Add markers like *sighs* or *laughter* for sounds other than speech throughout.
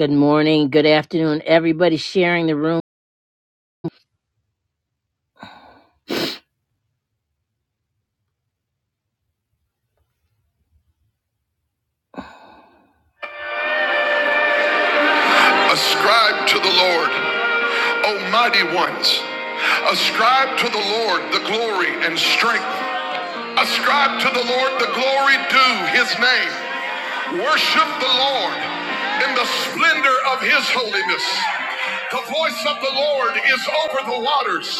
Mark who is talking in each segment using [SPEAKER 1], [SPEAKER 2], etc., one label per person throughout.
[SPEAKER 1] Good morning, good afternoon, everybody sharing the room. Ascribe to the Lord, O mighty ones. Ascribe to the Lord the glory and strength. Ascribe to the Lord the glory due his name. Worship the Lord in the splendor of his holiness. The voice of the Lord is over the waters.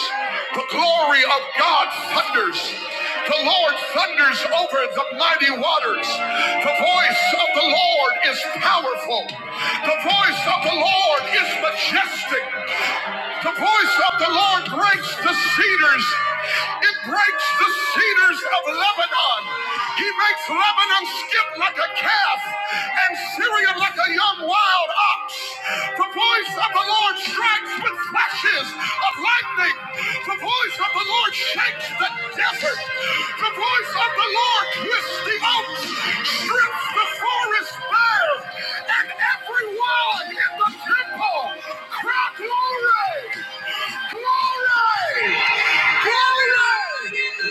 [SPEAKER 1] The glory of God thunders. The Lord thunders over the mighty waters. The voice of the Lord is powerful. The voice of the Lord is majestic. The voice of the Lord breaks the cedars. It breaks the cedars of Lebanon. He makes Lebanon skip like a calf and Syria like a young wild ox. The voice of the Lord strikes with flashes of lightning. The voice of the Lord shakes the desert. The voice of the Lord twists the oaks, strips the forest bare, and every wall in the temple cry glory, glory, glory.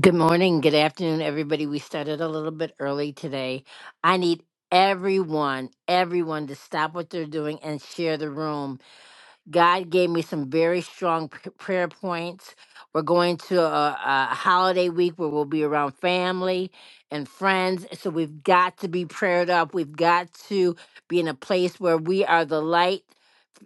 [SPEAKER 1] Good morning, good afternoon, everybody. We started a little bit early today. I need everyone, everyone to stop what they're doing and share the room. God gave me some very strong p- prayer points. We're going to a, a holiday week where we'll be around family and friends. So we've got to be prayed up. We've got to be in a place where we are the light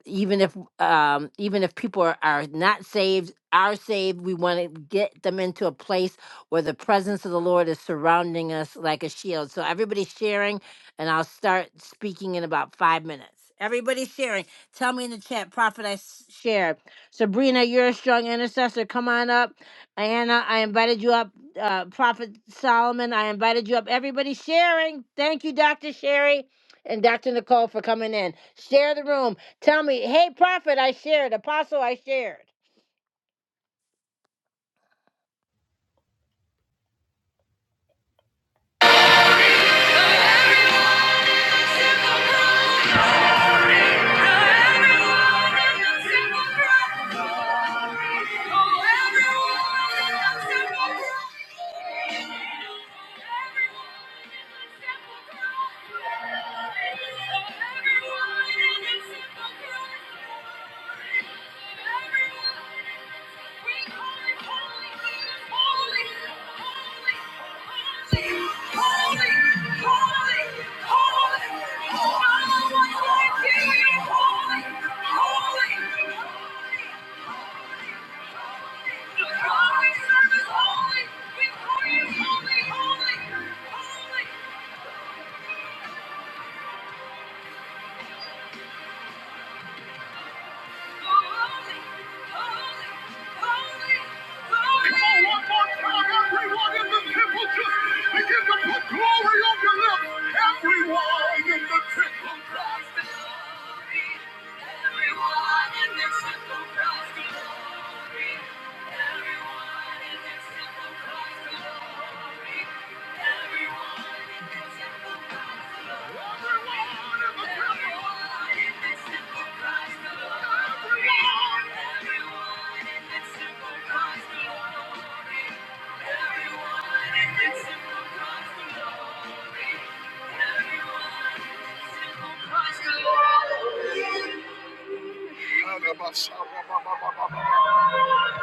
[SPEAKER 1] even if um even if people are, are not saved are saved we want to get them into a place where the presence of the lord is surrounding us like a shield so everybody's sharing and i'll start speaking in about five minutes everybody's sharing tell me in the chat prophet i s- shared sabrina you're a strong intercessor come on up anna i invited you up uh, prophet solomon i invited you up everybody's sharing thank you dr sherry and Dr. Nicole for coming in. Share the room. Tell me, hey, prophet, I shared. Apostle, I shared. One more time, everyone in the temple just begin to put glory on your lips. Everyone in the temple.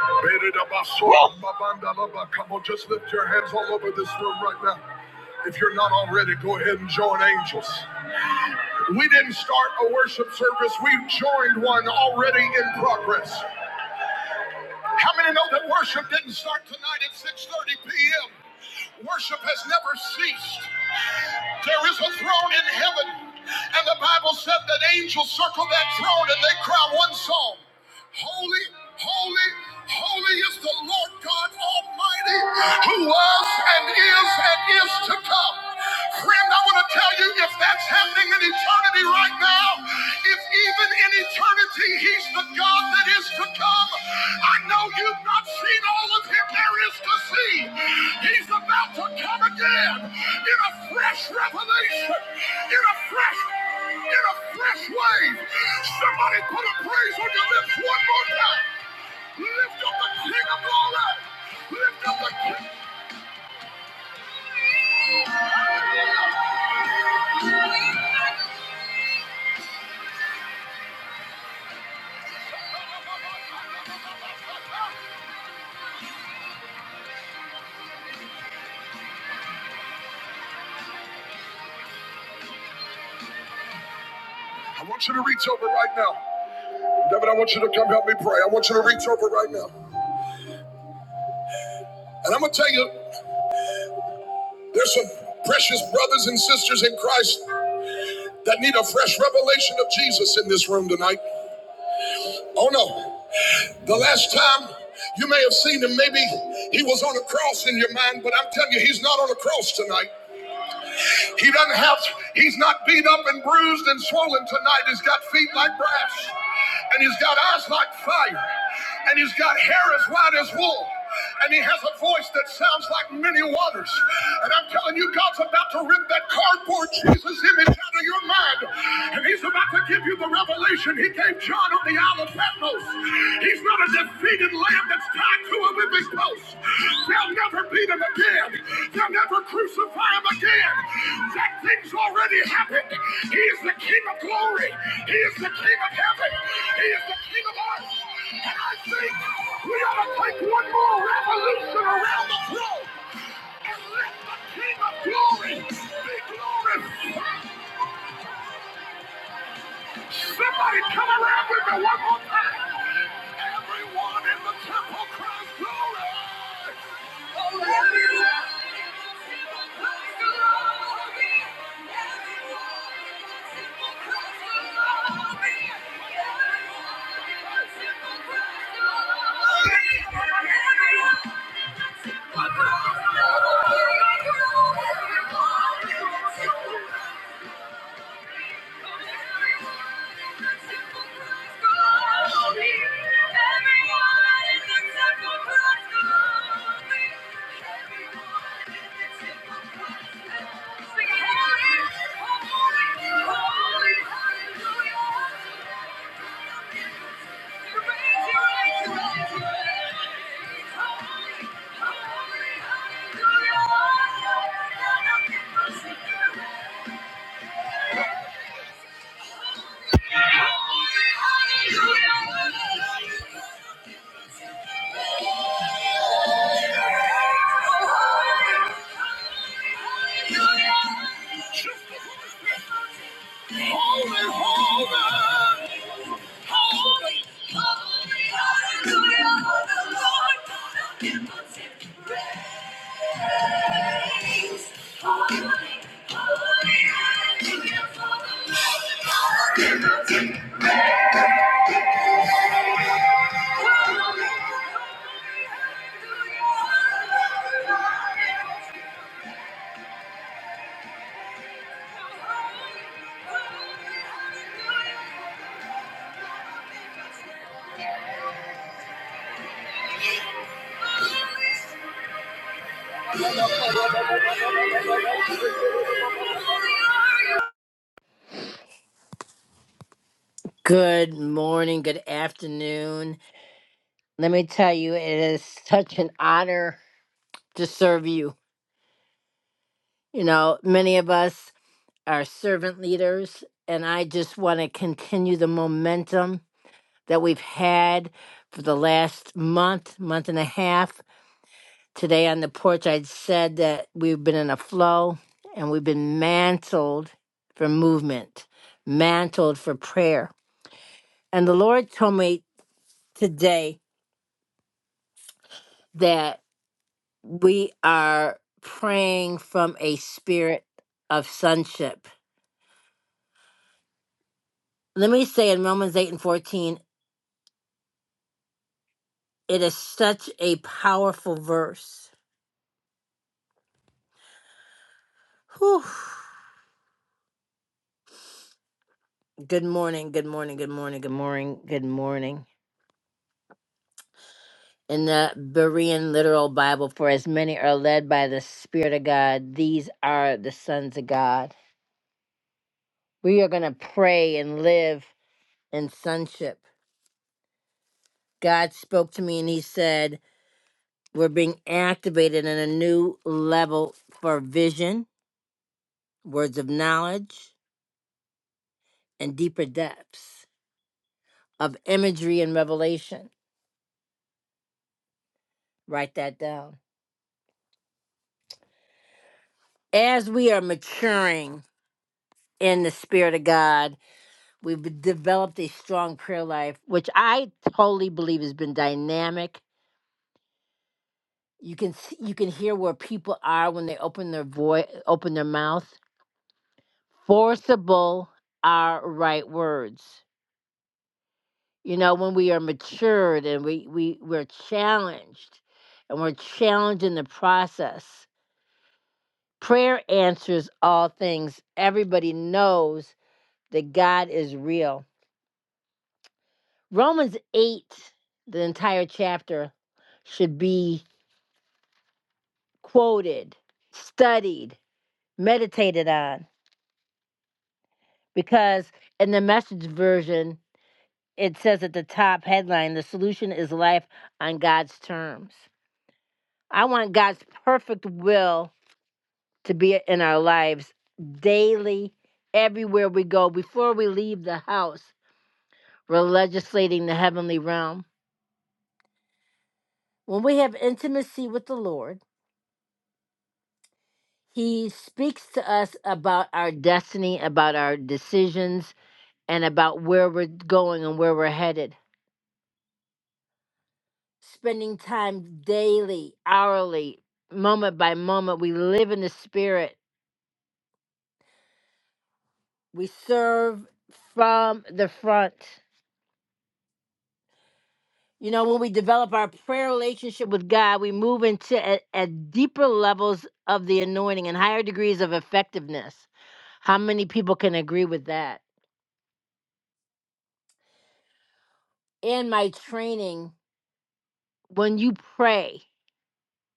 [SPEAKER 1] *laughs* Come on, just lift your hands all over this room right now. If you're not already, go ahead and join angels. We didn't start a worship service, we joined one already in progress. How many know that worship didn't start tonight at 6:30 p.m.? Worship has never ceased. There is a throne in heaven, and the Bible said that angels circle that throne and they cry one song Holy, holy, holy is the Lord God Almighty, who was and is and is to come. Friend, I want to tell you if that's happening in eternity right now, if even in eternity He's the God that is to come, I know you I've not seen all of him there is to see. He's about to come again in a fresh revelation, in a fresh, in a fresh way. Somebody put a praise on your lips one more time. Lift up the King of Glory. Lift up the King. I want you to reach over right now. David, I want you to come help me pray. I want you to reach over right now. And I'm going to tell you, there's some precious brothers and sisters in Christ that need a fresh revelation of Jesus in this room tonight. Oh no, the last time you may have seen him, maybe he was on a cross in your mind, but I'm telling you, he's not on a cross tonight. He doesn't have, he's not beat up and bruised and swollen tonight. He's got feet like brass, and he's got eyes like fire, and he's got hair as white as wool. And he has a voice that sounds like many waters. And I'm telling you, God's about to rip that cardboard Jesus image out of your mind. And he's about to give you the revelation he gave John on the island of Patmos. He's not a defeated lamb that's tied to a whipping post. They'll never beat him again. They'll never crucify him again. That thing's already happened. He is the King of glory. He is the King of heaven. He is the King of earth. And I think we ought to take one more revolution around the throne and let the King of glory be glorified. Somebody come around with me one more time. Everyone in the temple cries glory. Holy, holy. Good morning, good afternoon. Let me tell you, it is such an honor to serve you. You know, many of us are servant leaders, and I just want to continue the momentum that we've had for the last month, month and a half Today on the porch, I'd said that we've been in a flow and we've been mantled for movement, mantled for prayer. And the Lord told me today that we are praying from a spirit of sonship. Let me say in Romans 8 and 14, it is such a powerful verse. Whew. Good morning, good morning, good morning, good morning, good morning. in the Berean literal Bible, for as many are led by the Spirit of God, these are the sons of God. We are going to pray and live in sonship. God spoke to me and he said, We're being activated in a new level for vision, words of knowledge, and deeper depths of imagery and revelation. Write that down. As we are maturing in the Spirit of God, We've developed a strong prayer life, which I totally believe has been dynamic. You can s- you can hear where people are when they open their voice, open their mouth. Forcible are right words. You know, when we are matured and we, we, we're challenged and we're challenged in the process. Prayer answers all things. Everybody knows that God is real. Romans 8, the entire chapter, should be quoted, studied, meditated on. Because in the message version, it says at the top headline, the solution is life on God's terms. I want God's perfect will to be in our lives daily, everywhere we go, before we leave the house. We're legislating the heavenly realm. When we have intimacy with the Lord, He speaks to us about our destiny, about our decisions, and about where we're going and where we're headed. Spending time daily, hourly, moment by moment. We live in the spirit. We serve from the front. You know, when we develop our prayer relationship with God, we move into a, a deeper levels of the anointing and higher degrees of effectiveness. How many people can agree with that? In my training, when you pray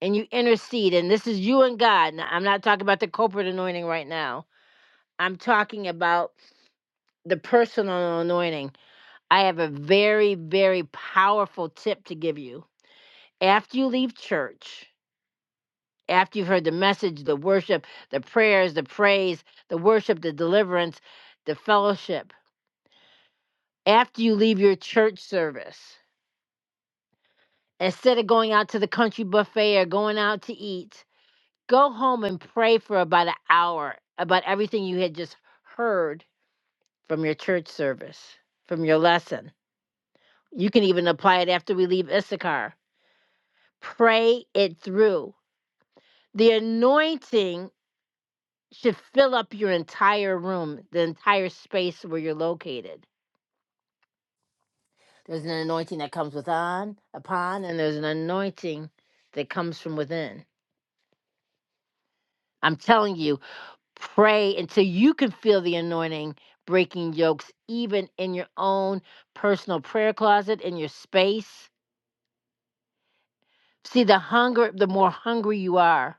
[SPEAKER 1] and you intercede, and this is you and God, now, I'm not talking about the corporate anointing right now I'm talking about the personal anointing. I have a very, very powerful tip to give you. After you leave church, after you've heard the message, the worship, the prayers, the praise, the worship, the deliverance, the fellowship, after you leave your church service, instead of going out to the country buffet or going out to eat, go home and pray for about an hour about everything you had just heard from your church service, from your lesson You can even apply it after we leave Issachar. Pray it through. The anointing should fill up your entire room, the entire space where you're located. There's an anointing that comes with on, upon, and there's an anointing that comes from within. I'm telling you, pray until you can feel the anointing breaking yokes, even in your own personal prayer closet, in your space. See, the hunger, the more hungry you are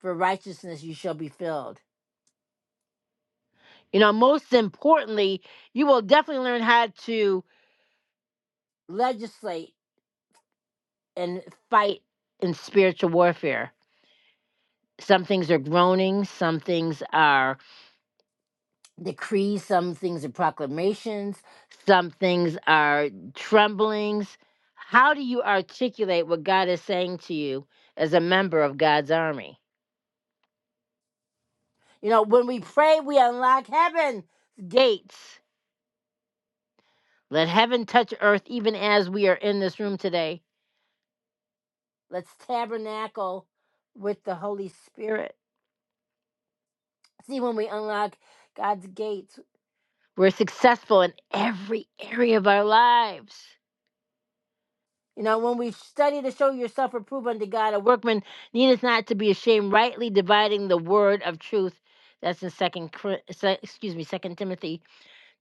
[SPEAKER 1] for righteousness, you shall be filled You know, most importantly, you will definitely learn how to legislate and fight in spiritual warfare. Some things are groanings, some things are decrees, some things are proclamations, some things are tremblings. How do you articulate what God is saying to you as a member of God's army? You know, when we pray, we unlock heaven's gates. Let heaven touch earth even as we are in this room today. Let's tabernacle with the Holy Spirit. See, when we unlock God's gates, we're successful in every area of our lives. You know, when we study to show yourself approved unto God, a workman needeth not to be ashamed, rightly dividing the word of truth. That's in second, excuse me, Second Timothy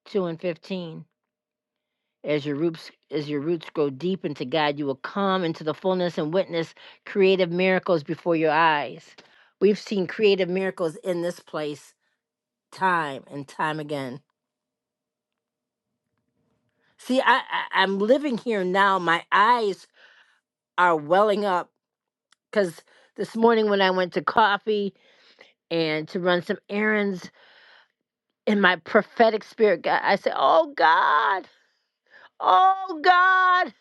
[SPEAKER 1] two and fifteen. As your roots as your roots grow deep into God, you will come into the fullness and witness creative miracles before your eyes. We've seen creative miracles in this place time and time again. See, I, I I'm living here now. My eyes are welling up because this morning when I went to coffee and to run some errands in my prophetic spirit, God, I said, "Oh God, oh God."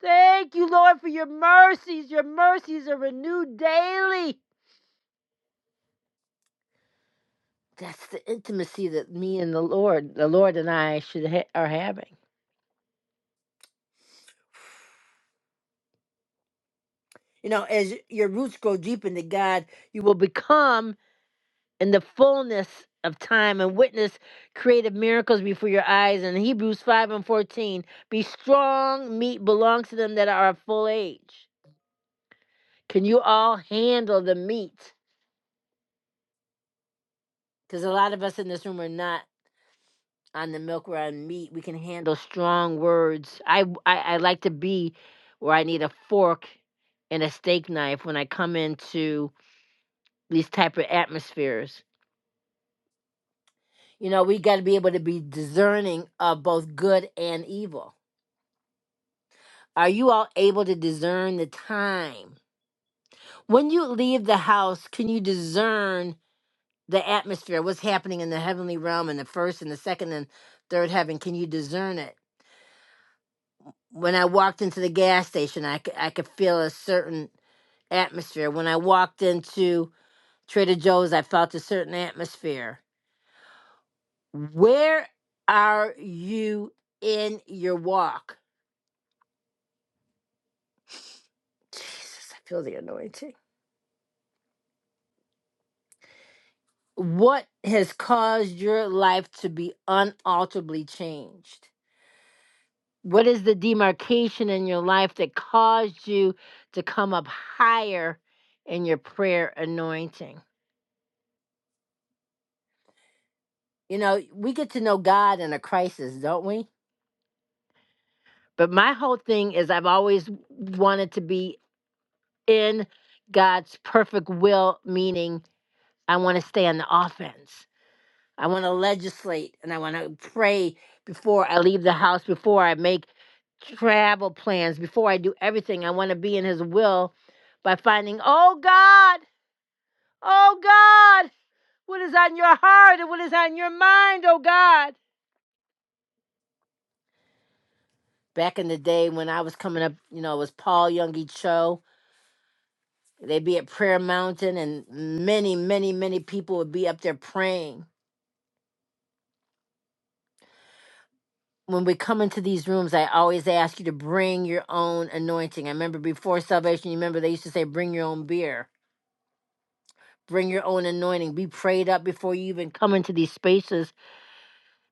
[SPEAKER 1] Thank you, Lord, for your mercies. Your mercies are renewed daily. That's the intimacy that me and the Lord, the Lord and I should ha- are having. You know, as your roots grow deep into God, you will become in the fullness of time and witness creative miracles before your eyes. In Hebrews 5 and 14, be strong, meat belongs to them that are of full age. Can you all handle the meat? Because a lot of us in this room are not. on the milk we're on meat. We can handle strong words. I I I like to be where I need a fork and a steak knife when I come into these type of atmospheres. You know, we got to be able to be discerning of both good and evil. Are you all able to discern the time? When you leave the house, can you discern the atmosphere? What's happening in the heavenly realm in the first and the second and third heaven? Can you discern it? when I walked into the gas station, I could, I could feel a certain atmosphere. When I walked into Trader Joe's, I felt a certain atmosphere. Where are you in your walk? Jesus, I feel the anointing. What has caused your life to be unalterably changed? What is the demarcation in your life that caused you to come up higher in your prayer anointing? You know, we get to know God in a crisis, don't we? But my whole thing is I've always wanted to be in God's perfect will, meaning I want to stay on the offense. I want to legislate and I want to pray before I leave the house, before I make travel plans, before I do everything. I want to be in His will by finding, oh God, oh God, what is on your heart and what is on your mind, oh God. Back in the day when I was coming up, you know, it was Paul Youngie Cho. They'd be at Prayer Mountain, and many, many, many people would be up there praying. When we come into these rooms, I always ask you to bring your own anointing. I remember before salvation, you remember they used to say, bring your own beer, bring your own anointing, be prayed up before you even come into these spaces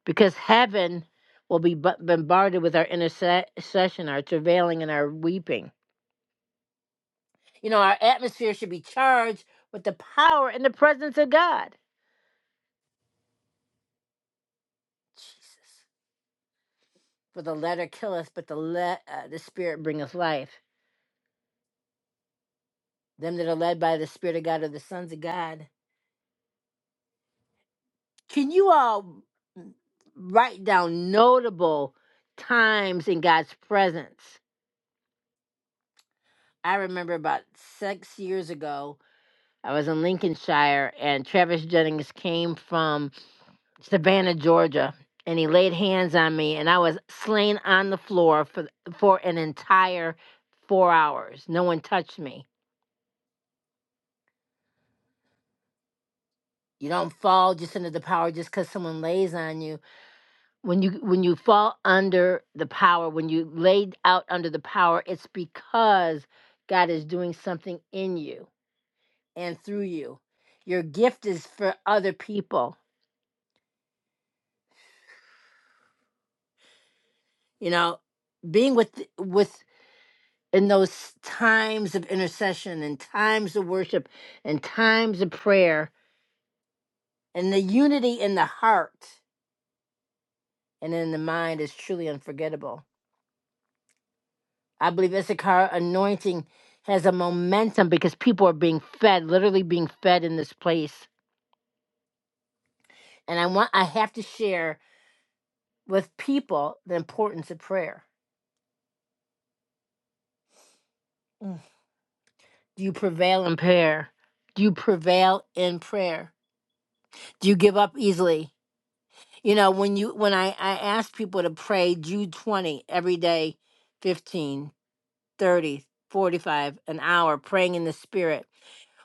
[SPEAKER 1] because heaven will be bu- bombarded with our intercession, our travailing, and our weeping. You know, our atmosphere should be charged with the power and the presence of God. Jesus. For the letter killeth, but the le- uh, the spirit bringeth life. Them that are led by the spirit of God are the sons of God. Can you all write down notable times in God's presence? I remember about six years ago, I was in Lincolnshire, and Travis Jennings came from Savannah, Georgia, and he laid hands on me, and I was slain on the floor for for an entire four hours. No one touched me. You don't fall just under the power just because someone lays on you. When you when you fall under the power, when you laid out under the power, it's because God is doing something in you and through you. Your gift is for other people. You know, being with with in those times of intercession and times of worship and times of prayer and the unity in the heart and in the mind is truly unforgettable. I believe Issachar anointing has a momentum because people are being fed, literally being fed in this place. And I want I have to share with people the importance of prayer. Mm. Do you prevail in prayer? Do you prevail in prayer? Do you give up easily? You know, when you when I I ask people to pray Jude 20 every day, fifteen, thirty forty five an hour praying in the spirit,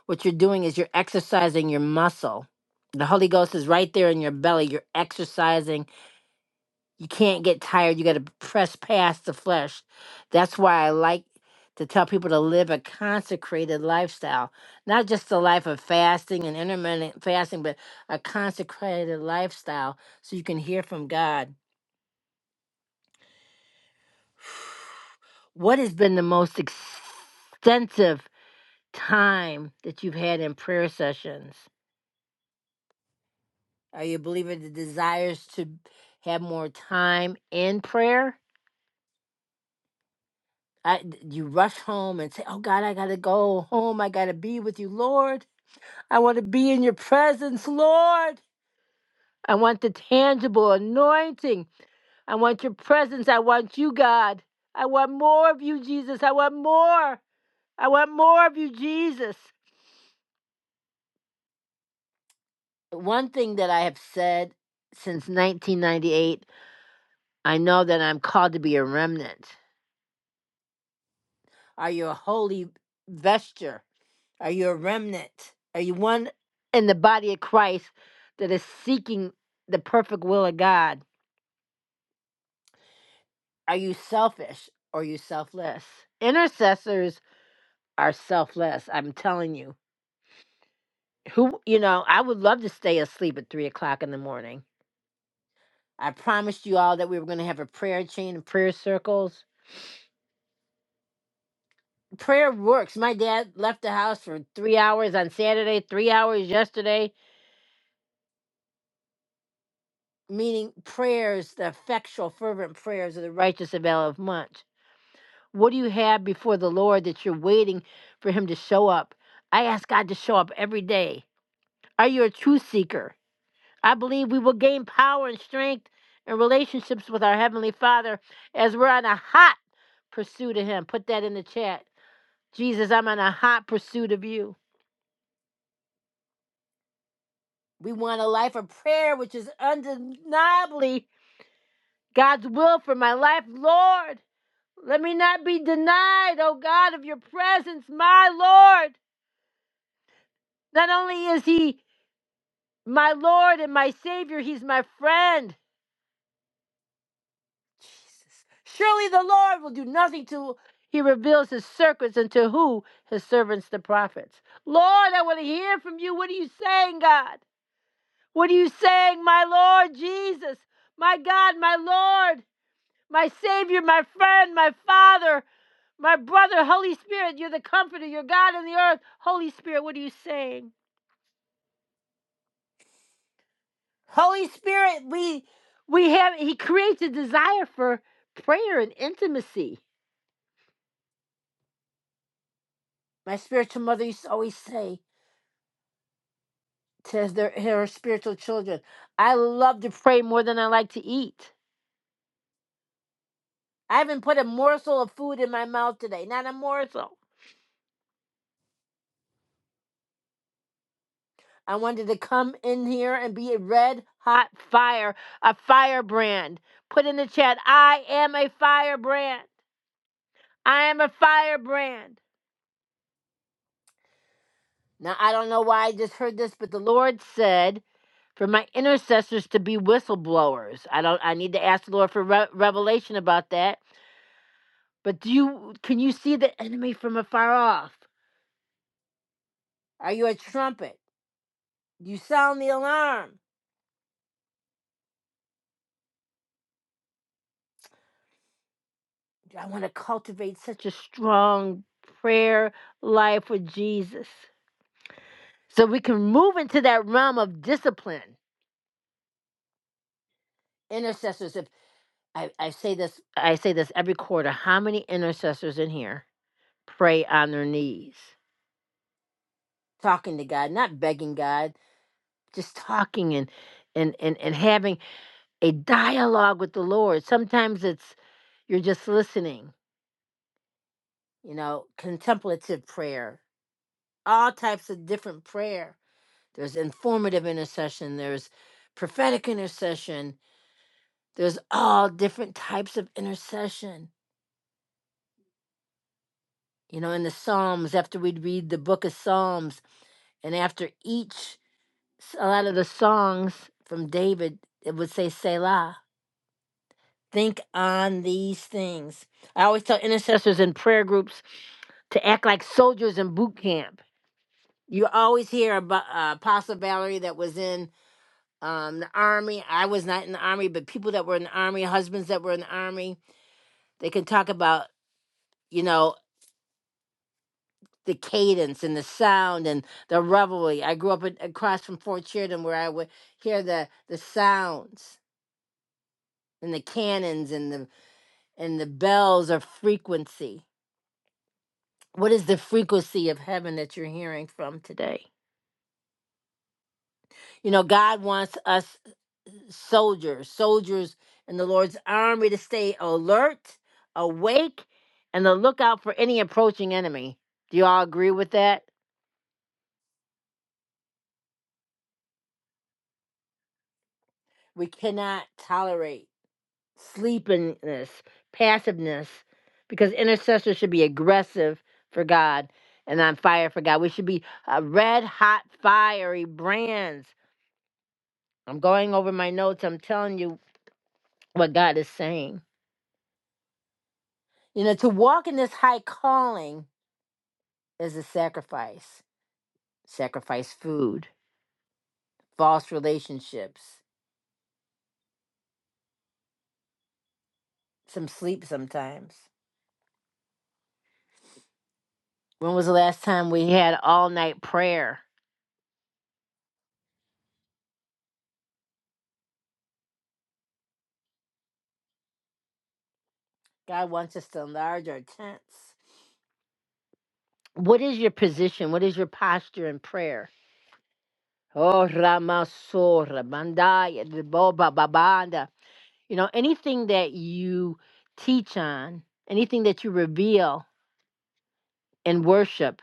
[SPEAKER 1] what you're doing is you're exercising your muscle. The Holy Ghost is right there in your belly. You're exercising. You can't get tired. You got to press past the flesh. That's why I like to tell people to live a consecrated lifestyle, not just a life of fasting and intermittent fasting, but a consecrated lifestyle so you can hear from God What has been the most extensive time that you've had in prayer sessions? Are you a believer that desires to have more time in prayer? I, d- you rush home and say, Oh God, I got to go home. I got to be with you, Lord. I want to be in your presence, Lord. I want the tangible anointing. I want your presence. I want you, God. I want more of you, Jesus. I want more. I want more of you, Jesus. one thing that I have said since 1998, I know that I'm called to be a remnant. Are you a holy vesture? Are you a remnant? Are you one in the body of Christ that is seeking the perfect will of God? Are you selfish or are you selfless? Intercessors are selfless, I'm telling you. Who, you know, I would love to stay asleep at three o'clock in the morning. I promised you all that we were going to have a prayer chain and prayer circles prayer works. My dad left the house for three hours on Saturday, three hours yesterday, meaning prayers, the effectual, fervent prayers of the righteous avail of much. What do you have before the Lord that you're waiting for Him to show up? I ask God to show up every day. Are you a truth seeker? I believe we will gain power and strength and relationships with our Heavenly Father as we're on a hot pursuit of Him. Put that in the chat. Jesus, I'm on a hot pursuit of you. We want a life of prayer, which is undeniably God's will for my life. Lord, let me not be denied, oh God, of your presence, my Lord. Not only is he my Lord and my Savior, he's my friend. Jesus. Surely the Lord will do nothing to he reveals his secrets unto who? His servants, the prophets. Lord, I want to hear from you. What are you saying, God? What are you saying, my Lord Jesus? My God, my Lord. my Savior, my friend, my Father, my brother, Holy Spirit, you're the comforter, you're God in the earth. Holy Spirit, what are you saying? Holy Spirit, we we have he creates a desire for prayer and intimacy. My spiritual mother used to always say to their, her spiritual children, I love to pray more than I like to eat. I haven't put a morsel of food in my mouth today, not a morsel. I wanted to come in here and be a red hot fire, a firebrand. Put in the chat, I am a firebrand. I am a firebrand. Now, I don't know why I just heard this, but the Lord said for my intercessors to be whistleblowers. I don't I need to ask the Lord for re- revelation about that. But do you can you see the enemy from afar off? Are you a trumpet? You sound the alarm. I want to cultivate such a strong prayer life with Jesus so we can move into that realm of discipline. Intercessors, if I, I say this, I say this every quarter. How many intercessors in here pray on their knees, talking to God, not begging God, just talking and and and, and having a dialogue with the Lord. Sometimes it's you're just listening, you know, contemplative prayer, all types of different prayer there's informative intercession, there's prophetic intercession, there's all different types of intercession. You know, in the Psalms, after we'd read the book of Psalms, and after each, s- a lot of the songs from David, it would say Selah. Think on these things. I always tell intercessors in prayer groups to act like soldiers in boot camp. You always hear about uh, Apostle Valerie that was in um the army i was not in the army but people that were in the army husbands that were in the army they can talk about you know the cadence and the sound and the revelry i grew up in, across from fort sheridan where i would hear the the sounds and the cannons and the and the bells of frequency what is the frequency of heaven that you're hearing from today you know god wants us soldiers, soldiers in the Lord's army to stay alert, awake, and to look out for any approaching enemy. Do you all agree with that? We cannot tolerate sleepiness, passiveness, because intercessors should be aggressive for God and on fire for God. We should be uh, red hot, fiery brands. I'm going over my notes. I'm telling you what God is saying. You know, to walk in this high calling is a sacrifice. sacrifice food, false relationships, some sleep sometimes. When was the last time we had all night prayer? God wants us to enlarge our tents. What is your position? What is your posture in prayer? Oh, Ramasora, Bandaya, Deboba, Babanda. You know, anything that you teach on, anything that you reveal in worship,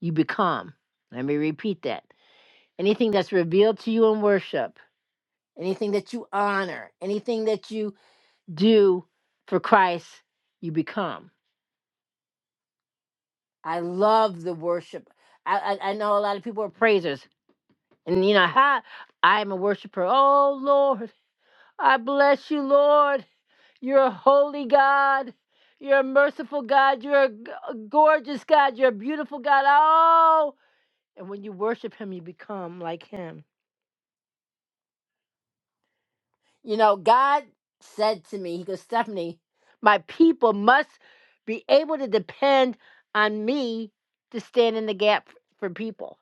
[SPEAKER 1] you become. Let me repeat that. Anything that's revealed to you in worship, anything that you honor, anything that you do for Christ, you become. I love the worship. I, I, I know a lot of people are praisers, and you know how I'm a worshiper. Oh Lord, I bless you, Lord. You're a holy God. You're a merciful God. You're a, g- a gorgeous God. You're a beautiful God. Oh, and when you worship Him, you become like Him. You know, God said to me, He goes, Stephanie, my people must be able to depend on me to stand in the gap for people.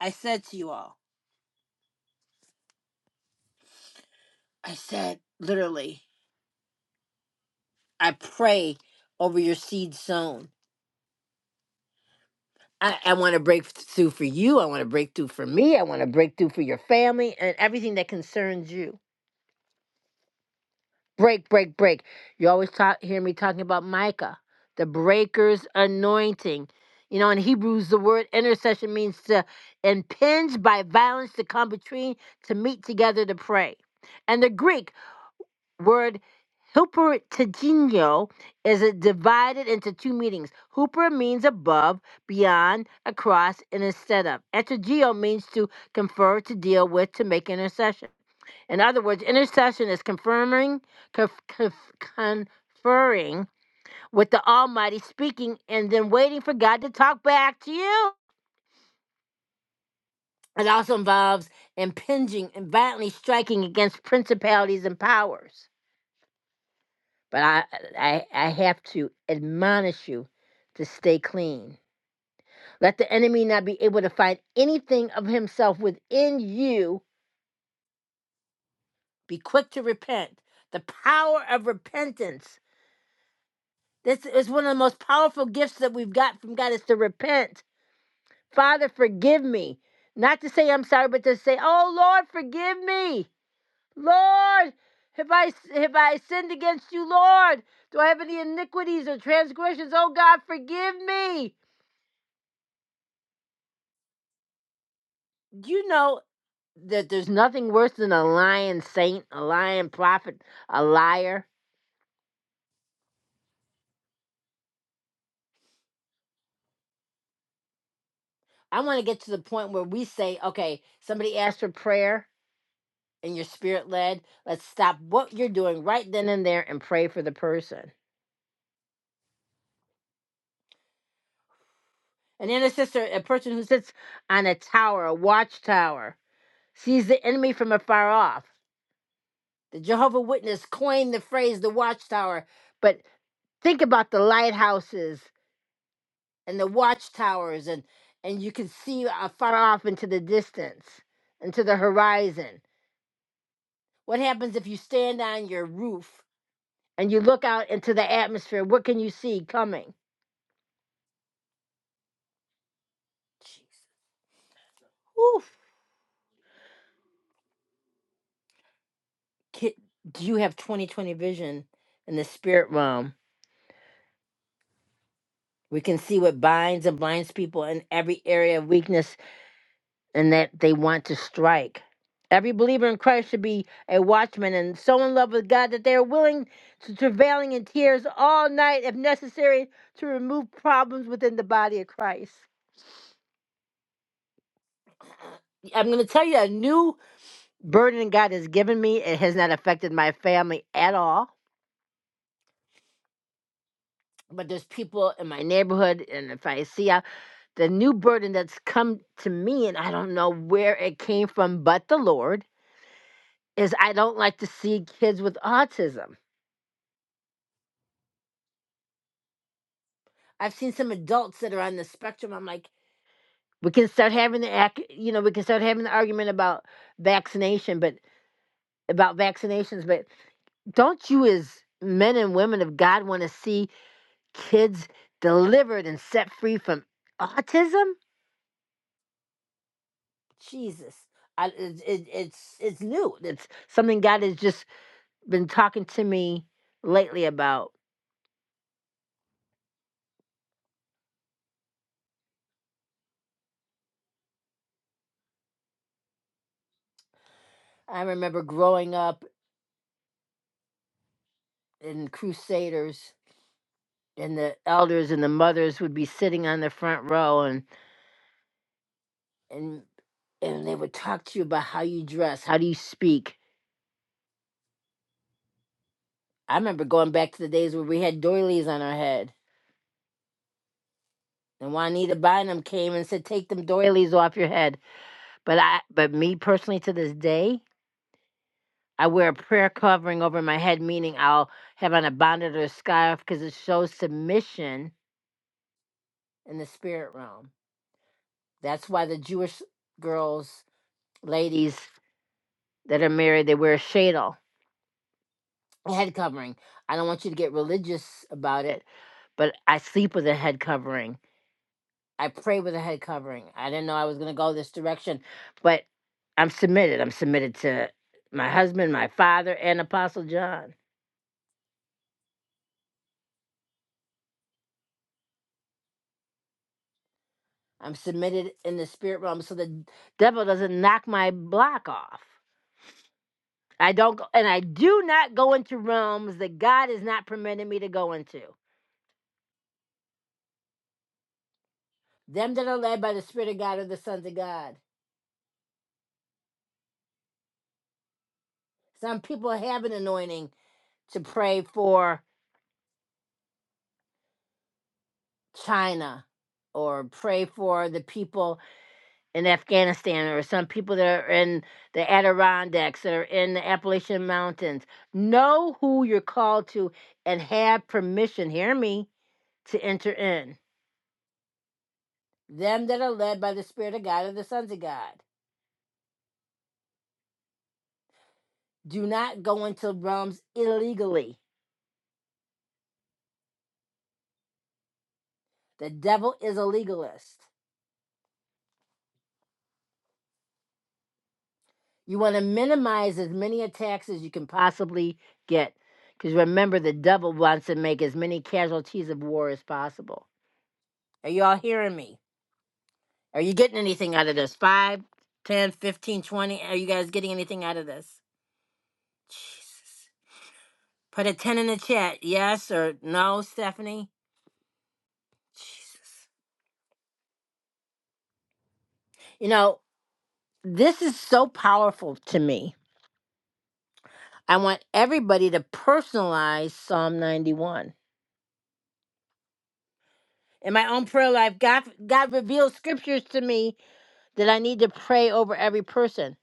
[SPEAKER 1] I said to you all, I said, literally, I pray over your seed sown. I, I want to break through for you. I want to break through for me. I want to break through for your family and everything that concerns you. break, break, break. You always talk, hear me talking about Micah, the breaker's anointing. You know, in Hebrews, the word intercession means to impinge by violence to come between, to meet together to pray. And the Greek word hyperteginio is it divided into two meanings. Hooper means above, beyond, across, and instead of. Etegeo means to confer, to deal with, to make intercession. In other words, intercession is confirming, conf- conf- conferring with the Almighty, speaking, and then waiting for God to talk back to you. It also involves impinging and violently striking against principalities and powers. But I, I, I have to admonish you to stay clean. Let the enemy not be able to find anything of himself within you. Be quick to repent. The power of repentance This is one of the most powerful gifts that we've got from God is to repent. Father, forgive me. Not to say I'm sorry, but to say, "Oh Lord, forgive me. Lord, have I have I sinned against you, Lord? Do I have any iniquities or transgressions? Oh God, forgive me." Do you know that there's nothing worse than a lying saint, a lying prophet, a liar? I want to get to the point where we say, "Okay, somebody asked for prayer." and you're spirit led, let's stop what you're doing right then and there and pray for the person. An intercessor, a person who sits on a tower, a watchtower, sees the enemy from afar off. The Jehovah Witness coined the phrase the watchtower, but think about the lighthouses and the watchtowers and and you can see uh, far off into the distance, into the horizon. What happens if you stand on your roof and you look out into the atmosphere? What can you see coming? Jesus. Oof. Ki- Do you have 2020 vision in the spirit realm? We can see what binds and blinds people in every area of weakness and that they want to strike. Every believer in Christ should be a watchman and so in love with God that they are willing to travailing in tears all night if necessary to remove problems within the body of Christ. I'm going to tell you a new burden God has given me. It has not affected my family at all. But there's people in my neighborhood, and if I see the new burden that's come to me, and I don't know where it came from, but the Lord, is I don't like to see kids with autism. I've seen some adults that are on the spectrum. I'm like, we can start having the, ac- you know, we can start having the argument about vaccination, but about vaccinations, but don't you, as men and women of God, want to see kids delivered and set free from autism? Jesus, I, it, it, it's it's new. It's something God is just been talking to me lately about. I remember growing up in Crusaders, and the elders and the mothers would be sitting on the front row, and and and they would talk to you about how you dress, how do you speak. I remember going back to the days where we had doilies on our head, and Juanita Bynum came and said, "Take them doilies off your head." But I, but me personally, to this day, I wear a prayer covering over my head, meaning I'll have on a bonnet or a scarf because it shows submission in the spirit realm. That's why the Jewish girls, ladies that are married, they wear a shadel, a head covering. I don't want you to get religious about it, but I sleep with a head covering. I pray with a head covering. I didn't know I was going to go this direction, but I'm submitted. I'm submitted to my husband, my father, and Apostle John. I'm submitted in the spirit realm so the devil doesn't knock my block off. I don't go, and I do not go into realms that God has not permitted me to go into. Them that are led by the Spirit of God are the sons of God. Some people have an anointing to pray for China or pray for the people in Afghanistan or some people that are in the Adirondacks that are in the Appalachian Mountains. Know who you're called to and have permission, hear me, to enter in. Them that are led by the Spirit of God are the sons of God. Do not go into realms illegally. The devil is a legalist. You want to minimize as many attacks as you can possibly get. Because remember, the devil wants to make as many casualties of war as possible. Are you all hearing me? Are you getting anything out of this? 5, 10, 15, 20. Are you guys getting anything out of this? Jesus. Put a 10 in the chat. Yes or no, Stephanie? Jesus. You know, this is so powerful to me I want everybody to personalize Psalm 91. In my own prayer life, God God reveals scriptures to me that I need to pray over every person.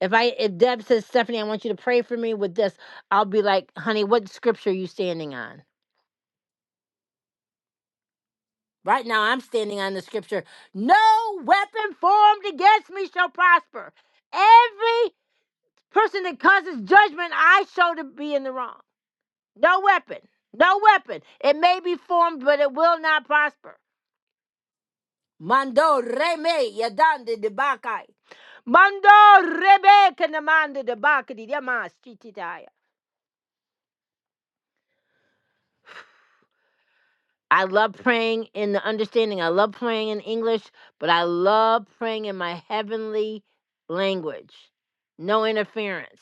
[SPEAKER 1] If I if Deb says, Stephanie, I want you to pray for me with this, I'll be like, honey, what scripture are you standing on? Right now I'm standing on the scripture, no weapon formed against me shall prosper. Every person that causes judgment, I show to be in the wrong. No weapon. No weapon. It may be formed, but it will not prosper. Mando reme yadande de bakai. Mando rebe kanamanda de bakadi yama stititaya. I love praying in the understanding. I love praying in English, but I love praying in my heavenly language. No interference.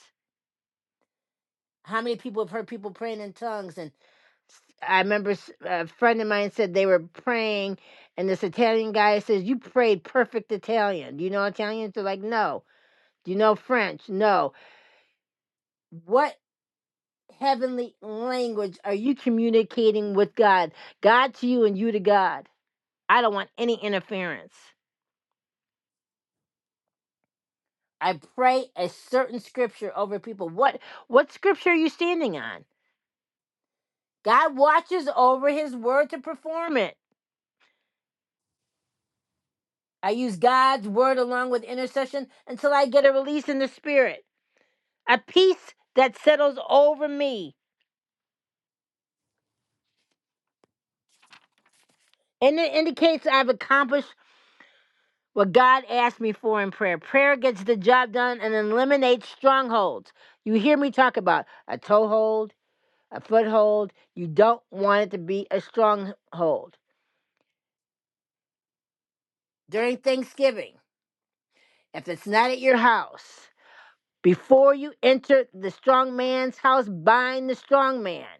[SPEAKER 1] How many people have heard people praying in tongues? And I remember s- a friend of mine said they were praying, and this Italian guy says, You prayed perfect Italian. Do you know Italian? They're like, No. Do you know French? No What? heavenly language are you communicating with God? God to you and you to God. I don't want any interference. I pray a certain scripture over people. What what scripture are you standing on? God watches over his word to perform it. I use God's word along with intercession until I get a release in the spirit. A peace that settles over me. And it indicates I've accomplished what God asked me for in prayer. Prayer gets the job done and eliminates strongholds. You hear me talk about a toehold, a foothold. You don't want it to be a stronghold. During Thanksgiving, if it's not at your house, before you enter the strong man's house, bind the strong man.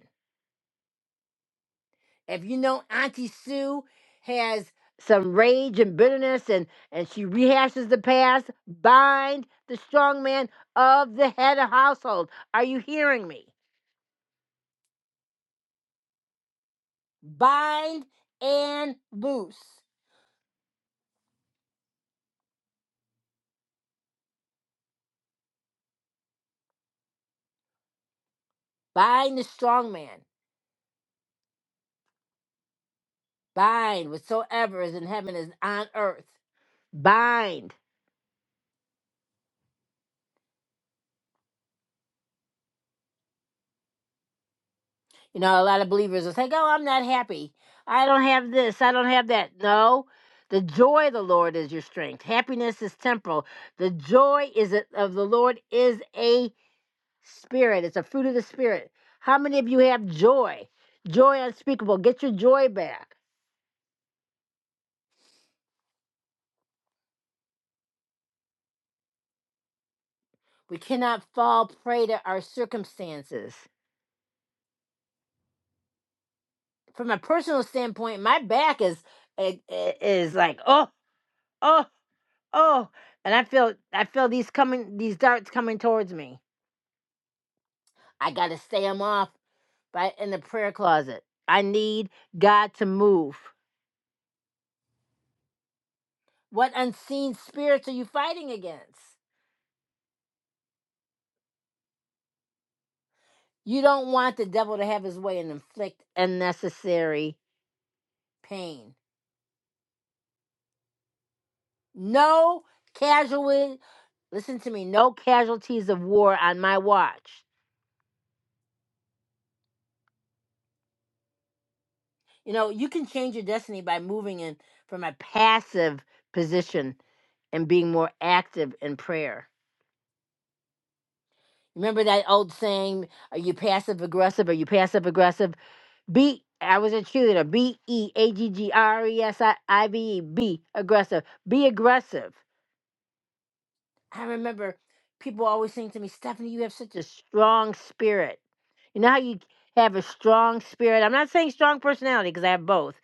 [SPEAKER 1] If you know Auntie Sue has some rage and bitterness and, and she rehashes the past, bind the strong man of the head of household. Are you hearing me? Bind and loose. Bind the strong man. Bind whatsoever is in heaven is on earth. Bind. You know, a lot of believers will say, Oh, I'm not happy. I don't have this. I don't have that. No, the joy of the Lord is your strength. Happiness is temporal. The joy is a, of the Lord is a spirit, it's a fruit of the spirit. How many of you have joy? Joy unspeakable. Get your joy back. We cannot fall prey to our circumstances. From a personal standpoint, my back is i- i- is like oh oh oh, and I feel I feel these coming these darts coming towards me I got to stay them off by in the prayer closet. I need God to move. What unseen spirits are you fighting against? You don't want the devil to have his way and inflict unnecessary pain. No casualty. Listen to me. No casualties of war on my watch. You know, you can change your destiny by moving in from a passive position and being more active in prayer. Remember that old saying, are you passive aggressive? Are you passive aggressive? Be, I was a cheerleader. B E A G G R E S I I V E. Be aggressive. Be aggressive. I remember people always saying to me, Stephanie, you have such a strong spirit. You know how you have a strong spirit? I'm not saying strong personality because I have both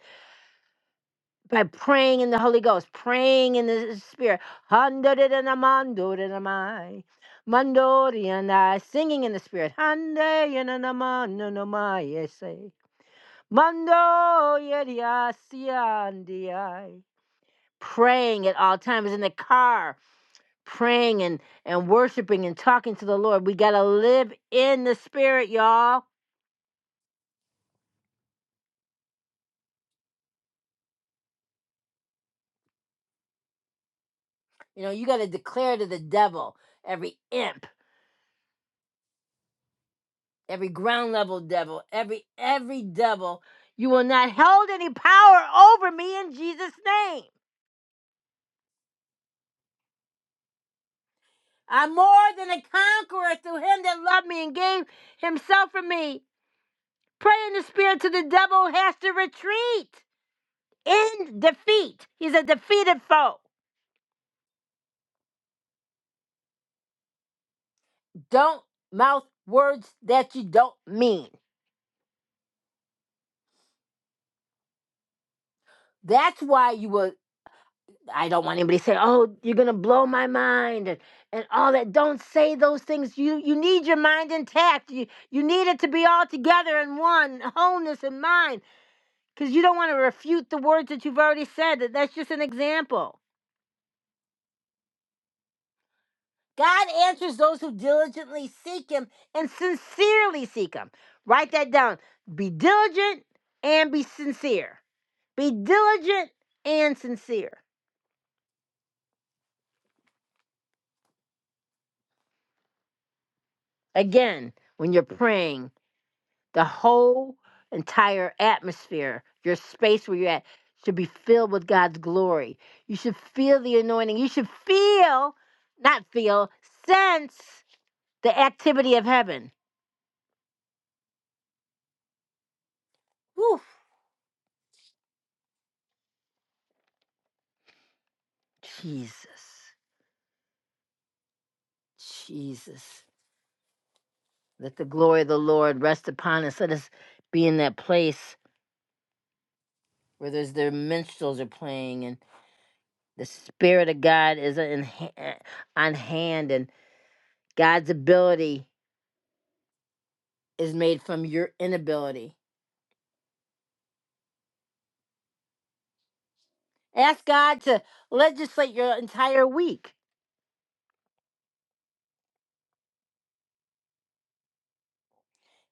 [SPEAKER 1] by praying in the Holy Ghost, praying in the Spirit. Handorianamandorianamai, mandorianai, Singing in the Spirit. Handeiananamanonamai, yesai, mandoyeriasiandiai. Praying at all times in the car, praying and, and worshiping and talking to the Lord. We got to live in the Spirit, y'all. You know, you got to declare to the devil, every imp. every ground level devil, every every devil. You will not hold any power over me in Jesus' name. I'm more than a conqueror through him that loved me and gave himself for me. Pray in the spirit to the devil has to retreat in defeat. He's a defeated foe. Don't mouth words that you don't mean. That's why you will. I don't want anybody to say, "Oh, you're gonna blow my mind," and, and all that. Don't say those things. You you need your mind intact. You you need it to be all together in one wholeness in mind, because you don't want to refute the words that you've already said. That that's just an example. God answers those who diligently seek Him and sincerely seek Him. Write that down. Be diligent and be sincere. Be diligent and sincere. Again, when you're praying The whole entire atmosphere, your space where you're at, should be filled with God's glory. You should feel the anointing. You should feel, not feel, sense the activity of heaven. Whew. Jesus, Jesus. Let the glory of the Lord rest upon us. Let us be in that place where there's the minstrels are playing and the Spirit of God is in, ha- eh, on hand and God's ability is made from your inability. Ask God to legislate your entire week.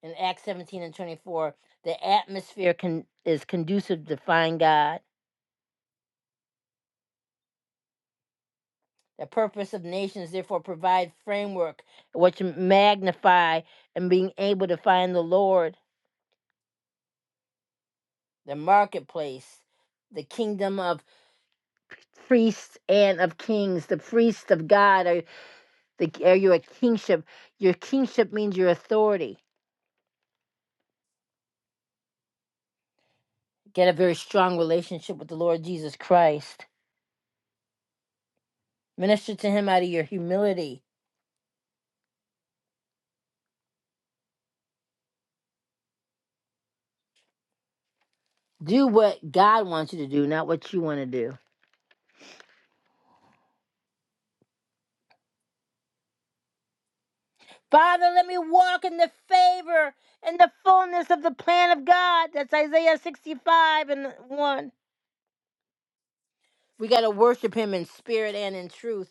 [SPEAKER 1] In Acts 17 and 24, the atmosphere can is conducive to find God. The purpose of nations, therefore, provide framework which magnify and being able to find the Lord. The marketplace, the kingdom of priests and of kings, the priests of God. Are, the, are you a kingship? Your kingship means your authority. Get a very strong relationship with the Lord Jesus Christ Minister to him out of your humility. Do what God wants you to do, not what you want to do. Father, let me walk in the favor and the fullness of the plan of God. That's Isaiah 65 and 1. We got to worship him in spirit and in truth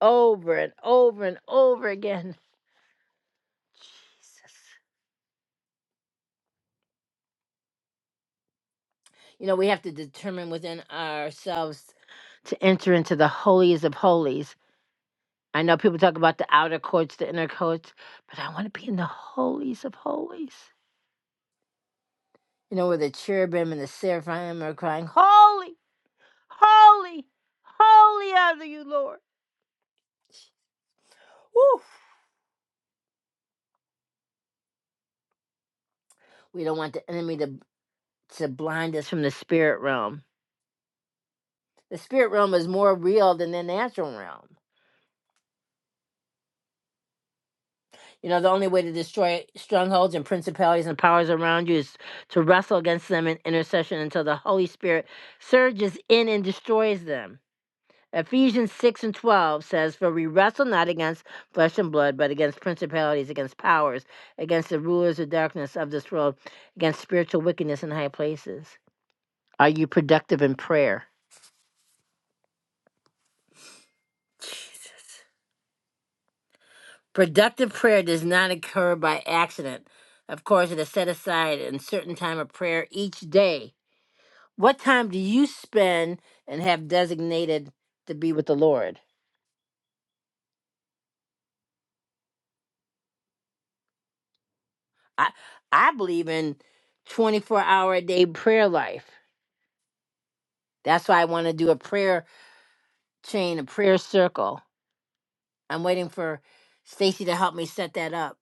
[SPEAKER 1] over and over and over again. Jesus. You know, we have to determine within ourselves to enter into the holies of holies. I know people talk about the outer courts, the inner courts, but I want to be in the holies of holies. you know, where the cherubim and the seraphim are crying, Holy, holy, holy are you, Lord. Woo! We don't want the enemy to, to blind us from the spirit realm. The spirit realm is more real than the natural realm. You know, the only way to destroy strongholds and principalities and powers around you is to wrestle against them in intercession until the Holy Spirit surges in and destroys them. Ephesians 6 and 12 says, For we wrestle not against flesh and blood, but against principalities, against powers, against the rulers of darkness of this world, against spiritual wickedness in high places. Are you productive in prayer? Productive prayer does not occur by accident. Of course, it is set aside in certain time of prayer each day. What time do you spend and have designated to be with the Lord? I, I believe in 24 hour a day prayer life. That's why I want to do a prayer chain, a prayer circle. I'm waiting for Stacy to help me set that up.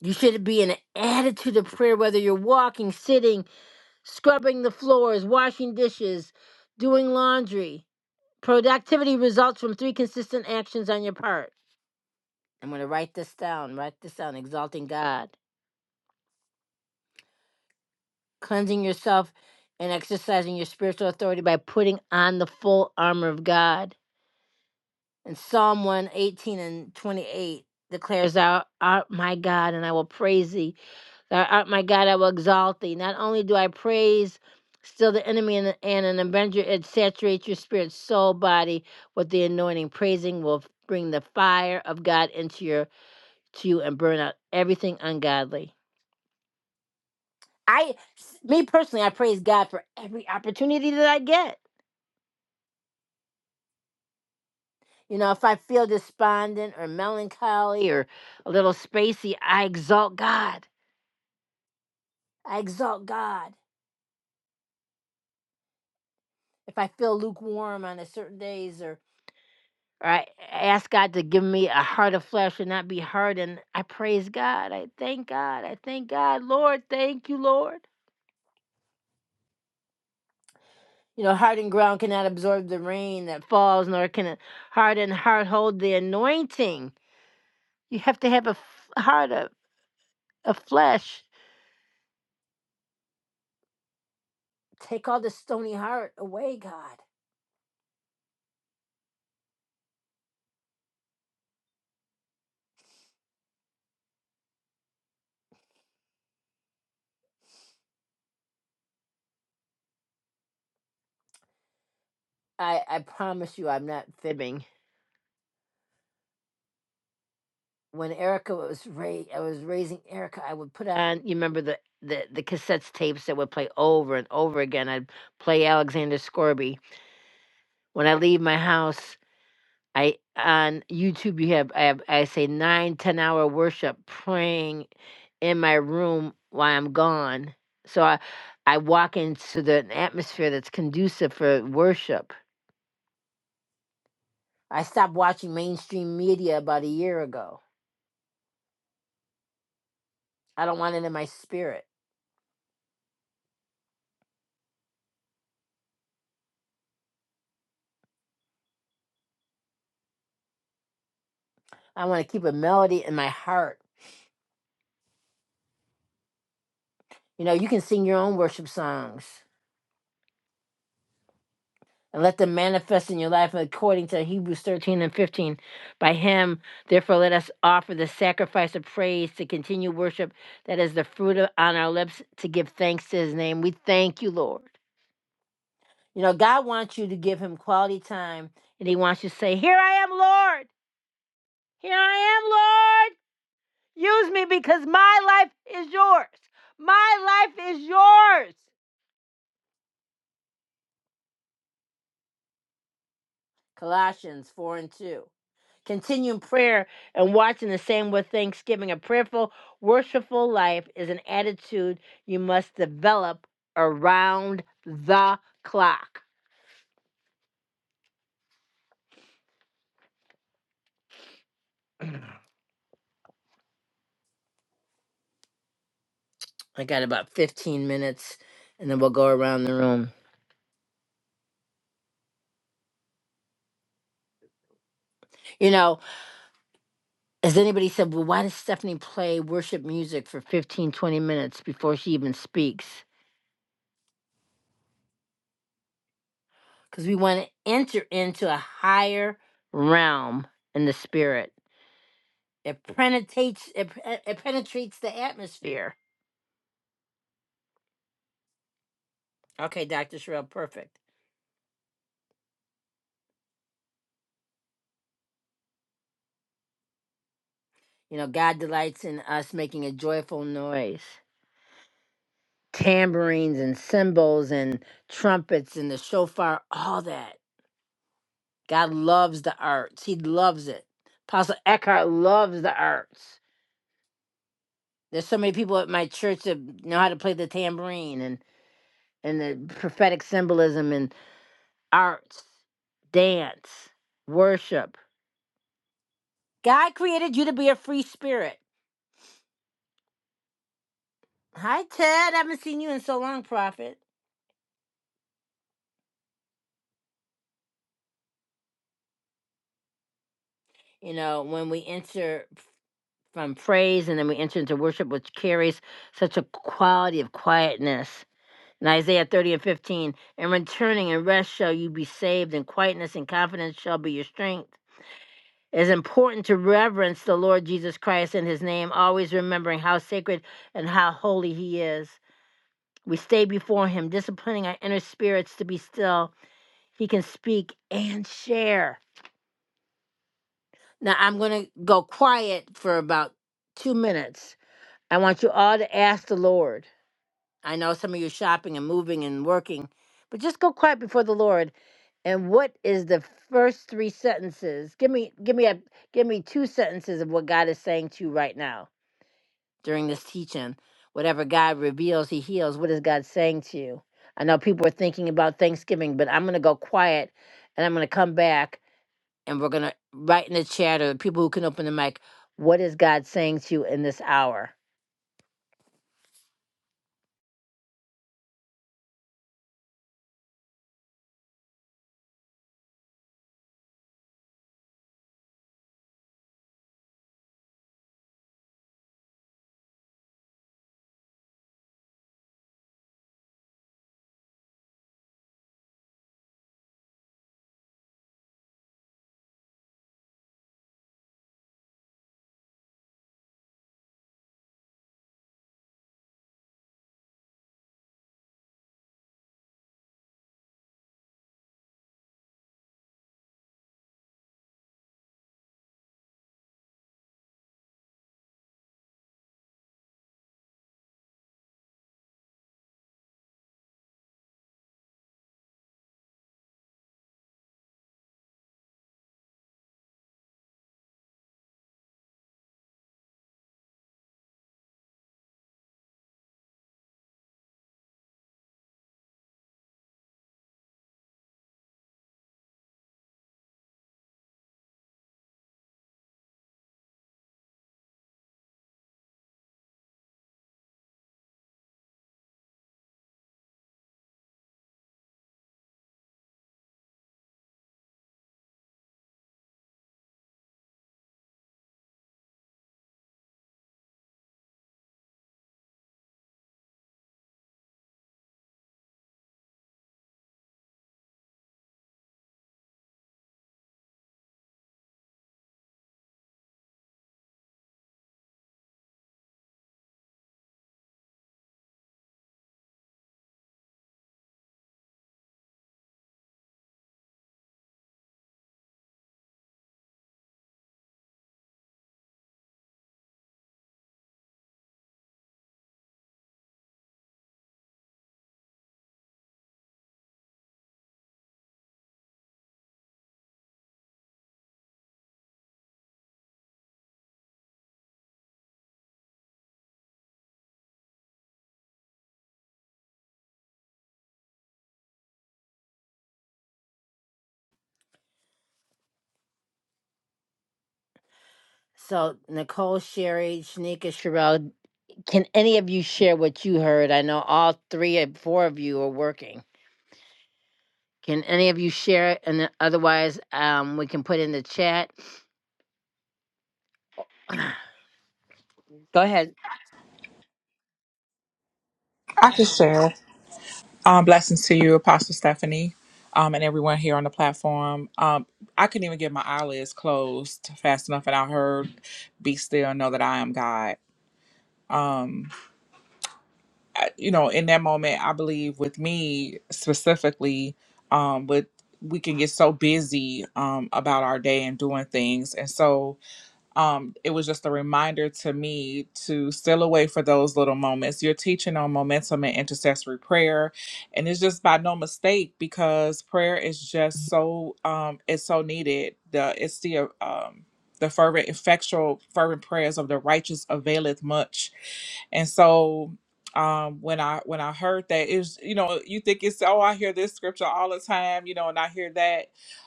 [SPEAKER 1] You should be in an attitude of prayer, whether you're walking, sitting, scrubbing the floors, washing dishes, doing laundry. Productivity results from three consistent actions on your part. I'm going to write this down. Write this down. Exalting God, cleansing yourself, and exercising your spiritual authority by putting on the full armor of God And Psalm one 18 and 28 declares, Thou art my God, and I will praise thee. Thou art my God, I will exalt thee. Not only do I praise still the enemy and, and an avenger, it saturates your spirit, soul, body with the anointing. Praising will bring the fire of God into your to you and burn out everything ungodly. I, me personally, I praise God for every opportunity that I get. You know, if I feel despondent or melancholy or a little spacey, I exalt God. I exalt God. If I feel lukewarm on a certain days or, or I ask God to give me a heart of flesh and not be hardened, I praise God. I thank God. I thank God. Lord, thank you, Lord. You know, hardened ground cannot absorb the rain that falls, nor can a hardened heart hold the anointing. You have to have a f- heart of, of flesh. Take all the stony heart away, God I I promise you, I'm not fibbing. When Erica was ra- I was raising Erica, I would put on. You remember the the the cassettes tapes that would play over and over again. I'd play Alexander Scorby. When I leave my house, I on YouTube you have I have I say nine ten hour worship praying in my room while I'm gone. So I I walk into the an atmosphere that's conducive for worship. I stopped watching mainstream media about a year ago I don't want it in my spirit. I want to keep a melody in my heart. You know, you can sing your own worship songs and let them manifest in your life according to Hebrews 13 and 15. By him, therefore, let us offer the sacrifice of praise to continue worship that is the fruit of, on our lips to give thanks to his name. We thank you, Lord. You know, God wants you to give him quality time and he wants you to say, Here I am, Lord. Here I am, Lord. Use me because my life is yours. My life is yours. Colossians 4 and 2. Continue in prayer and watching the same with thanksgiving. A prayerful, worshipful life is an attitude you must develop around the clock. I got about 15 minutes and then we'll go around the room. You know, as anybody said, well, why does Stephanie play worship music for 15, 20 minutes before she even speaks? because we want to enter into a higher realm in the spirit. It penetrates. It, it penetrates the atmosphere. Okay, Doctor Sherrill, perfect. You know, God delights in us making a joyful noise. Tambourines and cymbals and trumpets and the shofar, all that. God loves the arts. He loves it. Apostle Eckhart loves the arts. There's so many people at my church that know how to play the tambourine and and the prophetic symbolism and arts, dance, worship. God created you to be a free spirit. Hi, Ted. I haven't seen you in so long, Prophet. You know, when we enter from praise and then we enter into worship, which carries such a quality of quietness. In Isaiah 30 and 15, in returning and rest shall you be saved, and quietness and confidence shall be your strength. It is important to reverence the Lord Jesus Christ in his name, always remembering how sacred and how holy he is. We stay before him, disciplining our inner spirits to be still. He can speak and share. Now I'm going to go quiet for about two minutes. I want you all to ask the Lord. I know some of you are shopping and moving and working, but just go quiet before the Lord. And what is the first three sentences? Give me, give me a, give me two sentences of what God is saying to you right now. during this teaching. Whatever God reveals, He heals. What is God saying to you? I know people are thinking about Thanksgiving, but I'm going to go quiet and I'm going to come back and we're going to write in the chat or the people who can open the mic, what is God saying to you in this hour? So, Nicole, Sherry, Shanika, Sherelle, can any of you share what you heard? I know all three or four of you are working. Can any of you share it? And then otherwise, um, we can put in the chat. Go ahead.
[SPEAKER 2] I can share. Um, blessings to you, Apostle Stephanie, um, and everyone here on the platform. Um, I couldn't even get my eyelids closed fast enough, and I heard, "Be still, and know that I am God." Um, I, you know, in that moment, I believe with me specifically, um, with we can get so busy um, about our day and doing things, and so um, it was just a reminder to me to still await for those little moments. You're teaching on momentum and intercessory prayer, and it's just by no mistake because prayer is just so um, it's so needed. The it's the um, the fervent, effectual, fervent prayers of the righteous availeth much, and so. Um, when I when I heard that it was you know you think it's oh I hear this scripture all the time you know and I hear that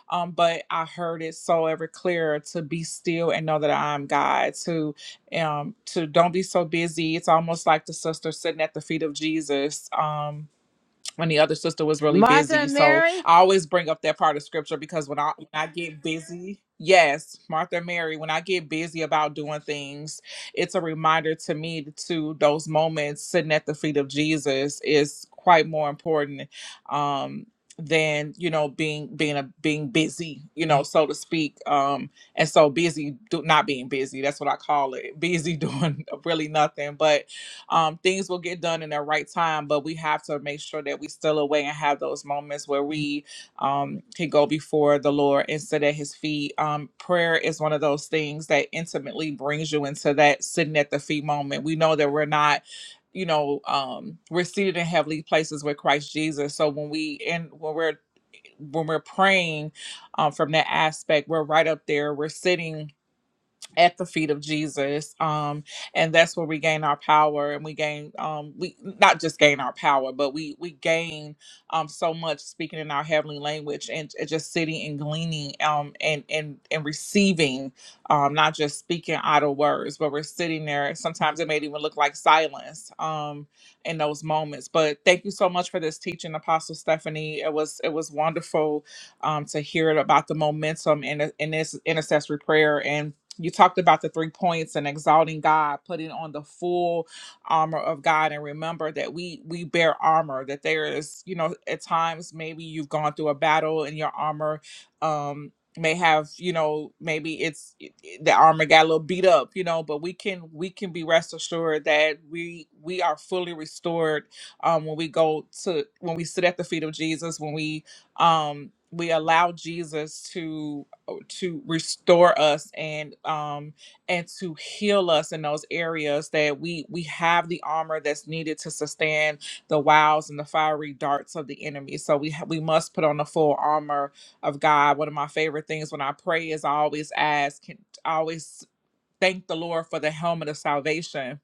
[SPEAKER 2] um, but I heard it so ever clearer to be still and know that I am God. To um, to don't be so busy. It's almost like the sister sitting at the feet of Jesus. Um, and the other sister was really
[SPEAKER 1] Martha
[SPEAKER 2] busy.
[SPEAKER 1] and
[SPEAKER 2] So
[SPEAKER 1] Mary?
[SPEAKER 2] I always bring up that part of scripture because when I when I get busy, yes, Martha and Mary, when I get busy about doing things, it's a reminder to me to those moments sitting at the feet of Jesus is quite more important um than you know being being a being busy you know so to speak um and so busy do, not being busy that's what i call it busy *laughs* doing really nothing but um, things will get done in their right time, but we have to make sure that we still away and have those moments where we um, can go before the Lord and sit at His feet. Um, prayer is one of those things that intimately brings you into that sitting at the feet moment. We know that we're not. You know, um, we're seated in heavenly places with Christ Jesus. So when we and when we're when we're praying um, from that aspect, we're right up there. We're sitting at the feet of Jesus. Um, and that's where we gain our power and we gain um we not just gain our power, but we we gain um so much speaking in our heavenly language and, and just sitting and gleaning um and and and receiving um not just speaking idle words, but we're sitting there. Sometimes it may even look like silence um in those moments. But thank you so much for this teaching, Apostle Stephanie. It was it was wonderful um to hear about the momentum in in this intercessory prayer and you talked about the three points and exalting God, putting on the full armor of God, and remember that we we bear armor. That there is, you know, at times maybe you've gone through a battle and your armor um, may have, you know, maybe it's it- it- the armor got a little beat up, you know, but we can we can be rest assured that we we are fully restored um, when we go to when we sit at the feet of Jesus when we um, we allow Jesus to to restore us and um and to heal us in those areas that we we have the armor that's needed to sustain the wiles and the fiery darts of the enemy so we ha- we must put on the full armor of god one of my favorite things when i pray is i always ask can I always thank the lord for the helmet of salvation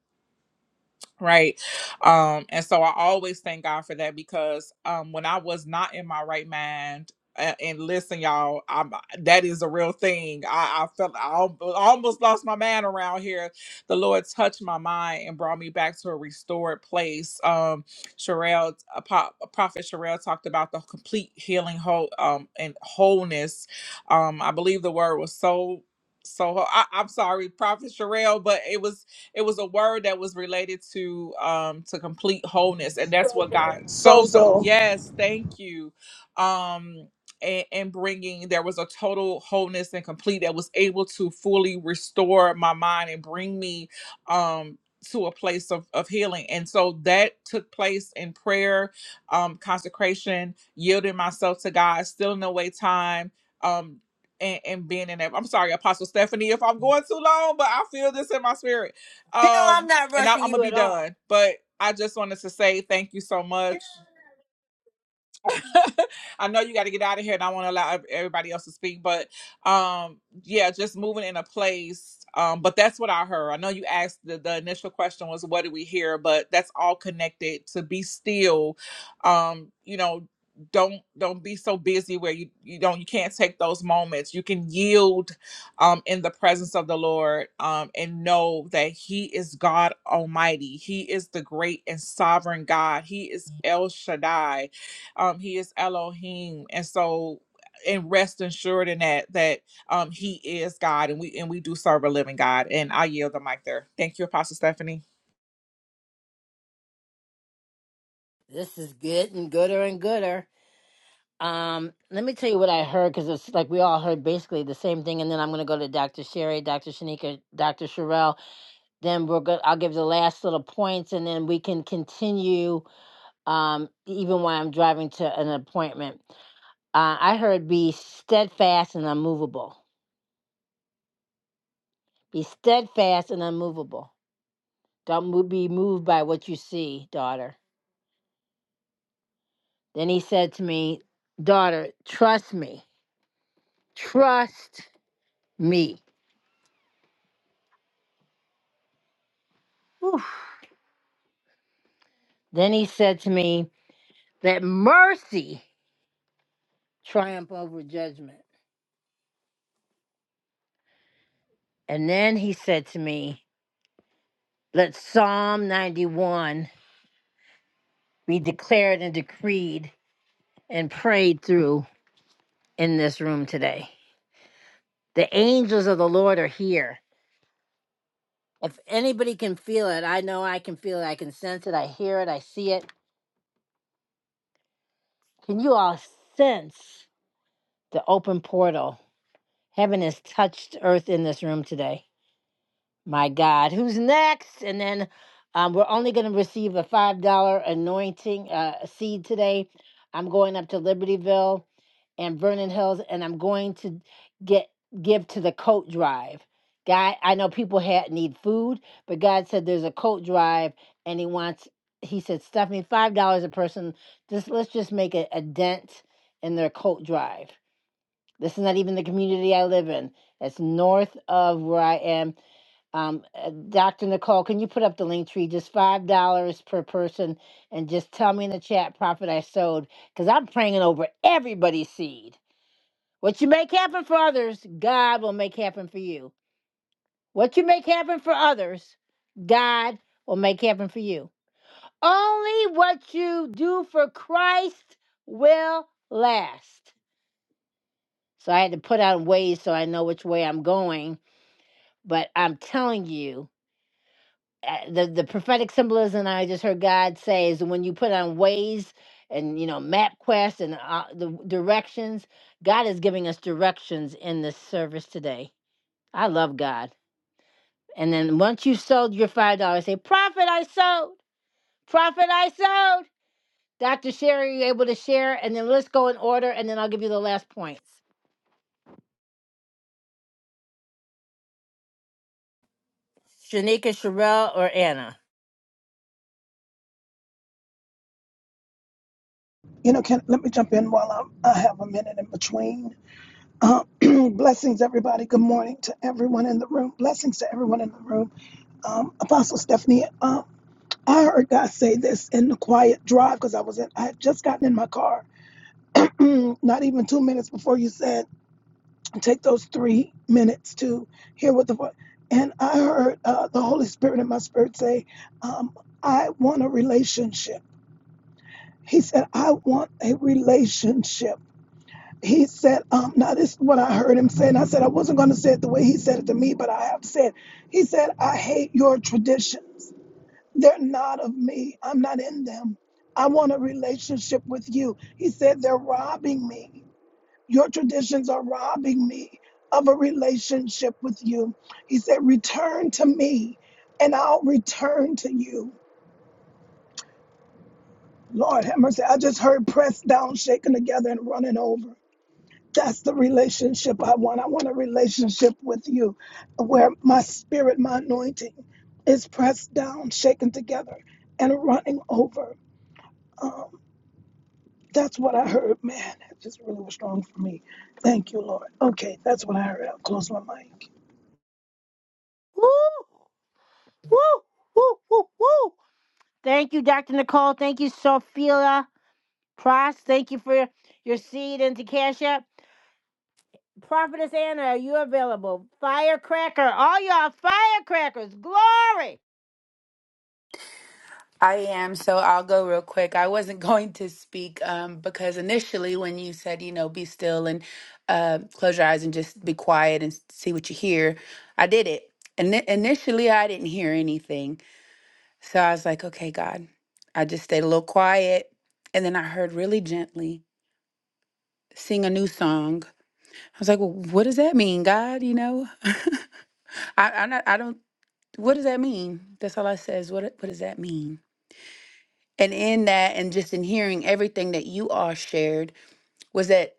[SPEAKER 2] right um and so i always thank god for that because um when i was not in my right mind and, and listen y'all i'm that is a real thing i i felt i al- almost lost my man around here the lord touched my mind and brought me back to a restored place um Sherelle, a pop, prophet Sherelle talked about the complete healing whole um and wholeness um i believe the word was so so I, i'm sorry prophet Sherelle, but it was it was a word that was related to um to complete wholeness and that's what god sozo
[SPEAKER 3] Sozo,
[SPEAKER 2] yes thank you um and, and bringing there was a total wholeness and complete that was able to fully restore my mind and bring me um to a place of, of healing and so that took place in prayer um consecration yielding myself to god stealing away time um and, and being in that i'm sorry apostle stephanie if i'm going too long but i feel this in my spirit um, and I, I'm gonna be done. But I just wanted to say thank you so much. *laughs* I know you got to get out of here, and I want to allow everybody else to speak. But um, yeah, just moving in a place. Um, but that's what I heard. I know you asked the, the initial question was, "What did we hear?" But that's all connected to be still. Um, you know, don't don't be so busy where you you don't you can't take those moments. You can yield um, in the presence of the Lord um, and know that He is God Almighty. He is the great and sovereign God. He is El Shaddai um, he is Elohim, and so and rest assured in that that um he is God, and we and we do serve a living God. And I yield the mic there. Thank you, Apostle Stephanie.
[SPEAKER 1] This is good and gooder and gooder. Um, let me tell you what I heard because it's like we all heard basically the same thing, and then I'm gonna go to Dr. Sherry, Dr. Shanika, Dr. Sherelle. Then we're good. I'll give the last little points, and then we can continue. Um, even while I'm driving to an appointment, uh, I heard be steadfast and unmovable. Be steadfast and unmovable. Don't mo- be moved by what you see, daughter. Then he said to me, daughter, trust me, trust me Whew. Then he said to me, Let mercy triumph over judgment. And then he said to me, Let Psalm 91 be declared and decreed and prayed through in this room today. The angels of the Lord are here. If anybody can feel it, I know I can feel it. I can sense it. I hear it. I see it. Can you all sense the open portal? Heaven has touched earth in this room today. My God, who's next? And then um, we're only going to receive a $5 anointing uh, seed today. I'm going up to Libertyville and Vernon Hills, and I'm going to get give to the coat drive. God, I know people had need food, but God said there's a coat drive, and He wants. He said, Stephanie, five dollars a person. Just let's just make a, a dent in their coat drive. This is not even the community I live in. It's north of where I am um, uh, Dr. Nicole, can you put up the link tree? Just five dollars per person, and just tell me in the chat profit I sowed, because I'm praying over everybody's seed. What you make happen for others, God will make happen for you. What you make happen for others, God will make happen for you. Only what you do for Christ will last. So I had to put out ways so I know which way I'm going, but I'm telling you. uh, the the prophetic symbolism I just heard God say is when you put on ways and you know MapQuest and uh, the directions, God is giving us directions in this service today. I love God. And then once you sold your five dollars, say, "Profit, I sold. Profit, I sold." Dr. Sherry, you able to share? And then let's go in order, and then I'll give you the last points. Shanika, Sherelle, or Anna.
[SPEAKER 3] you know, can let me jump in while I'm, I have a minute in between. Uh, *clears throat* blessings, everybody. Good morning to everyone in the room. Blessings to everyone in the room. Um, Apostle Stephanie, um, I heard God say this in the quiet drive because I was in. I had just gotten in my car, *clears throat* not even two minutes before you said take those three minutes to hear what the voice. And I heard uh, the Holy Spirit in my spirit say, um, "I want a relationship." He said, "I want a relationship." he said, um, now this is what I heard him say, and I said I wasn't going to say it the way he said it to me, but I have to say it. He said, I hate your traditions. They're not of me. I'm not in them. I want a relationship with you. He said, they're robbing me. Your traditions are robbing me of a relationship with you. He said, return to me and I'll return to you. Lord have mercy. I just heard pressed down, shaken together, and running over. That's the relationship I want. I want a relationship with you where my spirit, my anointing is pressed down, shaken together, and running over. Um, that's what I heard. Man, that just really was strong for me. Thank you, Lord. Okay, that's what I heard. I'll close my mic.
[SPEAKER 1] Woo, woo, woo, woo, woo. Thank you, Dr. Nicole. Thank you, Sophia. Pross, thank you for your seed into Cash App. Prophetess Anna, are you available? Firecracker, all y'all firecrackers, glory!
[SPEAKER 4] I am, so I'll go real quick. I wasn't *laughs* going to speak um, because initially, when you said, you know, be still and uh, close your eyes and just be quiet and s- see what you hear, I did it. And initially, I didn't hear anything. So I was like, okay, God. I just stayed a little quiet. And then I heard really gently sing a new song. I was like, well, what does that mean, God? You know, *laughs* I, I'm not, I don't, what does that mean? That's all I says. What, what does that mean? And in that, and just in hearing everything that you all shared, was that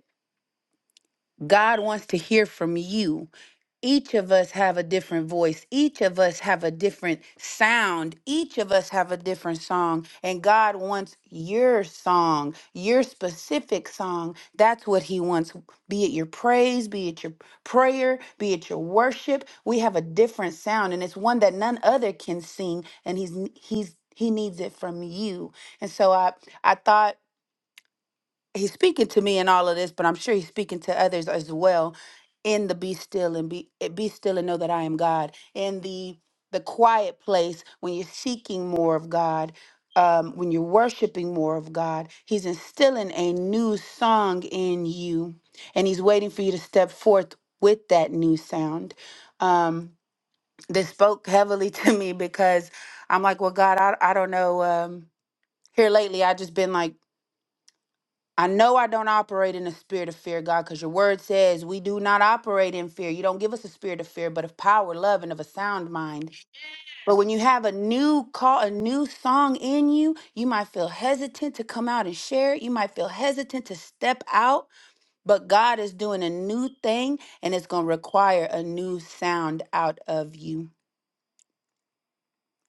[SPEAKER 4] God wants to hear from you. Each of us have a different voice. Each of us have a different sound. Each of us have a different song. And God wants your song, your specific song. That's what He wants. Be it your praise, be it your prayer, be it your worship. We have a different sound, and it's one that none other can sing. And He's He's He needs it from you. And so I I thought he's speaking to me in all of this, but I'm sure he's speaking to others as well. In the be still and be eh, be still and know that I am God. In the the quiet place when you're seeking more of God, um, when you're worshiping more of God, He's instilling a new song in you, and He's waiting for you to step forth with that new sound. Um, this spoke heavily *laughs* to me because I'm like, well, God, I, I don't know. Um, here lately, I just been like I know I don't operate in the spirit of fear, God, because your word says we do not operate in fear. You don't give us a spirit of fear, but of power, love, and of a sound mind. But when you have a new call, a new song in you, you might feel hesitant to come out and share it. You might feel hesitant to step out, but God is doing a new thing and it's going to require a new sound out of you.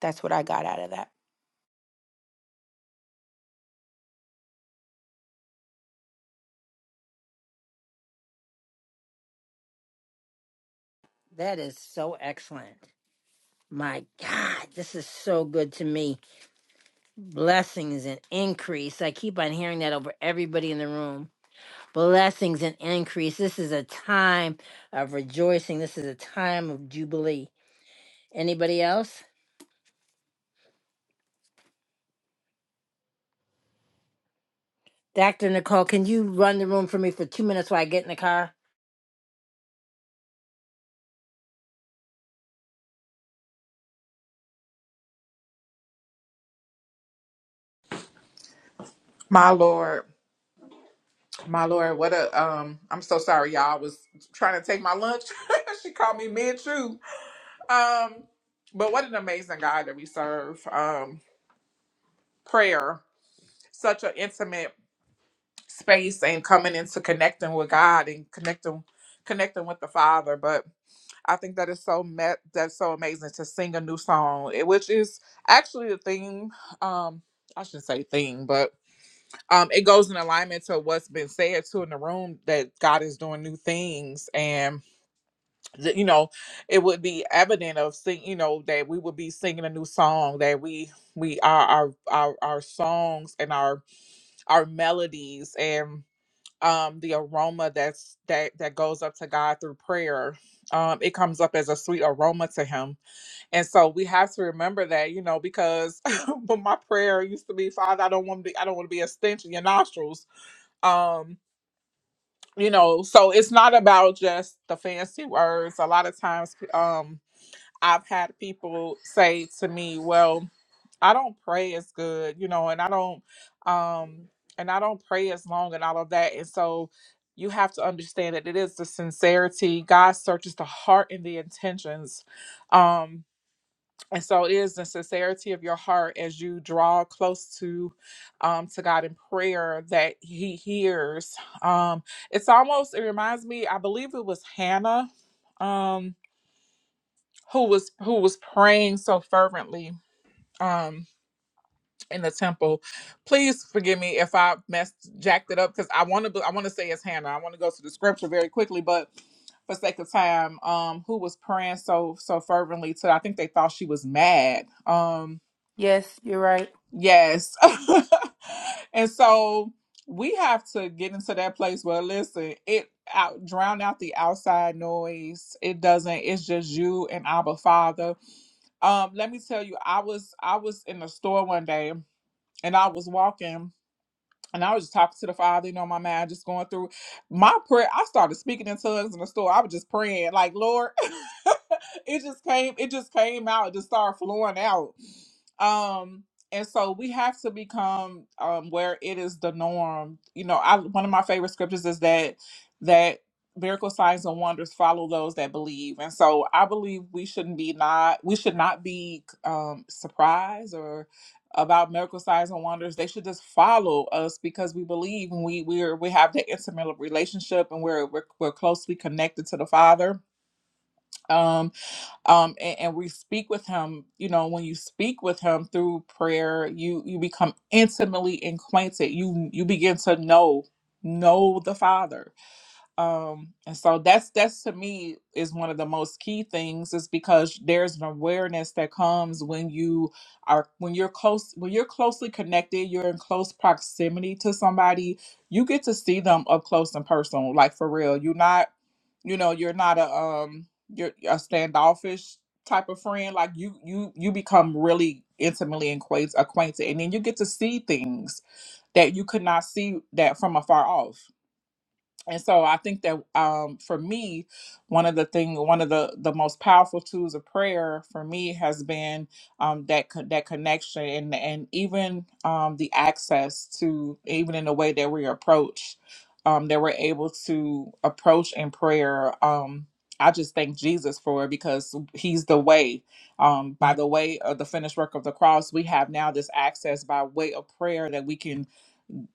[SPEAKER 4] That's what I got out of that.
[SPEAKER 1] That is so excellent. My God, this is so good to me. Blessings and increase. I keep on hearing that over everybody in the room. Blessings and increase. This is a time of rejoicing. This is a time of jubilee. Anybody else? Dr. Nicole, can you run the room for me for two minutes while I get in the car?
[SPEAKER 2] My Lord, my Lord, what a um I'm so sorry y'all I was trying to take my lunch. *laughs* she called me mid chew. Um but what an amazing God that we serve. Um prayer, such an intimate space and coming into connecting with God and connecting connecting with the Father. But I think that is so met that's so amazing to sing a new song, eh, which is actually the theme. Um, I shouldn't say theme, but um, it goes in alignment to what's been said too in the room that God is doing new things, and that, you know, it would be evident of sing, you know, that we would be singing a new song that we we are our our our songs and our our melodies and um the aroma that's that that goes up to God through prayer um, it comes up as a sweet aroma to him and so we have to remember that, you know, because *laughs* but my prayer used to be, Father, I don't want to be, I don't want to be a stench in your nostrils. Um, you know, so it's not about just the fancy words. A lot of times, um, I've had people say to me, "Well, I don't pray as good, you know, and I don't, um, and I don't pray as long and all of that." And so you have to understand that it is the sincerity. God searches the heart and the intentions. Um, and so it is the sincerity of your heart as you draw close to um, to God in prayer that He hears. Um, it's almost it reminds me. I believe it was Hannah um, who was who was praying so fervently um, in the temple. Please forgive me if I messed jacked it up because I want to I want to say it's Hannah. I want to go to the scripture very quickly, but for sake of time, um, who was praying so so fervently to I think they thought she was mad. Um,
[SPEAKER 4] Yes, you're right.
[SPEAKER 2] Yes. *laughs* and so we have to get into that place where listen, it out drown out the outside noise. It doesn't, it's just you and Abba Father. Um, let me tell you, I was I was in the store one day and I was walking and I was just talking to the Father, you know, my mind, just going through my prayer. I started speaking in tongues in the store. I was just praying, like, Lord, *laughs* it just came, it just came out, it just started flowing out. Um, and so we have to become um where it is the norm. You know, I one of my favorite scriptures is that that miracle signs and wonders follow those that believe. And so I believe we shouldn't be not we should not be um surprised or about miracles, signs and wonders they should just follow us because we believe and we we're we have that intimate relationship and we're we're, we're closely connected to the father um um and, and we speak with him you know when you speak with him through prayer you you become intimately acquainted you you begin to know know the father um and so that's that's to me is one of the most key things is because there's an awareness that comes when you are when you're close when you're closely connected you're in close proximity to somebody you get to see them up close and personal like for real you're not you know you're not a um you're a standoffish type of friend like you you you become really intimately acquaint- acquainted and then you get to see things that you could not see that from afar off and so i think that um, for me one of the thing one of the the most powerful tools of prayer for me has been um, that co- that connection and and even um, the access to even in the way that we approach um, that we're able to approach in prayer um, i just thank jesus for it because he's the way um, by the way of the finished work of the cross we have now this access by way of prayer that we can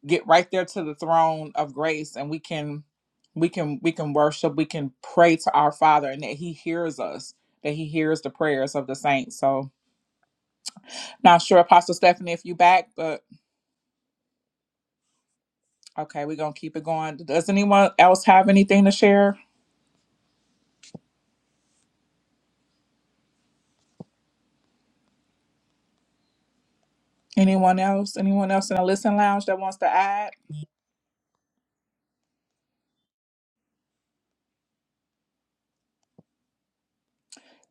[SPEAKER 2] get right there to the throne of grace and we can we can we can worship we can pray to our father and that he hears us that he hears the prayers of the saints so not sure apostle stephanie if you back but okay we're gonna keep it going does anyone else have anything to share anyone else anyone else in the listen lounge that wants to add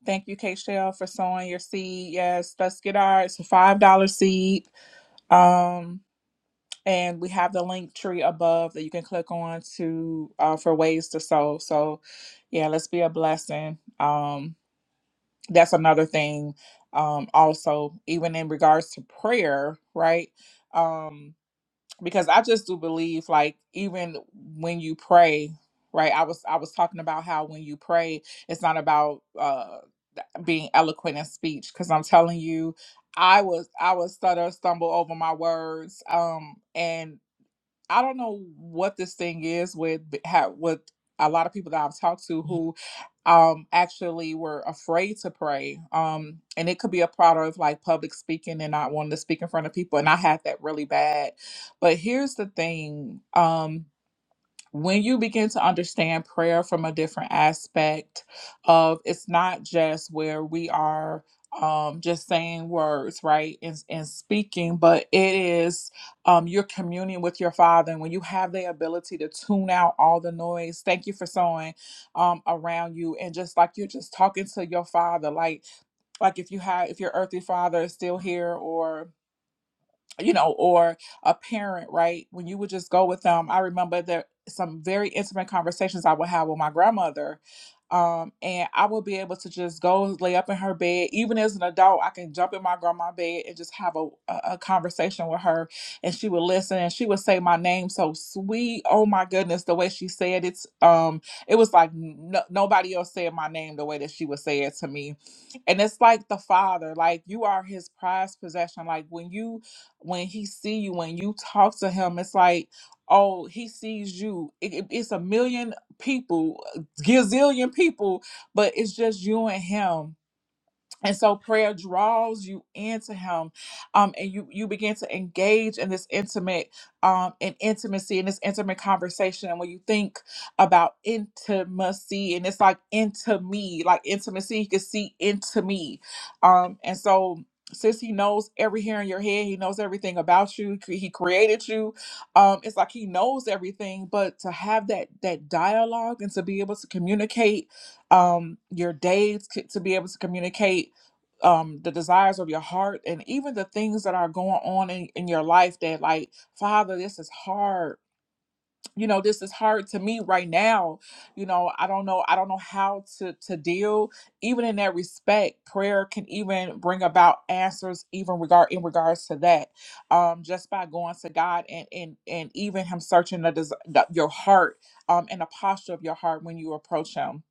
[SPEAKER 2] thank you k Shell, for sowing your seed yes let's get ours It's a five dollar seed um and we have the link tree above that you can click on to uh, for ways to sow. So, yeah, let's be a blessing. Um, that's another thing. Um, also, even in regards to prayer, right? Um, because I just do believe, like, even when you pray, right? I was I was talking about how when you pray, it's not about uh, being eloquent in speech. Because I'm telling you, I was I was stutter stumble over my words, um, and I don't know what this thing is with how with a lot of people that I've talked to who um actually were afraid to pray. Um and it could be a product of like public speaking and not wanting to speak in front of people and I had that really bad. But here's the thing. Um when you begin to understand prayer from a different aspect of it's not just where we are um just saying words right and, and speaking but it is um your communion with your father and when you have the ability to tune out all the noise thank you for sowing um around you and just like you're just talking to your father like like if you have if your earthly father is still here or you know, or a parent, right? When you would just go with them, I remember there some very intimate conversations I would have with my grandmother. Um, and I would be able to just go lay up in her bed. Even as an adult, I can jump in my grandma's bed and just have a, a, a conversation with her. And she would listen and she would say my name so sweet. Oh my goodness, the way she said it. Um, it was like no, nobody else said my name the way that she would say it to me. And it's like the father, like you are his prized possession. Like when you when he see you when you talk to him it's like oh he sees you it, it- it's a million people gazillion people but it's just you and him and so prayer draws you into him um, and you you begin to engage in this intimate um in intimacy in this intimate conversation and when you think about intimacy and it's like into me like intimacy you can see into me um and so since he knows every hair in your head he knows everything about you cre- he created you um it's like he knows everything but to have that that dialogue and to be able to communicate um your days c- to be able to communicate um the desires of your heart and even the things that are going on in, in your life that like father this is hard you know this is hard to me right now you know i don't know i don't know how to to deal even in that respect prayer can even bring about answers even regard in regards to that um just by going to god and and and even him searching the, des- the your heart um and the posture of your heart when you approach him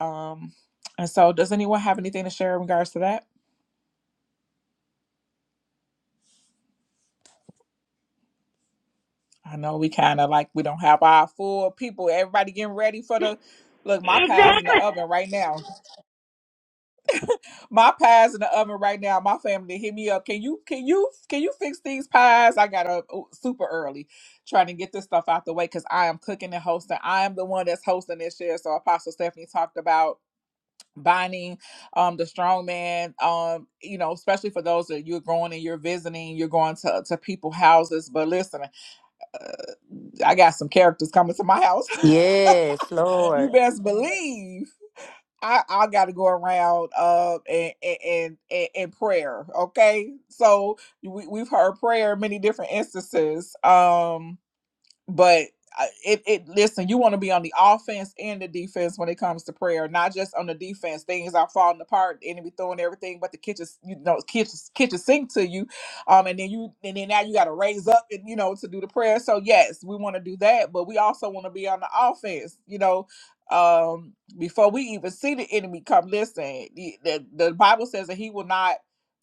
[SPEAKER 2] um and so does anyone have anything to share in regards to that I know we kind of like we don't have our full people. Everybody getting ready for the look. My pie's in the oven right now. My pie's in the oven right now. My family hit me up. Can you can you can you fix these pies? I got up oh, super early trying to get this stuff out the way because I am cooking and hosting. I am the one that's hosting this year. So Apostle Stephanie talked about binding um the strong man um you know especially for those that you're going and you're visiting you're going to to people houses but listen i got some characters coming to my house *laughs*
[SPEAKER 4] Yes,
[SPEAKER 2] you
[SPEAKER 4] Lord.
[SPEAKER 2] best believe I, I got to go around uh and and and, and prayer. Okay, so we we've heard prayer in many different instances. Um, but I- it, it listen you want to be on the offense and the defense when it comes to prayer not just on the defense things are falling apart the enemy throwing everything but the kitchen s- you know kitchen kitchen sink to you um and then you and then now you got to raise up and you know to do the prayer so yes we want to do that but we also want to be on the offense you know um before we even see the enemy come listen the, the, the bible says that he will not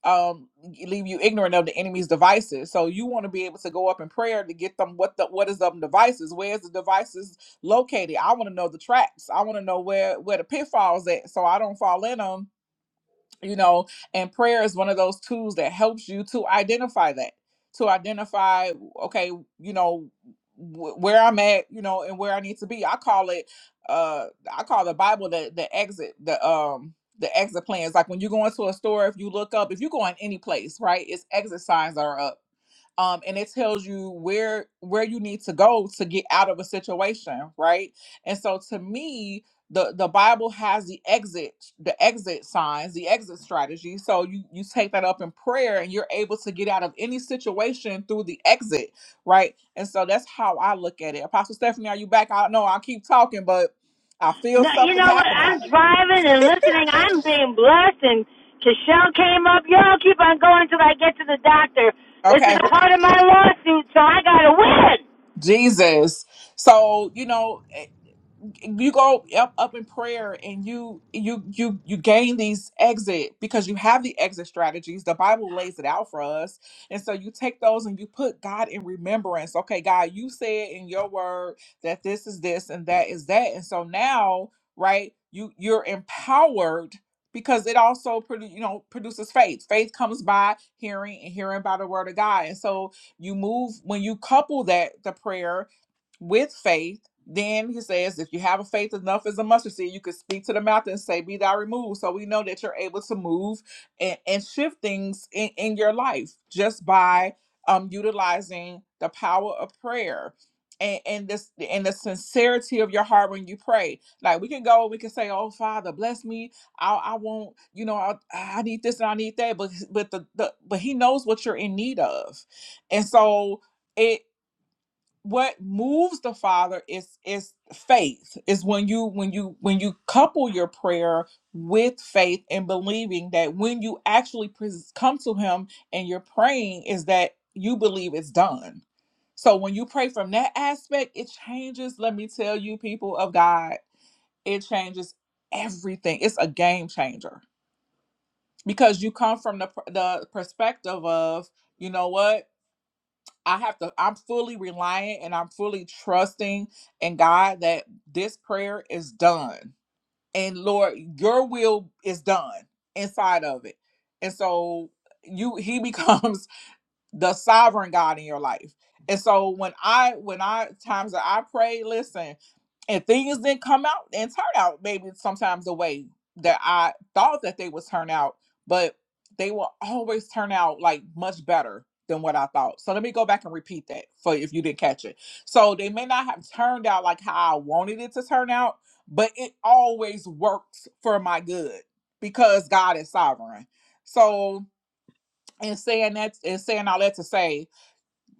[SPEAKER 2] um leave you ignorant of the enemy's devices so you want to be able to go up in prayer to get them what the what is them devices where's the devices located i want to know the traps i want to know where where the pitfalls at so i don't fall in them you know and prayer is one of those tools that helps you to identify that to identify okay you know wh- where i'm at you know and where i need to be i call it uh i call the bible the the exit the um the exit plans like when you go into a store if you look up if you go in any place right it's exit signs that are up um, and it tells you where where you need to go to get out of a situation, right? And so to me, the the Bible has the exit, the exit signs, the exit strategy. So you you take that up in prayer, and you're able to get out of any situation through the exit, right? And so that's how I look at it. Apostle Stephanie, are you back? I don't know. I keep talking, but I feel
[SPEAKER 1] No, you
[SPEAKER 2] something
[SPEAKER 1] know what?
[SPEAKER 2] happening.
[SPEAKER 1] I'm driving and listening. I'm being blessed, and Cashel came up. Y'all keep on going till I get to the doctor. This is
[SPEAKER 2] Okay,
[SPEAKER 1] a part of my lawsuit, so I gotta win.
[SPEAKER 2] *laughs* Jesus. So you know. you go up up in prayer and you you you you gain these exit because you have the exit strategies the bible lays it out for us and so you take those and you put god in remembrance okay god you said in your word that this is this and that is that and so now right you you're empowered because it also produ- you know produces faith faith comes by hearing and hearing by the word of god and so you move when you couple that the prayer with faith. Then he says, if you have a faith enough as a mustard seed, you could speak to the mountain and say, Be thou removed. So we know that you're able to move and, and shift things in, in your life just by um utilizing the power of prayer and, and this and the sincerity of your heart when you pray. Like we can go, we can say, Oh Father, bless me. I I want, you know, I, I need this and I need that. But but the, the but he knows what you're in need of. And so it." what moves the father is is faith is when you when you when you couple your prayer with faith and believing that when you actually pres- come to him and you're praying is that you believe it's done so when you pray from that aspect it changes let me tell you people of god it changes everything it's a game changer because you come from the pr- the perspective of you know what I have to, I'm fully reliant and I'm fully trusting in God that this prayer is done. And Lord, your will is done inside of it. And so you he becomes *laughs* the sovereign God in your life. And so when I when I times that I pray, listen, and things didn't come out and turn out maybe sometimes the way that I thought that they would turn out, but they will always turn out like much better than what I thought. So let me go back and repeat that for if you didn't catch it. So they may not have turned out like how I wanted it to turn out, but it always works for my good because God is sovereign. So and saying that and saying all that to say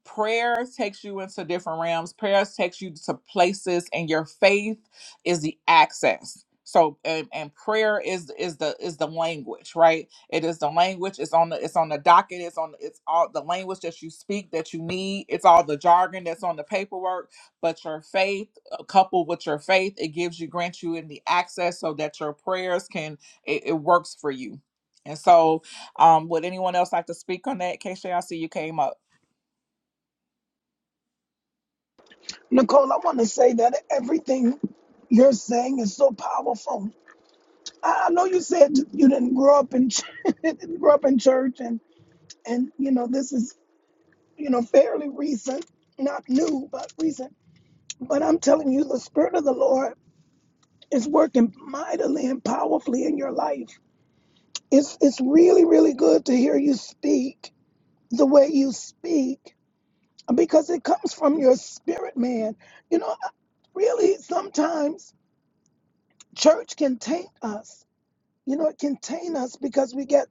[SPEAKER 2] prayer takes you into different realms prayer takes you to places and your faith is the access so and, and prayer is is the is the language right it is the language it's on the it's on the docket it's on it's all the language that you speak that you need it's all the jargon that's on the paperwork but your faith uh, coupled with your faith it gives you grants you in the access so that your prayers can it, it works for you and so um would anyone else like to speak on that Keisha, i see you came up
[SPEAKER 3] Nicole, I want to say that everything you're saying is so powerful. I I know you said you didn't grow up in *laughs* didn't grow up in church and and you know this is you know, fairly recent, not new, but recent. But I'm telling you, the Spirit of the Lord is working mightily and powerfully in your life. It's, it's really, really good to hear you speak the way you speak because it comes from your spirit, man. You know, really, sometimes church can taint us. You know, it can taint us because we get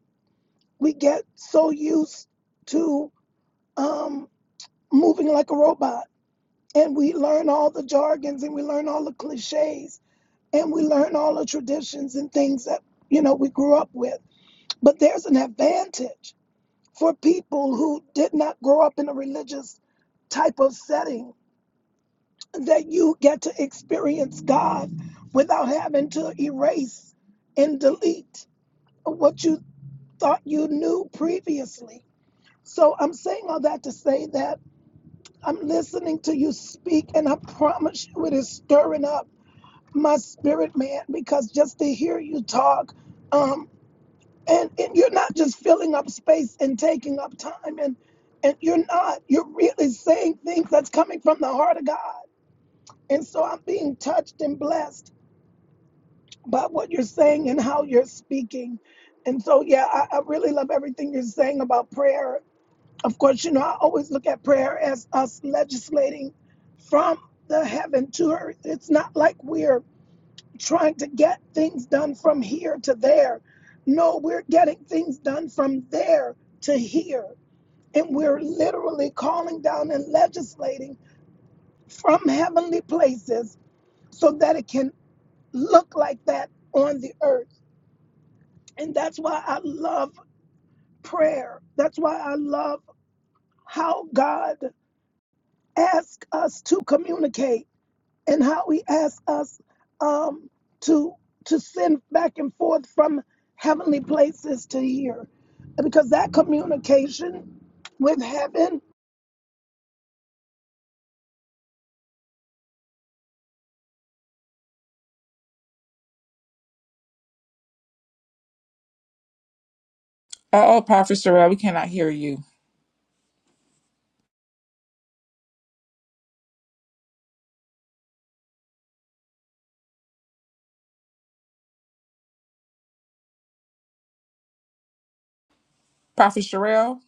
[SPEAKER 3] we get so used to um, moving like a robot and we learn all the jargons and we learn all the cliches and we learn all the traditions and things that you know we grew up with but there's an advantage for people who did not grow up in a religious type of setting that you get to experience god without having to erase and delete what you thought you knew previously so i'm saying all that to say that i'm listening to you speak and i promise you it is stirring up my spirit, man, because just to hear you talk, um, and, and you're not just filling up space and taking up time, and and you're not, you're really saying things that's coming from the heart of God. And so I'm being touched and blessed by what you're saying and how you're speaking. And so, yeah, I, I really love everything you're saying about prayer. Of course, you know, I always look at prayer as us legislating from the heaven to earth. It's not like we're trying to get things done from here to there. No, we're getting things done from there to here. And we're literally calling down and legislating from heavenly places so that it can look like that on the earth. And that's why I love prayer. That's why I love how God asks us to communicate and how he asks us um, to to send back and forth from heavenly places to here, because that communication with heaven.
[SPEAKER 2] uh oh, Prophet Sherelle, we cannot hear you. Prophet Sherelle?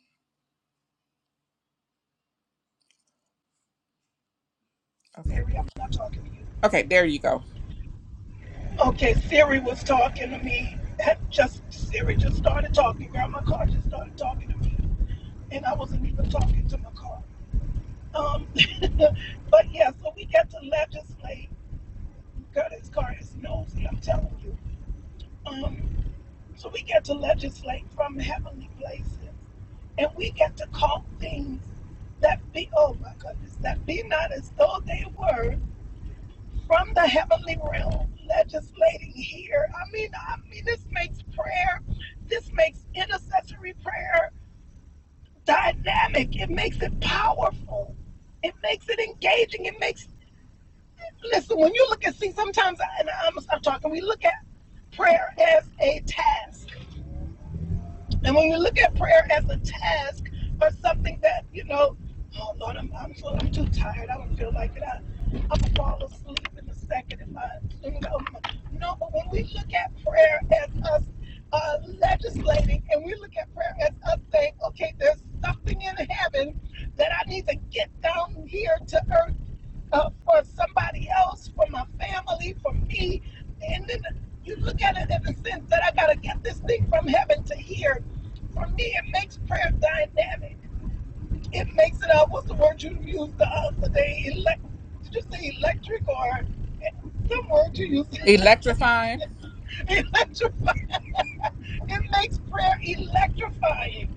[SPEAKER 2] Okay.
[SPEAKER 3] Siri, I'm not talking to you.
[SPEAKER 2] Okay, there you go.
[SPEAKER 3] Okay, Siri was talking to me. Had Just Siri just started talking. Grandma car just started talking to me, and I wasn't even talking to my car. Um, *laughs* but yeah, so we get to legislate. God, this car is nosy. I'm telling you. Um, So we got to legislate from heavenly places. And we got to call things that be, oh my goodness, that be not as though they were from the heavenly realm, legislating here. I mean, I mean, this makes prayer, this makes intercessory prayer dynamic. It makes it powerful. It makes it engaging. It makes, listen, when you look at, see, sometimes, I, and I'm, I'm talking, we look at prayer as a task And when you look at prayer as a task or something that, you know, oh Lord, I'm, I'm, so, I'm too tired. I don't feel like it. I, I'm going to fall asleep in a second if I, you know. No, but when we look at prayer as us uh, legislating and we look at prayer as us saying, okay, there's something in heaven that I need to get down here to earth uh, for somebody else, for my family, for me. And then you look at it in the sense that I got to get this thing from heaven to here. For me, it makes prayer dynamic. It makes it, uh, what's the word you used the other day? Elect, did you say electric or eh, some word you used?
[SPEAKER 2] Electrifying.
[SPEAKER 3] *laughs* Electrifying. It makes prayer electrifying.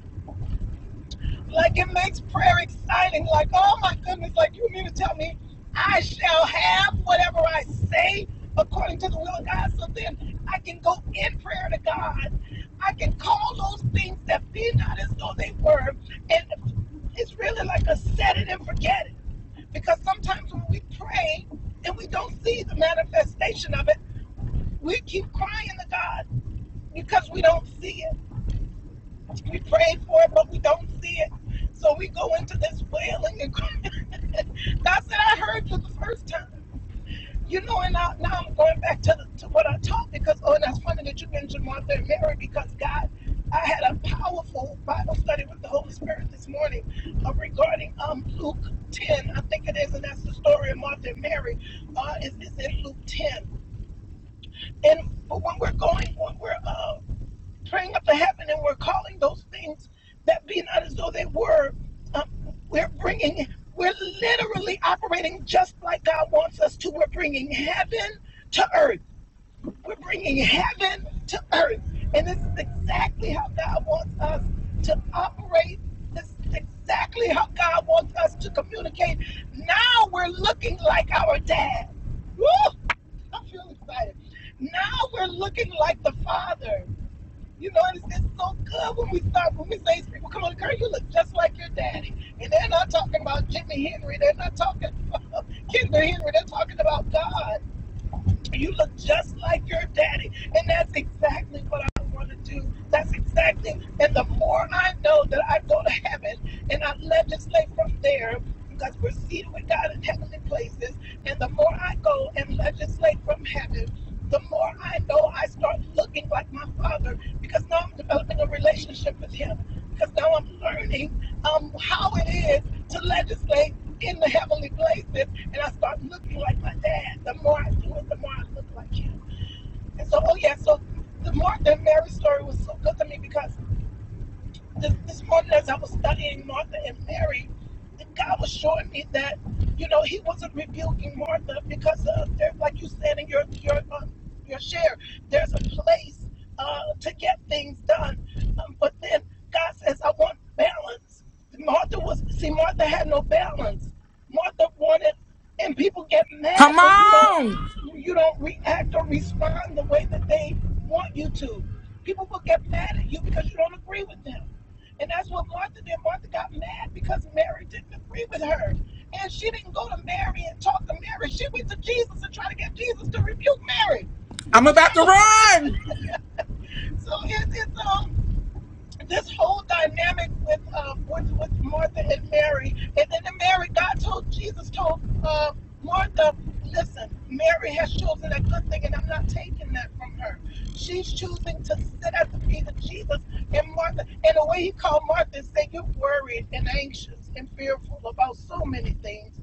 [SPEAKER 3] Like it makes prayer exciting. Like, oh my goodness, like you mean to tell me I shall have whatever I say according to the will of God. So then I can go in prayer to God. I can call those things that be not as though they were. And it's really like a set it and forget it. Because sometimes when we pray and we don't see the manifestation of it, we keep crying to God because we don't see it. We pray for it, but we don't see it. So we go into this wailing and crying. God said, I heard you the first time. You know, and now, now I'm going back to, to what I taught because, oh, and that's funny that you mentioned Martha and Mary because God, I had a powerful Bible study with the Holy Spirit this morning uh, regarding um, Luke 10, I think it is, and that's the story of Martha and Mary. Uh, it's, it's in Luke 10. And but when we're going, when we're uh, praying up to heaven and we're calling those things that be not as though they were. Um, we're bringing, we're literally operating just like God wants us to. We're bringing heaven to earth. We're bringing heaven to earth. And this is exactly how God wants us to operate. This is exactly how God wants us to communicate. Now we're looking like our dad. Woo! I feeling excited. Now we're looking like the Father. You know, and it's, it's so good when we stop, when we say to people, come on, girl, you look just like your daddy. And they're not talking about Jimmy Henry. They're not talking about *laughs* Kendra Henry. They're talking about God. You look just like your daddy. And that's exactly what I want to do. That's exactly. And the more I know that I go to heaven and I legislate from there, because we're seated with God in heavenly places, and the more I go and legislate from heaven, the more I know I start looking like my father because now I'm developing a relationship with him. Because now I'm learning um, how it is to legislate in the heavenly places, and I start looking like my dad. The more I do it, the more I look like him. And so, oh yeah, so the Martha and Mary story was so good to me because this, this morning as I was studying Martha and Mary, God was showing me that, you know, He wasn't rebuking Martha because uh, there's, like you said in your your um, your share, there's a place uh, to get things done, um, but then God says, "I want balance." Martha was see, Martha had no balance. Martha wanted, and people get
[SPEAKER 2] Come
[SPEAKER 3] mad when you don't
[SPEAKER 2] on!
[SPEAKER 3] you don't react or respond the way that they want you to. People will get mad at you because you don't agree with them. And that's what Martha did. Martha got mad because Mary didn't agree with her. And she didn't go to Mary and talk to Mary. She went to Jesus and tried to get Jesus to rebuke Mary. You
[SPEAKER 2] I'm
[SPEAKER 3] know,
[SPEAKER 2] about to run!
[SPEAKER 3] *laughs* so this whole dynamic with um with, with Martha and Mary, and then the Mary, God told Jesus told uh, Martha, listen, Mary has chosen a good thing, and I'm not taking that from her. She's choosing to sit at the feet of Jesus and Martha. And the way he called Martha is saying you're worried and anxious and fearful about so many things.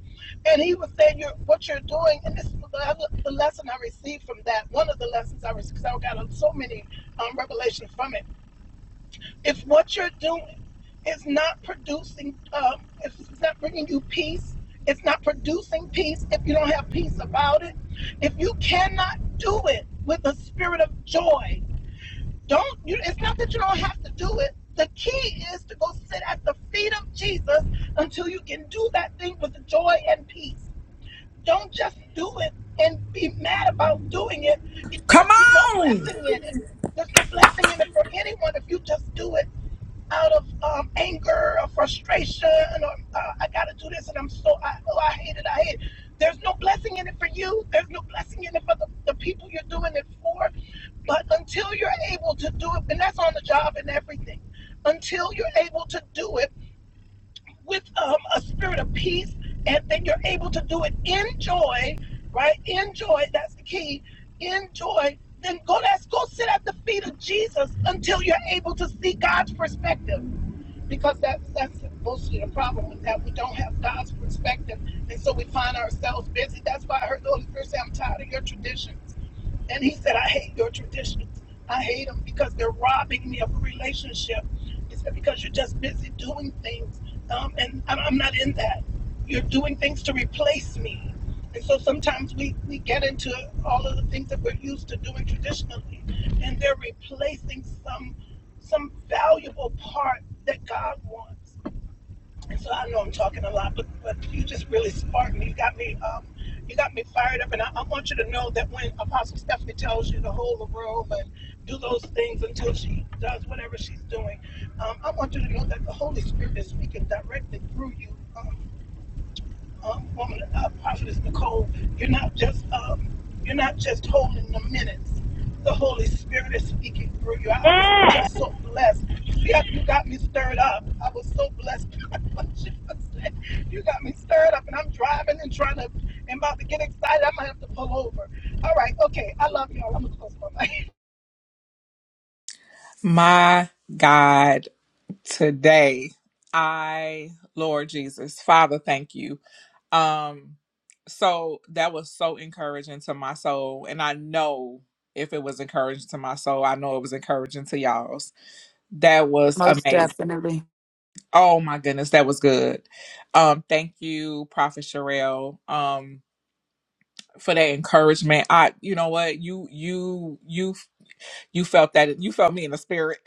[SPEAKER 3] And he was saying you're what you're doing, and this is the, the lesson I received from that. One of the lessons I received because I got so many um, revelations from it if what you're doing is not producing, um, if it's not bringing you peace, it's not producing peace, if you don't have peace about it, if you cannot do it with a spirit of joy, don't you? It's not that you don't have to do it. The key is to go sit at the feet of Jesus until you can do that thing with joy and peace. Don't just do it and be mad about doing it.
[SPEAKER 2] Come
[SPEAKER 3] There's no
[SPEAKER 2] on!
[SPEAKER 3] blessing in it. There's no blessing in it for anyone if you just do it out of um, anger or frustration or uh, I gotta do this and I'm so I oh I hate it I hate it. There's no blessing in it for you. There's no blessing in it for the, the people you're doing it for. But until you're able to do it, and that's on the job and everything, until you're able to do it with um, a spirit of peace, and then you're able to do it in joy, right? In joy, that's the key. In joy, then go let's go sit at the feet of Jesus until you're able to see God's perspective because that that's mostly the problem that we don't have God's perspective, and so we find ourselves busy. That's why I heard the Holy Spirit say, "I'm tired of your tradition." And he said, I hate your traditions. I hate them because they're robbing me of a relationship. He said, because you're just busy doing things. Um, and I'm, I'm not in that. You're doing things to replace me. And so sometimes we, we get into all of the things that we're used to doing traditionally, and they're replacing some some valuable part that God wants. So I know I'm talking a lot, but, but you just really sparked me. You got me, um, you got me fired up, and I, I want you to know that when Apostle Stephanie tells you to hold the robe and do those things until she does whatever she's doing, um, I want you to know that the Holy Spirit is speaking directly through you. um, um, woman, uh, prophetess Nicole, you're not just um, you're not just holding the minutes. The Holy Spirit is speaking through you. I was
[SPEAKER 1] Yeah.
[SPEAKER 3] just so blessed. See, how you got me stirred up. I was so blessed. *laughs* what you said. You got me stirred up, and I'm driving and trying to, and about to get excited. I might have to pull over. All right, okay. I love y'all. I'm gonna close my mic.
[SPEAKER 2] My God. Today, I, Lord Jesus, Father, thank you. Um, so that was so encouraging to my soul. And I know if it was encouraging to my soul, I know it was encouraging to y'all's. That was
[SPEAKER 4] Most
[SPEAKER 2] amazing.
[SPEAKER 4] definitely.
[SPEAKER 2] Oh my goodness, that was good. Um, thank you, Prophet Sherelle, um, for that encouragement. I you know what, you you you you felt that you felt me in the spirit.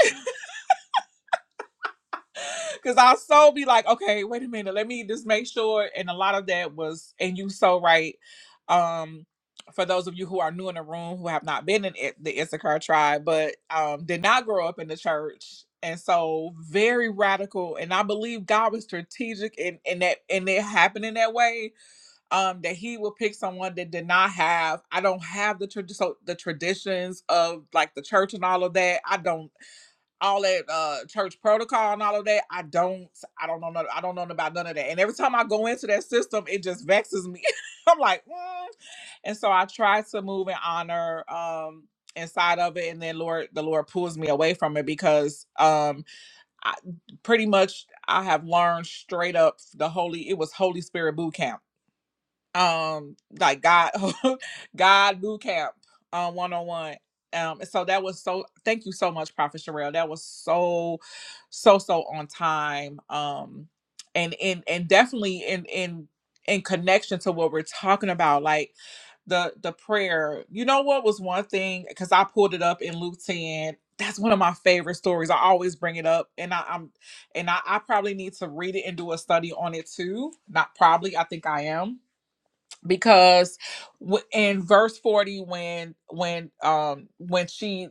[SPEAKER 2] Cause our soul be like, okay, wait a minute, let me just make sure. And a lot of that was, and you so right. Um, for those of you who are new in the room who have not been in it, the Issachar tribe, but um, did not grow up in the church, and so very radical. And I believe God was strategic in in that, and it happened in that way. Um, that He would pick someone that did not have. I don't have the tra- so the traditions of like the church and all of that. I don't all that uh church protocol and all of that. I don't I don't know no- I don't know about none of that. And every time I go into that system, it just vexes me. *laughs* I'm like, mm. and so I try to move in honor um inside of it and then Lord the Lord pulls me away from it because um I pretty much I have learned straight up the holy it was Holy Spirit boot camp um like God *laughs* God boot camp um one on one. Um and so that was so thank you so much, Prophet Sherelle. That was so so so on time. Um and and and definitely in in in connection to what we're talking about, like the the prayer. You know what was one thing because I pulled it up in Luke 10. That's one of my favorite stories. I always bring it up, and I, I'm and I, I probably need to read it and do a study on it too. Not probably, I think I am because w- in verse 40 when when um when she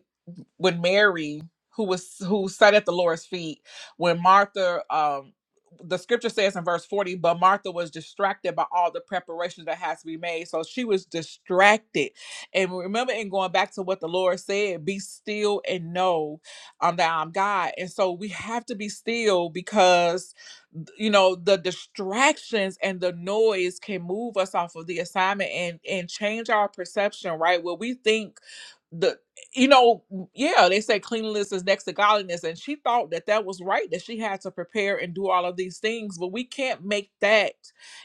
[SPEAKER 2] when Mary, who was who sat at the Lord's feet, when Martha, um, the scripture says in verse 40, but Martha was distracted by all the preparations that has to be made. So she was distracted. And remember, in going back to what the Lord said, be still and know um, that I'm God. And so we have to be still because you know the distractions and the noise can move us off of the assignment and and change our perception right where we think the you know, yeah, they say cleanliness is next to godliness, and she thought that that was right that she had to prepare and do all of these things, but we can't make that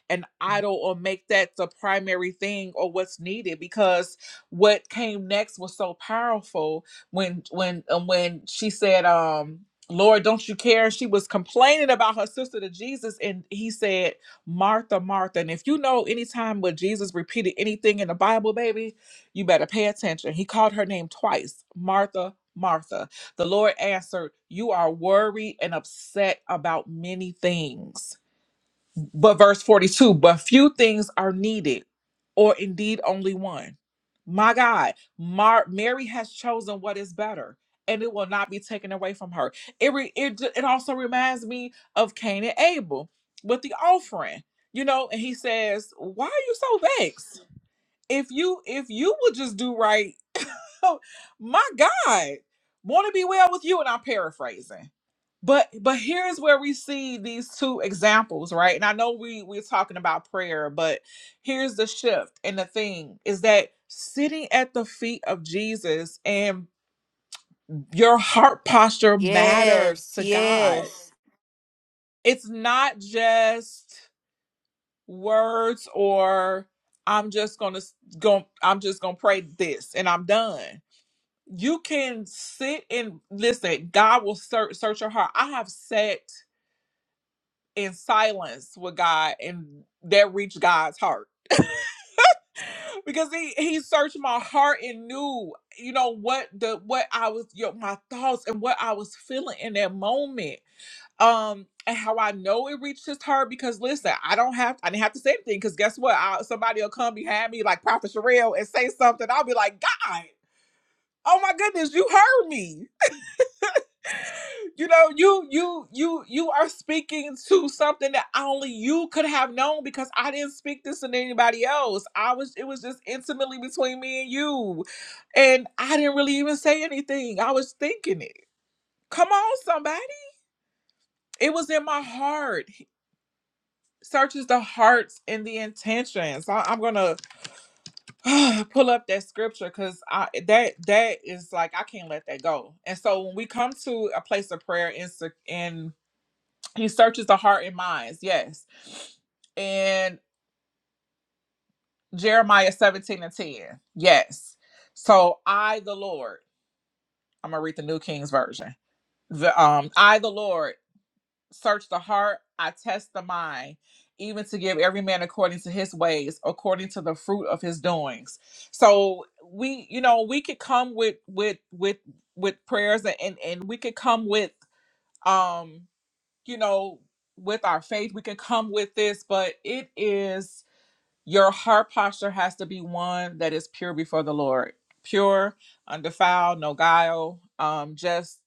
[SPEAKER 2] an idol or make that the primary thing or what's needed because what came next was so powerful when when and when she said, um. Lord, don't you care? She was complaining about her sister to Jesus, and he said, Martha, Martha. And if you know any time where Jesus repeated anything in the Bible, baby, you better pay attention. He called her name twice Martha, Martha. The Lord answered, You are worried and upset about many things. But verse 42 But few things are needed, or indeed only one. My God, Mar- Mary has chosen what is better. And it will not be taken away from her. It, re- it ju- it also reminds me of Cain and Abel with the offering, you know. And he says, "Why are you so vexed? If you if you would just do right, *laughs* my God, want to be well with you. And I'm paraphrasing. But but here's where we see these two examples, right? And I know we we're talking about prayer, but here's the shift. And the thing is that sitting at the feet of Jesus and your heart posture matters
[SPEAKER 4] Yes,
[SPEAKER 2] to God.
[SPEAKER 4] yes.
[SPEAKER 2] It's not just words or I'm just gonna s- go I'm just gonna pray this and I'm done you can sit and listen god will search search your heart i have sat in silence with god and that reached god's heart *laughs* because he he searched my heart and knew you know what the what i was you know, my thoughts and what i was feeling in that moment um and how i know it reached his heart because listen i don't have i didn't have to say anything because guess what I, somebody will come behind me like prophet Sherelle and say something i'll be like god oh my goodness you heard me you know you you you you are speaking to something that only you could have known because i didn't speak this to anybody else i was it was just intimately between me and you and i didn't really even say anything i was thinking it come on somebody it was in my heart He searches the hearts and the intentions I, i'm gonna *sighs* pull up that scripture because i that that is like i can't let that go and so when we come to a place of prayer in se- in. He searches the heart and minds, yes. And Jeremiah 17 and 10, yes. So I, the Lord, I'm gonna read the New King's Version. The um, I, the Lord, search the heart, I test the mind, even to give every man according to his ways, according to the fruit of his doings. So we, you know, we could come with with with with prayers and and, and we could come with um you know, with our faith, we can come with this, but it is your heart posture has to be one that is pure before the Lord, pure, undefiled, no guile, um, just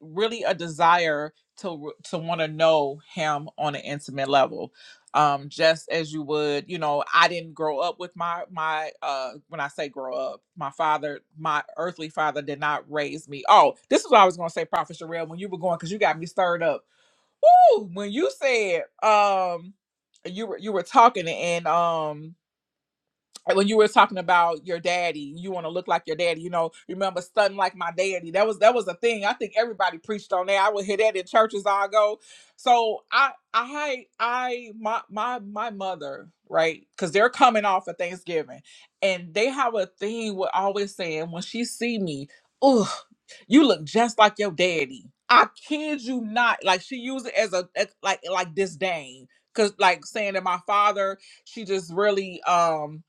[SPEAKER 2] really a desire to to want to know Him on an intimate level. Um, just as you would, you know, I didn't grow up with my my uh when I say grow up, my father, my earthly father did not raise me. Oh, this is what I was gonna say, Prophet Sherelle, when you were going, because you got me stirred up Woo! When you said um you were you were talking and um when you were talking about your daddy, you want to look like your daddy. You know, remember stunting like my daddy. That was that was a thing. I think everybody preached on that. I would hear that in churches I go. So I I I my my my mother right because they're coming off of Thanksgiving and they have a thing with always saying when she see me, oh, you look just like your daddy. I kid you not. Like she used it as a as- like like disdain because like saying that my father she just really um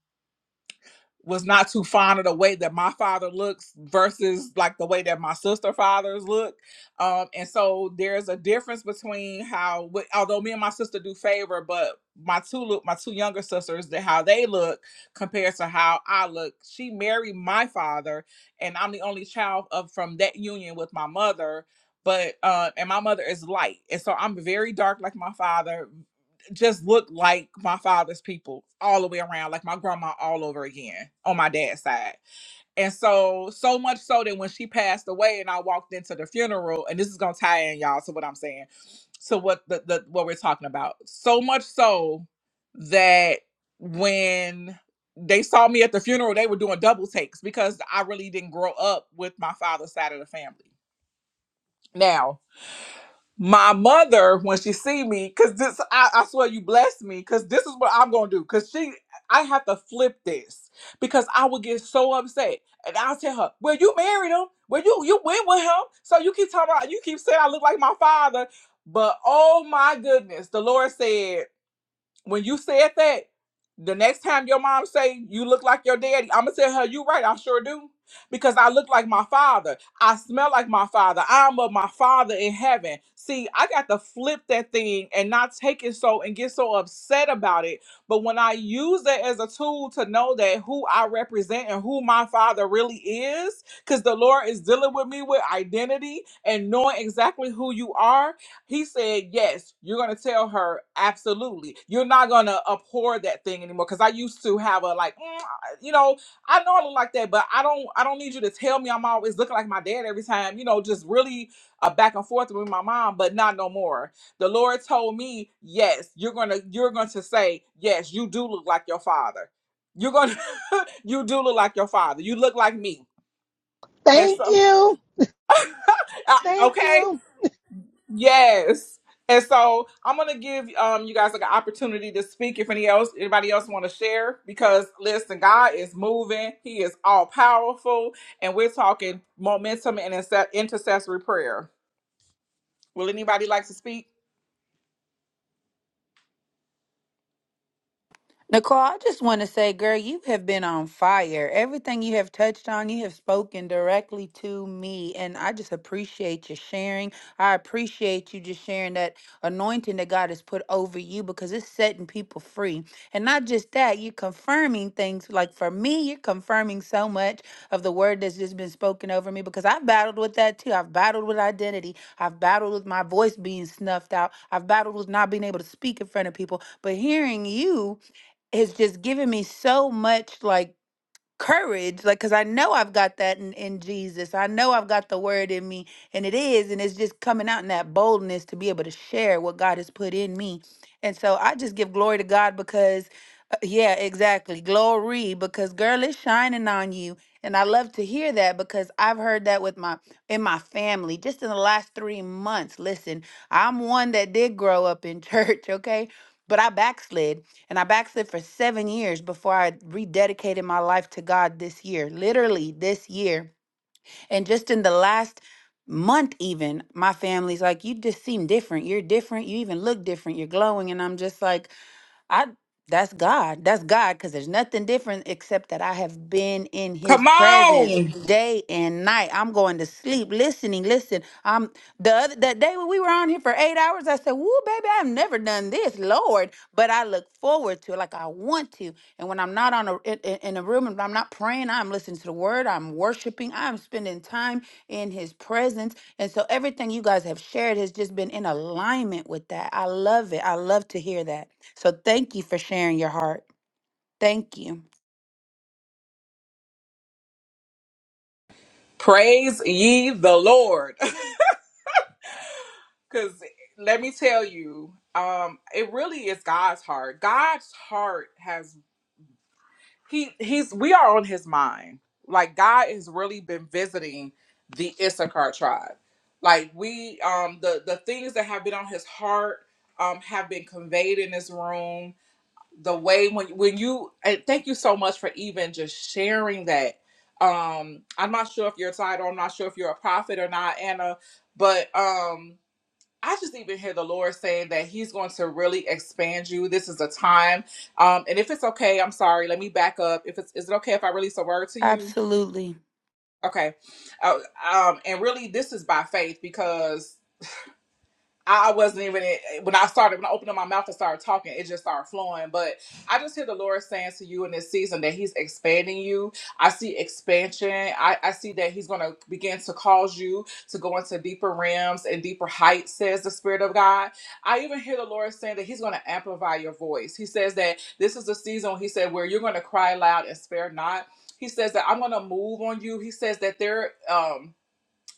[SPEAKER 2] was not too fond of the way that my father looks versus like the way that my sister fathers look. Um, and so there's a difference between how, although me and my sister do favor, but my two look, my two younger sisters, that how they look compared to how I look. She married my father, and I'm the only child of from that union with my mother. But uh, and my mother is light, and so I'm very dark like my father, just looked like my father's people all the way around, like my grandma all over again on my dad's side. And so, so much so that when she passed away and I walked into the funeral, and this is gonna tie in y'all to what I'm saying, to what the, the what we're talking about. So much so that when they saw me at the funeral, they were doing double takes because I really didn't grow up with my father's side of the family. Now, my mother when she see me because this I, I swear you blessed me because this is what i'm gonna do because she i have to flip this because i would get so upset and i'll tell her well you married him well you you went with him so you keep talking about you keep saying i look like my father but oh my goodness the lord said when you said that, the next time your mom say you look like your daddy, I'm gonna tell her you right. I sure do because I look like my father. I smell like my father. I'm of my father in heaven. See, I got to flip that thing and not take it so and get so upset about it. But when I use it as a tool to know that who I represent and who my father really is, because the Lord is dealing with me with identity and knowing exactly who you are, he said, Yes, you're going to tell her, absolutely. You're not going to abhor that thing anymore. Because I used to have a, like, "Mm, I- you know, I know I look like that, but I don't I don't need you to tell me I'm always looking like my dad every time, you know, just really a back and forth with my mom, but not no more. The Lord told me, Yes, you're going to, you're going to say, Yes, you do look like your father. You're going to, *laughs* you do look like your father. You look like me.
[SPEAKER 3] *laughs*
[SPEAKER 2] And
[SPEAKER 3] Thank
[SPEAKER 2] so,
[SPEAKER 3] you.
[SPEAKER 2] *laughs* uh,
[SPEAKER 3] Thank
[SPEAKER 2] okay.
[SPEAKER 3] you.
[SPEAKER 2] Yes. And so I'm gonna give um you guys like an opportunity to speak if any else anybody else want to share because listen, God is moving, He is all powerful, and we're talking momentum and inse- intercessory prayer. Will anybody like to speak?
[SPEAKER 4] Nicole, I just want to say, girl, you have been on fire. Everything you have touched on, you have spoken directly to me. And I just appreciate your sharing. I appreciate you just sharing that anointing that God has put over you because it's setting people free. And not just that, you're confirming things. Like for me, you're confirming so much of the word that's just been spoken over me because I've battled with that too. I've battled with identity. I've battled with my voice being snuffed out. I've battled with not being able to speak in front of people. But hearing you, has just given me so much like courage like because i know i've got that in, in jesus i know i've got the word in me and it is and it's just coming out in that boldness to be able to share what god has put in me and so i just give glory to god because uh, yeah exactly glory because girl is shining on you and i love to hear that because i've heard that with my in my family just in the last three months listen i'm one that did grow up in *laughs* church okay but i backslid and I backslid for seven years before I rededicated my life to God this year, literally this year. And just in the last month, even, my family's like, You just seem different. You're different. You even look different. You're glowing. And I'm just like, I that's God. That's God because there's nothing different except that I have been in his
[SPEAKER 2] Come
[SPEAKER 4] presence
[SPEAKER 2] on,
[SPEAKER 4] day and night. I'm going to sleep listening. Listen, I'm the other that day when we were on here for eight hours, I said, Woo, baby, I've never done this, Lord. But I look forward to it like I want to. And when I'm not on a in, in in a room and I'm not praying, I'm listening to the word, I'm worshiping, I'm spending time in his presence. And so everything you guys have shared has just been in alignment with that. I love it. I love to hear that. So thank you for sharing your heart. Thank you.
[SPEAKER 2] praise ye the Lord. *laughs* Cause let me tell you, um, it really is God's heart. God's heart has. he he's we are on his mind. Like God has really been visiting the Issachar tribe. Like we um the the things that have been on his heart um have been conveyed in this room. The way when when you and thank you so much for even just sharing that. Um I'm not sure if you're a title, I'm not sure if you're a prophet or not, Anna, but um I just even hear the Lord saying that He's going to really expand you. This is a time. Um, and if it's okay, I'm sorry. Let me back up. If it's is it okay if I release a word to you?
[SPEAKER 4] Absolutely.
[SPEAKER 2] Okay. Uh, um, and really, this is by faith because I wasn't even when I started when I opened up my mouth and started talking, it just started flowing. But I just hear the Lord saying to you in this season that He's expanding you. I see expansion. I, I see that He's gonna begin to cause you to go into deeper realms and deeper heights, says the Spirit of God. I even hear the Lord saying that He's gonna amplify your voice. He says that this is the season He said where you're gonna cry loud and spare not. He says that I'm gonna move on you. He says that there um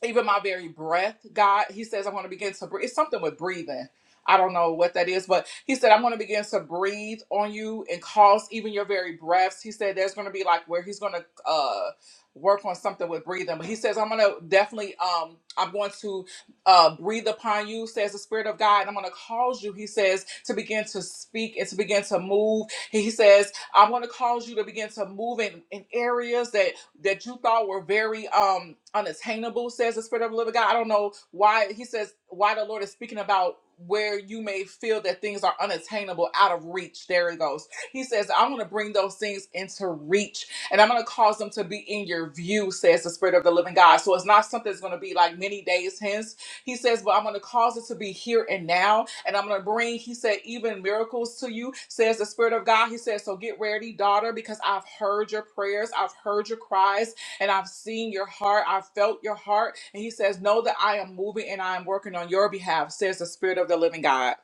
[SPEAKER 2] even my very breath, God, he says, I'm going to begin to breathe. It's something with breathing. I don't know what that is, but he said, I'm going to begin to breathe on you and cause even your very breaths. He said, there's going to be like where he's going to uh, work on something with breathing. But he says, I'm going to definitely, um, I'm going to uh, breathe upon you, says the Spirit of God. And I'm going to cause you, he says, to begin to speak and to begin to move. He says, I'm going to cause you to begin to move in, in areas that that you thought were very um unattainable, says the Spirit of the Living God. I don't know why he says why the Lord is speaking about where you may feel that things are unattainable out of reach. There it goes. He says, I'm gonna bring those things into reach and I'm gonna cause them to be in your view, says the Spirit of the Living God. So it's not something that's gonna be like many days hence he says, But I'm going to cause it to be here and now. And I'm going to bring, he said, even miracles to you, says the Spirit of God. He says, So get ready, daughter, because I've heard your prayers, I've heard your cries, and I've seen your heart, I've felt your heart. And he says, Know that I am moving and I am working on your behalf, says the Spirit of the living God.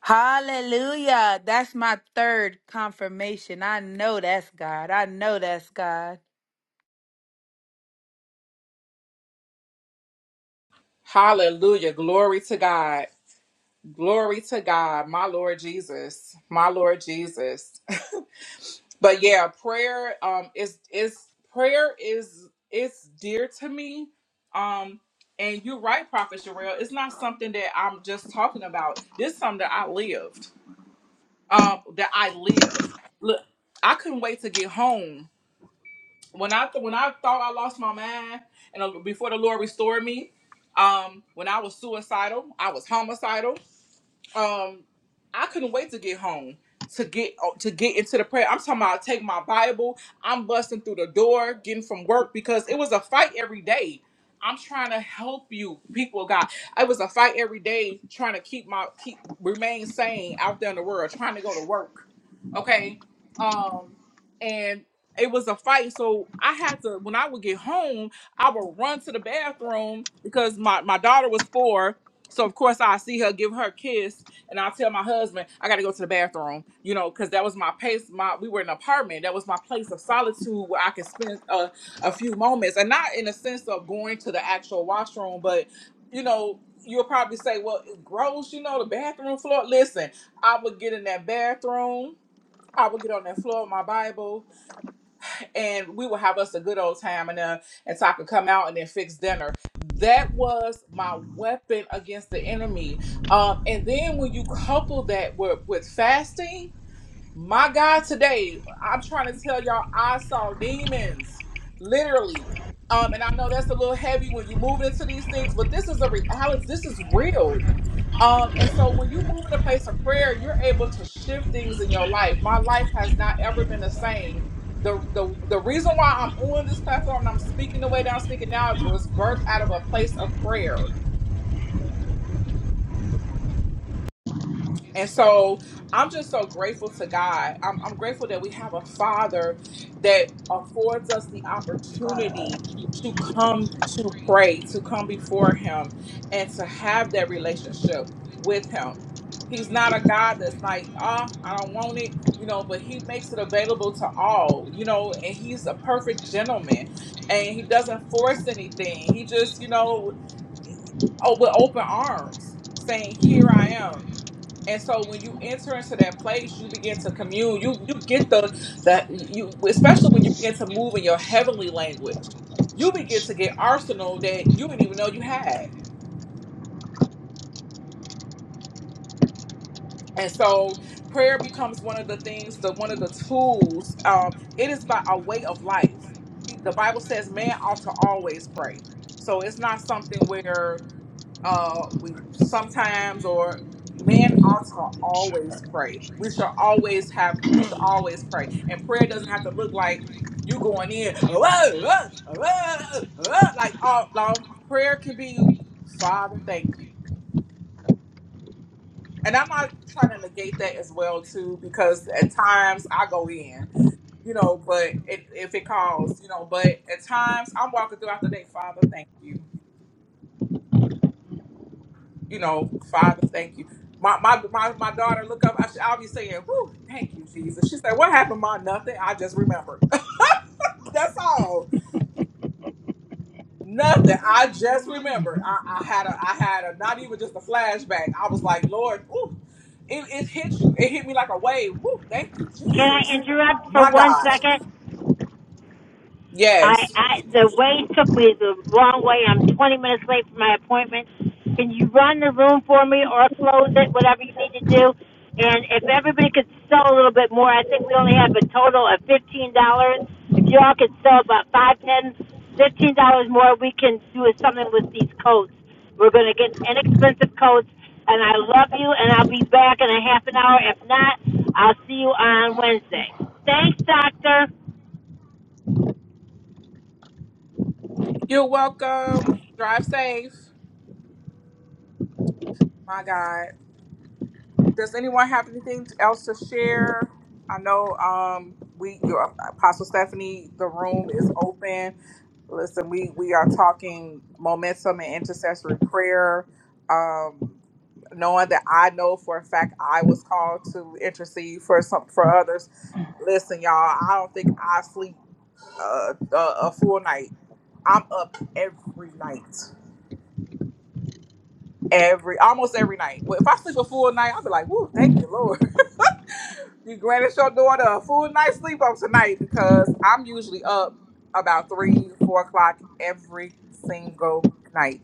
[SPEAKER 4] Hallelujah. That's my third confirmation. I know that's God. I know that's God.
[SPEAKER 2] Hallelujah. Glory to God. Glory to God. My Lord Jesus. My Lord Jesus. But yeah, prayer um is is prayer is it's dear to me. Um and you're right, Prophet Sherelle. It's not something that I'm just talking about. This is something that I lived. Um that I live. Look, I couldn't wait to get home. When I th- when I thought I lost my mind and uh, before the Lord restored me, um when I was suicidal, I was homicidal um I couldn't wait to get home to get oh, to get into the prayer. I'm talking about I take my Bible. I'm busting through the door, getting from work because it was a fight every day. I'm trying to help you, people of God. It was a fight every day trying to keep my keep remain sane out there in the world, trying to go to work. Okay. Um and it was a fight. So I had to when I would get home, I would run to the bathroom because my, my daughter was four. So of course I see her give her a kiss and I'll tell my husband I got to go to the bathroom, you know, because that was my pace. My we were in an apartment. That was my place of solitude where I could spend a, a few moments, and not in a sense of going to the actual washroom, but you know, you'll probably say, well, gross, you know, the bathroom floor. Listen, I would get in that bathroom. I would get on that floor with my Bible and we would have us a good old time and uh and so I could come out and then fix dinner. That was my weapon against the enemy. Um and then when you couple that with, with fasting my God, today I'm trying to tell y'all I saw demons, literally. Um, and I know that's a little heavy when you're moving into these things, but this is a reality. This is real. Um, and so when you move in a place of prayer, you're able to shift things in your life. My life has not ever been the same. The the the reason why I'm on this platform and I'm speaking the way that I'm speaking now was birthed out of a place of prayer. And so I'm just so grateful to God. I'm, I'm grateful that we have a father that affords us the opportunity to come to pray, to come before him, and to have that relationship with him. He's not a God that's like, ah, I don't want it, you know, but he makes it available to all, you know, and he's a perfect gentleman and he doesn't force anything. He just, you know, oh, with open arms saying, Here I am and so when you enter into that place, you begin to commune. You you get the that you especially when you begin to move in your heavenly language, you begin to get arsenal that you didn't even know you had. And so prayer becomes one of the things, the one of the tools. Um, it is by a way of life. He- The Bible says man ought to always pray. So it's not something where uh we sometimes or man ought to always pray we should always have we should always pray and prayer doesn't have to look like you going in "Whoa, whoa, whoa, whoa," like oh no prayer can be father thank you and i'm not trying to negate that as well too because at times i go in you know but it, if it calls you know but at times i'm walking throughout the day father thank you you know, Father, thank you. My my my, my daughter look up. I should, I'll be saying, "Whoo, thank you, Jesus." She said, "What happened, Ma? Nothing. I just remembered. *laughs* That's all. Nothing. I just remembered. I, I had a I had a not even just a flashback. I was like, Lord, ooh, it, it hit you. It hit me like a wave. Woo, thank you,
[SPEAKER 1] Can I
[SPEAKER 2] Jesus.
[SPEAKER 1] interrupt for
[SPEAKER 2] My
[SPEAKER 1] one
[SPEAKER 2] God.
[SPEAKER 1] second? I,
[SPEAKER 2] Yes.
[SPEAKER 1] I the way took me the wrong way. I'm 20 minutes late for my appointment. Can you run the room for me or close it, whatever you need to do? And if everybody could sell a little bit more, I think we only have a total of fifteen dollars. If you all could sell about five, ten, fifteen dollars more, we can do something with these coats. We're going to get inexpensive coats. And I love you, and I'll be back in a half an hour. If not, I'll see you on Wednesday. Thanks, Doctor.
[SPEAKER 2] You're welcome. Drive safe. My God. Does anyone have anything else to share? I know um we your Apostle Stephanie, the room is open. Listen, we we are talking momentum and intercessory prayer. Um knowing that I know for a fact I was called to intercede for some for others. Listen, y'all, I don't think I sleep uh, a, a full night. I'm up every night. Every almost every night. Well, if I sleep a full night, I'll be like, "Woo, thank you, Lord." You granted your daughter a full night's sleep on tonight because I'm usually up about three, four o'clock every single night.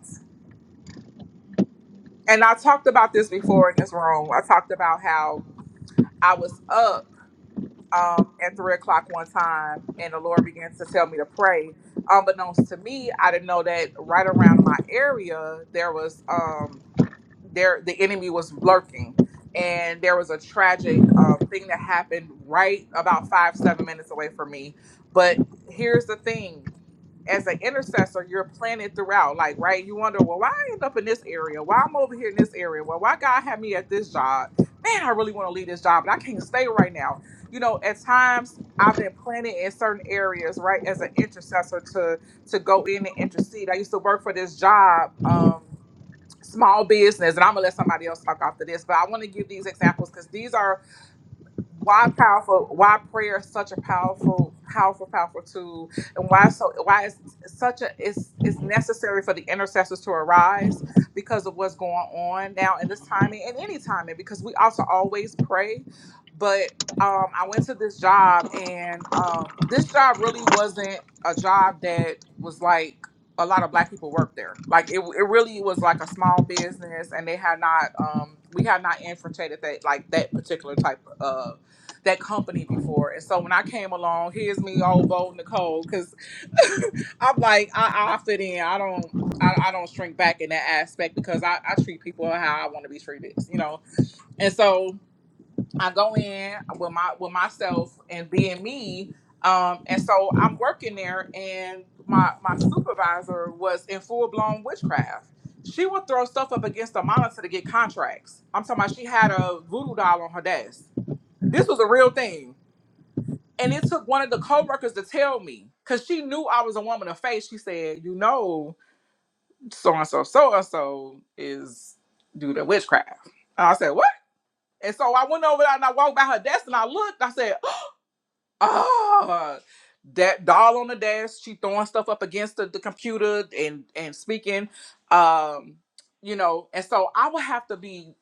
[SPEAKER 2] And I talked about this before in this room. I talked about how I was up. um, at three o'clock one time, and the Lord began to tell me to pray. Unbeknownst to me, I didn't know that right around my area there was um, there the enemy was lurking, and there was a tragic um, thing that happened right about five seven minutes away from me. But here's the thing: as an intercessor, you're planted throughout. Like, right? You wonder, well, why I end up in this area? Why I'm over here in this area? Well, why God had me at this job? Man, I really want to leave this job, but I can't stay right now you know at times i've been planted in certain areas right as an intercessor to to go in and intercede i used to work for this job um small business and i'm gonna let somebody else talk after this but i want to give these examples because these are why powerful why prayer is such a powerful powerful powerful tool and why so why it's such a it's it's necessary for the intercessors to arise because of what's going on now in this timing and any timing because we also always pray but um i went to this job and um this job really wasn't a job that was like a lot of black people worked there like it, it really was like a small business and they had not um we had not infiltrated that like that particular type of that company before. And so when I came along, here's me old bold Nicole, because *laughs* I'm like, I, I fit in. I don't I, I don't shrink back in that aspect because I, I treat people how I want to be treated, you know. And so I go in with my with myself and being me. Um, and so I'm working there and my my supervisor was in full blown witchcraft. She would throw stuff up against the monitor to get contracts. I'm talking about she had a voodoo doll on her desk this was a real thing. And it took one of the coworkers to tell me, because she knew I was a woman of faith. She said, You know, so and so, so and so is do the witchcraft. And I said, What? And so I went over there and I walked by her desk and I looked. I said, ah that doll on the desk she throwing stuff up against the, the computer and and speaking um you know and so i would have to be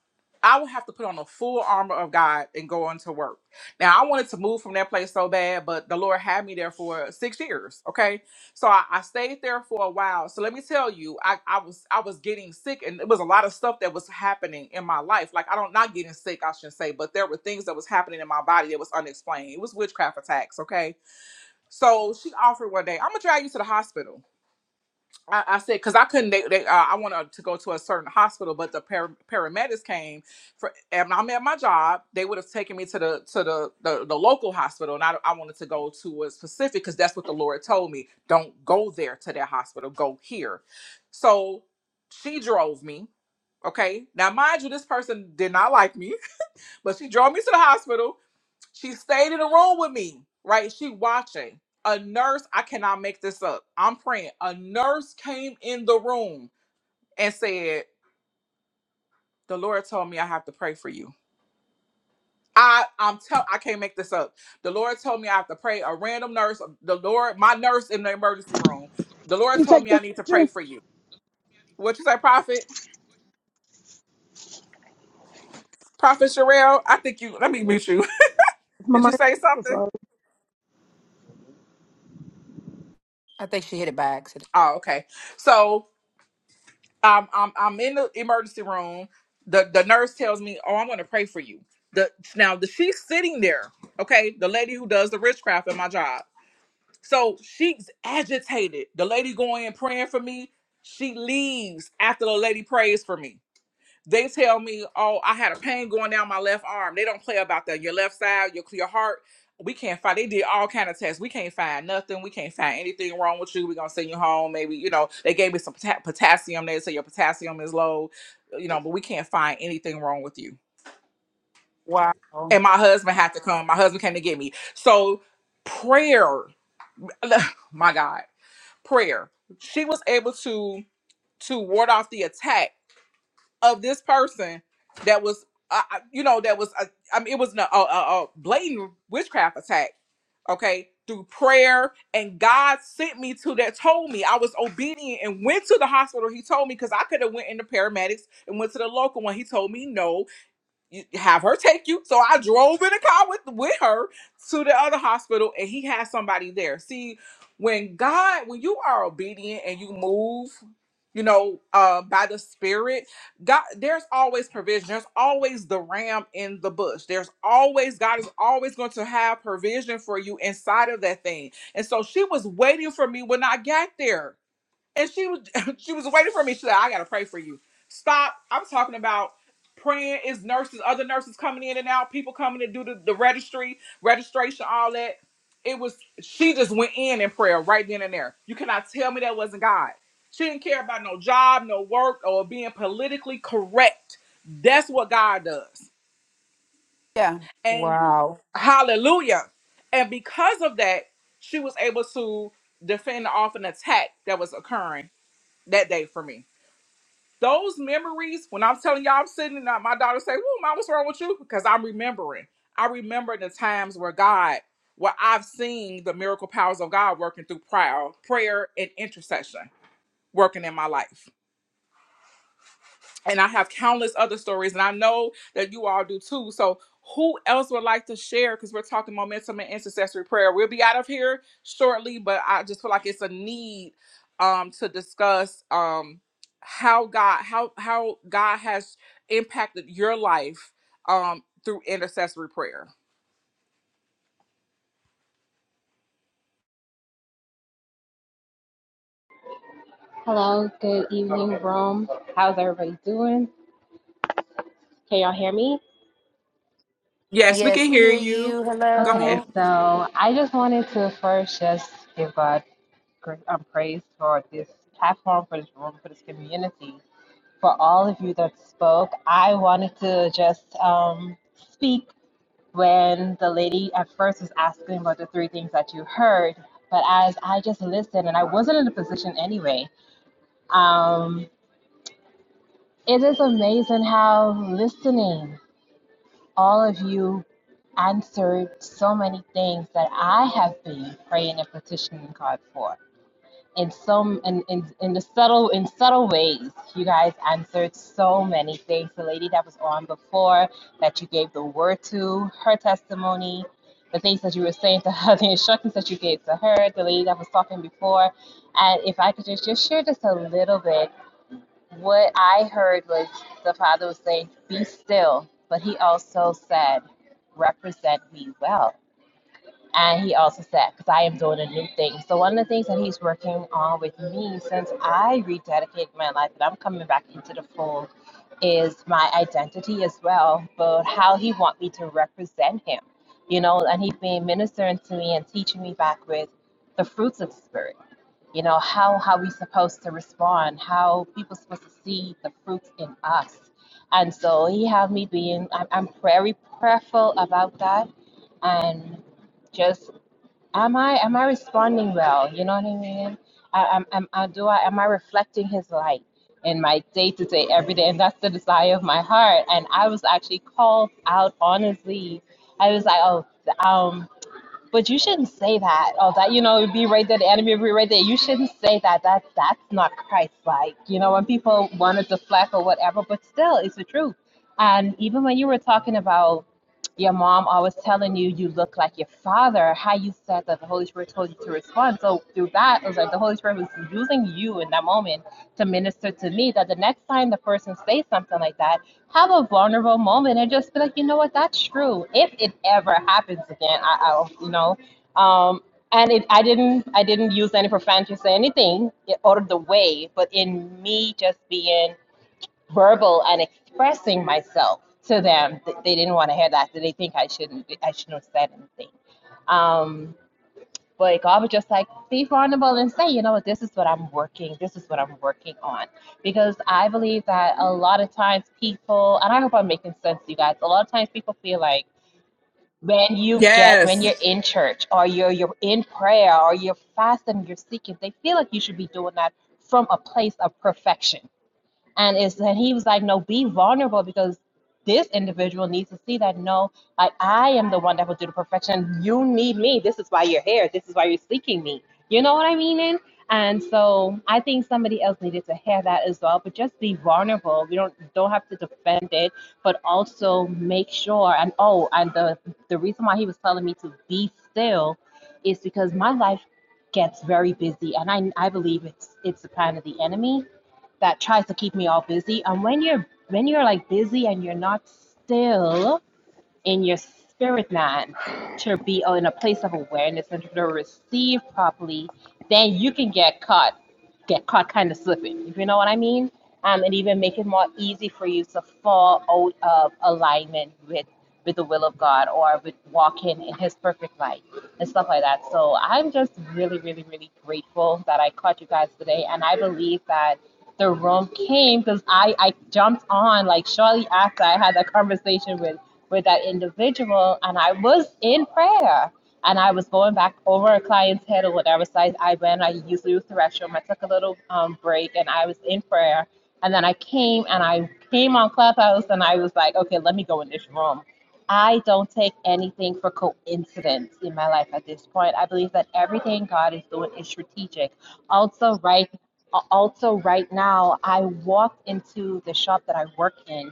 [SPEAKER 2] i would have to put on the full armor of god and go into work now i wanted to move from that place so bad but the lord had me there for six years okay so I, I stayed there for a while. So let me tell you, I, I was I was getting sick and it was a lot of stuff that was happening in my life. Like I don't not getting sick, I should say, but there were things that was happening in my body that was unexplained. It was witchcraft attacks, okay? So she offered one day, I'm gonna drag you to the hospital. I, I said because I couldn't. They, they uh, I wanted to go to a certain hospital, but the par- paramedics came for, and I'm at my job. They would have taken me to the to the the, the local hospital, and I, I wanted to go to a specific because that's what the Lord told me. Don't go there to that hospital. Go here. So she drove me. Okay, now mind you, this person did not like me, *laughs* but she drove me to the hospital she stayed in the room with me, right? She watching. A nurse, I cannot make this up. I'm praying. A nurse came in the room and said, "The Lord told me I have to pray for you." I I'm tell I can't make this up. The Lord told me I have to pray. A random nurse, the Lord, my nurse in the emergency room. The Lord
[SPEAKER 3] You
[SPEAKER 2] told
[SPEAKER 3] take
[SPEAKER 2] me I
[SPEAKER 3] this
[SPEAKER 2] need to
[SPEAKER 3] with
[SPEAKER 2] pray
[SPEAKER 3] you.
[SPEAKER 2] for you. What you say, Prophet? Prophet Sherelle? I think you. Let me meet you.
[SPEAKER 3] It's
[SPEAKER 2] *laughs*
[SPEAKER 3] my
[SPEAKER 2] Did you say
[SPEAKER 3] mic.
[SPEAKER 2] something?
[SPEAKER 4] I think she hit it by accident.
[SPEAKER 2] Oh, okay. So I'm I'm I'm in the emergency room. The the nurse tells me, "Oh, I'm going to pray for you." The now the she's sitting there. Okay, the lady who does the witchcraft at my job. So she's agitated. The lady going in praying for me. She leaves after the lady prays for me they tell me, "Oh, I had a pain going down my left arm." They don't play about that. Your left side, your your heart. We can't find. They did all kind of tests. We can't find nothing. We can't find anything wrong with you. We're gonna send you home. Maybe you know they gave me some pota- potassium. They say your potassium is low. You know, but we can't find anything wrong with you.
[SPEAKER 4] Wow.
[SPEAKER 2] And my husband had to come. My husband came to get me. So prayer, *sighs* my God, prayer. She was able to to ward off the attack of this person that was, uh, uh, you know, that was, uh, I mean, it was a, a, a blatant witchcraft attack, okay, through prayer. And God sent me to that, told me I was obedient and went to the hospital. He told me because I could have went into paramedics and went to the local one. He told me no, you have her take you. So I drove in a car with with her to the other hospital, and he had somebody there. See, when God, when you are obedient and you move, you know, uh, by the Spirit, God, there's always provision. There's always the ram in the bush. There's always God is always going to have provision for you inside of that thing. And so she was waiting for me when I got there and she was *laughs* she was waiting for me. She said, "I gotta pray for you." Stop. I'm talking about praying is nurses, other nurses coming in and out, people coming to do the, the registry, registration, all that. It was she just went in in prayer right then and there. You cannot tell me that wasn't God. She didn't care about no job, no work, or being politically correct. That's what God does.
[SPEAKER 4] Yeah.
[SPEAKER 2] And
[SPEAKER 4] Wow.
[SPEAKER 2] hallelujah. And because of that, she was able to defend off an attack that was occurring that day for me those memories, when I'm telling y'all, I'm sitting and uh, my daughter say, "Whoa, mom, what's wrong with you?" Because I'm remembering. I remember the times where God, where I've seen the miracle powers of God working through prayer, prayer and intercession working in my life and I have countless other stories, and I know that you all do too. So, who else would like to share? Because we're talking momentum and intercessory prayer. We'll be out of here shortly, but I just feel like it's a need um, to discuss um, how God how how God has impacted your life um, through intercessory prayer.
[SPEAKER 5] Hello, good evening, Rome. How's everybody doing? Can y'all hear me?
[SPEAKER 2] Yes, we can
[SPEAKER 4] Yes, we
[SPEAKER 2] hear
[SPEAKER 4] hear
[SPEAKER 2] you.
[SPEAKER 4] you.
[SPEAKER 2] Go ahead.
[SPEAKER 5] Okay,
[SPEAKER 4] Hello.
[SPEAKER 5] so I just wanted to first just give God gra- um, praise for this platform, for this room, for this community, for all of you that spoke. I wanted to just um, speak when the lady at first was asking about the three things that you heard, but as I just listened, and I wasn't in a position anyway, um, it is amazing how listening all of you answered so many things that I have been praying and petitioning God for. In some in, in, in the subtle in subtle ways, you guys answered so many things. The lady that was on before that you gave the word to, her testimony, the things that you were saying to her, *laughs* the instructions that you gave to her, the lady that was talking before. And if I could just, just share just a little bit what I heard was the Father was saying, Be still. But he also said, Represent me well. And he also said, Because I am doing a new thing. So, one of the things that he's working on with me since I rededicated my life and I'm coming back into the fold is my identity as well, but how he want me to represent him. You know, and he's been ministering to me and teaching me back with the fruits of the Spirit you know, how how we supposed to respond, how people supposed to see the fruits in us. And so he had me being, I'm, I'm very prayerful about that. And just, am I, am I responding well? You know what I mean? I, I'm, I'm, I, do I, am I reflecting his light in my day to day, every day? And that's the desire of my heart. And I was actually called out honestly. I was like, oh, um, but you shouldn't say that. Oh, that you know, be right there, the enemy be right there. You shouldn't say that. That that's not Christ-like. You know, when people want to deflect or whatever, but still, it's the truth. And even when you were talking about your mom always telling you you look like your father, how you said that the Holy Spirit told you to respond. So through that, it was like the Holy Spirit was using you in that moment to minister to me. That the next time the person says something like that have a vulnerable moment and just be like, you know what, that's true. If it ever happens again, I, I'll, you know, um, and it, I didn't, I didn't use any profanity or anything out of the way, but in me just being verbal and expressing myself to them, th- they didn't want to hear that. They think I shouldn't, I shouldn't have said anything. Um, but God would just like be vulnerable and say, you know, this is what I'm working, this is what I'm working on. Because I believe that a lot of times people, and I hope I'm making sense, you guys, a lot of times people feel like when you get,
[SPEAKER 2] Yes,
[SPEAKER 5] when you're in church or you're, you're in prayer or you're fasting, you're seeking, they feel like you should be doing that from a place of perfection and it's and he was like no be vulnerable because this individual needs to see that no like i am the one that will do the perfection you need me this is why you're here this is why you're seeking me you know what i mean and and so i think somebody else needed to hear that as well but just be vulnerable we don't don't have to defend it but also make sure and oh and the the reason why he was telling me to be still is because my life gets very busy and i i believe it's it's the plan of the enemy that tries to keep me all busy. And when you're when you're like busy and you're not still, in your spirit man to be in a place of awareness and to receive properly, then you can get caught, get caught kind of slipping, if you know what I mean. Um, and even make it more easy for you to fall out of alignment with with the will of God or with walking in His perfect light and stuff like that. So I'm just really, really, really grateful that I caught you guys today, and I believe that the room came because I I jumped on like shortly after I had that conversation with with that individual and I was in prayer and I was going back over a client's head or whatever site I went. I used to use the restroom. I took a little um, break and I was in prayer. And then I came and I came on Clubhouse and I was like, okay, let me go in this room. I don't take anything for coincidence in my life at this point. I believe that everything God is doing is strategic. Also, right also right now, I walked into the shop that I work in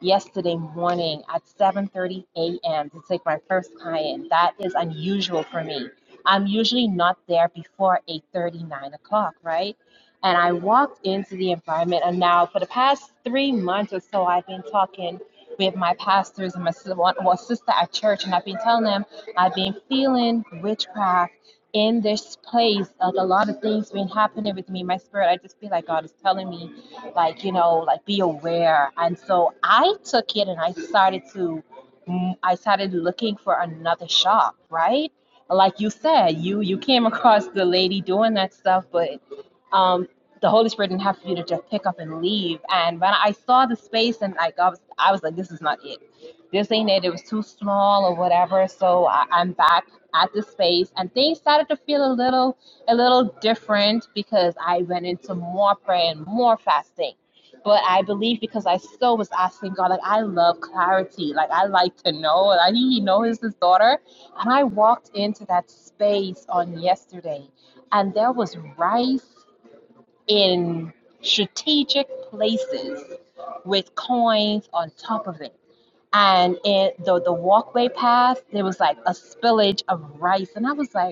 [SPEAKER 5] yesterday morning at 7:30 a.m. to take my first client. That is unusual for me. I'm usually not there before 8:30, 9 o'clock, right? And I walked into the environment, and now for the past three months or so, I've been talking with my pastors and my sis- one- one sister at church, and I've been telling them I've been feeling witchcraft in this place. Like a lot of things been happening with me. My spirit, I just feel like God is telling me like you know like be aware and so i took it and i started to mm, i started looking for another shop right like you said you you came across the lady doing that stuff but um the holy spirit didn't have for you to just pick up and leave and when i saw the space and like i was i was like this is not it this ain't it it was too small or whatever so I, i'm back at the space and things started to feel a little a little different because I went into more prayer and more fasting. But I believe because I still was asking God, like I love clarity, like I like to know. Like He knows His daughter, and I walked into that space on yesterday, and there was rice in strategic places with coins on top of it. And in the the walkway path, there was like a spillage of rice, and I was like,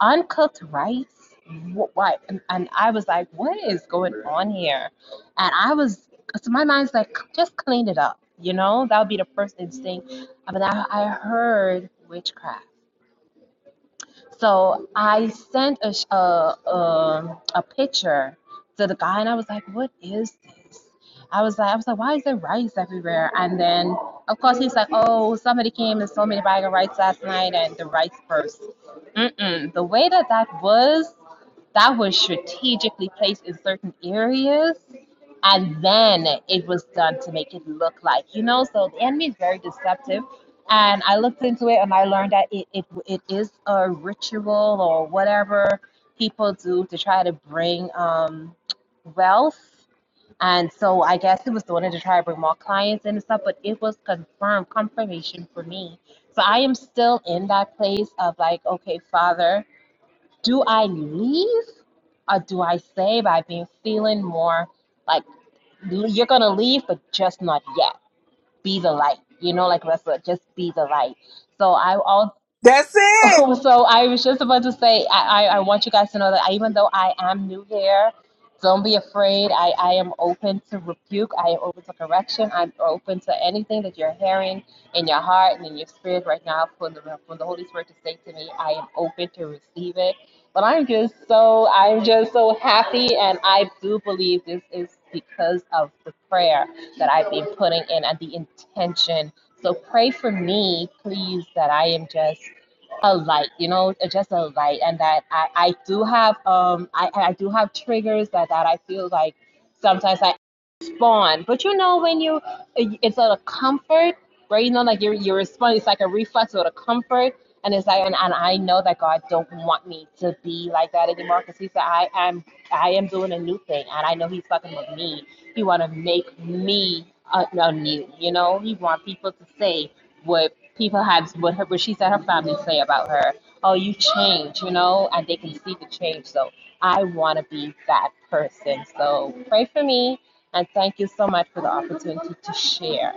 [SPEAKER 5] uncooked rice Wh- what and, and i was like what is going on here and i was so my mind's like just clean it up you know that would be the first instinct but i, I heard witchcraft so I sent a sh- a, a a picture to the guy, and I was like, "What is this?" I was like, "I was like, why is there rice everywhere?" And then, of course, he's like, "Oh, somebody came and sold me the bag of rice last night, and the rice burst." Mm-mm. The way that that was, that was strategically placed in certain areas, and then it was done to make it look like you know. So the enemy is very deceptive and I looked into it and I learned that it, it, it is a ritual or whatever people do to try to bring um, wealth. And so I guess it was doing it to try to bring more clients in and stuff, but it was confirmed, confirmation for me. So I am still in that place of like, okay, Father, do I leave or do I stay? But I've been feeling more like you're going to leave, but just not yet be the light, you know, like Russell, just be the light. So I always
[SPEAKER 2] that's
[SPEAKER 5] *laughs*
[SPEAKER 2] it.
[SPEAKER 5] Oh, so I was just about to say, I, I, I want you guys to know that I, even though I am new here, don't be afraid. I, I am open to rebuke. I am open to correction. I'm open to anything that you're hearing in your heart and in your spirit right now from the, from the Holy Spirit to say to me. I am open to receive it. But I'm just so I'm just so happy, and I do believe this is because of the prayer that I've been putting in and the intention so pray for me, please, that I am just a light you know uh, just a light and that i i do have um i i do have triggers that that i feel like sometimes i respond but you know when you it's a comfort right you know like you you respond it's like a reflex or a comfort and it's like and, and i know that god don't want me to be like that anymore because he said i am i am doing a new thing and i know he's fucking with me he want to make me uh, anew you know he want people to say he perhaps what her, what she said her family say about her. Oh, you change, you know, and they can see the change. So I want to be that person. So pray for me, and thank you so much for the opportunity to share.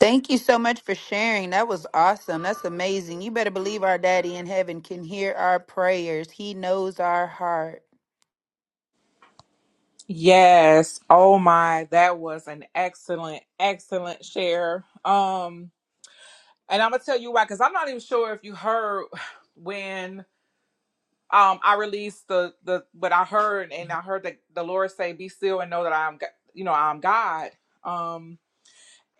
[SPEAKER 4] Thank you so much for sharing. That was awesome. That's amazing. You better believe our daddy in heaven can hear our prayers. He knows our heart.
[SPEAKER 2] Yes. Oh my, that was an excellent, excellent share. Um, and I'm gonna tell you why, because I'm not even sure if you heard *sighs* when um I released the the what I heard, and I heard that the Lord say, "Be still and know that I'm, Go- you know, I'm God." Um,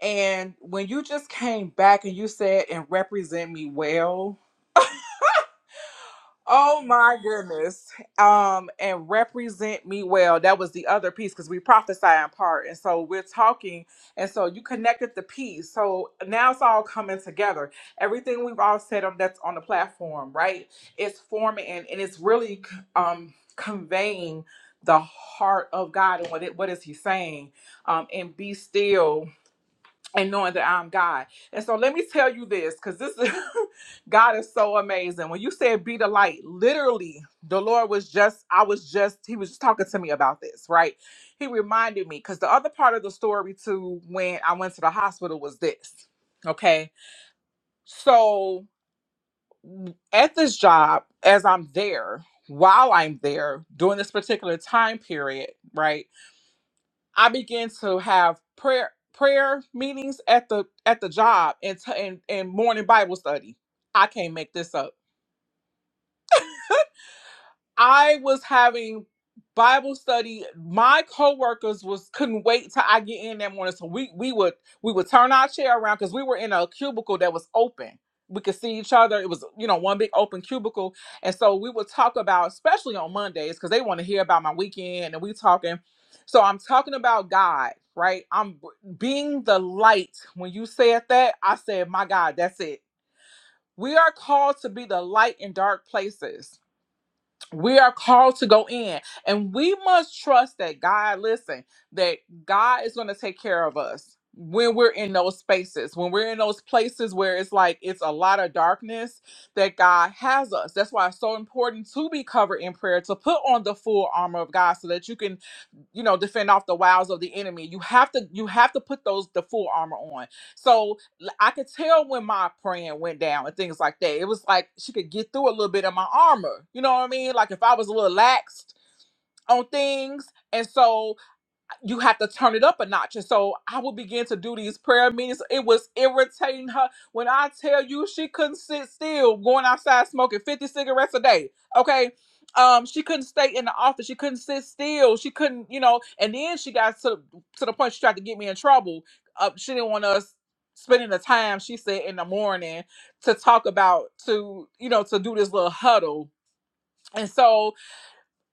[SPEAKER 2] and when you just came back and you said, "And represent me well," Oh my goodness. Um, and represent me well. That was the other piece because we prophesy in part. And so we're talking. And so you connected the piece. So now it's all coming together. Everything we've all said on that's on the platform, right? It's forming and, and it's really um conveying the heart of God and what it what is he saying? Um, and be still and knowing that I'm God. And so let me tell you this, because this is *laughs* God is so amazing. When you said be the light, literally the Lord was just, I was just, he was just talking to me about this, right? He reminded me because the other part of the story too, when I went to the hospital was this. Okay. So at this job, as I'm there, while I'm there during this particular time period, right? I began to have prayer prayer meetings at the at the job and t- and, and morning Bible study. I can't make this up. I was having Bible study. My coworkers was couldn't wait till I get in that morning. So we we would we would turn our chair around because we were in a cubicle that was open. We could see each other. It was, you know, one big open cubicle. And so we would talk about, especially on Mondays, because they want to hear about my weekend and we talking. So I'm talking about God, right? I'm being the light. When you said that, I said, my God, that's it. We are called to be the light in dark places we are called to go in and we must trust that god listen that god is going to take care of us when we're in those spaces when we're in those places where it's like it's a lot of darkness that god has us that's why it's so important to be covered in prayer to put on the full armor of god so that you can you know defend off the wiles of the enemy you have to you have to put those the full armor on so l- I could tell when my praying went down and things like that. It was like she could get through a little bit of my armor. You know what I mean? Like if I was a little laxed on things. And so you have to turn it up a notch. And so I would begin to do these prayer meetings. It was irritating her. When I tell you she couldn't sit still going outside smoking 50 cigarettes a day. Okay. Um, she couldn't stay in the office. She couldn't sit still. She couldn't, you know, and then she got to to the point she tried to get me in trouble. Uh, she didn't want us spending the time, she said, in the morning to talk about to, you know, to do this little huddle. And so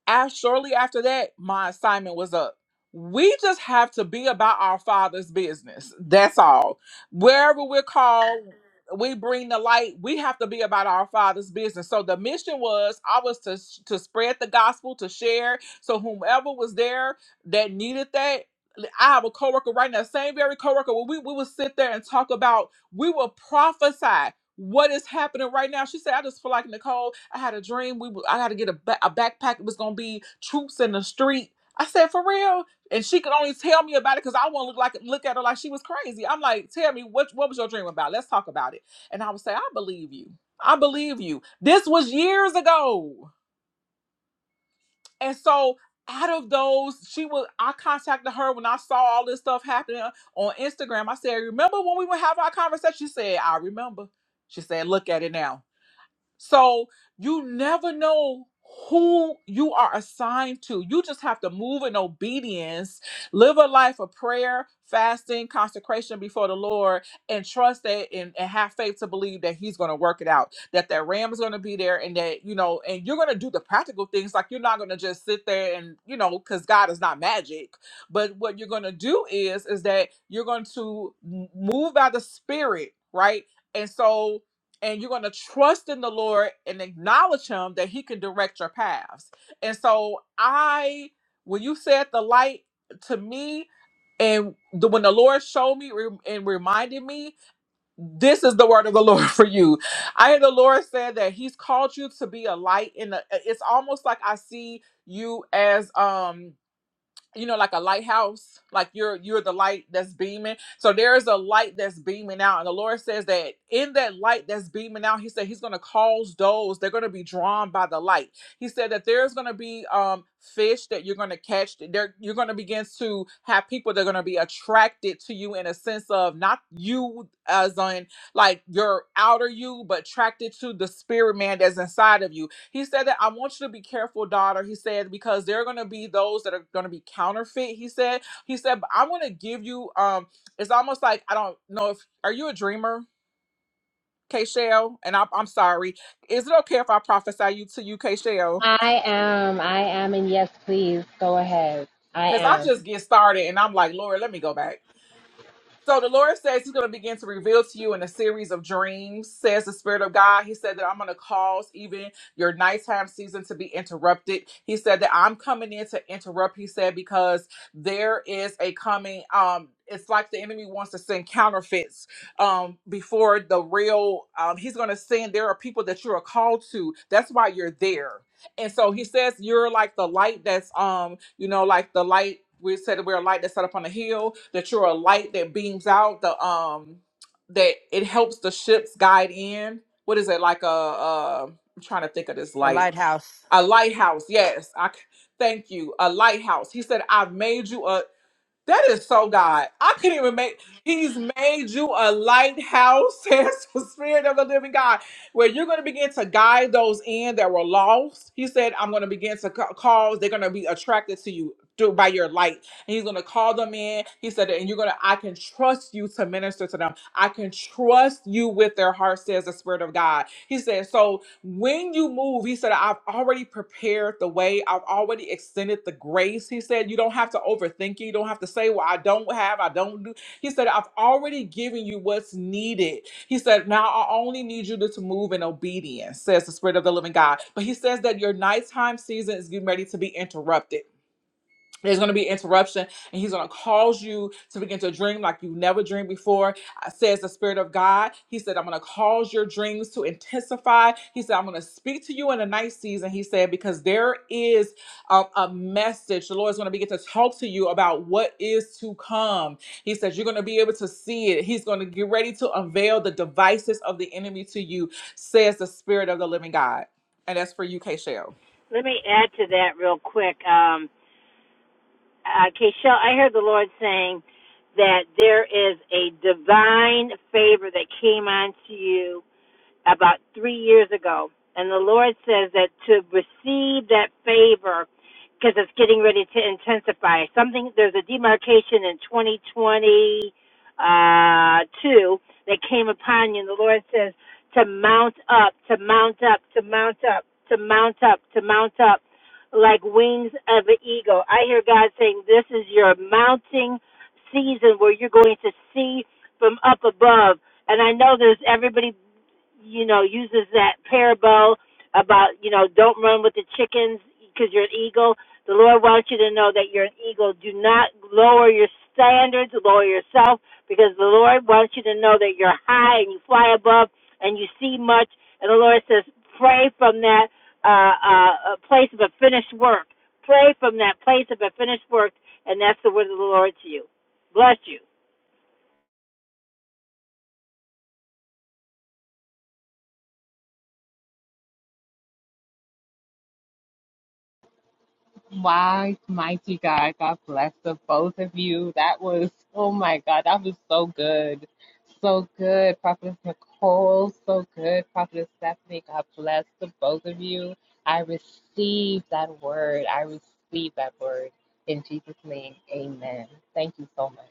[SPEAKER 2] as shortly after that, my assignment was up. We just have to be about our father's business. That's all. Wherever we're called, we bring the light. We have to be about our father's business. So the mission was I was to to spread the gospel, to share. So whomever was there that needed that, I have a coworker right now, same very coworker. Where we we would sit there and talk about. We will prophesy what is happening right now. She said, I just feel like Nicole, I had a dream. We were- I had to get a, ba- a backpack. It was going to be troops in the street. I said, for real? And she could only tell me about it because I won't look like look at her like she was crazy. I'm like, tell me what what was your dream about? Let's talk about it. And I would say, I believe you. I believe you. This was years ago. And so out of those, she was I contacted her when I saw all this stuff happening on Instagram. I said, Remember when we would have our conversation? She said, I remember. She said, look at it now. So you never know who you are assigned to. You just have to move in obedience, live a life of prayer, fasting, consecration before the Lord, and trust that and, and have faith to believe that He's going to work it out, that that ram is going to be there, and that, you know, and you're going to do the practical things. Like you're not going to just sit there and, you know, because God is not magic. But what you're going to do is, is that you're going to m- move by the Spirit, right? And so, and you're going to trust in the Lord and acknowledge him that he can direct your paths. And so I when you said the light to me and the, when the Lord showed me re- and reminded me, this is the word of the *laughs* Lord for you. I hear the Lord said that he's called you to be a light in the it's almost like I see you as um you know like a lighthouse like you're you're the light that's beaming so there is a light that's beaming out and the lord says that in that light that's beaming out he said he's going to cause those they're going to be drawn by the light he said that there's going to be um fish that you're going to catch there you're going to begin to have people that are going to be attracted to you in a sense of not you as on like your outer you but attracted to the spirit man that's inside of you he said that I want you to be careful, daughter. He said because there are going to be those that are going to be counterfeit. He said. He said but I'm going to give you. Um, it's almost like I don't know if are you a dreamer, K Shell? And I, I'm sorry. Is it okay if I prophesy you to you, K Shell?
[SPEAKER 5] I am, I am, and yes, please go ahead. I
[SPEAKER 2] Because I
[SPEAKER 5] am.
[SPEAKER 2] just get started and I'm like, Lord, let me go back. So the Lord says He's going to begin to reveal to you in a series of dreams, says the Spirit of God. He said that I'm going to cause even your nighttime season to be interrupted. He said that I'm coming in to interrupt, he said, because there is a coming. Um, it's like the enemy wants to send counterfeits um, before the real. Um, he's going to send. There are people that you are called to. That's why you're there and so he says you're like the light that's um you know like the light we said we're a light that's set up on a hill that you're a light that beams out the um that it helps the ships guide in what is it like a uh i'm trying to think of this
[SPEAKER 4] A
[SPEAKER 2] light
[SPEAKER 4] lighthouse.
[SPEAKER 2] a lighthouse yes i c- thank you a lighthouse he said i've made you a that is so God. I can't even make. He's made you a lighthouse, *laughs* says the Spirit of the Living God, where you're going to begin to guide those in that were lost. He said, "I'm going to begin to ca- cause. They're going to be attracted to you through by your light." And He's going to call them in. He said, "And you're going to. I can trust you to minister to them. I can trust you with their heart," says the Spirit of God. He said, "So." When you move, he said, I've already prepared the way, I've already extended the grace. He said, You don't have to overthink it. You don't have to say, Well, I don't have, I don't do. He said, I've already given you what's needed. He said, Now I only need you to, to move in obedience, says the Spirit of the living God. But he says that your nighttime season is getting ready to be interrupted there's going to be interruption, and he's going to cause you to begin to dream like you never dreamed before. Uh, Says the Spirit of God. He said, I'm going to cause your dreams to intensify. He said, I'm going to speak to you in the night season. He said, because there is um, a message. The Lord is going to begin to talk to you about what is to come. He says, You're going to be able to see it. He's going to get ready to unveil the devices of the enemy to you, says the Spirit of the living God. And that's for you, K
[SPEAKER 1] Let me add to that real quick. Um, uh, Keishel, I heard the Lord saying that there is a divine favor that came onto you about three years ago. And the Lord says that to receive that favor, because it's getting ready to intensify. Something there's a demarcation in 2022 uh, that came upon you, and the Lord says to mount up, to mount up, to mount up, to mount up, to mount up, like wings of an eagle. I hear God saying, "This is your mounting season where you're going to see from up above." And I know there's everybody you know, uses that parable about, you know, don't run with the chickens because you're an eagle. The Lord wants you to know that you're an eagle. Do not lower your standards, lower yourself, because the Lord wants you to know that you're high and you fly above and you see much. And the Lord says, pray from that uh, uh, uh, place of a finished work. Pray from that place of a finished work, and that's the word of the Lord to you. Bless you.
[SPEAKER 5] My mighty God, God bless the both of you. That was, oh my God, that was so good. So good, Prophetess Nicole. So good, Prophetess Stephanie. God bless the both of you. I receive that word. I receive that word. In Jesus' name, amen. Thank you so much.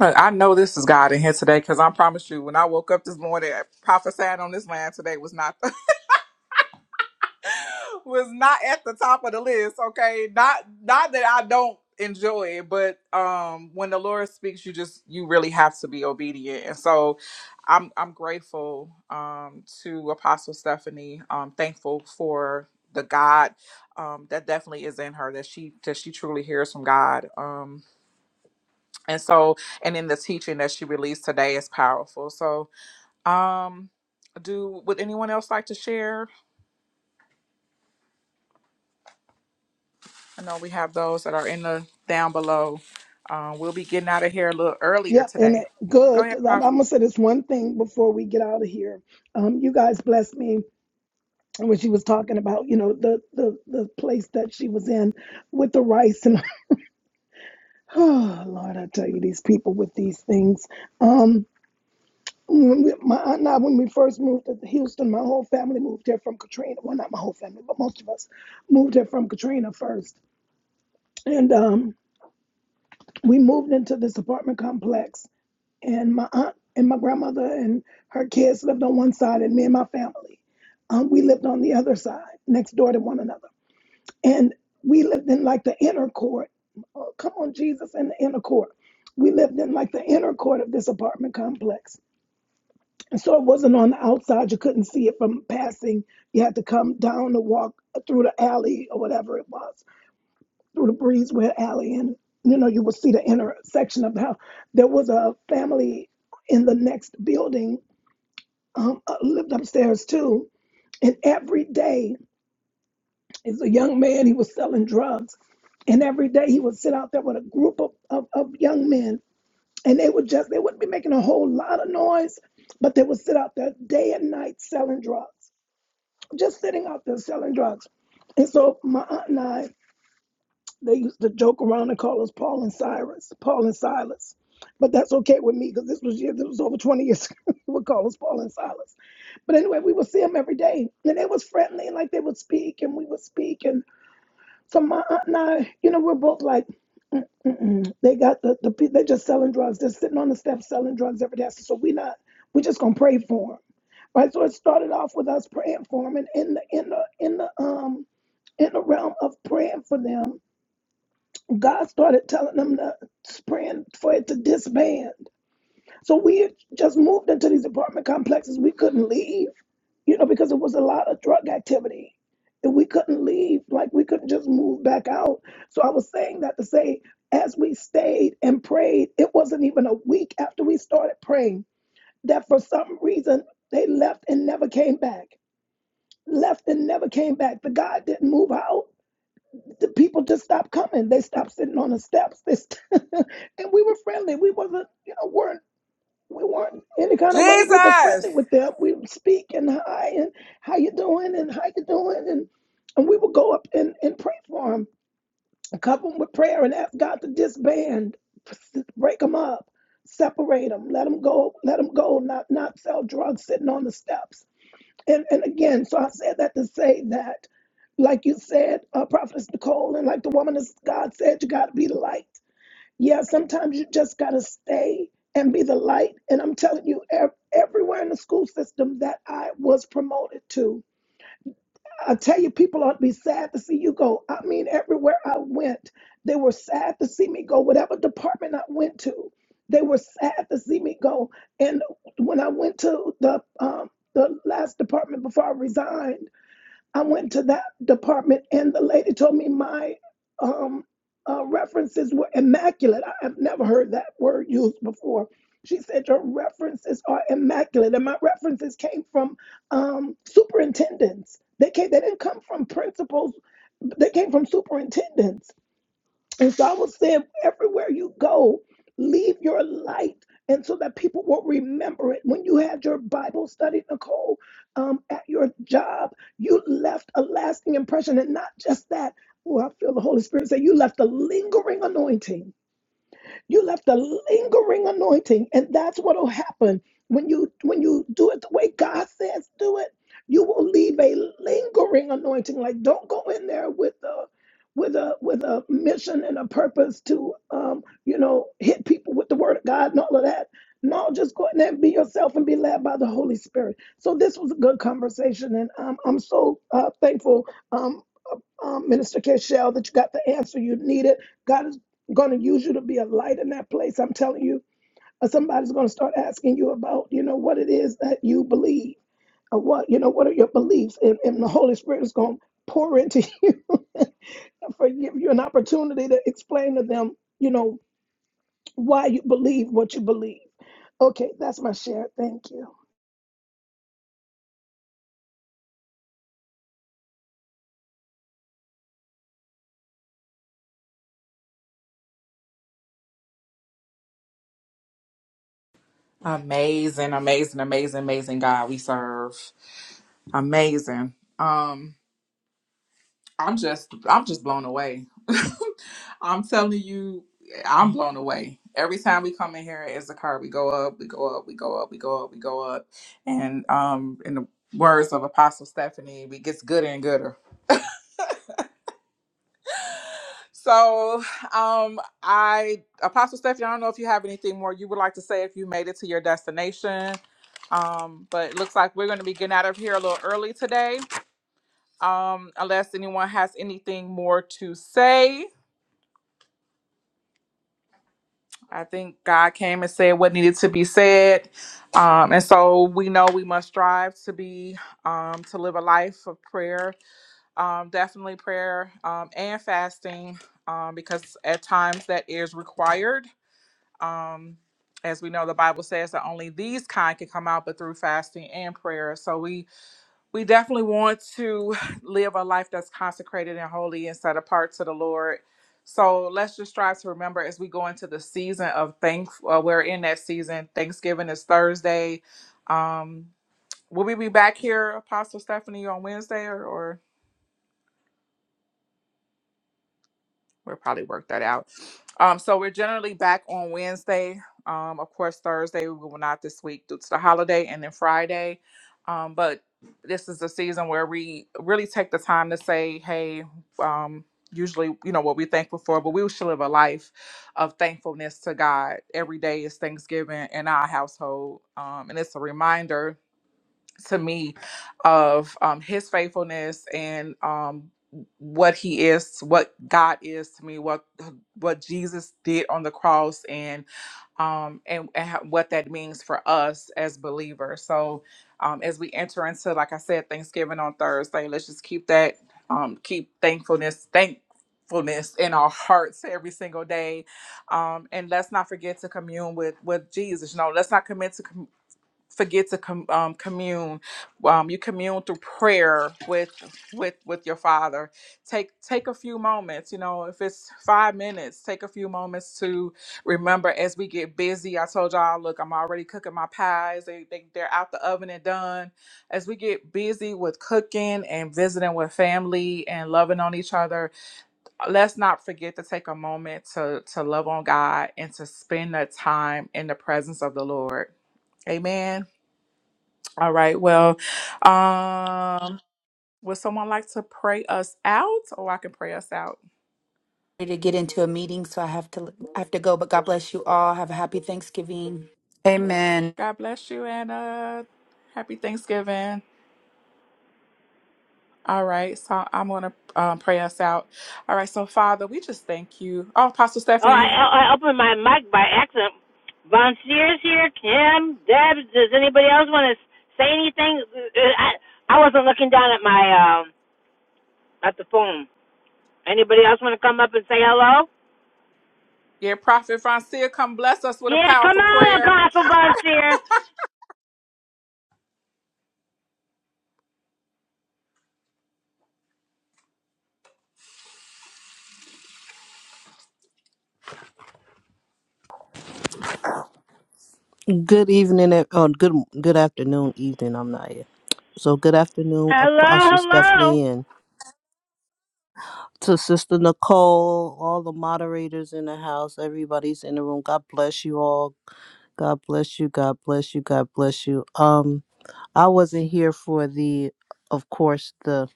[SPEAKER 2] Look, I know this is God in here today because I promise you, when I woke up this morning, prophesying on this land today was not the, *laughs* was not at the top of the list. Okay, not not that I don't enjoy it, but um, when the Lord speaks, you just you really have to be obedient. And so, I'm I'm grateful um, to Apostle Stephanie. Um, thankful for the God um, that definitely is in her that she that she truly hears from God. Um, and so and then the teaching that she released today is powerful so um do would anyone else like to share i know we have those that are in the down below um we'll be getting out of here a little earlier
[SPEAKER 3] Yep, and
[SPEAKER 2] today
[SPEAKER 3] it-
[SPEAKER 2] go
[SPEAKER 3] good.
[SPEAKER 2] ahead
[SPEAKER 3] Cause I'm,
[SPEAKER 2] prophet
[SPEAKER 3] I'm gonna say this one thing before we get out of here. Um, you guys blessed me when she was talking about, you know, the the the place that she was in with the rice and *sighs* oh Lord, I tell you, these people with these things. Um, when we, my aunt and I, when we first moved to Houston, my whole family moved here from Katrina. Well, not my whole family, but most of us moved here from Katrina first, and um, we moved into this apartment complex and my aunt and my grandmother and her kids lived on one side, and me and my family, um, we lived on the other side, next door to one another. And we lived in like the inner court. Oh, come on, Jesus, in the inner court. We lived in like the inner court of this apartment complex. And so it wasn't on the outside. You couldn't see it from passing. You had to come down the walk through the alley or whatever it was through the breezeway alley and you know you will see the intersection of the house there was a family in the next building um, uh, lived upstairs too and every day as a young man he was selling drugs and every day he would sit out there with a group of, of, of young men and they would just they wouldn't be making a whole lot of noise but they would sit out there day and night selling drugs just sitting out there selling drugs and so my aunt and i They used to joke around and call us Paul and Cyrus, Paul and Silas. But that's okay with me because this was year, this was over 20 years ago. *laughs* they would call us Paul and Silas. But anyway, we would see them every day. And they was friendly and like they would speak and we would speak. And so my aunt and I, you know, we're both like, Mm-mm. they got the, the pe- they're just selling drugs. They're sitting on the steps selling drugs every day. I said, So we're not, we're just gonna pray for them. Right. So it started off with us praying for them and in the in the in the um in the realm of praying for them God started telling them to praying for it to disband. So we had just moved into these apartment complexes. We couldn't leave, you know, because it was a lot of drug activity. And we couldn't leave, like we couldn't just move back out. So I was saying that to say, as we stayed and prayed, it wasn't even a week after we started praying that for some reason they left and never came back. Left and never came back. The God didn't move out the people just stopped coming. They stopped sitting on the steps. They st- *laughs* and we were friendly. We wasn't, you know, weren't we weren't any kind of way. We were
[SPEAKER 2] Jesus.
[SPEAKER 3] friendly with them. We would speak and hi and how you doing and how you doing and and we would go up and, and pray for them, cover them with prayer and ask God to disband, break them up, separate them, let them go, let them go, not not sell drugs sitting on the steps and, and again, so I said that to say that, like you said, uh, Prophetess Nicole, and like the woman of God said, you got to be the light. Yeah, sometimes you just got to stay and be the light. And I'm telling you, ev- everywhere in the school system that I was promoted to, I tell you, people ought to be sad to see you go. I mean, everywhere I went, they were sad to see me go. Whatever department I went to, they were sad to see me go. And when I went to the um, the last department before I resigned, I went to that department, and the lady told me my um, uh, references were immaculate. I have never heard that word used before. She said, Your references are immaculate. And my references came from um, superintendents. They, came, they didn't come from principals, they came from superintendents. And so I will say, everywhere you go, leave your light. And so that people will remember it. When you had your Bible study, Nicole, um, at your job, you left a lasting impression. And not just that, oh, I feel the Holy Spirit say, you left a lingering anointing you left a lingering anointing, and that's what will happen when you when you do it the way God says do it. You will leave a lingering anointing. Like don't go in there with a with a with a mission and a purpose to um, you know hit people with the word of God and all of that. No, just go in there and be yourself and be led by the Holy Spirit. So this was a good conversation, and um, I'm so uh, thankful. Um, um, Minister Cashel, that you got the answer you needed. God is going to use you to be a light in that place. I'm telling you, Uh, somebody's going to start asking you about, you know, what it is that you believe, or what, you know, what are your beliefs, and, and the Holy Spirit is going to pour into *laughs* you and for- give you an opportunity to explain to them, you know, why you believe what you believe. Okay, that's my share. Thank you.
[SPEAKER 2] amazing amazing amazing amazing god we serve amazing um i'm just i'm just blown away *laughs* I'm telling you, I'm blown away. Every time we come in here as a car, we go up, we go up, we go up, we go up, we go up. And um in the words of Apostle Stephanie, we gets gooder and gooder. So um I Apostle Stephanie, I don't know if you have anything more you would like to say if you made it to your destination. Um, but it looks like we're gonna be getting out of here a little early today. Um, unless anyone has anything more to say. I think God came and said what needed to be said. Um, and so we know we must strive to be, um, to live a life of prayer, um, definitely prayer um, and fasting, um, because at times that is required. Um, as we know, the Bible says that only these kind can come out, but through fasting and prayer. So we we definitely want to *laughs* live a life that's consecrated and holy and set apart to the Lord. So let's just strive to remember as we go into the season of thank. Uh, we're in that season. Thanksgiving is Thursday. Um, will we be back here, Apostle Stephanie, on Wednesday or? or we'll probably work that out. Um, so we're generally back on Wednesday. Um, of course, Thursday we will not this week due to the holiday, and then Friday. Um, but this is the season where we really take the time to say, "Hey, um, usually, you know, what we're thankful for, but we should live a life of thankfulness to God. Every day is Thanksgiving in our household, um, and it's a reminder to me of um, his faithfulness and um, what he is, what God is to me, what what Jesus did on the cross, and um, and, and how- what that means for us as believers. So um, as we enter into, like I said, Thanksgiving on Thursday, let's just keep that, um, keep thankfulness, thankfulness in our hearts every single day um and let's not forget to commune with with jesus you know let's not commit to forget to com- um, commune. Um, you commune through prayer with with with your Father. Take take a few moments. You know, if it's five minutes, take a few moments to remember. As we get busy, I told y'all, look, I'm already cooking my pies. They, they they're out the oven and done. As we get busy with cooking and visiting with family and loving on each other, let's not forget to take a moment to to love on God and to spend that time in the presence of the Lord. Amen. All right. Well, um, would someone like to pray us out, or I can pray us out?
[SPEAKER 4] ready to get into a meeting, so I have to I have to go. But God bless you all. Have a happy Thanksgiving. Amen.
[SPEAKER 2] God bless you, and uh, happy Thanksgiving. All right. So I'm gonna um, pray us out. All right. So Father, we just thank you. Oh, Apostle
[SPEAKER 1] Oh,
[SPEAKER 2] Stephanie,
[SPEAKER 1] I,
[SPEAKER 2] you,
[SPEAKER 1] I opened my mic by accident. Von Sears here, Kim, Deb. Does anybody else want to say anything? Uh, I I wasn't looking down at my um at the phone. Anybody else want to come up and say hello?
[SPEAKER 2] yeah, Prophet Francia, come bless us with a
[SPEAKER 1] Yeah, come
[SPEAKER 2] powerful
[SPEAKER 1] on,
[SPEAKER 2] prayer.
[SPEAKER 1] Apostle Von Sears.
[SPEAKER 6] Good evening, e- or good good afternoon, evening. I'm not here. So good afternoon,
[SPEAKER 1] Hello,
[SPEAKER 6] Apostle
[SPEAKER 1] hello.
[SPEAKER 6] Stephanie, and to Sister Nicole, all the moderators in the house, everybody's in the room. God bless you all. God bless you. God bless you. God bless you. Um, I wasn't here for the, of course, the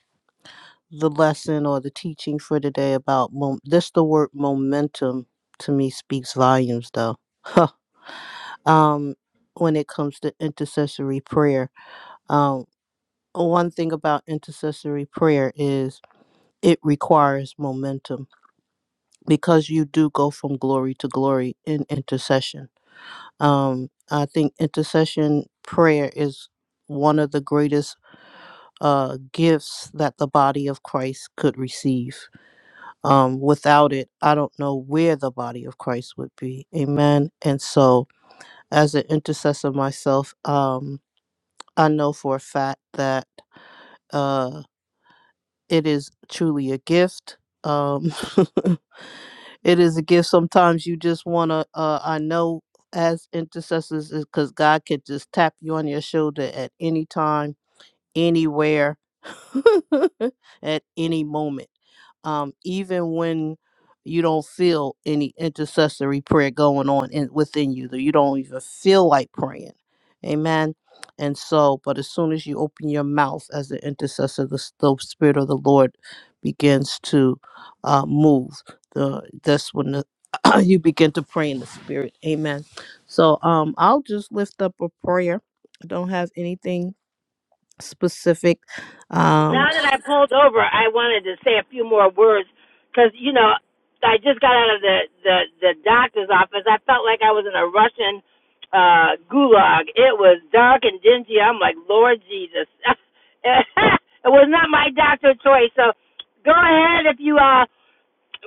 [SPEAKER 6] the lesson or the teaching for today about mom- this. The word momentum to me speaks volumes, though. *laughs* um, when it comes to intercessory prayer. um, one thing about intercessory prayer is it requires momentum because you do go from glory to glory in intercession. Um, I think intercession prayer is one of the greatest uh, gifts that the body of Christ could receive. Um, without it, I don't know where the body of Christ would be. Amen. And so, as an intercessor myself, um, I know for a fact that. uh. It is truly a gift. Um, *laughs* it is a gift. Sometimes you just want to, uh, I know as intercessors, because God could just tap you on your shoulder at any time anywhere *laughs* at any moment. Um, even when you don't feel any intercessory prayer going on in, within you, that you don't even feel like praying. Amen. And so, but as soon as you open your mouth as an intercessor, the, s- the Spirit of the Lord begins to uh, move. The, that's when the, *clears throat* you begin to pray in the Spirit. Amen. So um, I'll just lift up a prayer. I don't have anything specific. Um,
[SPEAKER 1] Now that I pulled over, I wanted to say a few more words because you know I just got out of the the the doctor's office. I felt like I was in a Russian uh gulag. It was dark and dingy. I'm like, Lord Jesus, *laughs* it was not my doctor choice. So go ahead if you uh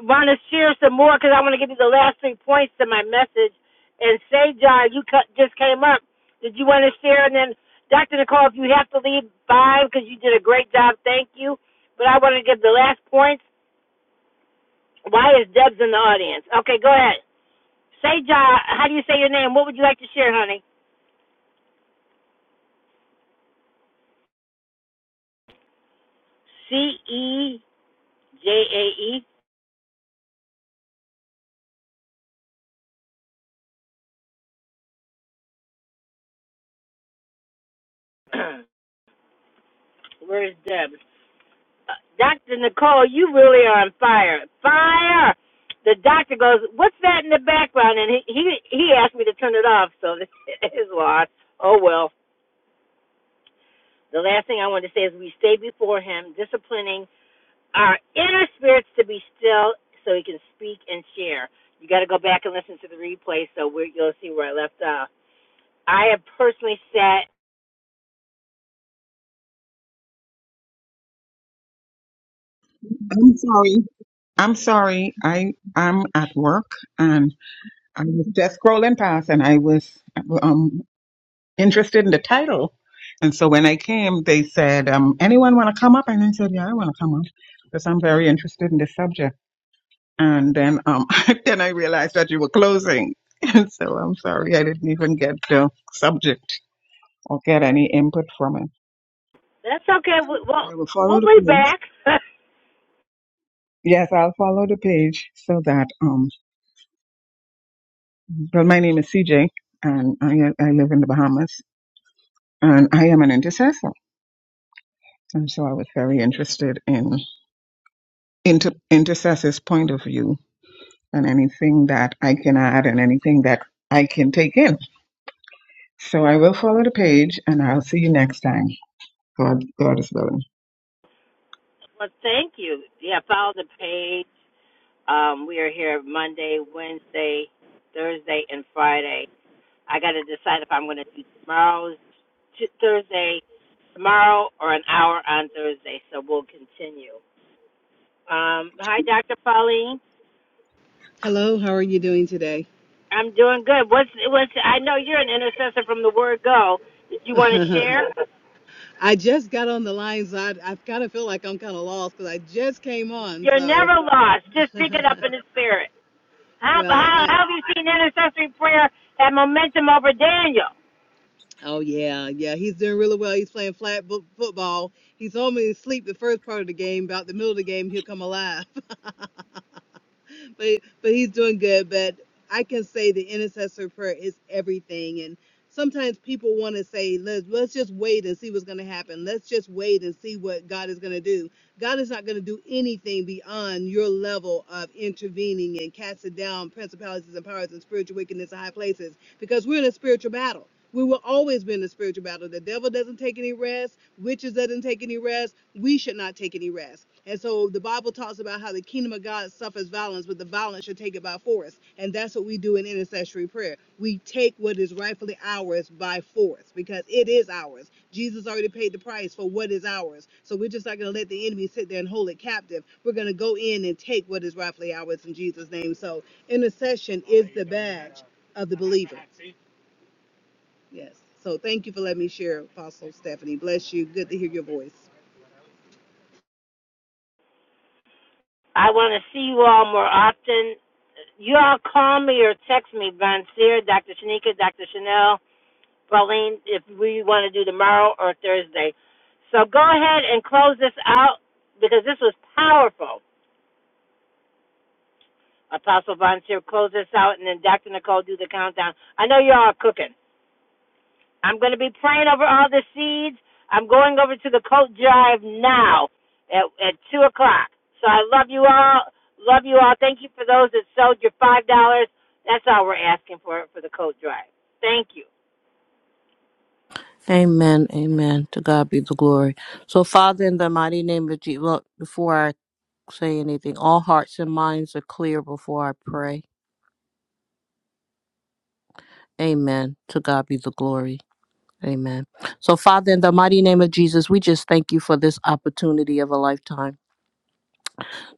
[SPEAKER 1] want to share some more because I want to give you the last three points to my message. And say, John, you just came up. Did you want to share? And then Dr. Nicole, if you have to leave, fine, because you did a great job. Thank you. But I want to give the last point. Why is Debs in the audience? Okay, go ahead. Say, Ja, how do you say your name? What would you like to share, honey? C E J A E. Where's Debs? Uh, Dr. Nicole, you really are on fire. Fire! The doctor goes, "What's that in the background?" And he he, he asked me to turn it off, so *laughs* it's lost. Oh well. The last thing I want to say is we stay before Him, disciplining our inner spirits to be still so he can speak and share. You got to go back and listen to the replay so we you'll see where I left off. I have personally said,
[SPEAKER 7] I'm sorry. I'm sorry. I I'm at work and I was just scrolling past and I was um interested in the title. And so when I came, they said, um, anyone want to come up? And I said, yeah, I want to come up because I'm very interested in this subject. And then, um, *laughs* then I realized that you were closing. *laughs* And so I'm sorry. I didn't even get the subject or get any input from it.
[SPEAKER 1] that's okay. we- We'll,
[SPEAKER 7] I will follow
[SPEAKER 1] we'll
[SPEAKER 7] the
[SPEAKER 1] be
[SPEAKER 7] page.
[SPEAKER 1] back. *laughs*
[SPEAKER 7] Yes, I'll follow the page so that, um. But my name is CJ, and I, I live in the Bahamas, and I am an intercessor. And so I was very interested in inter- intercessor's point of view and anything that I can add and anything that I can take in. So I will follow the page, and I'll see you next time. God, God is willing.
[SPEAKER 1] well, thank you. Yeah, follow the page. Um, we are here Monday, Wednesday, Thursday, and Friday. I got to decide if I'm going to do tomorrow's t- Thursday, tomorrow, or an hour on Thursday. So we'll continue. Um, hi, Dr. Pauline.
[SPEAKER 8] Hello, how are you doing today?
[SPEAKER 1] I'm doing good. What's what's I know you're an intercessor from the word go. Did you want to
[SPEAKER 8] *laughs*
[SPEAKER 1] share?
[SPEAKER 8] I just got on the line, so I, I kind of feel like I'm kind of lost because I just came on.
[SPEAKER 1] You're
[SPEAKER 8] So,
[SPEAKER 1] never lost. Just
[SPEAKER 8] *laughs*
[SPEAKER 1] pick it up in the spirit. How
[SPEAKER 8] well,
[SPEAKER 1] how,
[SPEAKER 8] I
[SPEAKER 1] how have you seen intercessory prayer have momentum over Daniel?
[SPEAKER 8] oh yeah, yeah, he's doing really well. He's playing flat bo- football. He's only asleep the first part of the game. About the middle of the game, he'll come alive. *laughs* *laughs* but but he's doing good. But I can say the intercessor prayer is everything. And sometimes people want to say, let's let's just wait and see what's going to happen. Let's just wait and see what God is going to do. God is not going to do anything beyond your level of intervening and casting down principalities and powers and spiritual wickedness in high places because we're in a spiritual battle. We will always be in a spiritual battle. The devil doesn't take any rest. Witches doesn't take any rest. We should not take any rest. And so the Bible talks about how the kingdom of God suffers violence, but the violence should take it by force. And that's what we do in intercessory prayer. We take what is rightfully ours by force because it is ours. Jesus already paid the price for what is ours. So we're just not going to let the enemy sit there and hold it captive. We're going to go in and take what is rightfully ours in Jesus' name. So intercession is the badge of the believer. Yes. So thank you for letting me share, Apostle Stephanie. Bless you. Good to hear your voice.
[SPEAKER 1] I want to see you all more often. You all call me or text me, Von Seer, Dr. Shanika, Dr. Chanel, Pauline, if we want to do tomorrow or Thursday. So go ahead and close this out because this was powerful. Apostle Vontier, close this out, and then Dr. Nicole do the countdown. I know you're all cooking. I'm going to be praying over all the seeds. I'm going over to the coat drive now at, at 2 o'clock. So I love you all. Love you all. Thank you for those that sold your $5. That's all we're asking for for the coat drive. Thank you.
[SPEAKER 6] amen, amen. To God be the glory. So, Father, in the mighty name of Jesus, look, before I say anything, all hearts and minds are clear before I pray. Amen. To God be the glory. Amen. So, Father, in the mighty name of Jesus, we just thank you for this opportunity of a lifetime.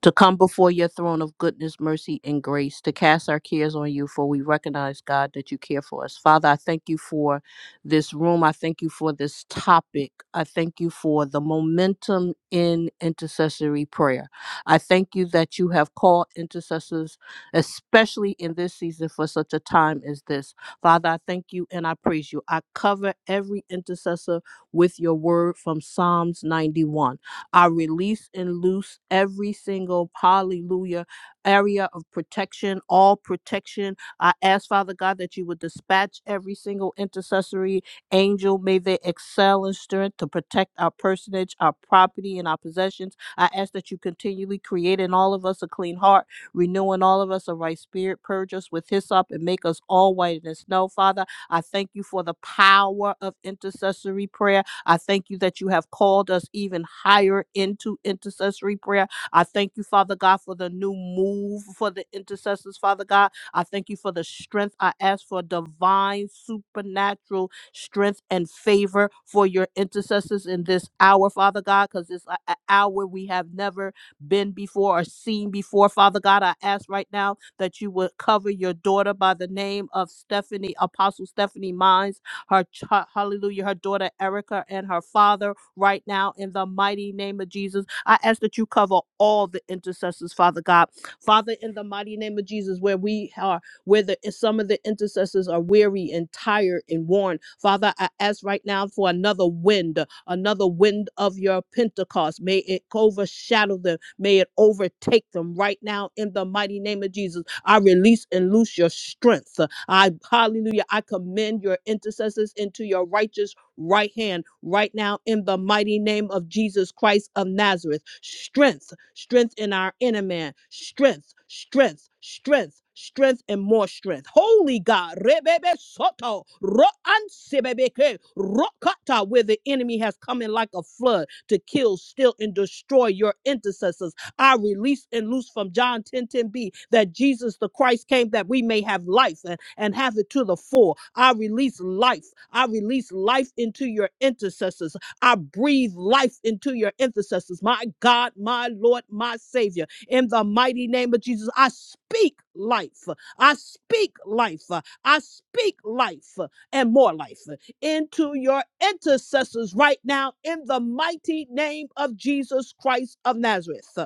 [SPEAKER 6] to come before your throne of goodness, mercy, and grace, to cast our cares on you, for we recognize, God, that you care for us. Father, I thank you for this room. I thank you for this topic. I thank you for the momentum in intercessory prayer. I thank you that you have called intercessors, especially in this season, for such a time as this. Father, I thank you and I praise you. I cover every intercessor with your word from Psalms 91. I release and loose every single hallelujah area of protection, all protection. I ask, Father God, that you would dispatch every single intercessory angel. May they excel in strength to protect our personage, our property, and our possessions. I ask that you continually create in all of us a clean heart, renew in all of us a right spirit, purge us with hyssop, and make us all white as snow, Father. I thank you for the power of intercessory prayer. I thank you that you have called us even higher into intercessory prayer. I thank you, Father God, for the new move for the intercessors, Father God. I thank you for the strength. I ask for divine, supernatural strength and favor for your intercessors in this hour, Father God, because it's a- an hour we have never been before or seen before, Father God. I ask right now that you would cover your daughter by the name of Stephanie, Apostle Stephanie Mines her ch- hallelujah, her daughter Erica and her father right now in the mighty name of Jesus. I ask that you cover all the intercessors, Father God. Father, in the mighty name of Jesus, where we are where the, some of the intercessors are weary and tired and worn. Father, I ask right now for another wind, another wind of your Pentecost. May it overshadow them. May it overtake them right now in the mighty name of Jesus. I release and loose your strength. I hallelujah. I commend your intercessors into your righteous right hand right now in the mighty name of Jesus Christ of Nazareth. Strength, strength in our inner man, strength, strength, strength. Strength and more strength. Holy God, Rebebe Soto, Ro'ansebebeke, Rokata, where the enemy has come in like a flood to kill, steal, and destroy your intercessors I release and loose from John ten ten b that Jesus the Christ came that we may have life and, and have it to the full. I release life. I release life into your intercessors. I breathe life into your intercessors. My God, my Lord, my Savior. In the mighty name of Jesus, I speak life. I speak life. I speak life and more life into your intercessors right now in the mighty name of Jesus Christ of Nazareth.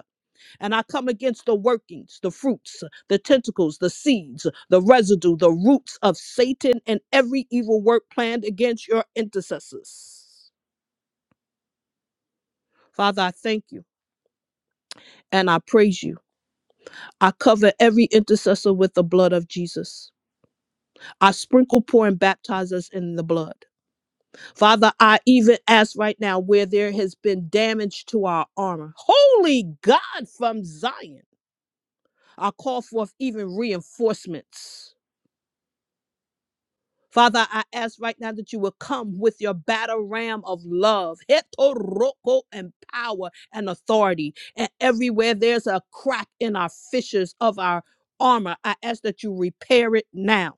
[SPEAKER 6] And I come against the workings, the fruits, the tentacles, the seeds, the residue, the roots of Satan and every evil work planned against your intercessors. Father, I thank you and I praise you. I cover every intercessor with the blood of Jesus. I sprinkle, pour, and baptize us in the blood. Father, I even ask right now where there has been damage to our armor. Holy God from Zion, I call forth even reinforcements. Father, I ask right now that you will come with your battle ram of love, hetoroko, and power and authority. And everywhere there's a crack in our fissures of our armor, I ask that you repair it now.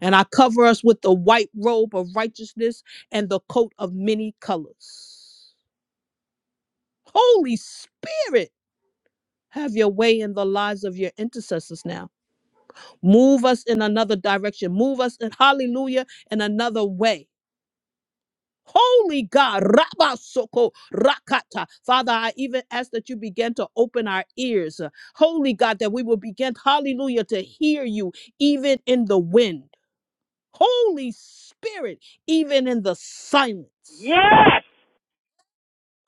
[SPEAKER 6] And I cover us with the white robe of righteousness and the coat of many colors. Holy Spirit, have your way in the lives of your intercessors now. Move us in another direction. Move us in hallelujah in another way Holy God, Rabasoko Rakata. Father, I even ask that you begin to open our ears. uh, Holy God, that we will begin, hallelujah, to hear you even in the wind. Holy Spirit, even in the silence.
[SPEAKER 1] Yes!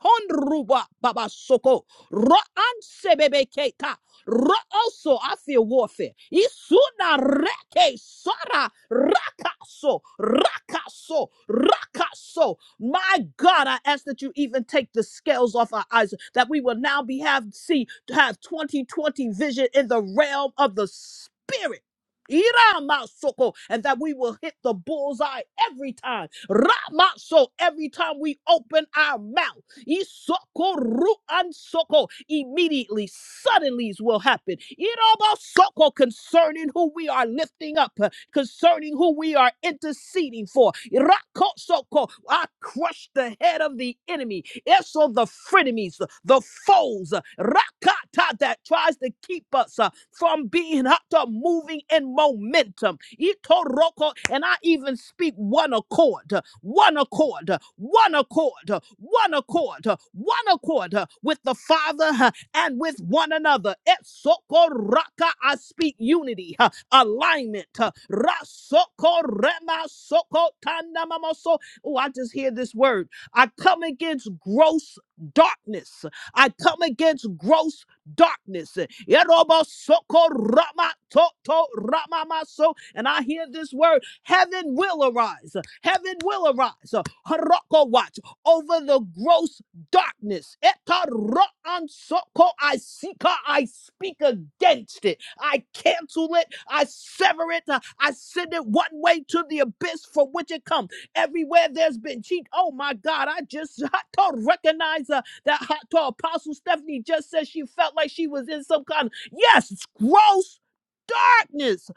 [SPEAKER 6] Honruba babasoko. Ro ansebebekeka. Ro also I feel warfare. Isuna reke sara rakaso rakaso rakaso. My God, I ask that you even take the scales off our eyes, that we will now be have see to have 2020 vision in the realm of the spirit. Iramasoko, and that we will hit the bullseye every time. Ramaso, every time we open our mouth. Isoko ru ansoko. Immediately, suddenlies will happen. Irabasoko concerning who we are lifting up, uh, concerning who we are interceding for. Irakosoko. I crush the head of the enemy. Eso the frenemies, the foes. Rakata that tries to keep us uh, from being up to moving in momentum. Itoroko, And I even speak one accord, uh, one accord, uh, one accord, uh, one accord, uh, one accord uh, with the Father uh, and with one another. Etsokoraka, I speak unity, uh, alignment. uh, Rasokorema sokotandamamaso. Oh, I just hear this word. I come against gross darkness. I come against gross darkness. Yerobosoko ramatoto ramamaso. And I hear this word heaven will arise. Heaven will arise. Haroko watch over the gross darkness. Etaroansoko. I seek I speak against it. I cancel it. I sever it. I send it one way to the abyss from which it comes. Everywhere there's been cheat. Oh my God. I just *laughs* I don't recognize. uh, that hot to Apostle Stephanie just said she felt like she was in some kind of, yes, it's gross darkness.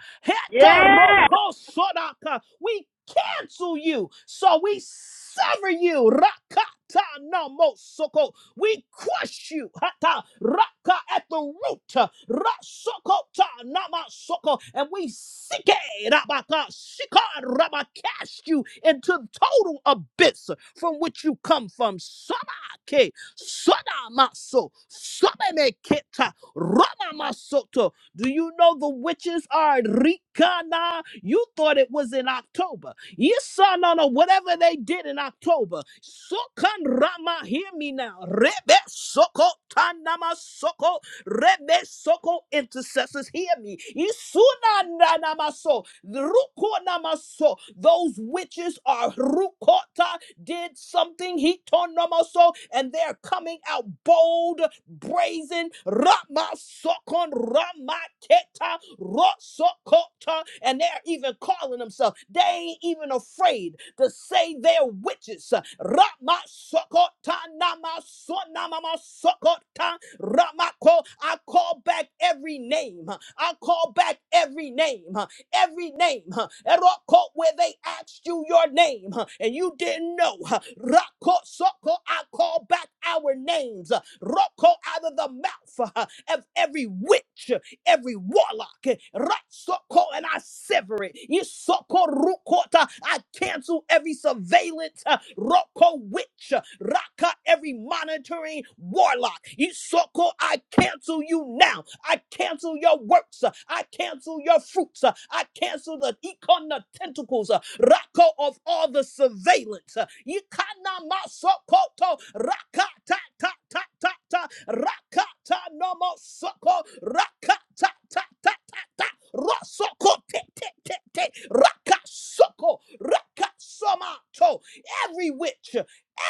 [SPEAKER 1] Yes!
[SPEAKER 6] Heterokosodaka. We cancel you. So we sever you. Rakata namosoko. We crush you. Hata raka at the root. Rasokota namasoko. And we sike rabaka shika raba cast you into total abyss from which you come from. Samake. Soda maso, soda me keta, rama masoto. Do you know the witches are in Rikana? You thought it was in October. You saw no no whatever they did in October. Sokan rama, hear me now. Rebe soko tanama soko Rebe Soko intercessors, hear me. Isuna na namaso, ruko namaso. Those witches are rukota did something. He torn so, and they're coming out bold, brazen. Rama Ramaketa, rama rosokota, and they're even calling themselves. They ain't even afraid to say they're witches. Rama sokota nama so Ramako. I call back every name. I call back every name every name. huh, Eroko, Where they asked you your name huh, and you didn't know. huh, Rako Soko, I call back our names. huh, Roko out of the mouth huh, of every witch every warlock. eh, Ratsoko, and I sever it. Isoko rukota, I cancel every surveillance. uh, Roko witch. uh, Raka, every monitoring warlock. Isoko, I cancel you now. I cancel your works. uh, I cancel your fruits. uh, I cancel the ikana tentacles, uh, rako of all the surveillance. uh, Ikana masokoto, rakata ta ta ta ta, rakata no mosoko, rakata ta ta ta ta, rosoko te te te te, rakasoko, rakasomato. Every witch,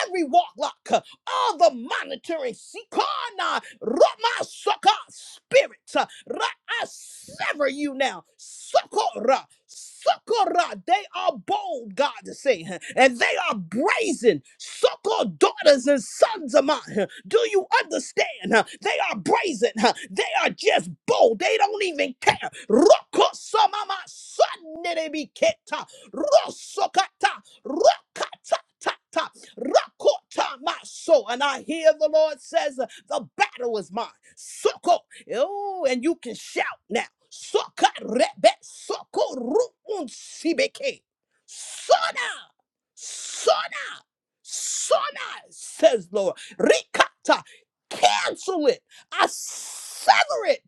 [SPEAKER 6] every warlock, all the monitoring sikana ramasaka spirits uh, ra- I sever you now sokora sokora they are bold God to say huh, and they are brazen soko daughters and sons of mine huh. do you understand huh? they are brazen huh. they are just bold they don't even care roko samama son be keta rosokata rokata Ta, ta. Rakota my soul. And I hear the Lord says, the battle is mine. Soko. Oh, and you can shout now. Soka rebe soko ruun sibeke. Sona. Sona. Sona, says Lord. Rikata. Cancel it. I sever it.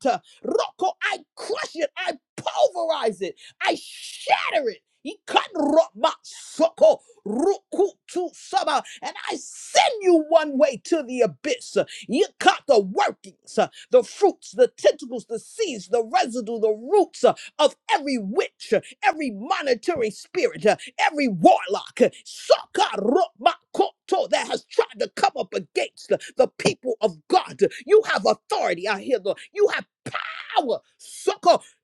[SPEAKER 6] Roko, I crush it. I pulverize it. I shatter it. He cut rock my soul. Rukutu Saba, and I send you one way to the abyss. You cut the workings, uh, the fruits, the tentacles, the seeds, the residue, the roots uh, of every witch, uh, every monitoring spirit, uh, every warlock, uh, Soka Romakoto, that has tried to come up against the, the people of God. You have authority. I hear the you have power.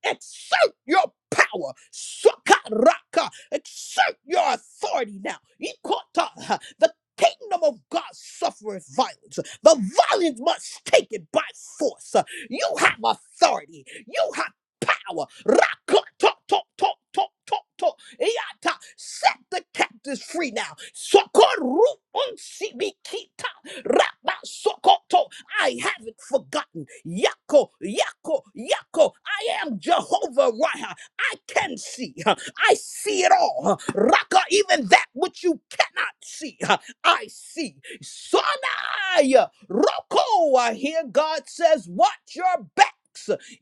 [SPEAKER 6] Exert your power. Sakaraka. Exert your authority now. Ikota. The kingdom of God suffereth violence. The violence must take it by force. You have authority. You have power. Raka. To, to, to, to, to, to. Iata. Set the captives free now. Sokoru unsibikita. Rapa sokoto. I haven't forgotten. Yako, Yako, Yako. I am Jehovah Rapha. I can see. huh? I see it all. huh? Raka, even that which you cannot see, huh? I see. Sonaya, Roko. I hear God says, watch your backs.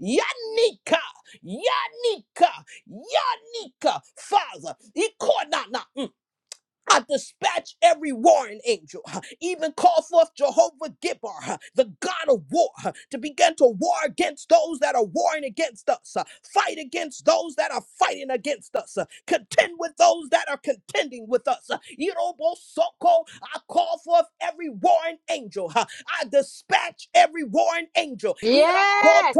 [SPEAKER 6] Yanika, Yanika, Yanika, Father, Ikonana. I dispatch every warring angel, huh, even call forth Jehovah Gibber, huh, the God of war, huh, to begin to war against those that are warring against us, huh, fight against those that are fighting against us, huh, contend with those that are contending with us. I call forth every warring angel. huh. I dispatch every warring angel.
[SPEAKER 1] Yes!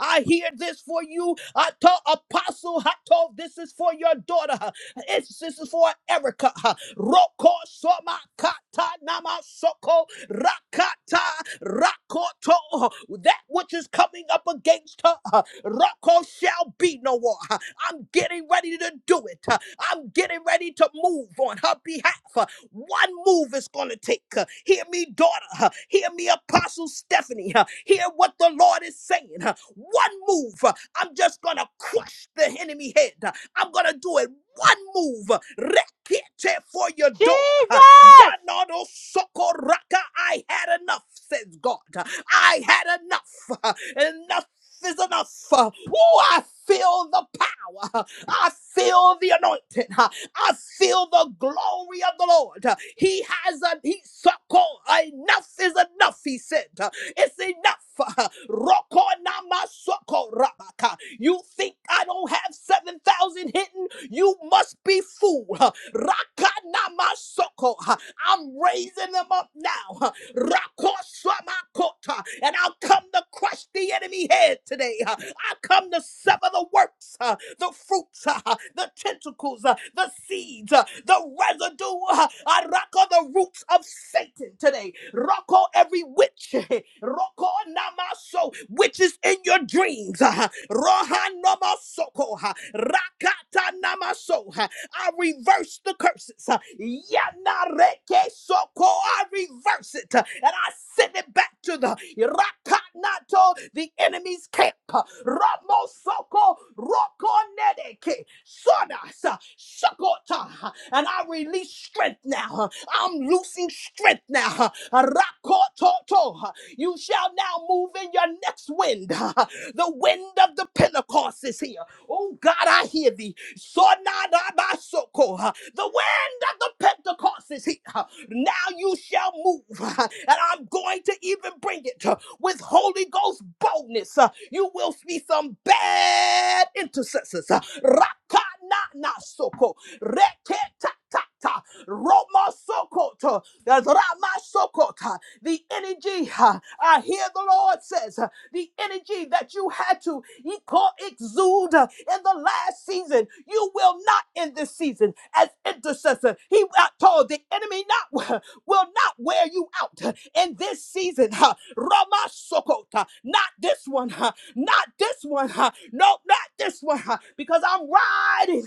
[SPEAKER 6] I hear this for you. I told Apostle I told this is for your daughter. huh. It's, this is for Erica. huh. Roko Soma Kata Nama Soko Rakata Rakoto. huh? That which is coming up against her, huh, Roko shall be no more. huh? I'm getting ready to do it. Uh, I'm getting ready to move on her behalf. Uh, One move is going to take. Uh, Hear me, daughter. Uh, Hear me, Apostle Stephanie. Uh, Hear what the Lord is saying. Uh, One move. Uh, I'm just going to crush the enemy head. Uh, I'm going to do it. One move. Uh, Rekete for your daughter. Uh,
[SPEAKER 1] Jesus!
[SPEAKER 6] Yanodo Sokoraka. I had enough, says God. Uh, I had enough. Uh, Enough is enough. Uh, Ooh, I feel the power. I feel the anointing. Uh, I feel the glory of the Lord. Uh, He has a he succo- enough is enough, he said. Uh, It's enough. Uh, Roko nama succo rabaka. You think I don't have 7,000 hidden? You must be fool. Uh, Raka nama succo. Uh, I'm raising them up now. Rakosamakota. And I'll come to crush the enemy head today. Uh, I come to sever the works, uh, the fruits, uh, the tentacles, uh, the seeds, uh, the residue. uh, I rock the roots of Satan today. Rocko every witch. *laughs* Rocko namaso. Witches in your dreams. uh, Roha namasoko. uh, Rakata namaso. I reverse the curses. Yanareke soko. I reverse it uh, and I send it back to the Rakanato, the enemy's camp. Uh, Ramo soko rokonedeke sonasa shakota. uh, And I release strength now. Uh, I'm loosing strength now. Uh, Rakototo. uh, you shall now move in your next wind. *laughs* The wind of the Pentecost is here. Oh God, I hear thee. Sonadabasoko. The wind of the Pentecost is here. Now you shall move. *laughs* And I'm going to even bring it with Holy Ghost boldness. You will see some bad intercessors. Raka na na soko reke ta ta ta Roma Sokota, Rama Sokota, the energy. uh, I hear the Lord says uh, the energy that you had to he exude uh, in the last season. You will not in this season as intercessor. He uh, told the enemy not *laughs* will not wear you out in this season season. huh, Rama Sokota. Not this one. huh, Not this one. huh, No, not this one. huh, Because I'm riding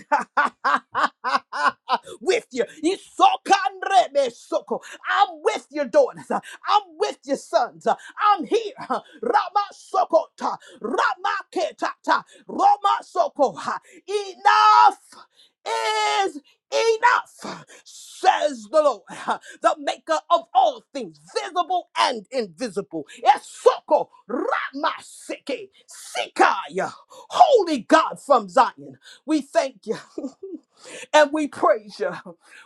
[SPEAKER 6] *laughs* with you. Isokanrebe Soko. I'm with your daughters. huh, I'm with your sons. huh, I'm here. huh, Rama Sokota. Rama Ketata. Rama Soko. huh, Enough is Enough, says the Lord, *laughs* the maker of all things, visible and invisible. Esoko Ramaseke Sikaya, holy God from Zion. We thank you *laughs* and we praise you.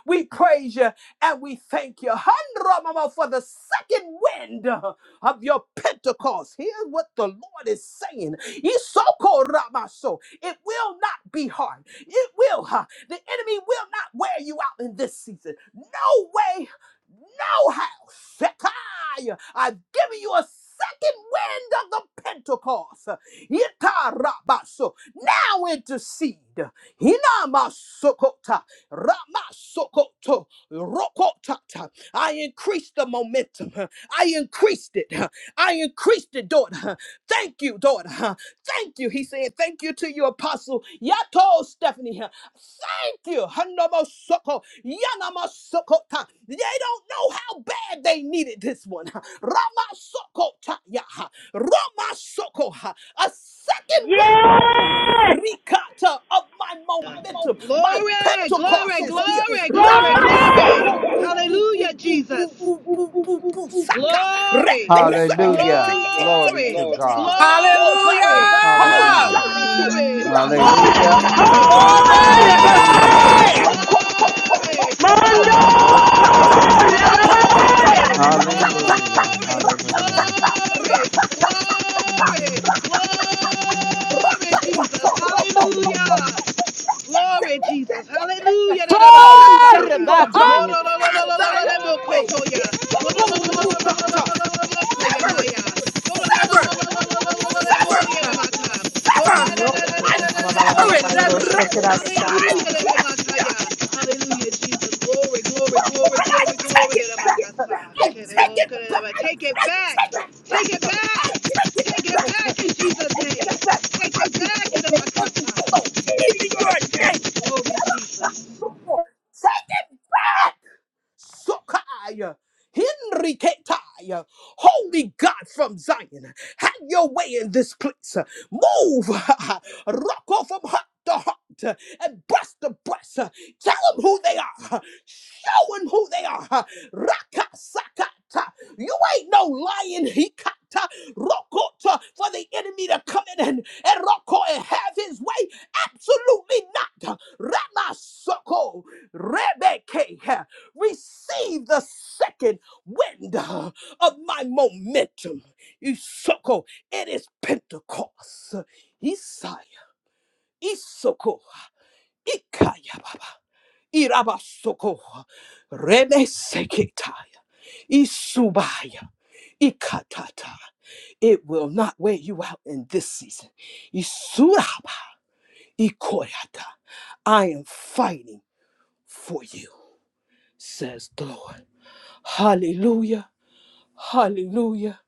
[SPEAKER 6] We praise you and we thank you. Handra mama for the second wind of your Pentecost. Here's what the Lord is saying. Isoko Ramaso. It will not be hard. It will. huh? The enemy will not wear you out in this season. No way, no how. Shekiah. I've given you a second wind of the Pentecost. Yitarabaso. Now intercede. Hinamasokota. Ramasokoto. Rokotata. I increased the momentum. I increased it. I increased it, daughter. Thank you, daughter. Thank you. He said, Thank you to your apostle. Yato Stephanie. Thank you. Hanamasoko. Yanamasokota. They don't know how bad they they needed this one. Ramasokotaya. Ramasokoha. A second wind. huh?
[SPEAKER 1] Yes!
[SPEAKER 6] Rikata of my momentum. My
[SPEAKER 8] Glory,
[SPEAKER 6] Pentecost
[SPEAKER 8] glory,
[SPEAKER 6] is here.
[SPEAKER 8] glory, glory, glory.
[SPEAKER 1] Glory!
[SPEAKER 6] Ramasoko ru- bu-
[SPEAKER 8] Hallelujah,
[SPEAKER 6] bu- bu-
[SPEAKER 8] Jesus.
[SPEAKER 6] bu- bu- bu- bu- bu- Saka.
[SPEAKER 8] Glory,
[SPEAKER 6] Rebesekete.
[SPEAKER 9] Hallelujah.
[SPEAKER 6] kete
[SPEAKER 9] Glory
[SPEAKER 8] glory,
[SPEAKER 9] to
[SPEAKER 6] kete
[SPEAKER 9] God.
[SPEAKER 6] kete. Oh God, huh?
[SPEAKER 8] glory,
[SPEAKER 6] holy
[SPEAKER 2] Hallelujah!
[SPEAKER 9] Hallelujah.
[SPEAKER 6] God is here.
[SPEAKER 8] glory,
[SPEAKER 10] Hallelujah,
[SPEAKER 8] Glory, glory,
[SPEAKER 10] thank
[SPEAKER 6] Raka,
[SPEAKER 10] you,
[SPEAKER 1] Holy!
[SPEAKER 6] ta,
[SPEAKER 8] glory,
[SPEAKER 9] Hallelujah.
[SPEAKER 6] ta,
[SPEAKER 10] Lord.
[SPEAKER 6] ta, ta, ta, ta, ta.
[SPEAKER 10] Hallelujah,
[SPEAKER 6] ta.
[SPEAKER 10] we
[SPEAKER 9] Hallelujah.
[SPEAKER 10] praise you,
[SPEAKER 2] Glory!
[SPEAKER 1] Holy!
[SPEAKER 8] glory,
[SPEAKER 10] Lord.
[SPEAKER 6] Rakototototo.
[SPEAKER 10] Hallelujah,
[SPEAKER 9] Glory.
[SPEAKER 8] glory,
[SPEAKER 6] Rakatata.
[SPEAKER 10] hallelujah,
[SPEAKER 9] Hallelujah.
[SPEAKER 6] Tatata.
[SPEAKER 8] glory,
[SPEAKER 1] Hallelujah!
[SPEAKER 10] hallelujah.
[SPEAKER 6] Rakatata.
[SPEAKER 9] Hallelujah.
[SPEAKER 10] Thank you, Father.
[SPEAKER 9] Hallelujah.
[SPEAKER 6] Rakatata.
[SPEAKER 10] Thank you, Jesus.
[SPEAKER 6] Rakatatata.
[SPEAKER 8] glory, glory,
[SPEAKER 10] Hallelujah,
[SPEAKER 6] Raka-
[SPEAKER 10] hallelujah,
[SPEAKER 8] glory, Jesus.
[SPEAKER 6] Rakatotorobo.
[SPEAKER 8] Hallelujah.
[SPEAKER 10] hallelujah.
[SPEAKER 8] Glory, Jesus!
[SPEAKER 6] Rakatakatakatakata.
[SPEAKER 8] Hallelujah! Hallelujah, Jesus.
[SPEAKER 6] Holy God from Zion, have thy own way. Isakorukata. Sever it, sever, sever, sever.
[SPEAKER 2] Hallelujah!
[SPEAKER 6] I sever it. I crush you.
[SPEAKER 8] Glory, glory,
[SPEAKER 6] Wherefore
[SPEAKER 8] glory,
[SPEAKER 6] I
[SPEAKER 8] glory, glory.
[SPEAKER 6] take it back. I take it back.
[SPEAKER 8] Take it
[SPEAKER 6] I
[SPEAKER 8] back!
[SPEAKER 6] take it
[SPEAKER 8] Take
[SPEAKER 6] back.
[SPEAKER 8] it back!
[SPEAKER 6] I take it
[SPEAKER 8] Take it
[SPEAKER 6] back.
[SPEAKER 8] back in
[SPEAKER 6] I
[SPEAKER 8] Jesus'
[SPEAKER 6] take
[SPEAKER 8] name!
[SPEAKER 6] it back.
[SPEAKER 8] Take it back
[SPEAKER 6] Everything
[SPEAKER 8] in the
[SPEAKER 6] that enemy
[SPEAKER 8] Makassar.
[SPEAKER 6] stole, even your name.
[SPEAKER 8] Glory to Jesus.
[SPEAKER 6] Take it back. Sokai. Henriketai, Holy God from Zion, have your way in this place. Move, *laughs* Rocco from heart to heart uh, and breast to breast. uh, Tell them who they are. uh, Show them who they are. Raka sakata. You ain't no lion. Hikata rokota for the enemy to come in and, and roko and have his way. Absolutely not. Rama soko rebeke receive the second wind uh, of my momentum. Isoko, it is Pentecost. Isaiah, Isoko, Ikaya Baba, Irabasoko, Rebe Sekitaya, Isubaya, Ikatata. It will not wear you out in this season. Isuraba, Ikoyata. I am fighting for you says the Lord. Hallelujah, hallelujah,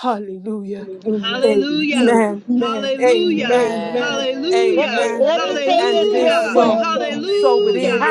[SPEAKER 6] hallelujah.
[SPEAKER 8] Hallelujah.
[SPEAKER 6] Amen,
[SPEAKER 8] Hallelujah.
[SPEAKER 6] amen,
[SPEAKER 1] Yes. Let,
[SPEAKER 8] Hallelujah.
[SPEAKER 6] amen.
[SPEAKER 1] let me say
[SPEAKER 6] And
[SPEAKER 1] this
[SPEAKER 6] it is
[SPEAKER 1] real quick.
[SPEAKER 6] so,
[SPEAKER 10] Hallelujah, thank you,
[SPEAKER 6] so it
[SPEAKER 8] Hallelujah.
[SPEAKER 10] Father.
[SPEAKER 6] is,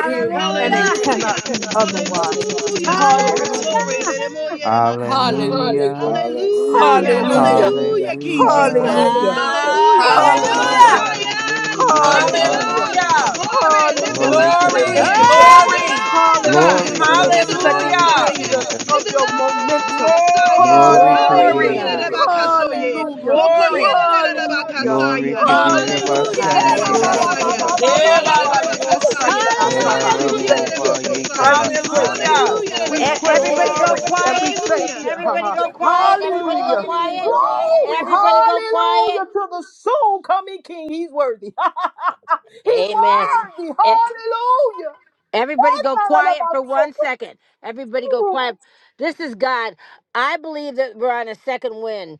[SPEAKER 6] and
[SPEAKER 10] Hallelujah,
[SPEAKER 6] it cannot be
[SPEAKER 10] hallelujah,
[SPEAKER 6] otherwise.
[SPEAKER 10] glory to your
[SPEAKER 8] Hallelujah.
[SPEAKER 10] name.
[SPEAKER 8] Glory,
[SPEAKER 6] Hallelujah,
[SPEAKER 10] Hallelujah,
[SPEAKER 8] glory.
[SPEAKER 1] Hallelujah.
[SPEAKER 8] Leremo yeremakasa.
[SPEAKER 10] hallelujah,
[SPEAKER 6] hallelujah,
[SPEAKER 9] Hallelujah.
[SPEAKER 8] Hallelujah.
[SPEAKER 10] hallelujah, thank
[SPEAKER 1] Hallelujah.
[SPEAKER 6] hallelujah,
[SPEAKER 10] you,
[SPEAKER 8] Hallelujah,
[SPEAKER 10] Jesus.
[SPEAKER 8] King Jesus.
[SPEAKER 9] Hallelujah.
[SPEAKER 10] Hallelujah.
[SPEAKER 1] Hallelujah.
[SPEAKER 6] hallelujah,
[SPEAKER 8] Hallelujah. Come on,
[SPEAKER 6] hallelujah,
[SPEAKER 8] Zion.
[SPEAKER 9] Hallelujah.
[SPEAKER 8] Lift him
[SPEAKER 6] hallelujah,
[SPEAKER 8] up.
[SPEAKER 9] Hallelujah.
[SPEAKER 2] Hallelujah!
[SPEAKER 8] Glory. Lift him
[SPEAKER 6] Hallelujah
[SPEAKER 9] Glory
[SPEAKER 8] up,
[SPEAKER 6] to
[SPEAKER 9] to
[SPEAKER 6] the
[SPEAKER 2] Glory,
[SPEAKER 8] Zion.
[SPEAKER 9] Jesus.
[SPEAKER 8] Lift
[SPEAKER 6] intercessors.
[SPEAKER 8] him
[SPEAKER 2] glory.
[SPEAKER 8] up,
[SPEAKER 1] Oh, God.
[SPEAKER 8] Zion.
[SPEAKER 6] Hallelujah
[SPEAKER 9] Glory,
[SPEAKER 6] to the
[SPEAKER 8] Lift
[SPEAKER 9] glory,
[SPEAKER 8] him
[SPEAKER 6] second
[SPEAKER 8] up,
[SPEAKER 9] glory to
[SPEAKER 2] Hallelujah.
[SPEAKER 6] wind
[SPEAKER 8] Zion.
[SPEAKER 9] Jesus.
[SPEAKER 6] of
[SPEAKER 8] Lift him
[SPEAKER 6] your momentum.
[SPEAKER 8] up, Zion.
[SPEAKER 9] Glory to
[SPEAKER 1] Glory to
[SPEAKER 6] Hallelujah.
[SPEAKER 2] Glory,
[SPEAKER 8] Hallelujah.
[SPEAKER 9] Jesus.
[SPEAKER 1] God.
[SPEAKER 8] Rebakasoye.
[SPEAKER 6] Hallelujah.
[SPEAKER 8] Mokoye.
[SPEAKER 2] glory.
[SPEAKER 6] Hallelujah.
[SPEAKER 9] Glory to
[SPEAKER 8] Rebakasaya.
[SPEAKER 9] Jesus.
[SPEAKER 6] Hallelujah.
[SPEAKER 2] Hallelujah.
[SPEAKER 8] Hallelujah.
[SPEAKER 1] Hallelujah,
[SPEAKER 8] Rebakasaya.
[SPEAKER 1] Jesus.
[SPEAKER 8] Oye.
[SPEAKER 2] Yeah, Baba, you don't suck
[SPEAKER 6] Holy
[SPEAKER 8] Rebakasaya.
[SPEAKER 2] it, I
[SPEAKER 6] God,
[SPEAKER 2] saw
[SPEAKER 1] Hallelujah,
[SPEAKER 9] Lera
[SPEAKER 2] that.
[SPEAKER 6] we
[SPEAKER 8] Hallelujah.
[SPEAKER 9] rambo
[SPEAKER 6] thank
[SPEAKER 1] Jesus.
[SPEAKER 6] you
[SPEAKER 9] ba yeke
[SPEAKER 8] Rebakasaya.
[SPEAKER 6] and
[SPEAKER 9] ba
[SPEAKER 6] we praise
[SPEAKER 9] salo
[SPEAKER 6] you.
[SPEAKER 9] ro
[SPEAKER 2] Hallelujah.
[SPEAKER 8] Hallelujah.
[SPEAKER 9] ro
[SPEAKER 6] We
[SPEAKER 9] bo
[SPEAKER 1] E-
[SPEAKER 9] ko.
[SPEAKER 6] praise you
[SPEAKER 8] Rebakasaya.
[SPEAKER 1] Everybody go
[SPEAKER 2] Glory.
[SPEAKER 6] and we
[SPEAKER 1] quiet.
[SPEAKER 6] thank
[SPEAKER 8] Hallelujah.
[SPEAKER 6] you. *laughs*
[SPEAKER 1] Everybody go quiet. Everybody go
[SPEAKER 6] Hallelujah.
[SPEAKER 1] quiet.
[SPEAKER 6] Glory.
[SPEAKER 1] Everybody go quiet.
[SPEAKER 6] Hallelujah to the soon coming King. He's worthy. *laughs* He's
[SPEAKER 1] Amen.
[SPEAKER 6] worthy.
[SPEAKER 1] E-
[SPEAKER 6] Hallelujah.
[SPEAKER 1] Everybody
[SPEAKER 6] That's
[SPEAKER 1] go
[SPEAKER 6] not all
[SPEAKER 1] quiet
[SPEAKER 6] about
[SPEAKER 1] for
[SPEAKER 6] so
[SPEAKER 1] one second. Everybody go
[SPEAKER 6] good.
[SPEAKER 1] quiet. This is God. I believe that we're on a second wind.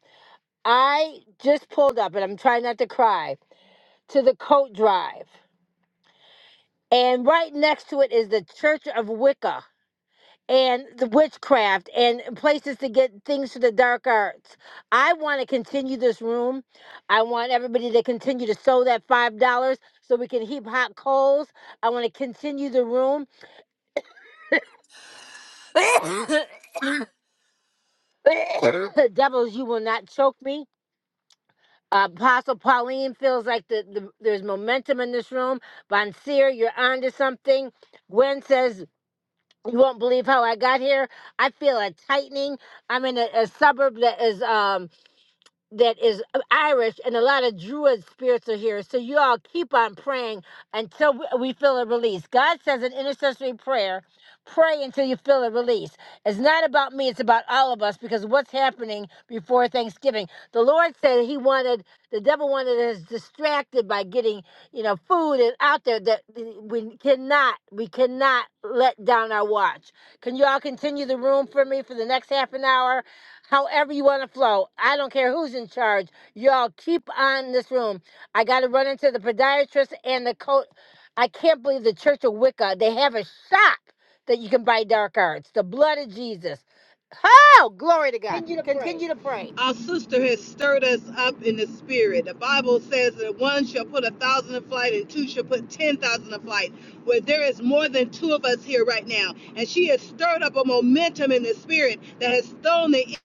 [SPEAKER 1] I just pulled up and I'm trying not to cry to the coat drive. And right next to it is the Church of Wicca and the witchcraft and places to get things for the dark arts. I want to continue this room. I want everybody to continue to sow that $5 so we can heap hot coals. I want to continue the room. *laughs* *coughs* Devils, you will not choke me. Uh, Apostle Pauline feels like the, the, there's momentum in this room. Bonseer, you're onto something. Gwen says, You won't believe how I got here. I feel a tightening. I'm in a, a suburb that is. Um, that is uh, Irish, and a lot of Druid spirits are here. So you all keep on praying until we we feel a release. God says an intercessory prayer. Pray until you feel a release. It's not about me, it's about all of us because what's happening before Thanksgiving? The Lord said he wanted, the devil wanted us distracted by getting, you know, food and out there that we cannot, we cannot let down our watch. Can you all continue the room for me for the next half an hour? however you want to flow. I don't care who's in charge. Y'all keep on this room. I got to run into the podiatrist and the coach. I can't believe the Church of Wicca. They have a shop that you can buy dark arts. The blood of Jesus. Oh, glory to God. Continue to pray.
[SPEAKER 8] Our sister has stirred us up in the spirit. The Bible says that one shall put a thousand in flight and two shall put ten thousand in flight. Where there is more than two of us here right now. And she has stirred up a momentum in the spirit that has thrown the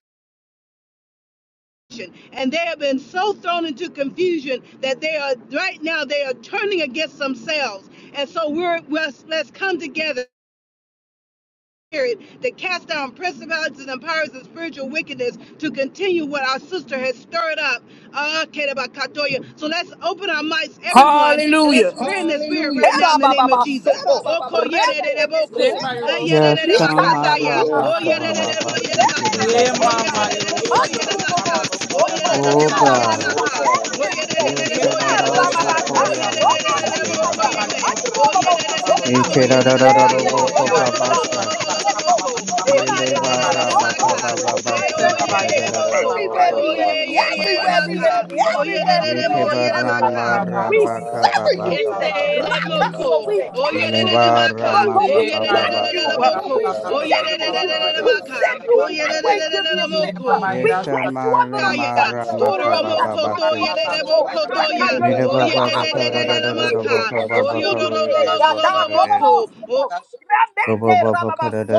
[SPEAKER 8] action. And they have been so thrown into confusion that they are right now they are turning against themselves. And so we're let's, let's come together. spirit that cast down principalities and powers of spiritual wickedness to continue what our sister has stirred up. Ah, Kedabakatoya. So let's open our mics, everyone, and
[SPEAKER 6] Hallelujah.
[SPEAKER 8] let's now in the name of Jesus.
[SPEAKER 6] Oh,
[SPEAKER 8] Ah,
[SPEAKER 2] Se ba yo
[SPEAKER 6] Soto.
[SPEAKER 2] do shaka da
[SPEAKER 8] yadadadabak-
[SPEAKER 6] Rika
[SPEAKER 2] sa ba
[SPEAKER 9] Yashama
[SPEAKER 2] lo
[SPEAKER 10] Thank
[SPEAKER 2] to
[SPEAKER 6] Yaba
[SPEAKER 2] da
[SPEAKER 10] you,
[SPEAKER 9] raba
[SPEAKER 8] Oh,
[SPEAKER 2] ma do
[SPEAKER 9] kaba
[SPEAKER 2] do
[SPEAKER 10] Father.
[SPEAKER 6] Soto.
[SPEAKER 10] Thank
[SPEAKER 2] e.
[SPEAKER 8] yadadadaba-
[SPEAKER 9] baba
[SPEAKER 6] Deba.
[SPEAKER 9] sikere
[SPEAKER 2] Yeah,
[SPEAKER 9] deriya
[SPEAKER 2] mama, you
[SPEAKER 8] yadabaka.
[SPEAKER 2] don't suck
[SPEAKER 9] bosaka.
[SPEAKER 2] it, I saw ba
[SPEAKER 6] Handrubo Soko.
[SPEAKER 9] Oh
[SPEAKER 6] Ina
[SPEAKER 9] God.
[SPEAKER 6] Rabasa.
[SPEAKER 2] e.
[SPEAKER 6] Enemies
[SPEAKER 10] you,
[SPEAKER 6] so.
[SPEAKER 2] Yeah,
[SPEAKER 10] Father.
[SPEAKER 6] Ina
[SPEAKER 9] Yesera rambo
[SPEAKER 10] Thank
[SPEAKER 6] Rababaka.
[SPEAKER 9] korea
[SPEAKER 6] Sona
[SPEAKER 9] masike
[SPEAKER 6] Rika
[SPEAKER 10] you,
[SPEAKER 6] Ya.
[SPEAKER 10] Father.
[SPEAKER 9] barararaba.
[SPEAKER 10] Thank
[SPEAKER 6] Handrubo
[SPEAKER 10] you,
[SPEAKER 6] Soka.
[SPEAKER 10] Father.
[SPEAKER 9] Yeke rararara
[SPEAKER 2] Yeah,
[SPEAKER 10] And
[SPEAKER 2] yeah,
[SPEAKER 6] Rimeya.
[SPEAKER 10] the
[SPEAKER 9] robo
[SPEAKER 2] yeah,
[SPEAKER 10] mighty
[SPEAKER 2] yeah, yeah,
[SPEAKER 9] ko
[SPEAKER 2] yeah,
[SPEAKER 10] name
[SPEAKER 2] yeah,
[SPEAKER 6] Holy
[SPEAKER 2] yeah,
[SPEAKER 9] baba
[SPEAKER 6] God.
[SPEAKER 2] yeah, yeah,
[SPEAKER 9] sata.
[SPEAKER 6] Rekeko.
[SPEAKER 10] of Jesus, may your will be
[SPEAKER 2] yeah,
[SPEAKER 6] Sina
[SPEAKER 10] done
[SPEAKER 9] Yele
[SPEAKER 6] Rama.
[SPEAKER 9] baraba
[SPEAKER 6] Roko.
[SPEAKER 9] kaba
[SPEAKER 6] Soka.
[SPEAKER 9] baba sike
[SPEAKER 6] Rebebeke.
[SPEAKER 9] rararara robo
[SPEAKER 6] Everywhere
[SPEAKER 9] ko
[SPEAKER 8] Oh
[SPEAKER 6] the
[SPEAKER 9] raba
[SPEAKER 8] yeah,
[SPEAKER 6] enemy,
[SPEAKER 8] yeah,
[SPEAKER 9] kaba
[SPEAKER 8] yeah,
[SPEAKER 9] baba
[SPEAKER 10] within
[SPEAKER 6] everywhere the
[SPEAKER 9] siya.
[SPEAKER 10] the
[SPEAKER 6] enemy,
[SPEAKER 8] Maka.
[SPEAKER 6] everywhere the enemy
[SPEAKER 9] Yeke
[SPEAKER 6] has come in like
[SPEAKER 8] Oyerereremooyeremaka.
[SPEAKER 6] a
[SPEAKER 9] barama
[SPEAKER 6] flood. We
[SPEAKER 9] raba kaba
[SPEAKER 6] sever
[SPEAKER 9] baba
[SPEAKER 6] you
[SPEAKER 9] kaba
[SPEAKER 6] today.
[SPEAKER 9] baba
[SPEAKER 6] Raka,
[SPEAKER 9] si.
[SPEAKER 8] Keselemoko.
[SPEAKER 6] so we cancel you.
[SPEAKER 8] Oyerereremaka.
[SPEAKER 9] Lebara
[SPEAKER 6] Roko, we crush
[SPEAKER 9] makababa
[SPEAKER 6] you.
[SPEAKER 9] sa
[SPEAKER 6] Uh,
[SPEAKER 9] ta
[SPEAKER 8] Oyerereremoko.
[SPEAKER 6] We shatter
[SPEAKER 2] yeah,
[SPEAKER 6] you. We
[SPEAKER 8] Oyerereremaka.
[SPEAKER 6] send you one way to the abyss.
[SPEAKER 8] Oyerereremoko.
[SPEAKER 6] Uh, We place you
[SPEAKER 9] Yeshama
[SPEAKER 6] under the
[SPEAKER 8] Taya.
[SPEAKER 9] lemara
[SPEAKER 6] footstool of
[SPEAKER 9] makababa
[SPEAKER 8] Oromoko
[SPEAKER 6] Raka,
[SPEAKER 9] ba se te.
[SPEAKER 8] toyereremoko.
[SPEAKER 6] Roko, Raka,
[SPEAKER 9] Yere ba
[SPEAKER 6] Yeshua
[SPEAKER 9] ba ba ka ra ra
[SPEAKER 6] HaMashiach.
[SPEAKER 9] ra ra
[SPEAKER 6] Uh,
[SPEAKER 9] ra
[SPEAKER 8] Oyerereremaka.
[SPEAKER 6] We
[SPEAKER 9] boko ba ba
[SPEAKER 6] cancel
[SPEAKER 9] ka
[SPEAKER 6] you
[SPEAKER 9] ra
[SPEAKER 6] today.
[SPEAKER 2] yeah,
[SPEAKER 6] Yada,
[SPEAKER 8] Oyororororororomoko. Oh,
[SPEAKER 2] yeah,
[SPEAKER 6] Robo,
[SPEAKER 2] yeah, yeah.
[SPEAKER 6] Rameke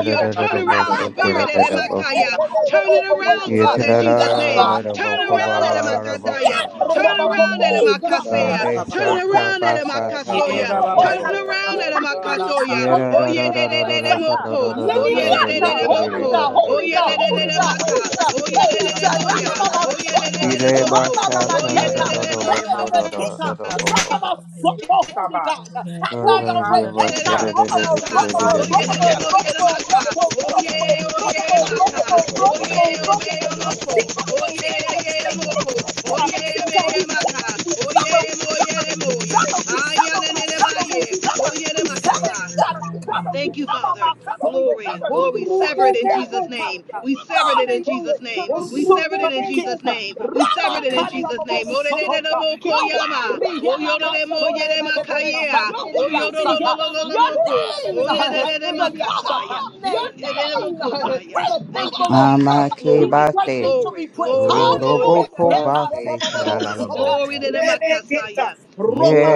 [SPEAKER 8] Your turnaround
[SPEAKER 6] Ramata.
[SPEAKER 8] spirit, Eremakaya.
[SPEAKER 6] Ebehepa
[SPEAKER 8] Turn
[SPEAKER 6] Robo
[SPEAKER 8] it around,
[SPEAKER 6] Oweta.
[SPEAKER 8] Father, in Jesus'
[SPEAKER 6] Yes,
[SPEAKER 8] name.
[SPEAKER 6] God. Have
[SPEAKER 8] Turn
[SPEAKER 6] your
[SPEAKER 2] Hallelujah.
[SPEAKER 6] way,
[SPEAKER 8] around,
[SPEAKER 6] God.
[SPEAKER 2] Rababairo
[SPEAKER 6] Yes,
[SPEAKER 2] Shamana
[SPEAKER 8] Eremakataya.
[SPEAKER 6] my
[SPEAKER 8] Turn
[SPEAKER 2] Samana
[SPEAKER 6] Roboko.
[SPEAKER 8] around at him,
[SPEAKER 6] Move,
[SPEAKER 2] Turamana
[SPEAKER 6] God, now.
[SPEAKER 2] Sakra
[SPEAKER 8] Akaseya. Turn
[SPEAKER 6] Roko
[SPEAKER 2] Sabalotue.
[SPEAKER 8] around at him,
[SPEAKER 6] Soko Nababa
[SPEAKER 2] Ye
[SPEAKER 8] Akasoya.
[SPEAKER 6] Soko
[SPEAKER 8] Turn
[SPEAKER 6] now.
[SPEAKER 2] Babairo
[SPEAKER 9] ba.
[SPEAKER 8] around at him,
[SPEAKER 2] Shamana Mala
[SPEAKER 6] Rikandiriya
[SPEAKER 8] Akatoya. Oh,
[SPEAKER 6] Soko
[SPEAKER 2] Sabalotue.
[SPEAKER 8] yeah, de
[SPEAKER 9] Amakebate,
[SPEAKER 8] de
[SPEAKER 6] Rubo
[SPEAKER 8] de
[SPEAKER 2] Rabaira
[SPEAKER 8] de
[SPEAKER 6] Sata.
[SPEAKER 8] moko.
[SPEAKER 2] Shakira
[SPEAKER 8] Oh, yeah, de
[SPEAKER 2] Sabalera
[SPEAKER 8] de
[SPEAKER 6] Yeniriyata.
[SPEAKER 8] de de
[SPEAKER 6] Holy
[SPEAKER 8] moko.
[SPEAKER 6] God,
[SPEAKER 2] Sabalotu.
[SPEAKER 8] Oh,
[SPEAKER 6] holy
[SPEAKER 8] yeah,
[SPEAKER 6] God,
[SPEAKER 8] de de de
[SPEAKER 6] holy
[SPEAKER 8] de
[SPEAKER 6] God,
[SPEAKER 2] Mamairo
[SPEAKER 6] holy
[SPEAKER 8] maka.
[SPEAKER 6] God,
[SPEAKER 8] Oh, yeah,
[SPEAKER 2] Shakira
[SPEAKER 8] de
[SPEAKER 6] holy
[SPEAKER 8] de de
[SPEAKER 6] God.
[SPEAKER 8] moya.
[SPEAKER 2] Sabalotu.
[SPEAKER 6] Ramamama
[SPEAKER 8] Oh,
[SPEAKER 2] Mairo
[SPEAKER 8] yeah, de de
[SPEAKER 2] Shakira
[SPEAKER 6] Soko.
[SPEAKER 8] de de
[SPEAKER 2] Sabalotue.
[SPEAKER 8] moko.
[SPEAKER 6] Ramamama
[SPEAKER 8] Oh, yeah, de
[SPEAKER 6] Keta.
[SPEAKER 8] de de
[SPEAKER 2] Ye
[SPEAKER 8] moya.
[SPEAKER 2] Mamairo
[SPEAKER 6] Rebebekita,
[SPEAKER 2] Shakira Sabalata.
[SPEAKER 6] Rababasoto,
[SPEAKER 2] Yes,
[SPEAKER 6] Holy
[SPEAKER 2] Sabah.
[SPEAKER 6] God. Have
[SPEAKER 2] Woo,
[SPEAKER 6] thy own way. Netta,
[SPEAKER 2] hallelujah.
[SPEAKER 6] Robabo, Robabo, Robabo,
[SPEAKER 2] Hallelujah.
[SPEAKER 6] Robabo, Robabo, Robabo, Robabo, Robabo,
[SPEAKER 10] earth
[SPEAKER 6] Robabo,
[SPEAKER 10] and within
[SPEAKER 6] Robabo.
[SPEAKER 10] the earth. alone.
[SPEAKER 6] Sika, Sika,
[SPEAKER 10] Let
[SPEAKER 6] Sika,
[SPEAKER 10] his
[SPEAKER 6] Sika,
[SPEAKER 10] mantle altars
[SPEAKER 6] Sika.
[SPEAKER 10] with
[SPEAKER 6] We
[SPEAKER 10] the hose of
[SPEAKER 6] suffer,
[SPEAKER 10] fire
[SPEAKER 6] we
[SPEAKER 10] in
[SPEAKER 6] suffer,
[SPEAKER 10] the
[SPEAKER 6] we
[SPEAKER 10] mighty name
[SPEAKER 6] suffer,
[SPEAKER 10] of
[SPEAKER 6] we suffer,
[SPEAKER 10] Jesus.
[SPEAKER 6] we suffer, we suffer, we suffer, we
[SPEAKER 10] We break
[SPEAKER 6] suffer.
[SPEAKER 10] and we bind in the
[SPEAKER 8] Thank you,
[SPEAKER 10] mighty name
[SPEAKER 6] Yanaka,
[SPEAKER 10] of
[SPEAKER 8] Father.
[SPEAKER 10] Jesus.
[SPEAKER 6] Soko,
[SPEAKER 8] Glory, glory.
[SPEAKER 10] Amen.
[SPEAKER 8] Sever it in Jesus' name.
[SPEAKER 6] Rububukaya.
[SPEAKER 8] We severed it in Jesus'
[SPEAKER 6] Hallelujah to
[SPEAKER 8] name.
[SPEAKER 6] the soul coming King.
[SPEAKER 8] Name. We severed it in
[SPEAKER 6] Ramakanda
[SPEAKER 8] Jesus'
[SPEAKER 6] Mama
[SPEAKER 8] name.
[SPEAKER 6] Sokota. You're worthy. Yanamasore Bebebebe Sandiriasata. Your name uh, is above all names. uh, Great is the Lord. uh, He's
[SPEAKER 8] Glory,
[SPEAKER 6] greatly to
[SPEAKER 8] glory,
[SPEAKER 6] be praised.
[SPEAKER 8] glory, glory, Glory,
[SPEAKER 6] Hallelujah.
[SPEAKER 9] Roboko
[SPEAKER 6] Heta
[SPEAKER 9] Base,
[SPEAKER 6] Romamo
[SPEAKER 9] Caralabosata.
[SPEAKER 6] Remeketa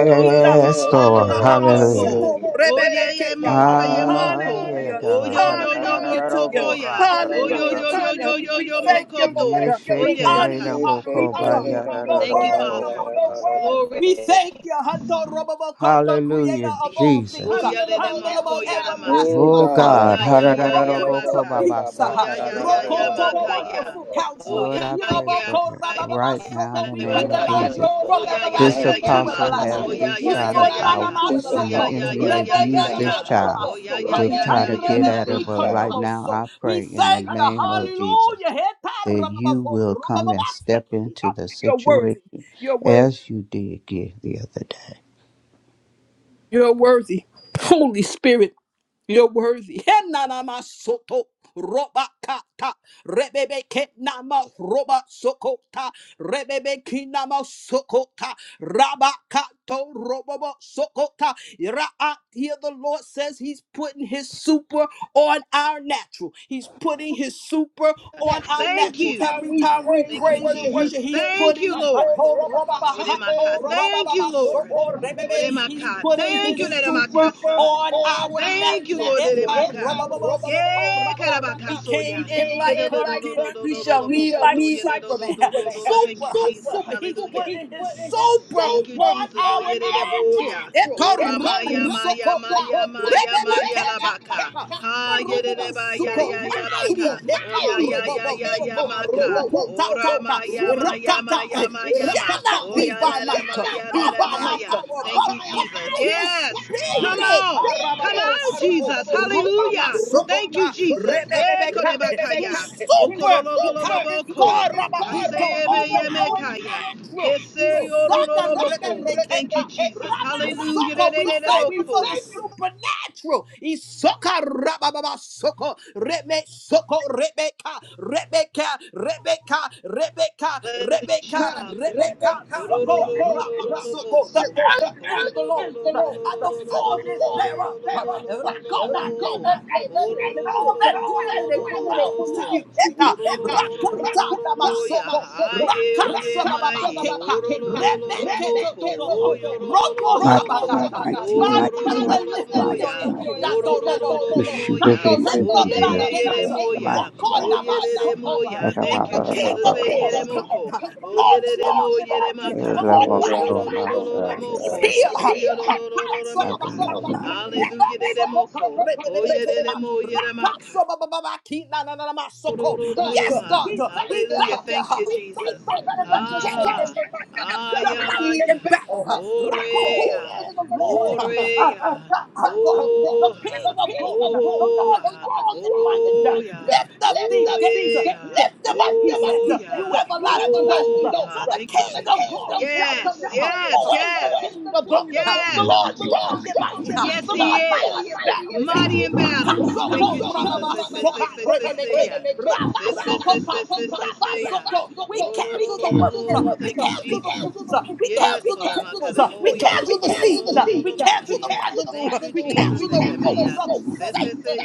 [SPEAKER 8] yes, God.
[SPEAKER 9] Lord,
[SPEAKER 6] Mandrama
[SPEAKER 9] hallelujah.
[SPEAKER 6] Rebebeke Yaba.
[SPEAKER 9] Ah, yeah,
[SPEAKER 6] Hallelujah.
[SPEAKER 9] God.
[SPEAKER 6] Hallelujah to you.
[SPEAKER 9] Harararararabo,
[SPEAKER 8] Yes,
[SPEAKER 9] ra, ra, ba,
[SPEAKER 6] Hallelujah
[SPEAKER 9] ka,
[SPEAKER 6] to
[SPEAKER 9] ba.
[SPEAKER 6] you. We thank you, Lord. We honor you,
[SPEAKER 8] yes,
[SPEAKER 6] honorable Father. You're
[SPEAKER 8] Thank oh, you,
[SPEAKER 6] worthy of
[SPEAKER 8] Father.
[SPEAKER 6] our
[SPEAKER 9] Yeshekereraboko-ba-yararararaboko-ba.
[SPEAKER 6] worship.
[SPEAKER 8] Glory,
[SPEAKER 6] We thank you, Hatoroboko, the
[SPEAKER 9] Hallelujah,
[SPEAKER 6] creator of
[SPEAKER 8] yeah.
[SPEAKER 6] all things,
[SPEAKER 9] Jesus.
[SPEAKER 6] Honorable Everlasting
[SPEAKER 9] Oh
[SPEAKER 6] Father,
[SPEAKER 9] God.
[SPEAKER 8] Oh, yeah, yeah, yeah, yeah,
[SPEAKER 6] Prince of Peace, Rokoto,
[SPEAKER 9] Hararararaboko-ba-ba-satararararaboko-ba.
[SPEAKER 6] wonderful
[SPEAKER 8] Oh,
[SPEAKER 6] counselor.
[SPEAKER 9] Lord,
[SPEAKER 8] yeah,
[SPEAKER 9] I pray
[SPEAKER 8] yeah,
[SPEAKER 9] for
[SPEAKER 6] Iroboko
[SPEAKER 9] Eric
[SPEAKER 8] yeah,
[SPEAKER 9] right now in
[SPEAKER 6] rabababasoko,
[SPEAKER 9] the
[SPEAKER 6] We
[SPEAKER 8] yeah,
[SPEAKER 9] name of
[SPEAKER 6] recognize
[SPEAKER 9] Jesus.
[SPEAKER 6] you're from
[SPEAKER 9] This
[SPEAKER 6] everlasting
[SPEAKER 8] yeah,
[SPEAKER 6] to
[SPEAKER 9] apostle has
[SPEAKER 6] everlasting.
[SPEAKER 8] Yeah,
[SPEAKER 9] this kind of power,
[SPEAKER 8] yeah,
[SPEAKER 9] and the
[SPEAKER 8] yeah,
[SPEAKER 6] Isonanamasoko,
[SPEAKER 8] yeah, yeah,
[SPEAKER 9] enemy would use this
[SPEAKER 8] yeah.
[SPEAKER 9] child
[SPEAKER 8] Oh, yeah,
[SPEAKER 6] rebebekenamasoha,
[SPEAKER 9] to try to get at her. But right now,
[SPEAKER 6] andrebebebikonomoso.
[SPEAKER 9] I
[SPEAKER 6] We
[SPEAKER 9] pray in the
[SPEAKER 6] thank the
[SPEAKER 9] name of Jesus.
[SPEAKER 6] Hallelujah. Heta
[SPEAKER 9] that you
[SPEAKER 6] rababafo,
[SPEAKER 9] will come and
[SPEAKER 6] rabababasake.
[SPEAKER 9] step into the
[SPEAKER 6] You're worthy.
[SPEAKER 9] situation
[SPEAKER 6] You're worthy.
[SPEAKER 9] as you did get the other day.
[SPEAKER 6] You're worthy. Holy Spirit. You're worthy. *laughs* Henanama soto roba kata rebebe kenama roba sokota rebebe kinama sokota raba kato robobo sokota. Ra- ah, Here the Lord says He's putting His super on our natural. He's putting His super on our natural. Every time we praise and worship, He's
[SPEAKER 8] Thank you,
[SPEAKER 6] putting ato roba ba hato roba ba ba soko rebebe.
[SPEAKER 8] Maka.
[SPEAKER 6] He's putting His
[SPEAKER 8] Thank
[SPEAKER 6] super on our natural. Etarobobosokoraka. We
[SPEAKER 8] So, yeah,
[SPEAKER 6] came in like Clark Kent. We shall leave like Superman. *laughs* Super, super. He's putting his super on our natural. Etarobobosokoraka. Rebebekekakaka.
[SPEAKER 8] Ah, yeah, yeah,
[SPEAKER 6] Marububusuko mighty. Heka
[SPEAKER 8] yeah,
[SPEAKER 6] robo
[SPEAKER 8] yeah, yeah.
[SPEAKER 6] soko roku ta ta ta rakata. It shall not be by might, nor by our power, but by his
[SPEAKER 8] Yes. Come
[SPEAKER 6] spirit.
[SPEAKER 8] on.
[SPEAKER 6] Arababo soko
[SPEAKER 8] Hallelujah.
[SPEAKER 6] robama soko ta rebebebeka. His super he ca- it's called rabahito over our natural.
[SPEAKER 8] Yes,
[SPEAKER 6] He Rama Soko, we thank you for the supernatural. Isoka Rababa Soko, Reme Soko, Rebecca, Rebecca, Rebecca, Rebecca, Rebecca, Rebecca, Soko, Rama Soko. The earth is the Lord's and the fullness thereof. Rakona, the nations and all that dwell in it belongs to you. Keta, Rakata Namasoko, Rakatsa Baba Keta, Remeke Toto, Roko
[SPEAKER 9] Mighty,
[SPEAKER 6] Sabakata,
[SPEAKER 9] mighty, mighty,
[SPEAKER 6] Magasa,
[SPEAKER 9] mighty,
[SPEAKER 6] lift up your
[SPEAKER 9] mighty.
[SPEAKER 6] head, Dato Robo,
[SPEAKER 9] Wishu
[SPEAKER 8] yeah.
[SPEAKER 9] bebe
[SPEAKER 6] Nikato, lift
[SPEAKER 9] siki
[SPEAKER 6] up thy
[SPEAKER 9] bira.
[SPEAKER 6] gates,
[SPEAKER 9] Mighty.
[SPEAKER 6] Roko Namasoko,
[SPEAKER 9] Era
[SPEAKER 6] let the
[SPEAKER 9] baba era
[SPEAKER 6] King
[SPEAKER 8] Jesus.
[SPEAKER 6] of glory come in, the
[SPEAKER 8] yeah,
[SPEAKER 6] Lord
[SPEAKER 8] yeah,
[SPEAKER 6] strong and mighty, the Lord mighty
[SPEAKER 9] oh,
[SPEAKER 6] in battle, he's
[SPEAKER 8] oh.
[SPEAKER 6] here, Rakatsa
[SPEAKER 9] I
[SPEAKER 6] Baba
[SPEAKER 9] will
[SPEAKER 6] Keta.
[SPEAKER 9] not be shy.
[SPEAKER 6] Reba
[SPEAKER 8] Hallelujah.
[SPEAKER 6] sokopa,
[SPEAKER 8] Oh, yeah,
[SPEAKER 6] rebebebeke.
[SPEAKER 8] yeah, yeah,
[SPEAKER 6] Rakasobababaki, na, na, na, na, masoko. Yes, God, we thank
[SPEAKER 8] Thank
[SPEAKER 6] you.
[SPEAKER 8] you.
[SPEAKER 6] We thank you that you're strong and mighty. uh,
[SPEAKER 8] Ah,
[SPEAKER 6] You're mighty in battle. uh,
[SPEAKER 8] eh,
[SPEAKER 6] Rako, who is the Lord? uh, uh, Raka of God, the
[SPEAKER 8] oh,
[SPEAKER 6] King of glory, uh, the Lord strong and mighty. uh, Lift up the gates. uh, Lift them up, he says, uh, you everlasting doors. uh, So the King of glory shall come in. uh, Who is the King of glory? uh, The Lord strong and mighty. uh, The Lord mighty in battle is here. Raka
[SPEAKER 9] Mhm,
[SPEAKER 8] Battle.
[SPEAKER 6] soko rababa soka rebebeke. Rabasokota, Rabasoko we cancel the
[SPEAKER 9] mhm,
[SPEAKER 6] works. uh, We cancel the fruits. uh, We cancel the temples. uh, We cancel the seeds. uh, We cancel the residue. uh, We
[SPEAKER 9] mhm,
[SPEAKER 6] cancel the
[SPEAKER 9] mhm,
[SPEAKER 6] roots of Satan.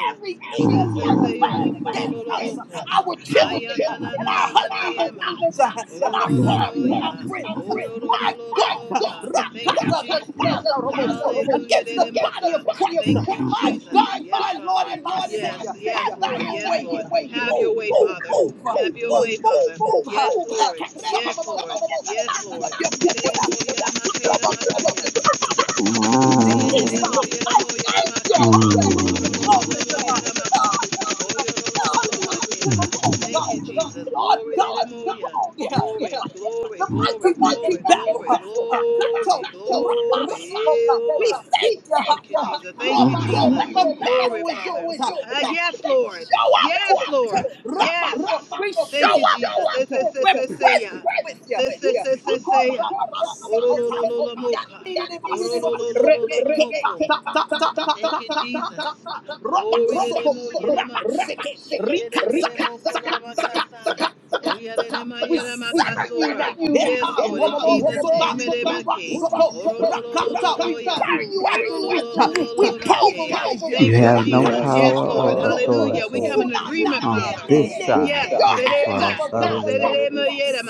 [SPEAKER 8] oh.
[SPEAKER 6] Every evil work
[SPEAKER 9] mhm,
[SPEAKER 6] planned against us, uh,
[SPEAKER 8] oh.
[SPEAKER 6] our children, uh, and our husbands and
[SPEAKER 8] yeah,
[SPEAKER 6] wives, uh, and our families and our
[SPEAKER 8] yeah.
[SPEAKER 6] friends. uh, My God, uh,
[SPEAKER 8] ah. Thank you,
[SPEAKER 6] Rakata, the
[SPEAKER 8] Jesus.
[SPEAKER 6] thousand against the body of Christ. uh,
[SPEAKER 8] Thank you,
[SPEAKER 6] My
[SPEAKER 8] Jesus.
[SPEAKER 6] God,
[SPEAKER 8] Yes,
[SPEAKER 6] my Lord, and my Savior, have
[SPEAKER 8] Lord.
[SPEAKER 6] thy own way here.
[SPEAKER 8] Have
[SPEAKER 6] Move,
[SPEAKER 8] your way,
[SPEAKER 6] move,
[SPEAKER 8] Father.
[SPEAKER 6] move. uh, Move Move, move, move.
[SPEAKER 8] Yes,
[SPEAKER 6] uh,
[SPEAKER 8] Lord. Yes, Lord.
[SPEAKER 6] Rekesabababoso, In the
[SPEAKER 8] Yes,
[SPEAKER 6] lives
[SPEAKER 8] Lord.
[SPEAKER 6] of your people now. Yakarababoso, rababakisakatabeisa. I thank you. Hallelujah.
[SPEAKER 9] mhm,
[SPEAKER 6] Glory to God. Hallelujah. Hallelujah
[SPEAKER 9] mhm,
[SPEAKER 6] to the Lord God.
[SPEAKER 8] Thank
[SPEAKER 6] The
[SPEAKER 8] you,
[SPEAKER 9] mhm,
[SPEAKER 6] Lord
[SPEAKER 8] Glory,
[SPEAKER 6] God is
[SPEAKER 8] hallelujah.
[SPEAKER 6] strong uh,
[SPEAKER 8] Glory,
[SPEAKER 6] and mighty.
[SPEAKER 8] glory,
[SPEAKER 6] The
[SPEAKER 9] mhm,
[SPEAKER 6] mighty
[SPEAKER 8] glory,
[SPEAKER 6] one in battle. uh,
[SPEAKER 8] glory,
[SPEAKER 6] Rakato,
[SPEAKER 8] glory.
[SPEAKER 6] Rabaso. uh,
[SPEAKER 8] Ew.
[SPEAKER 6] We thank you. ha,
[SPEAKER 8] Thank you,
[SPEAKER 6] ha,
[SPEAKER 8] Jesus. Thank you, Jesus,
[SPEAKER 9] mhm.
[SPEAKER 6] Rabaso, that the battle is yours. That We
[SPEAKER 8] Lord.
[SPEAKER 6] show up
[SPEAKER 8] Yes,
[SPEAKER 6] for it.
[SPEAKER 8] yes.
[SPEAKER 6] Rabaso, We show up for it. We're present with you.
[SPEAKER 8] Say,
[SPEAKER 6] It's
[SPEAKER 8] say, say.
[SPEAKER 6] Sakorabasekota.
[SPEAKER 8] Orololomoka.
[SPEAKER 6] Yandidimaso. Rebeke. Ta, ta, ta, ta, ta, ta, ta, ta, ta, ta.
[SPEAKER 8] Glory,
[SPEAKER 6] Robasoko.
[SPEAKER 8] ma-
[SPEAKER 6] Rabaseke. Rika. Saka. Saka.
[SPEAKER 8] ma- ma-
[SPEAKER 6] Saka.
[SPEAKER 8] kasa.
[SPEAKER 6] Saka. Saka. Saka.
[SPEAKER 8] Oyalele ma-
[SPEAKER 6] We
[SPEAKER 8] yele ma-
[SPEAKER 6] sever
[SPEAKER 8] kaso.
[SPEAKER 6] you now. Heta robobo sota ruba soko rakata. We burn you at the root. We pulverize you.
[SPEAKER 9] You have no
[SPEAKER 6] Rakata
[SPEAKER 8] Jesus. Yes,
[SPEAKER 6] soba
[SPEAKER 9] power
[SPEAKER 6] mama
[SPEAKER 8] Lord.
[SPEAKER 9] or
[SPEAKER 6] koto.
[SPEAKER 8] Hallelujah. We come
[SPEAKER 9] authority
[SPEAKER 8] in
[SPEAKER 6] Suna
[SPEAKER 8] agreement.
[SPEAKER 6] na ne
[SPEAKER 9] on
[SPEAKER 6] ne
[SPEAKER 9] this
[SPEAKER 6] ne.
[SPEAKER 9] side
[SPEAKER 6] Take your
[SPEAKER 8] Yes.
[SPEAKER 9] of the
[SPEAKER 6] hands off
[SPEAKER 9] cross.
[SPEAKER 6] of God's
[SPEAKER 9] Hallelujah.
[SPEAKER 6] property.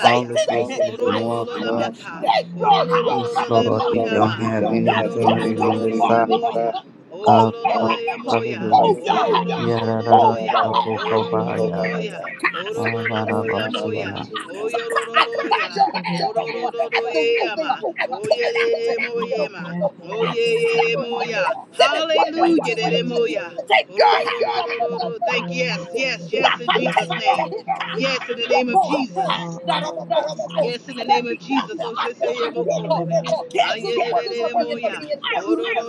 [SPEAKER 9] All of this is
[SPEAKER 6] I
[SPEAKER 9] more
[SPEAKER 6] speak that.
[SPEAKER 9] constant.
[SPEAKER 8] Yes
[SPEAKER 10] In the
[SPEAKER 6] Take
[SPEAKER 10] mighty
[SPEAKER 6] your
[SPEAKER 10] name of
[SPEAKER 6] hands
[SPEAKER 9] Yes,
[SPEAKER 6] off of
[SPEAKER 10] Jesus.
[SPEAKER 9] Lord, you
[SPEAKER 6] God's
[SPEAKER 9] don't
[SPEAKER 8] us
[SPEAKER 6] property.
[SPEAKER 8] with
[SPEAKER 10] No
[SPEAKER 9] have
[SPEAKER 8] your
[SPEAKER 9] any
[SPEAKER 6] You're
[SPEAKER 10] weapon
[SPEAKER 8] heavenly
[SPEAKER 10] from the
[SPEAKER 9] authority on
[SPEAKER 10] people
[SPEAKER 6] trespassing
[SPEAKER 9] this
[SPEAKER 10] shall
[SPEAKER 6] on
[SPEAKER 9] side
[SPEAKER 8] heavenly
[SPEAKER 6] God's
[SPEAKER 10] prosper.
[SPEAKER 8] fire.
[SPEAKER 6] property.
[SPEAKER 8] Our
[SPEAKER 6] Move
[SPEAKER 9] of the
[SPEAKER 6] your
[SPEAKER 9] cross.
[SPEAKER 6] hands.
[SPEAKER 8] Father,
[SPEAKER 10] We
[SPEAKER 8] yeah, Baba,
[SPEAKER 9] Hallelujah.
[SPEAKER 6] Move
[SPEAKER 10] cast
[SPEAKER 6] your
[SPEAKER 10] it
[SPEAKER 8] Baba,
[SPEAKER 6] hand.
[SPEAKER 10] down.
[SPEAKER 6] Move
[SPEAKER 10] It
[SPEAKER 6] your hand
[SPEAKER 10] falters
[SPEAKER 6] now.
[SPEAKER 10] down in the
[SPEAKER 9] Yadadadadabokobaya.
[SPEAKER 10] mighty name
[SPEAKER 6] Sakai,
[SPEAKER 10] of
[SPEAKER 6] Sakai,
[SPEAKER 10] Jesus.
[SPEAKER 6] Sakai,
[SPEAKER 9] Yadadabosiya.
[SPEAKER 6] Sakai, Sakai, Sakai. I cut
[SPEAKER 10] Thank
[SPEAKER 6] your
[SPEAKER 10] you,
[SPEAKER 6] hand
[SPEAKER 10] Jesus.
[SPEAKER 6] off at the root.
[SPEAKER 8] Baba,
[SPEAKER 6] I pull it out at
[SPEAKER 10] We
[SPEAKER 6] the
[SPEAKER 8] and
[SPEAKER 6] root.
[SPEAKER 8] Baba,
[SPEAKER 10] dismantle
[SPEAKER 6] And I
[SPEAKER 10] all forms of
[SPEAKER 6] sever it
[SPEAKER 10] witchcraft
[SPEAKER 6] and
[SPEAKER 8] Baba,
[SPEAKER 6] send it one
[SPEAKER 10] in
[SPEAKER 6] way
[SPEAKER 10] the
[SPEAKER 6] to
[SPEAKER 8] Hallelujah.
[SPEAKER 6] the
[SPEAKER 10] mighty name
[SPEAKER 6] abyss.
[SPEAKER 10] of
[SPEAKER 8] Dedemoya.
[SPEAKER 10] Jesus.
[SPEAKER 6] Take your hands off of
[SPEAKER 10] We
[SPEAKER 6] the
[SPEAKER 8] Ororororororo.
[SPEAKER 10] destroy
[SPEAKER 8] Thank
[SPEAKER 6] God's
[SPEAKER 8] you.
[SPEAKER 10] all his
[SPEAKER 8] yes,
[SPEAKER 6] people.
[SPEAKER 8] yes,
[SPEAKER 10] plans,
[SPEAKER 8] yes,
[SPEAKER 10] the
[SPEAKER 8] in
[SPEAKER 6] Rafa,
[SPEAKER 10] Holy
[SPEAKER 8] Jesus'
[SPEAKER 6] Take
[SPEAKER 10] Ghost
[SPEAKER 6] your
[SPEAKER 8] name.
[SPEAKER 10] and
[SPEAKER 6] hit, kaha,
[SPEAKER 10] fire.
[SPEAKER 8] Yes, in the name
[SPEAKER 10] We
[SPEAKER 8] of
[SPEAKER 6] roko,
[SPEAKER 8] Jesus.
[SPEAKER 10] destroy all
[SPEAKER 8] Yes,
[SPEAKER 6] handa
[SPEAKER 10] altars and the
[SPEAKER 6] I
[SPEAKER 10] idols that
[SPEAKER 8] in
[SPEAKER 6] speak
[SPEAKER 8] the
[SPEAKER 6] to
[SPEAKER 10] sit
[SPEAKER 8] name
[SPEAKER 10] on
[SPEAKER 6] every
[SPEAKER 8] of
[SPEAKER 10] top of
[SPEAKER 8] Jesus.
[SPEAKER 6] dumbbell.
[SPEAKER 10] it
[SPEAKER 6] I can't
[SPEAKER 10] in the
[SPEAKER 6] ruboko.
[SPEAKER 10] mighty
[SPEAKER 6] I
[SPEAKER 10] name of
[SPEAKER 6] cancel the
[SPEAKER 10] Jesus.
[SPEAKER 6] works of the enemy. I
[SPEAKER 8] Oh,
[SPEAKER 6] rubu-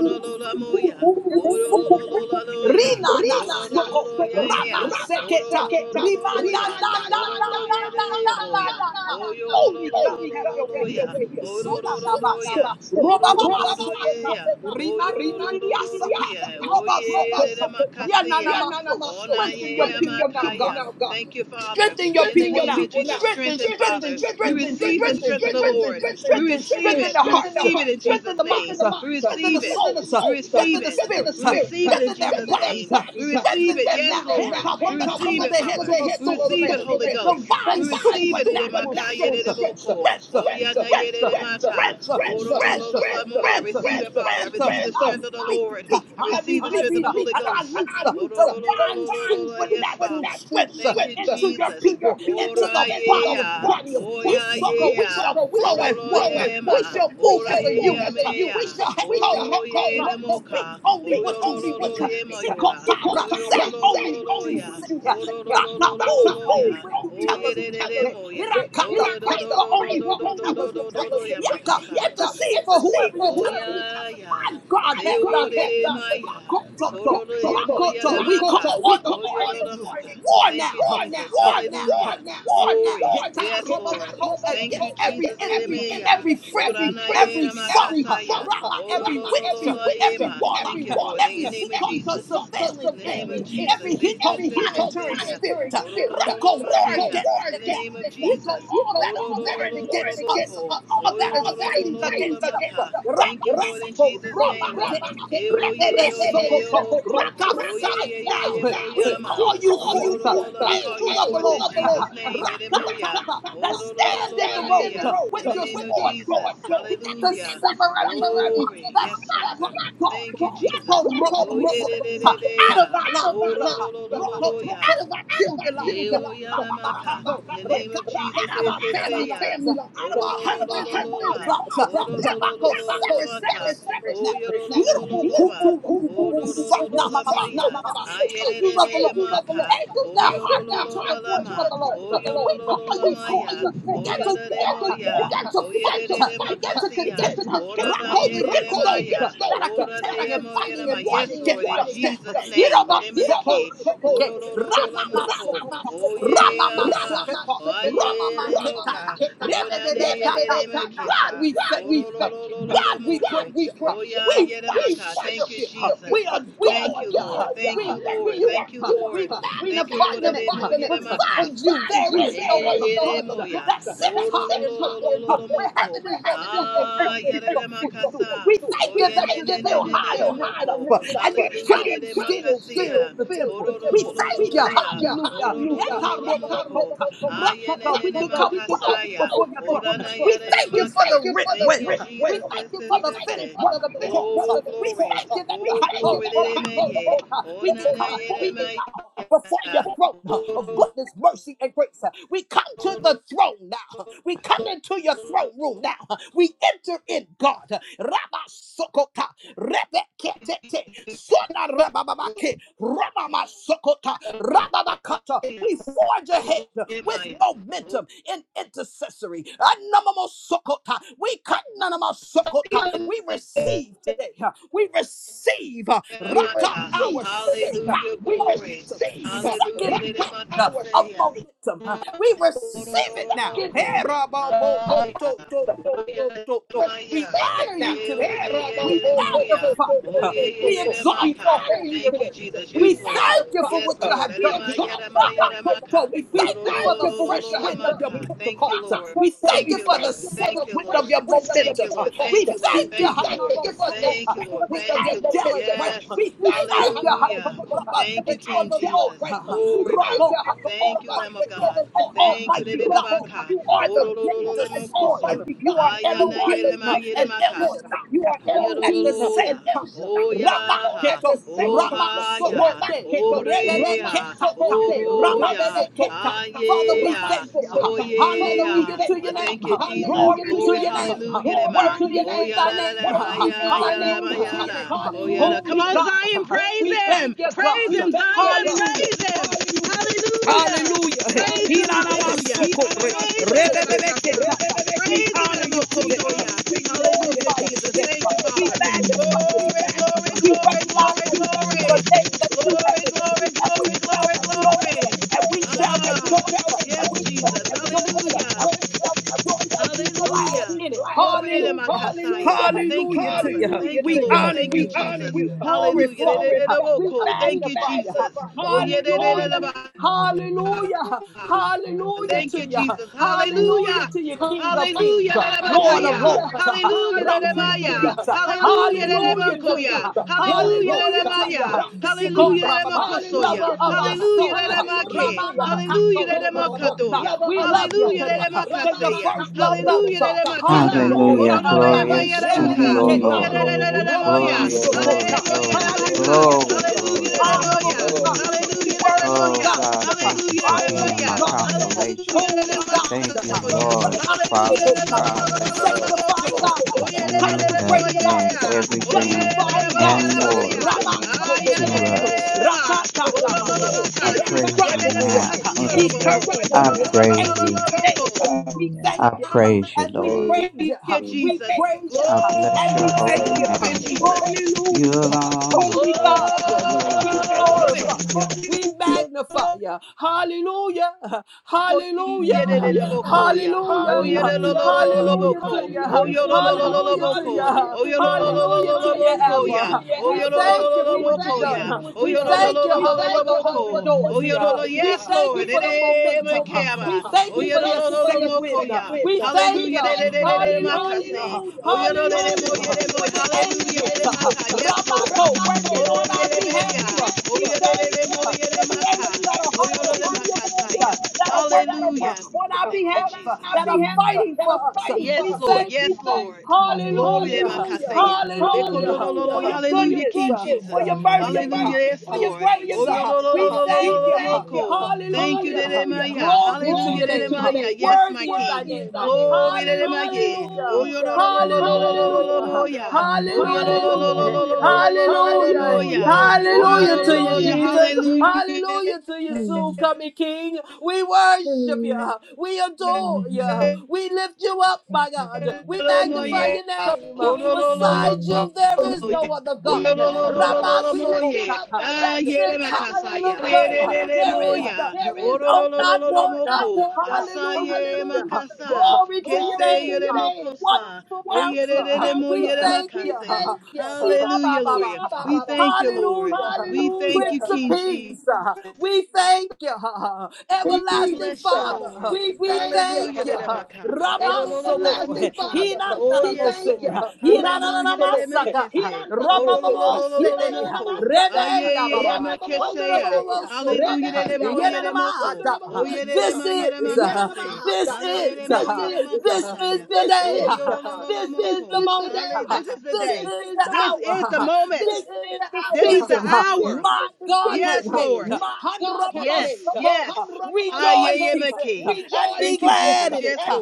[SPEAKER 8] Hallelujah.
[SPEAKER 6] Rina na Rama seketa. Rima na na na na na na na na na na.
[SPEAKER 8] Oh,
[SPEAKER 6] Holy God, have your way here.
[SPEAKER 8] olo-
[SPEAKER 6] Yeshua na masto.
[SPEAKER 8] olo-
[SPEAKER 6] Roba sokota. Rima
[SPEAKER 8] oyo-
[SPEAKER 6] ni ni ni ni asata. Roba
[SPEAKER 8] oye-
[SPEAKER 6] sokota.
[SPEAKER 8] kasi.
[SPEAKER 6] Yana na Strengthen your people now, God.
[SPEAKER 8] Thank you, Father.
[SPEAKER 6] Strengthen your people now. Strengthen, strengthen, strengthen, strengthen, strengthen,
[SPEAKER 8] We
[SPEAKER 6] strengthen,
[SPEAKER 8] receive
[SPEAKER 6] strengthen the hearts, strengthen
[SPEAKER 8] it,
[SPEAKER 6] the minds, uh, strengthen the
[SPEAKER 8] receive
[SPEAKER 6] souls, uh,
[SPEAKER 8] receive
[SPEAKER 6] strengthen the
[SPEAKER 8] it,
[SPEAKER 6] spirits, uh,
[SPEAKER 8] and
[SPEAKER 6] strengthen
[SPEAKER 8] you
[SPEAKER 6] their bodies, uh,
[SPEAKER 8] receive
[SPEAKER 6] strengthen them now. Head top from the top of their head to the soles of their feet. Divine supernatural strength, uh,
[SPEAKER 8] Oh,
[SPEAKER 6] strength, uh,
[SPEAKER 8] yeah,
[SPEAKER 6] strength,
[SPEAKER 8] yeah,
[SPEAKER 6] uh, strength, uh, strength, uh,
[SPEAKER 8] yeah,
[SPEAKER 6] strength,
[SPEAKER 8] Every
[SPEAKER 6] uh,
[SPEAKER 8] Father, every
[SPEAKER 6] strength. uh, I speak it.
[SPEAKER 8] Lord,
[SPEAKER 6] Uh,
[SPEAKER 8] every
[SPEAKER 6] I release uh, and I loose uh, divine supernatural strength uh, into your people, into the body of Christ. You
[SPEAKER 8] ah, yeah.
[SPEAKER 6] sucker, we shall flow as one. Uh, We shall
[SPEAKER 8] Oh,
[SPEAKER 6] move as a unit. Uh, We shall have to rock out, uh, speak
[SPEAKER 8] ah,
[SPEAKER 6] only what you speak. Uh, Sikotara, Say only what you say. Uh, Raka,
[SPEAKER 8] olo-
[SPEAKER 6] Move only when you tell us to move. Eh,
[SPEAKER 8] moya.
[SPEAKER 6] Irakata, Pray for only who you tell us to pray. Yaka,
[SPEAKER 8] Kasi-
[SPEAKER 6] intercede for whoever you tell us. to
[SPEAKER 8] yeah,
[SPEAKER 6] my God, have that way.
[SPEAKER 8] yeah. Oh,
[SPEAKER 6] Rakototo, rakoto. We call on the warring angels. War
[SPEAKER 8] Thank
[SPEAKER 6] now,
[SPEAKER 8] you,
[SPEAKER 6] huh? war now, huh? war
[SPEAKER 8] Lord
[SPEAKER 6] now. Hitaroboboto, Against every enemy, huh? every frenemy, every foe, huh? Rama, every witch, huh? every warlock, huh? every Sikoto surveillance enemy, huh? every Hito monitoring spirit. huh? Rako war against it now. Hito,
[SPEAKER 8] Jesus.
[SPEAKER 6] all that is warring against us. huh? all
[SPEAKER 8] Oh,
[SPEAKER 6] that is fighting against us.
[SPEAKER 8] Lord, in
[SPEAKER 6] Rabasoko,
[SPEAKER 8] Jesus.
[SPEAKER 6] Robaketa,
[SPEAKER 8] name, Oh, yeah,
[SPEAKER 6] Rebebesokoto, Raka,
[SPEAKER 8] yeah,
[SPEAKER 6] fight
[SPEAKER 8] yeah.
[SPEAKER 6] now. We call you forth,
[SPEAKER 8] Call you.
[SPEAKER 6] angels of the Lord,
[SPEAKER 8] Hallelujah. Oh, yeah.
[SPEAKER 6] Rakatata, that
[SPEAKER 8] Oh, Lord,
[SPEAKER 6] stand in the road with your sword drawn. Begin
[SPEAKER 8] hallelujah.
[SPEAKER 6] to sever everything that's
[SPEAKER 8] Yes,
[SPEAKER 6] not like
[SPEAKER 8] Father. Thank
[SPEAKER 6] God
[SPEAKER 8] you, Jesus.
[SPEAKER 6] out
[SPEAKER 8] Yeah.
[SPEAKER 6] of
[SPEAKER 8] yeah.
[SPEAKER 6] our lives, Rokoto, out of our children's lives, Rababakato, Rakata, out of our family lives,
[SPEAKER 8] Oh,
[SPEAKER 6] out of our husbands and wives'
[SPEAKER 8] yeah,
[SPEAKER 6] lives. Rabako, sever, sever, sever it now. Yorubukutu, yububu, sa- na- ma- ma- ma- kota.
[SPEAKER 8] yeah,
[SPEAKER 6] Angels
[SPEAKER 8] yeah.
[SPEAKER 6] of the Lord.
[SPEAKER 8] O
[SPEAKER 6] Angels that hearken to the voice of the Lord. We call you forth. Begin to war. Begin to fight. Begin to contend. Rock over against those that are contending and fighting and warring against us now.
[SPEAKER 8] mere
[SPEAKER 6] Irabasoko rebeleke.
[SPEAKER 8] lo
[SPEAKER 6] Ramamasoko.
[SPEAKER 8] ye
[SPEAKER 6] Ramamaseketa. Ramamaketata.
[SPEAKER 8] o na
[SPEAKER 6] Rebebebetata. God, we thank you. Huh.
[SPEAKER 8] lo
[SPEAKER 6] God,
[SPEAKER 8] mo
[SPEAKER 6] we praise you. Huh. We worship you. Huh. We adore you. Huh. We lift you up. Huh. We magnify your name. Huh. Besides you, there is no other God huh, that sits high and looks low. Huh. Where heaven is your throne and earth is your footstool to.
[SPEAKER 8] fa
[SPEAKER 6] We thank you that you're still high and lifted up, uh, and your train still fills the temple. We
[SPEAKER 8] lo
[SPEAKER 6] thank you, hallelujah. Yakarobobokota,
[SPEAKER 8] ye ne
[SPEAKER 6] rakata. We can come boldly before your throne. We
[SPEAKER 8] re
[SPEAKER 6] thank you for the writ well. We thank you for the finished work of the cross. We thank you that the yakarobobokota,
[SPEAKER 8] o
[SPEAKER 6] we can come
[SPEAKER 8] na
[SPEAKER 6] boldly now before
[SPEAKER 8] ya
[SPEAKER 6] your throne of goodness, mercy, and grace. We come to the throne now. We come into your throne room now. We enter in, God. Rabba Sokota, Rebekete, Sona Rababake, Ramama Sokota, Rababakata. We forge ahead
[SPEAKER 8] ye ma
[SPEAKER 6] with
[SPEAKER 8] ya
[SPEAKER 6] momentum in intercessory. Anamamo Sokota. We kananama Sokota. We receive today. We receive
[SPEAKER 8] era
[SPEAKER 6] Rakam our Sika
[SPEAKER 8] yo
[SPEAKER 6] momentum. Second wind uh, of
[SPEAKER 8] ya
[SPEAKER 6] momentum. uh, We
[SPEAKER 8] ro ro
[SPEAKER 6] receive it now. Hey, rabo, bo,
[SPEAKER 8] ay
[SPEAKER 6] ko, to, to, to, to,
[SPEAKER 8] ya
[SPEAKER 6] to, to.
[SPEAKER 8] ya
[SPEAKER 6] We honor you today. We magnify you. We exalt your holy and righteous name.
[SPEAKER 8] Jesus,
[SPEAKER 6] We thank you for what you
[SPEAKER 8] Lord,
[SPEAKER 6] have done here.
[SPEAKER 8] era ma ka
[SPEAKER 6] We thank you for the fresh wind of your
[SPEAKER 8] thank
[SPEAKER 6] Pentecost. We thank you for the second wind of your momentum. We thank you, Hanamo Soko, for the angelic realm. We thank you, Hatoraba, that you are the Lord, Roko, Almighty and
[SPEAKER 8] you, le
[SPEAKER 6] Almighty God.
[SPEAKER 8] ka
[SPEAKER 6] You are
[SPEAKER 8] o
[SPEAKER 6] the
[SPEAKER 8] ro ro
[SPEAKER 6] great
[SPEAKER 8] le
[SPEAKER 6] destroyer. You are
[SPEAKER 8] ma ya
[SPEAKER 6] Elohim uh, and El Shaddai uh, all at the same time. Rama keto, Rama sokote, rebebe ketata, Rama sotota.
[SPEAKER 8] ye
[SPEAKER 6] Father, we thank you. uh, Hallelujah to your name.
[SPEAKER 8] thank you.
[SPEAKER 6] uh, Glory to your name. uh, Worthy is thy
[SPEAKER 8] Praise
[SPEAKER 6] name. uh, Hallelujah to your name. uh, Holy God,
[SPEAKER 8] Him,
[SPEAKER 6] uh, we thank you,
[SPEAKER 8] praise
[SPEAKER 6] God. uh, Hallelujah.
[SPEAKER 8] Hallelujah.
[SPEAKER 6] Hallelujah. *laughs* Hiranamasokore. Rebebebeketata. We
[SPEAKER 8] Praise Him in
[SPEAKER 6] honor
[SPEAKER 8] the
[SPEAKER 6] you
[SPEAKER 8] most
[SPEAKER 6] today. huh? We glorify you today. huh? We magnify
[SPEAKER 10] Hallelujah.
[SPEAKER 6] you today.
[SPEAKER 10] We
[SPEAKER 6] huh?
[SPEAKER 10] give
[SPEAKER 8] glory,
[SPEAKER 10] you
[SPEAKER 6] We
[SPEAKER 10] praise,
[SPEAKER 8] glory,
[SPEAKER 10] we
[SPEAKER 8] glory.
[SPEAKER 6] recognize that
[SPEAKER 10] exalt you,
[SPEAKER 6] this is
[SPEAKER 10] we
[SPEAKER 6] a day that
[SPEAKER 10] magnify
[SPEAKER 8] Glory,
[SPEAKER 10] you.
[SPEAKER 6] you have made. huh?
[SPEAKER 8] glory,
[SPEAKER 6] And we
[SPEAKER 8] glory,
[SPEAKER 10] Your
[SPEAKER 6] shall
[SPEAKER 8] glory.
[SPEAKER 10] people His
[SPEAKER 6] rejoice. huh?
[SPEAKER 10] praise
[SPEAKER 6] And
[SPEAKER 10] and
[SPEAKER 6] we shall
[SPEAKER 10] honor.
[SPEAKER 6] rejoice. huh? And we
[SPEAKER 10] Hallelujah.
[SPEAKER 6] shall
[SPEAKER 10] We
[SPEAKER 6] rejoice.
[SPEAKER 10] exalt you,
[SPEAKER 6] huh?
[SPEAKER 10] we
[SPEAKER 6] and we
[SPEAKER 10] praise you, we
[SPEAKER 6] shall rejoice and
[SPEAKER 10] magnify
[SPEAKER 6] be
[SPEAKER 8] Hallelujah.
[SPEAKER 10] your name.
[SPEAKER 6] glad in it. Hallelujah.
[SPEAKER 10] Jesus, we
[SPEAKER 8] Thank
[SPEAKER 6] Hallelujah
[SPEAKER 10] honor.
[SPEAKER 6] to you. We
[SPEAKER 10] Hallelujah,
[SPEAKER 6] honor
[SPEAKER 10] glory
[SPEAKER 6] you.
[SPEAKER 10] to your name,
[SPEAKER 6] We
[SPEAKER 10] Lord God. We lift
[SPEAKER 6] glorify
[SPEAKER 10] up
[SPEAKER 6] you.
[SPEAKER 10] your name, we
[SPEAKER 6] We
[SPEAKER 10] exalt you.
[SPEAKER 6] magnify you.
[SPEAKER 10] We
[SPEAKER 8] you. Yeah,
[SPEAKER 10] magnify you.
[SPEAKER 6] Hallelujah.
[SPEAKER 10] Hallelujah. You are
[SPEAKER 6] Hallelujah.
[SPEAKER 10] worthy to be praised. We
[SPEAKER 6] Hallelujah
[SPEAKER 10] are
[SPEAKER 8] Thank
[SPEAKER 6] to
[SPEAKER 8] you,
[SPEAKER 6] you.
[SPEAKER 10] going God
[SPEAKER 8] Jesus.
[SPEAKER 10] for you.
[SPEAKER 6] Hallelujah
[SPEAKER 8] Hallelujah.
[SPEAKER 10] Hallelujah.
[SPEAKER 6] to you, King
[SPEAKER 10] Thank
[SPEAKER 6] of
[SPEAKER 10] you,
[SPEAKER 8] Hallelujah.
[SPEAKER 6] Kings,
[SPEAKER 10] Jesus.
[SPEAKER 6] Lord of Lords,
[SPEAKER 10] Hallelujah.
[SPEAKER 8] Hallelujah.
[SPEAKER 6] Rock Prince
[SPEAKER 8] my-
[SPEAKER 6] of
[SPEAKER 10] Hallelujah.
[SPEAKER 6] Peace.
[SPEAKER 8] ha-
[SPEAKER 6] Hallelujah
[SPEAKER 10] Hallelujah.
[SPEAKER 6] to you.
[SPEAKER 10] Hallelujah.
[SPEAKER 6] Hallelujah to you.
[SPEAKER 8] Hallelujah.
[SPEAKER 6] Sikor
[SPEAKER 10] Hallelujah.
[SPEAKER 6] Rababa, lover of our
[SPEAKER 10] Hallelujah.
[SPEAKER 8] Hallelujah.
[SPEAKER 6] soul.
[SPEAKER 10] Thank you.
[SPEAKER 6] Ramama
[SPEAKER 8] Hallelujah.
[SPEAKER 6] Kato Robobokota.
[SPEAKER 10] Hallelujah.
[SPEAKER 6] We we love you
[SPEAKER 10] We
[SPEAKER 6] today
[SPEAKER 10] worship and
[SPEAKER 6] because you
[SPEAKER 10] praise the
[SPEAKER 6] first loved us. uh,
[SPEAKER 10] name.
[SPEAKER 9] Hallelujah.
[SPEAKER 6] Hallelujah.
[SPEAKER 9] Glorious
[SPEAKER 10] Hallelujah.
[SPEAKER 9] to you, O
[SPEAKER 10] Lord,
[SPEAKER 8] Hallelujah.
[SPEAKER 10] your
[SPEAKER 9] Lord.
[SPEAKER 10] name, we thank you.
[SPEAKER 9] Glory,
[SPEAKER 10] We
[SPEAKER 9] glory,
[SPEAKER 10] uplift the
[SPEAKER 9] glory,
[SPEAKER 10] Father.
[SPEAKER 6] Hallelujah to
[SPEAKER 9] glory,
[SPEAKER 6] you. huh?
[SPEAKER 9] glory,
[SPEAKER 10] We
[SPEAKER 9] glory,
[SPEAKER 8] Hallelujah.
[SPEAKER 9] glory.
[SPEAKER 6] Honorable
[SPEAKER 10] magnify you.
[SPEAKER 6] God, huh?
[SPEAKER 8] Hallelujah. Hallelujah.
[SPEAKER 6] worthy
[SPEAKER 9] Oh
[SPEAKER 6] God,
[SPEAKER 9] God,
[SPEAKER 6] huh?
[SPEAKER 9] thank you
[SPEAKER 8] Hallelujah,
[SPEAKER 9] for
[SPEAKER 10] Give
[SPEAKER 6] righteous
[SPEAKER 9] being
[SPEAKER 10] you
[SPEAKER 8] hallelujah.
[SPEAKER 9] my
[SPEAKER 6] God,
[SPEAKER 10] glory
[SPEAKER 6] huh?
[SPEAKER 9] consolation.
[SPEAKER 8] Hallelujah,
[SPEAKER 6] holy
[SPEAKER 9] Thank
[SPEAKER 6] God.
[SPEAKER 8] hallelujah.
[SPEAKER 9] you,
[SPEAKER 6] huh?
[SPEAKER 10] and honor.
[SPEAKER 9] Lord.
[SPEAKER 8] Hallelujah,
[SPEAKER 9] Father
[SPEAKER 6] Ramasotota.
[SPEAKER 9] God,
[SPEAKER 10] Hallelujah.
[SPEAKER 9] thank you, Lord,
[SPEAKER 8] hallelujah.
[SPEAKER 6] Sanctifying
[SPEAKER 10] Thank
[SPEAKER 6] God,
[SPEAKER 10] you,
[SPEAKER 8] Oh,
[SPEAKER 9] that
[SPEAKER 8] yeah,
[SPEAKER 10] Jesus.
[SPEAKER 8] yeah,
[SPEAKER 9] you
[SPEAKER 8] yeah, yeah,
[SPEAKER 9] have
[SPEAKER 8] oh,
[SPEAKER 10] Hallelujah.
[SPEAKER 6] consecrating God,
[SPEAKER 9] been
[SPEAKER 8] yeah.
[SPEAKER 10] Praise
[SPEAKER 8] Oh,
[SPEAKER 10] your
[SPEAKER 8] yeah,
[SPEAKER 9] everything
[SPEAKER 6] justifying
[SPEAKER 10] name.
[SPEAKER 9] and
[SPEAKER 6] God,
[SPEAKER 8] yeah, yeah, yeah,
[SPEAKER 9] more
[SPEAKER 8] yeah.
[SPEAKER 10] Thank
[SPEAKER 8] Ah,
[SPEAKER 10] you,
[SPEAKER 8] yeah, yeah,
[SPEAKER 9] to
[SPEAKER 10] Jesus.
[SPEAKER 6] Ramasokoto,
[SPEAKER 9] us.
[SPEAKER 8] yeah, yeah.
[SPEAKER 6] Rakata
[SPEAKER 8] Oh, la, la, la,
[SPEAKER 6] Namaso,
[SPEAKER 8] la,
[SPEAKER 10] Hallelujah.
[SPEAKER 9] I
[SPEAKER 8] la. Yeah,
[SPEAKER 9] praise you
[SPEAKER 8] yeah,
[SPEAKER 6] indescribable
[SPEAKER 8] yeah,
[SPEAKER 6] one,
[SPEAKER 9] now.
[SPEAKER 8] katsura,
[SPEAKER 9] Mm.
[SPEAKER 8] la, la,
[SPEAKER 10] Hallelujah.
[SPEAKER 6] eternal
[SPEAKER 8] la. No,
[SPEAKER 6] one,
[SPEAKER 9] I
[SPEAKER 8] no, no, no,
[SPEAKER 9] praise
[SPEAKER 8] no, no, no,
[SPEAKER 6] ancient
[SPEAKER 9] you.
[SPEAKER 6] of days.
[SPEAKER 8] no, no.
[SPEAKER 6] We
[SPEAKER 10] Hallelujah.
[SPEAKER 6] thank
[SPEAKER 9] I
[SPEAKER 6] you
[SPEAKER 9] praise you,
[SPEAKER 6] and we
[SPEAKER 9] Lord.
[SPEAKER 6] praise you.
[SPEAKER 8] Hallelujah,
[SPEAKER 6] We
[SPEAKER 8] Jesus.
[SPEAKER 6] praise you
[SPEAKER 9] I bless
[SPEAKER 6] and
[SPEAKER 9] your
[SPEAKER 6] we
[SPEAKER 10] Hallelujah.
[SPEAKER 6] thank
[SPEAKER 9] holy
[SPEAKER 6] you.
[SPEAKER 8] Glory,
[SPEAKER 10] Thank
[SPEAKER 9] name.
[SPEAKER 10] you,
[SPEAKER 8] Jesus.
[SPEAKER 10] Jesus.
[SPEAKER 9] You
[SPEAKER 6] Hallelujah.
[SPEAKER 9] alone are
[SPEAKER 8] Glory.
[SPEAKER 6] Holy God,
[SPEAKER 9] worthy. You
[SPEAKER 6] we
[SPEAKER 9] alone are worthy.
[SPEAKER 6] glorify you.
[SPEAKER 10] Hallelujah.
[SPEAKER 6] We magnify you. Hallelujah. Hallelujah.
[SPEAKER 10] Hallelujah.
[SPEAKER 6] Hallelujah.
[SPEAKER 10] Hallelujah. To you
[SPEAKER 6] Hallelujah
[SPEAKER 10] give
[SPEAKER 6] to
[SPEAKER 10] the
[SPEAKER 6] you.
[SPEAKER 10] praise, glory,
[SPEAKER 6] Hallelujah
[SPEAKER 10] and
[SPEAKER 6] to you.
[SPEAKER 10] honor.
[SPEAKER 6] Hallelujah to you, Abba. We thank you for what you've done.
[SPEAKER 10] Hallelujah.
[SPEAKER 6] We thank you huh, for the open doors
[SPEAKER 10] Hallelujah.
[SPEAKER 6] here. We thank you for the momentum.
[SPEAKER 10] Hallelujah.
[SPEAKER 6] We thank you for your second wind. We thank you.
[SPEAKER 10] Hallelujah.
[SPEAKER 6] Hallelujah. Hallelujah for the angels, uh, Ramako, working
[SPEAKER 10] Hallelujah. Hallelujah.
[SPEAKER 6] on our behalf. Uh, we thank you uh, for the angels that are hearkening to your voice, uh, that are working uh, on our behalf, uh,
[SPEAKER 10] Hallelujah.
[SPEAKER 6] that are
[SPEAKER 10] Hallelujah.
[SPEAKER 6] fighting for us. Uh,
[SPEAKER 10] Thank
[SPEAKER 6] we
[SPEAKER 10] you,
[SPEAKER 6] thank
[SPEAKER 10] Jesus.
[SPEAKER 6] you. uh,
[SPEAKER 10] Hallelujah.
[SPEAKER 6] Hallelujah. uh,
[SPEAKER 10] Thank you for waking me
[SPEAKER 6] Hallelujah. uh,
[SPEAKER 10] up for a
[SPEAKER 6] For your
[SPEAKER 10] good time.
[SPEAKER 6] goodness, uh, for your
[SPEAKER 10] Hallelujah. We
[SPEAKER 6] mercy,
[SPEAKER 10] praise
[SPEAKER 6] uh,
[SPEAKER 10] you. We
[SPEAKER 6] for your grace.
[SPEAKER 10] magnify you.
[SPEAKER 6] uh, We
[SPEAKER 10] Thank you for
[SPEAKER 6] thank you.
[SPEAKER 10] your
[SPEAKER 6] uh,
[SPEAKER 10] goodness. Hallelujah.
[SPEAKER 6] Hallelujah. uh,
[SPEAKER 10] We exalt you.
[SPEAKER 6] Glory to
[SPEAKER 10] We
[SPEAKER 6] your name. uh,
[SPEAKER 10] honor you.
[SPEAKER 6] Worthy is
[SPEAKER 10] We
[SPEAKER 6] thy
[SPEAKER 10] praise
[SPEAKER 6] name. uh,
[SPEAKER 10] you. We worship
[SPEAKER 6] Hallelujah.
[SPEAKER 10] you. We Praise.
[SPEAKER 6] Hallelujah.
[SPEAKER 10] Hallelujah.
[SPEAKER 6] Hallelujah.
[SPEAKER 10] All glory and honor to you,
[SPEAKER 6] Hallelujah.
[SPEAKER 10] Lord God.
[SPEAKER 6] Hallelujah.
[SPEAKER 10] Hallelujah. Glory
[SPEAKER 6] Hallelujah
[SPEAKER 10] to
[SPEAKER 6] to
[SPEAKER 10] your
[SPEAKER 6] you,
[SPEAKER 10] name.
[SPEAKER 6] Jesus. Hallelujah to you, soon
[SPEAKER 10] Hallelujah.
[SPEAKER 6] coming King. We worship you. We adore
[SPEAKER 10] Hallelujah.
[SPEAKER 6] you.
[SPEAKER 10] Hallelujah.
[SPEAKER 6] We lift you up,
[SPEAKER 10] Thank
[SPEAKER 6] my
[SPEAKER 10] you,
[SPEAKER 6] God.
[SPEAKER 10] Jesus.
[SPEAKER 6] We magnify your name.
[SPEAKER 10] Hallelujah.
[SPEAKER 6] Beside you,
[SPEAKER 10] We
[SPEAKER 6] there
[SPEAKER 10] exalt and
[SPEAKER 6] is no other
[SPEAKER 10] magnify you.
[SPEAKER 6] God.
[SPEAKER 10] We honor.
[SPEAKER 6] Ramasokota. That sits high and looks low. There is none. No, not one. Hallelujah Glory to you. Glory to your name. Wonderful counselor. We thank you.
[SPEAKER 8] Hallelujah, Lord
[SPEAKER 6] Sirababa. Hallelujah. Prince of
[SPEAKER 8] King Jesus.
[SPEAKER 6] Peace. We thank you. Everlasting
[SPEAKER 8] Lord
[SPEAKER 6] Father. We thank you.
[SPEAKER 8] God.
[SPEAKER 6] Ramasoko. Hinananose. Hinananamasaka. Ramamamosete. Rebeya Baba. Wonderababa Soka. This is, uh, this is, uh, this is the day. uh, This is the moment. uh,
[SPEAKER 8] This is the
[SPEAKER 6] This is the hour. uh,
[SPEAKER 8] moment,
[SPEAKER 6] This is the season uh, my God has made. uh, Hanramamosoko, uh, Rejoice, he says, uh, and be glad in it. uh,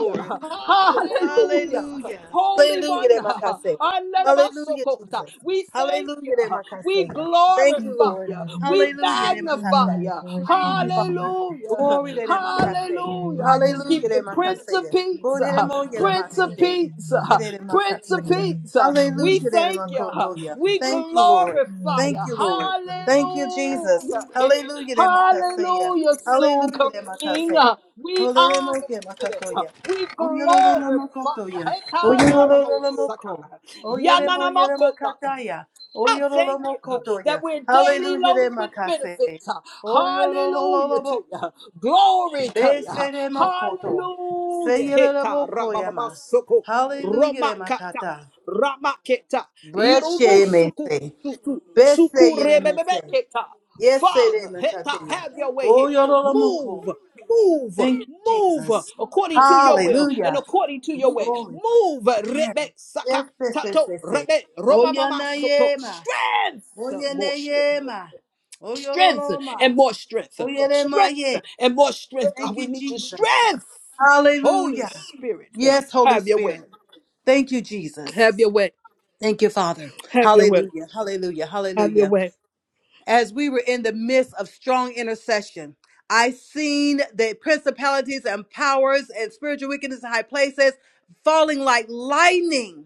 [SPEAKER 8] hour.
[SPEAKER 6] Hallelujah.
[SPEAKER 8] Hallelujah.
[SPEAKER 6] Holy
[SPEAKER 8] Hallelujah,
[SPEAKER 6] One.
[SPEAKER 8] de Makase.
[SPEAKER 6] *laughs*
[SPEAKER 8] Hallelujah,
[SPEAKER 6] Anarabasokota.
[SPEAKER 8] Jesus.
[SPEAKER 6] We thank you.
[SPEAKER 8] Hallelujah, de
[SPEAKER 6] We
[SPEAKER 8] Makase. Thank
[SPEAKER 10] Thank
[SPEAKER 8] you,
[SPEAKER 6] glorify
[SPEAKER 10] you,
[SPEAKER 8] Lord.
[SPEAKER 6] you.
[SPEAKER 10] Father.
[SPEAKER 6] We
[SPEAKER 8] Hallelujah, de
[SPEAKER 6] magnify
[SPEAKER 8] Makase.
[SPEAKER 10] Hallelujah,
[SPEAKER 6] you.
[SPEAKER 10] glory to your
[SPEAKER 8] Praise you,
[SPEAKER 10] name.
[SPEAKER 8] Father.
[SPEAKER 10] We
[SPEAKER 6] Hallelujah.
[SPEAKER 8] Glory to de
[SPEAKER 10] worship you.
[SPEAKER 8] Makase.
[SPEAKER 6] Hallelujah.
[SPEAKER 10] Hallelujah,
[SPEAKER 6] I
[SPEAKER 10] we
[SPEAKER 6] just give
[SPEAKER 8] Hallelujah, de
[SPEAKER 6] you
[SPEAKER 10] magnify you.
[SPEAKER 6] Prince of
[SPEAKER 8] Makase.
[SPEAKER 10] To you
[SPEAKER 6] Peace.
[SPEAKER 10] be
[SPEAKER 8] Glory
[SPEAKER 10] all
[SPEAKER 8] de
[SPEAKER 10] the
[SPEAKER 8] Moya de
[SPEAKER 10] glory,
[SPEAKER 6] Prince of
[SPEAKER 10] praise,
[SPEAKER 8] Makase.
[SPEAKER 10] and
[SPEAKER 6] Peace.
[SPEAKER 8] Glory
[SPEAKER 10] honor.
[SPEAKER 8] de
[SPEAKER 6] Prince
[SPEAKER 10] To
[SPEAKER 6] of
[SPEAKER 10] your
[SPEAKER 8] Makase.
[SPEAKER 10] name,
[SPEAKER 6] Peace. We
[SPEAKER 10] hallelujah.
[SPEAKER 8] Hallelujah, de
[SPEAKER 6] thank
[SPEAKER 10] Thank
[SPEAKER 6] you.
[SPEAKER 10] you,
[SPEAKER 8] Makotoya.
[SPEAKER 10] Jesus.
[SPEAKER 6] We
[SPEAKER 8] Thank you, Lord.
[SPEAKER 6] glorify
[SPEAKER 8] Thank
[SPEAKER 6] you.
[SPEAKER 8] you,
[SPEAKER 10] Hallelujah, thank
[SPEAKER 8] Lord.
[SPEAKER 10] you,
[SPEAKER 8] Thank you,
[SPEAKER 10] Lord.
[SPEAKER 8] Jesus.
[SPEAKER 6] Hallelujah. Hey.
[SPEAKER 8] Hallelujah, de Makase.
[SPEAKER 6] Hallelujah, soon
[SPEAKER 8] Hallelujah,
[SPEAKER 6] coming
[SPEAKER 8] de
[SPEAKER 6] King.
[SPEAKER 8] Makase.
[SPEAKER 6] We honor
[SPEAKER 8] Hallelujah,
[SPEAKER 6] you today.
[SPEAKER 8] Makatoya.
[SPEAKER 6] We glorify fire.
[SPEAKER 8] Oh,
[SPEAKER 6] Heta ramabosaka.
[SPEAKER 8] Oyolololomoko. Oyeremo
[SPEAKER 6] Yananamakota.
[SPEAKER 8] yeremakataya.
[SPEAKER 6] I thank you uh,
[SPEAKER 8] Oyololomokotoya.
[SPEAKER 6] that we're daily
[SPEAKER 8] Hallelujah
[SPEAKER 6] loaded with
[SPEAKER 8] remakase.
[SPEAKER 6] benefits. uh, Hallelujah to you.
[SPEAKER 8] Oyolololoboko.
[SPEAKER 6] uh, Glory to you. uh,
[SPEAKER 8] Beseremokoto.
[SPEAKER 6] Hallelujah. Heta
[SPEAKER 8] Seyerebokoyama.
[SPEAKER 6] rabababasuku,
[SPEAKER 8] Hallelujah
[SPEAKER 6] romakata,
[SPEAKER 8] remakata.
[SPEAKER 6] ramaketa,
[SPEAKER 8] Bless ye me
[SPEAKER 6] irubusuku,
[SPEAKER 8] say
[SPEAKER 6] tu-
[SPEAKER 8] Bese
[SPEAKER 6] suku
[SPEAKER 8] ye me say,
[SPEAKER 6] rebebebeketa.
[SPEAKER 8] Yes ye
[SPEAKER 6] Father, heta,
[SPEAKER 8] remakataya.
[SPEAKER 6] have your way here.
[SPEAKER 8] Oyololomoko.
[SPEAKER 6] Move. Move,
[SPEAKER 8] Thank you,
[SPEAKER 6] move
[SPEAKER 8] Jesus.
[SPEAKER 6] according to your will and
[SPEAKER 8] Hallelujah.
[SPEAKER 6] according to your way. Move,
[SPEAKER 8] Yes, yes,
[SPEAKER 6] Rebecca
[SPEAKER 8] yes, yes,
[SPEAKER 6] Tato,
[SPEAKER 8] yes. yes.
[SPEAKER 6] rebe, roba mama soto.
[SPEAKER 8] Oyanayema,
[SPEAKER 6] Strength, more strength.
[SPEAKER 8] oyeneyema,
[SPEAKER 6] Strength
[SPEAKER 8] oyoroloma,
[SPEAKER 6] and more strength. Strength
[SPEAKER 8] oyenemaye.
[SPEAKER 6] and more strength. God,
[SPEAKER 8] Thank
[SPEAKER 6] we
[SPEAKER 8] you,
[SPEAKER 6] need your
[SPEAKER 8] Jesus.
[SPEAKER 6] strength. Holy
[SPEAKER 8] Hallelujah.
[SPEAKER 6] Spirit,
[SPEAKER 8] Yes, Holy
[SPEAKER 6] have your way.
[SPEAKER 8] Spirit. Thank you, Jesus.
[SPEAKER 6] Have your way.
[SPEAKER 8] Thank you, Father.
[SPEAKER 6] Have your way.
[SPEAKER 8] Hallelujah, hallelujah,
[SPEAKER 6] Have your
[SPEAKER 8] hallelujah.
[SPEAKER 6] way.
[SPEAKER 8] As we were in the midst of strong intercession, I seen the principalities and powers and spiritual wickedness in high places falling like lightning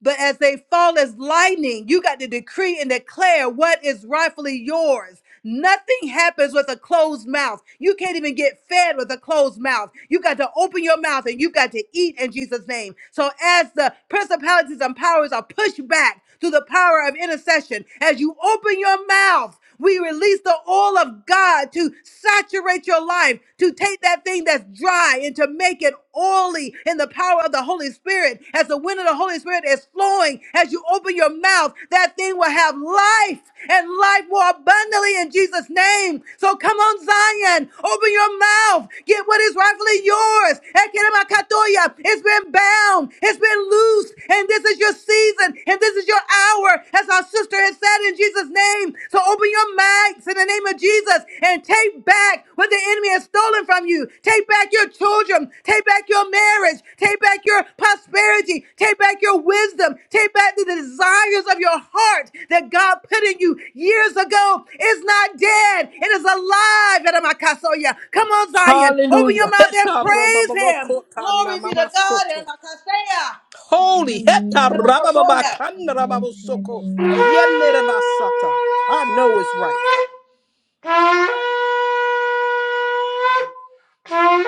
[SPEAKER 8] But as they fall as lightning, you got to decree and declare what is rightfully yours. Nothing happens with a closed mouth. You can't even get fed with a closed mouth. You got to open your mouth and you got to eat in Jesus' name. So as the principalities and powers are pushed back through the power of intercession, as you open your mouth, we release the oil of God to saturate your life, to take that thing that's dry and to make it oily in the power power of the Holy Spirit, as the wind of the Holy Spirit is flowing, as you open your mouth, that thing will have life and life more abundantly in Jesus' name. So come on, Zion, open your mouth, get what is rightfully yours. Ekeremakatoya, It's been bound, it's been loosed, and this is your season, and this is your hour, as our sister has said in Jesus' name to open your mouths in the name of Jesus and take back what the enemy has stolen from you. Take back your children. Take back your marriage. Take back your prosperity. Take back your wisdom. Take back the desires of your heart that God put in you years ago. It's not dead. It is alive. Eramakasoya. Come on, Zion. Open your
[SPEAKER 6] Hallelujah.
[SPEAKER 8] mouth and
[SPEAKER 6] Heta roba
[SPEAKER 8] praise
[SPEAKER 6] baba
[SPEAKER 8] him.
[SPEAKER 6] kota na mama soto. Holy. Heta
[SPEAKER 10] Hallelujah,
[SPEAKER 6] raba baba
[SPEAKER 8] Eramakasoya.
[SPEAKER 6] kan raba
[SPEAKER 10] glory
[SPEAKER 6] bo
[SPEAKER 10] to your
[SPEAKER 6] soko.
[SPEAKER 10] name.
[SPEAKER 6] Yene reba sata. I know it's right.
[SPEAKER 8] Thank you.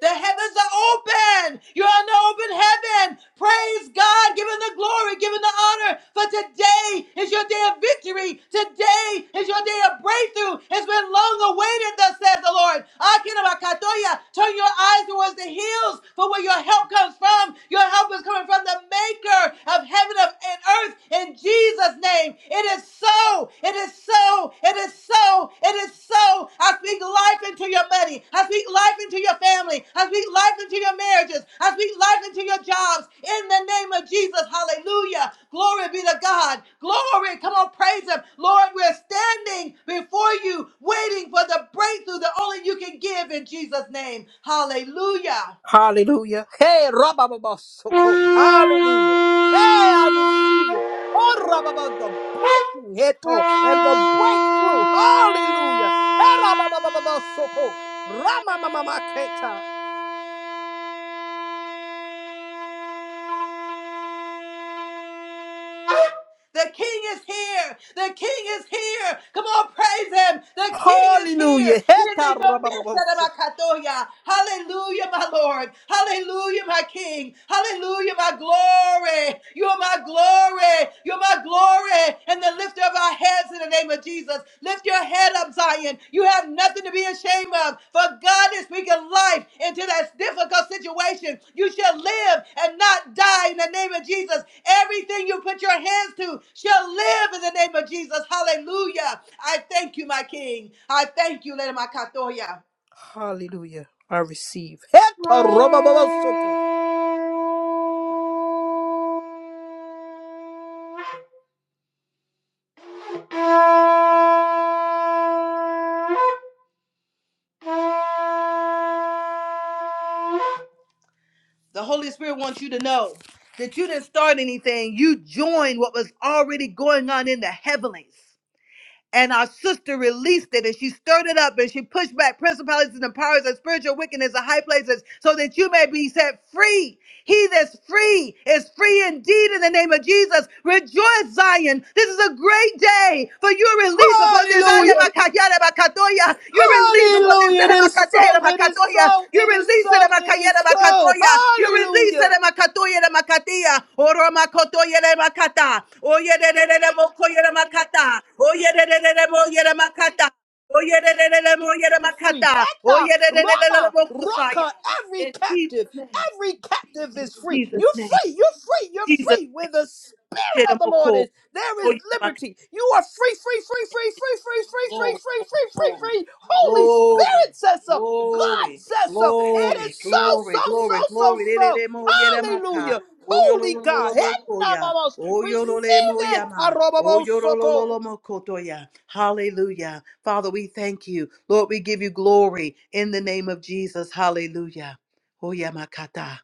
[SPEAKER 8] The heavens are open. You're on the open heaven. Praise God. Give him the glory. Give him the honor. For today is your day of victory. Today is your day of breakthrough. It's been long awaited, thus says the Lord. Akinabakatoya. Turn your eyes towards the hills for where your help comes from. Your help is coming from the maker of heaven and earth in Jesus' name. It is is so. It is so. It is so. It is so. I speak life into your money. I speak life into your family. I speak life into your marriages. I speak life into your jobs. In the name of Jesus. Hallelujah. Glory be to God. Glory. Come on, praise Him. Lord, we're standing before you, waiting for the breakthrough that only you can give in Jesus' name. Hallelujah.
[SPEAKER 6] Hallelujah. Hey,
[SPEAKER 8] Thank
[SPEAKER 6] Rabababasoko. Hallelujah. Hey, I receive it. Oh, Rabababa, the breaking heto and the breakthrough. Hallelujah. Hey, Rababababasoko. Ramamamamaketa.
[SPEAKER 8] you. *laughs* The King is here. The King is here. Come on, praise Him. The King is here.
[SPEAKER 6] Hallelujah.
[SPEAKER 8] He is
[SPEAKER 6] Heta
[SPEAKER 8] in the midst of our
[SPEAKER 6] Rabababasoko.
[SPEAKER 8] katoya. Hallelujah, my Lord. Hallelujah, my King. Hallelujah, my glory. You are my glory. You're my glory. And the lifter of our heads in the name of Jesus. Lift your head up, Zion. You have nothing to be ashamed of. For God is speaking life into that difficult situation. You shall live and not die in the name of Jesus. Everything you put your hands to shall live in the name of Jesus. Hallelujah. I thank you, my King. I thank you, Lady Makatoya.
[SPEAKER 6] Heta Rabababasoko.
[SPEAKER 8] *laughs* The Holy Spirit wants you to know that you didn't start anything. You joined what was already going on in the heavenlies. And our sister released it and she stirred it up and she pushed back principalities and powers and spiritual wickedness in high places so that you may be set free. He that's free is free indeed in the name of Jesus. Rejoice, Zion. This is a great day for your release upon this. Your
[SPEAKER 6] Hallelujah.
[SPEAKER 8] release upon this.
[SPEAKER 6] Hallelujah. It is so. It is so.
[SPEAKER 8] Your
[SPEAKER 6] It is
[SPEAKER 8] release upon
[SPEAKER 6] so. It is so.
[SPEAKER 8] this. Your release
[SPEAKER 6] Hallelujah.
[SPEAKER 8] Oro makotoya le makata. Oye de de de de mokoye le
[SPEAKER 6] free. Eta Rama Roka, every
[SPEAKER 8] In
[SPEAKER 6] captive,
[SPEAKER 8] Jesus' name.
[SPEAKER 6] every captive is free.
[SPEAKER 8] Jesus'
[SPEAKER 6] You're
[SPEAKER 8] name.
[SPEAKER 6] free, you're free, you're
[SPEAKER 8] Jesus.
[SPEAKER 6] free. Where the spirit of the Lord
[SPEAKER 8] Shiramoko.
[SPEAKER 6] is, there
[SPEAKER 8] Oh,
[SPEAKER 6] is
[SPEAKER 8] yeah,
[SPEAKER 6] liberty. You are free, free, free, free, free, free, free, free,
[SPEAKER 8] Glory,
[SPEAKER 6] free, free, free, free. Holy
[SPEAKER 8] glory,
[SPEAKER 6] Spirit says so. God
[SPEAKER 8] glory,
[SPEAKER 6] says so. It
[SPEAKER 8] glory,
[SPEAKER 6] is
[SPEAKER 8] glory,
[SPEAKER 6] so,
[SPEAKER 8] glory,
[SPEAKER 6] so, so,
[SPEAKER 8] glory,
[SPEAKER 6] so,
[SPEAKER 8] glory. Lele
[SPEAKER 6] so.
[SPEAKER 8] le mo yere maka.
[SPEAKER 6] Hallelujah.
[SPEAKER 8] O yoro
[SPEAKER 6] Holy
[SPEAKER 8] lo lo
[SPEAKER 6] God.
[SPEAKER 8] lo mo
[SPEAKER 6] Henna
[SPEAKER 8] koya.
[SPEAKER 6] mamos.
[SPEAKER 8] O yoro le
[SPEAKER 6] Receive
[SPEAKER 8] mo
[SPEAKER 6] it.
[SPEAKER 8] yama. O yoro lo lo
[SPEAKER 6] Harobomosoko.
[SPEAKER 8] lo mo kotoya. Hallelujah. Father, we thank you. Lord, we give you glory in the name of Jesus. Hallelujah. O yamakata.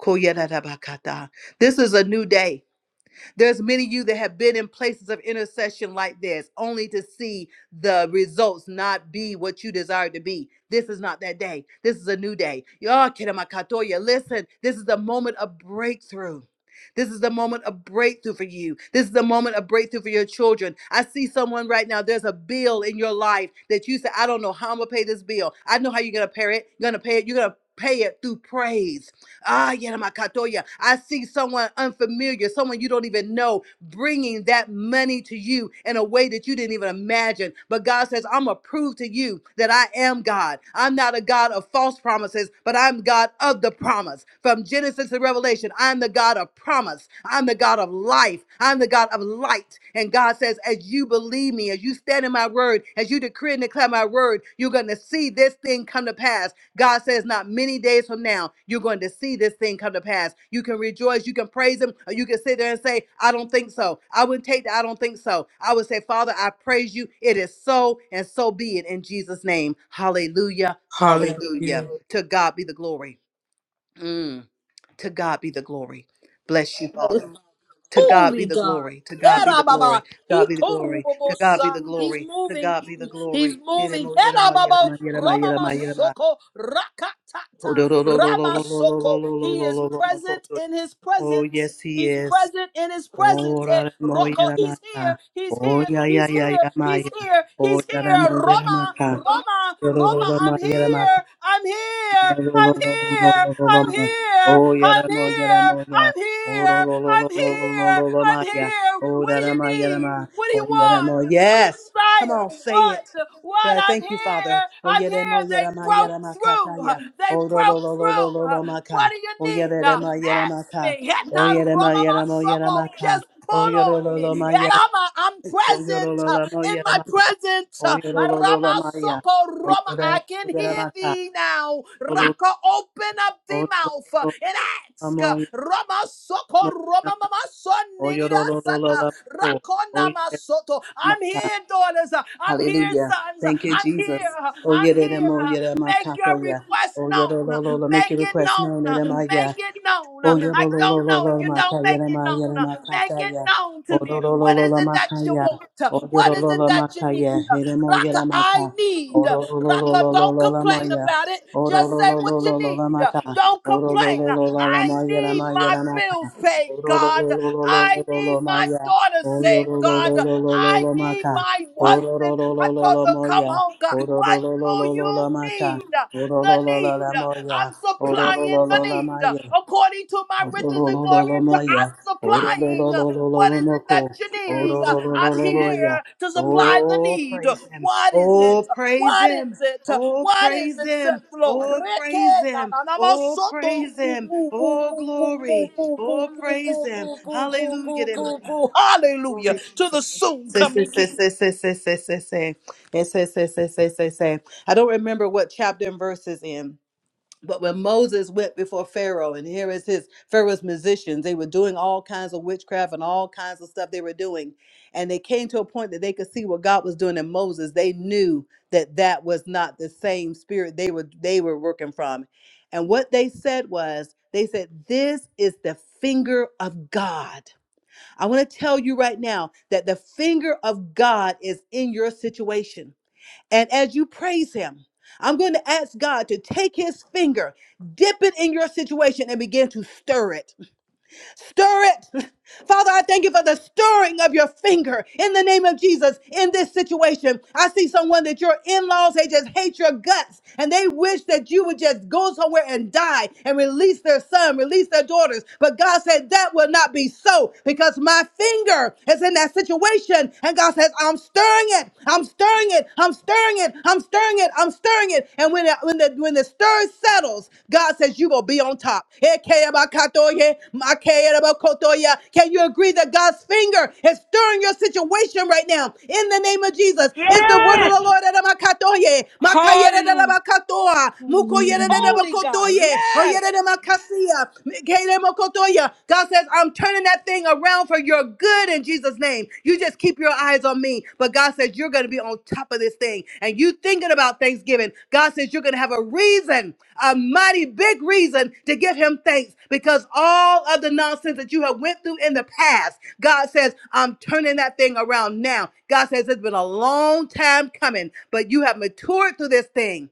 [SPEAKER 8] Koyerabakata. This is a new day. There's many of you that have been in places of intercession like this, only to see the results not be what you desire to be. This is not that day. This is a new day. Y'all, Katamakatoya, Listen, this is the moment of breakthrough. This is the moment of breakthrough for you. This is the moment of breakthrough for your children. I see someone right now. There's a bill in your life that you say, I don't know how I'm gonna pay this bill. I know how you're gonna pay it. You're gonna pay it. You're gonna pay it through praise. Ah, Yanamakatoya. I see someone unfamiliar, someone you don't even know, bringing that money to you in a way that you didn't even imagine. But God says, I'm going to prove to you that I am God. I'm not a God of false promises, but I'm God of the promise. From Genesis to Revelation, I'm the God of promise. I'm the God of life. I'm the God of light. And God says, as you believe me, as you stand in my word, as you decree, and declare my word, you're going to see this thing come to pass. God says, not many days from now, you're going to see this thing come to pass. You can rejoice, you can praise Him, or you can sit there and say, I don't think so. I wouldn't take that. I don't think so. I would say, Father, I praise you. It is so, and so be it in Jesus' name. Hallelujah. Hallelujah.
[SPEAKER 6] Hallelujah.
[SPEAKER 8] To God be the glory. Mm, to God be the glory. Bless you, Father. To God be
[SPEAKER 6] Holy
[SPEAKER 8] the
[SPEAKER 6] God.
[SPEAKER 8] glory. To God be the glory.
[SPEAKER 6] Erababaha.
[SPEAKER 8] God be the glory. To God be the
[SPEAKER 6] Itorobobosa. He's
[SPEAKER 8] glory. To
[SPEAKER 6] moving.
[SPEAKER 8] God be the
[SPEAKER 6] He's
[SPEAKER 8] glory.
[SPEAKER 6] moving.
[SPEAKER 8] Yirama yirama
[SPEAKER 6] Kedababo,
[SPEAKER 8] yirama yirama yirama yirama.
[SPEAKER 6] romamasoko, rakatata,
[SPEAKER 8] Oh do do do do do do do
[SPEAKER 6] ramasoko.
[SPEAKER 8] do
[SPEAKER 6] He is
[SPEAKER 8] do do do
[SPEAKER 6] present
[SPEAKER 8] do.
[SPEAKER 6] in his
[SPEAKER 8] Oh
[SPEAKER 6] presence.
[SPEAKER 8] yes he
[SPEAKER 6] He's
[SPEAKER 8] is.
[SPEAKER 6] present in his presence.
[SPEAKER 8] Oh
[SPEAKER 6] Eh,
[SPEAKER 8] yirama
[SPEAKER 6] Rocco,
[SPEAKER 8] yirama.
[SPEAKER 6] he's here. He's
[SPEAKER 8] Oh
[SPEAKER 6] here.
[SPEAKER 8] yah yah
[SPEAKER 6] He's
[SPEAKER 8] yah
[SPEAKER 6] here.
[SPEAKER 8] yah ma
[SPEAKER 6] He's
[SPEAKER 8] yah.
[SPEAKER 6] here.
[SPEAKER 8] Oh
[SPEAKER 6] He's here.
[SPEAKER 8] yirama
[SPEAKER 6] Roma,
[SPEAKER 8] yirama.
[SPEAKER 6] Roma, Roma,
[SPEAKER 8] Yirama
[SPEAKER 6] I'm
[SPEAKER 8] yirama.
[SPEAKER 6] here. I'm
[SPEAKER 8] Oh,
[SPEAKER 6] here. I'm here. I'm here. I'm here. I'm
[SPEAKER 8] Yaramo,
[SPEAKER 6] here.
[SPEAKER 8] Yaramo, ya.
[SPEAKER 6] I'm
[SPEAKER 8] Oh, lo,
[SPEAKER 6] here.
[SPEAKER 8] lo, lo,
[SPEAKER 6] I'm
[SPEAKER 8] lo, lo, lo, lo,
[SPEAKER 6] here.
[SPEAKER 8] lo, lo,
[SPEAKER 6] I'm
[SPEAKER 8] ma, ya.
[SPEAKER 6] here.
[SPEAKER 8] Oh,
[SPEAKER 6] What do you
[SPEAKER 8] Yarama,
[SPEAKER 6] need?
[SPEAKER 8] Yarama.
[SPEAKER 6] What do
[SPEAKER 8] Oh,
[SPEAKER 6] you want?
[SPEAKER 8] Yaramo,
[SPEAKER 6] What do you
[SPEAKER 8] yes. Come
[SPEAKER 6] desire?
[SPEAKER 8] on, say it.
[SPEAKER 6] What? What?
[SPEAKER 8] God,
[SPEAKER 6] I'm
[SPEAKER 8] thank you, Father.
[SPEAKER 6] here.
[SPEAKER 8] Oh,
[SPEAKER 6] I'm
[SPEAKER 8] Yaramo,
[SPEAKER 6] here. They
[SPEAKER 8] Yarama,
[SPEAKER 6] broke
[SPEAKER 8] Yarama,
[SPEAKER 6] through.
[SPEAKER 8] Kataya.
[SPEAKER 6] They
[SPEAKER 8] Oh, lo, lo,
[SPEAKER 6] broke
[SPEAKER 8] lo, lo,
[SPEAKER 6] through. What do you
[SPEAKER 8] Oh,
[SPEAKER 6] need? Uh,
[SPEAKER 8] Yarama, Yarama,
[SPEAKER 6] Ask me.
[SPEAKER 8] Oh,
[SPEAKER 6] Heta
[SPEAKER 8] Yarama,
[SPEAKER 6] roma
[SPEAKER 8] Yaramo, Yarama,
[SPEAKER 6] masoko. Just
[SPEAKER 8] Oh,
[SPEAKER 6] pull
[SPEAKER 8] Yoro,
[SPEAKER 6] on me. Yarama, I'm
[SPEAKER 8] Oh,
[SPEAKER 6] present
[SPEAKER 8] Yoro, lo,
[SPEAKER 6] uh, in my presence.
[SPEAKER 8] Oh,
[SPEAKER 6] uh,
[SPEAKER 8] Yoro,
[SPEAKER 6] Rama soko
[SPEAKER 8] Oh,
[SPEAKER 6] roma. I
[SPEAKER 8] Yarama,
[SPEAKER 6] can hear
[SPEAKER 8] Yarama,
[SPEAKER 6] thee now. Raka, open up the
[SPEAKER 8] Thank oh
[SPEAKER 6] mouth uh, and ask. uh, Rama soko Rama mama son
[SPEAKER 8] yeah.
[SPEAKER 6] nirida sata rakona masoto. I'm here, daughters. uh, I'm here, sons. uh, I'm here. uh, I'm here. uh, Make your request known. uh, Make it known. uh,
[SPEAKER 8] Lololemaya.
[SPEAKER 6] Make it known. uh,
[SPEAKER 8] Oh
[SPEAKER 6] I don't know if you
[SPEAKER 8] yorolololomakaya
[SPEAKER 6] don't make it known. uh, Make it
[SPEAKER 8] makataya.
[SPEAKER 6] known
[SPEAKER 8] Oh
[SPEAKER 6] to me. What is it that you
[SPEAKER 8] lololomakaya.
[SPEAKER 6] want? uh,
[SPEAKER 8] Oh
[SPEAKER 6] What is it that you need?
[SPEAKER 8] yorololomakaya.
[SPEAKER 6] Raka, I
[SPEAKER 8] maka.
[SPEAKER 6] need.
[SPEAKER 8] Oro lo lo lo
[SPEAKER 6] Raka,
[SPEAKER 8] lo lo
[SPEAKER 6] don't
[SPEAKER 8] lo la
[SPEAKER 6] complain
[SPEAKER 8] maya.
[SPEAKER 6] about it.
[SPEAKER 8] Oro
[SPEAKER 6] Just
[SPEAKER 8] lo
[SPEAKER 6] say
[SPEAKER 8] lo
[SPEAKER 6] what
[SPEAKER 8] lo
[SPEAKER 6] you
[SPEAKER 8] lo lo
[SPEAKER 6] need.
[SPEAKER 8] la maka.
[SPEAKER 6] Don't
[SPEAKER 8] Oro lo
[SPEAKER 6] complain.
[SPEAKER 8] lo lo lo la
[SPEAKER 6] I
[SPEAKER 8] maya la
[SPEAKER 6] need
[SPEAKER 8] maya
[SPEAKER 6] my
[SPEAKER 8] la maka.
[SPEAKER 6] bills paid,
[SPEAKER 8] Oro lo
[SPEAKER 6] God.
[SPEAKER 8] lo lo lo lo
[SPEAKER 6] I
[SPEAKER 8] lo lo
[SPEAKER 6] need my
[SPEAKER 8] maya.
[SPEAKER 6] daughter
[SPEAKER 8] Oro
[SPEAKER 6] saved,
[SPEAKER 8] lo lo lo
[SPEAKER 6] God.
[SPEAKER 8] lo lo lo
[SPEAKER 6] I
[SPEAKER 8] lo
[SPEAKER 6] need
[SPEAKER 8] maka.
[SPEAKER 6] my
[SPEAKER 8] Oro lo
[SPEAKER 6] husband.
[SPEAKER 8] lo lo
[SPEAKER 6] I
[SPEAKER 8] lo
[SPEAKER 6] thought
[SPEAKER 8] lo
[SPEAKER 6] to come
[SPEAKER 8] moya.
[SPEAKER 6] home, God.
[SPEAKER 8] Oro lo
[SPEAKER 6] What
[SPEAKER 8] lo lo lo
[SPEAKER 6] do
[SPEAKER 8] lo la
[SPEAKER 6] you
[SPEAKER 8] maka.
[SPEAKER 6] need?
[SPEAKER 8] Oro lo
[SPEAKER 6] The
[SPEAKER 8] lo lo
[SPEAKER 6] need.
[SPEAKER 8] la moya.
[SPEAKER 6] I'm
[SPEAKER 8] Oro lo
[SPEAKER 6] supplying
[SPEAKER 8] lo lo
[SPEAKER 6] the
[SPEAKER 8] la
[SPEAKER 6] need
[SPEAKER 8] maya.
[SPEAKER 6] according to my riches and glory. and to- I'm
[SPEAKER 8] Orololololomoya,
[SPEAKER 6] supplying. What is it that
[SPEAKER 8] orolololololomoko,
[SPEAKER 6] you need? I'm
[SPEAKER 8] orololololoya.
[SPEAKER 6] here to supply the
[SPEAKER 8] Oh,
[SPEAKER 6] need.
[SPEAKER 8] praise him.
[SPEAKER 6] What is
[SPEAKER 8] Oh,
[SPEAKER 6] it?
[SPEAKER 8] praise
[SPEAKER 6] What is
[SPEAKER 8] him.
[SPEAKER 6] it?
[SPEAKER 8] Oh,
[SPEAKER 6] What is
[SPEAKER 8] praise
[SPEAKER 6] it, says
[SPEAKER 8] him.
[SPEAKER 6] the Lord?
[SPEAKER 8] Oh,
[SPEAKER 6] Reke
[SPEAKER 8] praise
[SPEAKER 6] na
[SPEAKER 8] him.
[SPEAKER 6] na na ma
[SPEAKER 8] Oh,
[SPEAKER 6] soto
[SPEAKER 8] praise
[SPEAKER 6] ru
[SPEAKER 8] him.
[SPEAKER 6] bu bu
[SPEAKER 8] Oh,
[SPEAKER 6] bu bu bu
[SPEAKER 8] glory.
[SPEAKER 6] bu bu
[SPEAKER 8] Oh,
[SPEAKER 6] bu
[SPEAKER 8] praise
[SPEAKER 6] bu
[SPEAKER 8] him.
[SPEAKER 6] bu bu bu
[SPEAKER 8] Hallelujah.
[SPEAKER 6] bu
[SPEAKER 8] de my
[SPEAKER 6] bu
[SPEAKER 8] God.
[SPEAKER 6] bu. Hallelujah
[SPEAKER 8] Glory,
[SPEAKER 6] to
[SPEAKER 8] Jesus.
[SPEAKER 6] the soon
[SPEAKER 8] Say, say,
[SPEAKER 6] coming
[SPEAKER 8] say,
[SPEAKER 6] King.
[SPEAKER 8] say, say, say, say, say, say. Yes, say, say, say, say, say, say. I don't remember what chapter and verse is in but when Moses went before Pharaoh, and here is his Pharaoh's musicians, they were doing all kinds of witchcraft and all kinds of stuff they were doing. And they came to a point that they could see what God was doing in Moses. They knew that that was not the same spirit they were they were working from. And what they said was, they said, "This is the finger of God." I want to tell you right now that the finger of God is in your situation. And as you praise him, I'm going to ask God to take his finger, dip it in your situation, and begin to stir it. Stir it. Father, I thank you for the stirring of your finger in the name of Jesus in this situation. I see someone that your in laws, they just hate your guts and they wish that you would just go somewhere and die and release their son, release their daughters. But God said that will not be so because my finger is in that situation. And God says, I'm stirring it. I'm stirring it. I'm stirring it. I'm stirring it. I'm stirring it. And when, it, when, the, when the stir settles, God says, You will be on top. Can you agree that God's finger is stirring your situation right now? In the name of Jesus, it's the word
[SPEAKER 1] Yes.
[SPEAKER 8] of the Lord. Edamakatoye,
[SPEAKER 6] Hallelujah.
[SPEAKER 8] Makayadadabakatoa,
[SPEAKER 10] Hallelujah,
[SPEAKER 6] Holy God.
[SPEAKER 8] Mukoyadadabakotoye,
[SPEAKER 6] Yes.
[SPEAKER 8] Oyadadamakasiya, Mikayamokotoya. God says, I'm turning that thing around for your good in Jesus' name. You just keep your eyes on me. But God says, You're going to be on top of this thing. And you thinking about Thanksgiving. God says, You're going to have a reason a mighty big reason to give him thanks because all of the nonsense that you have went through in the past god says i'm turning that thing around now god says it's been a long time coming but you have matured through this thing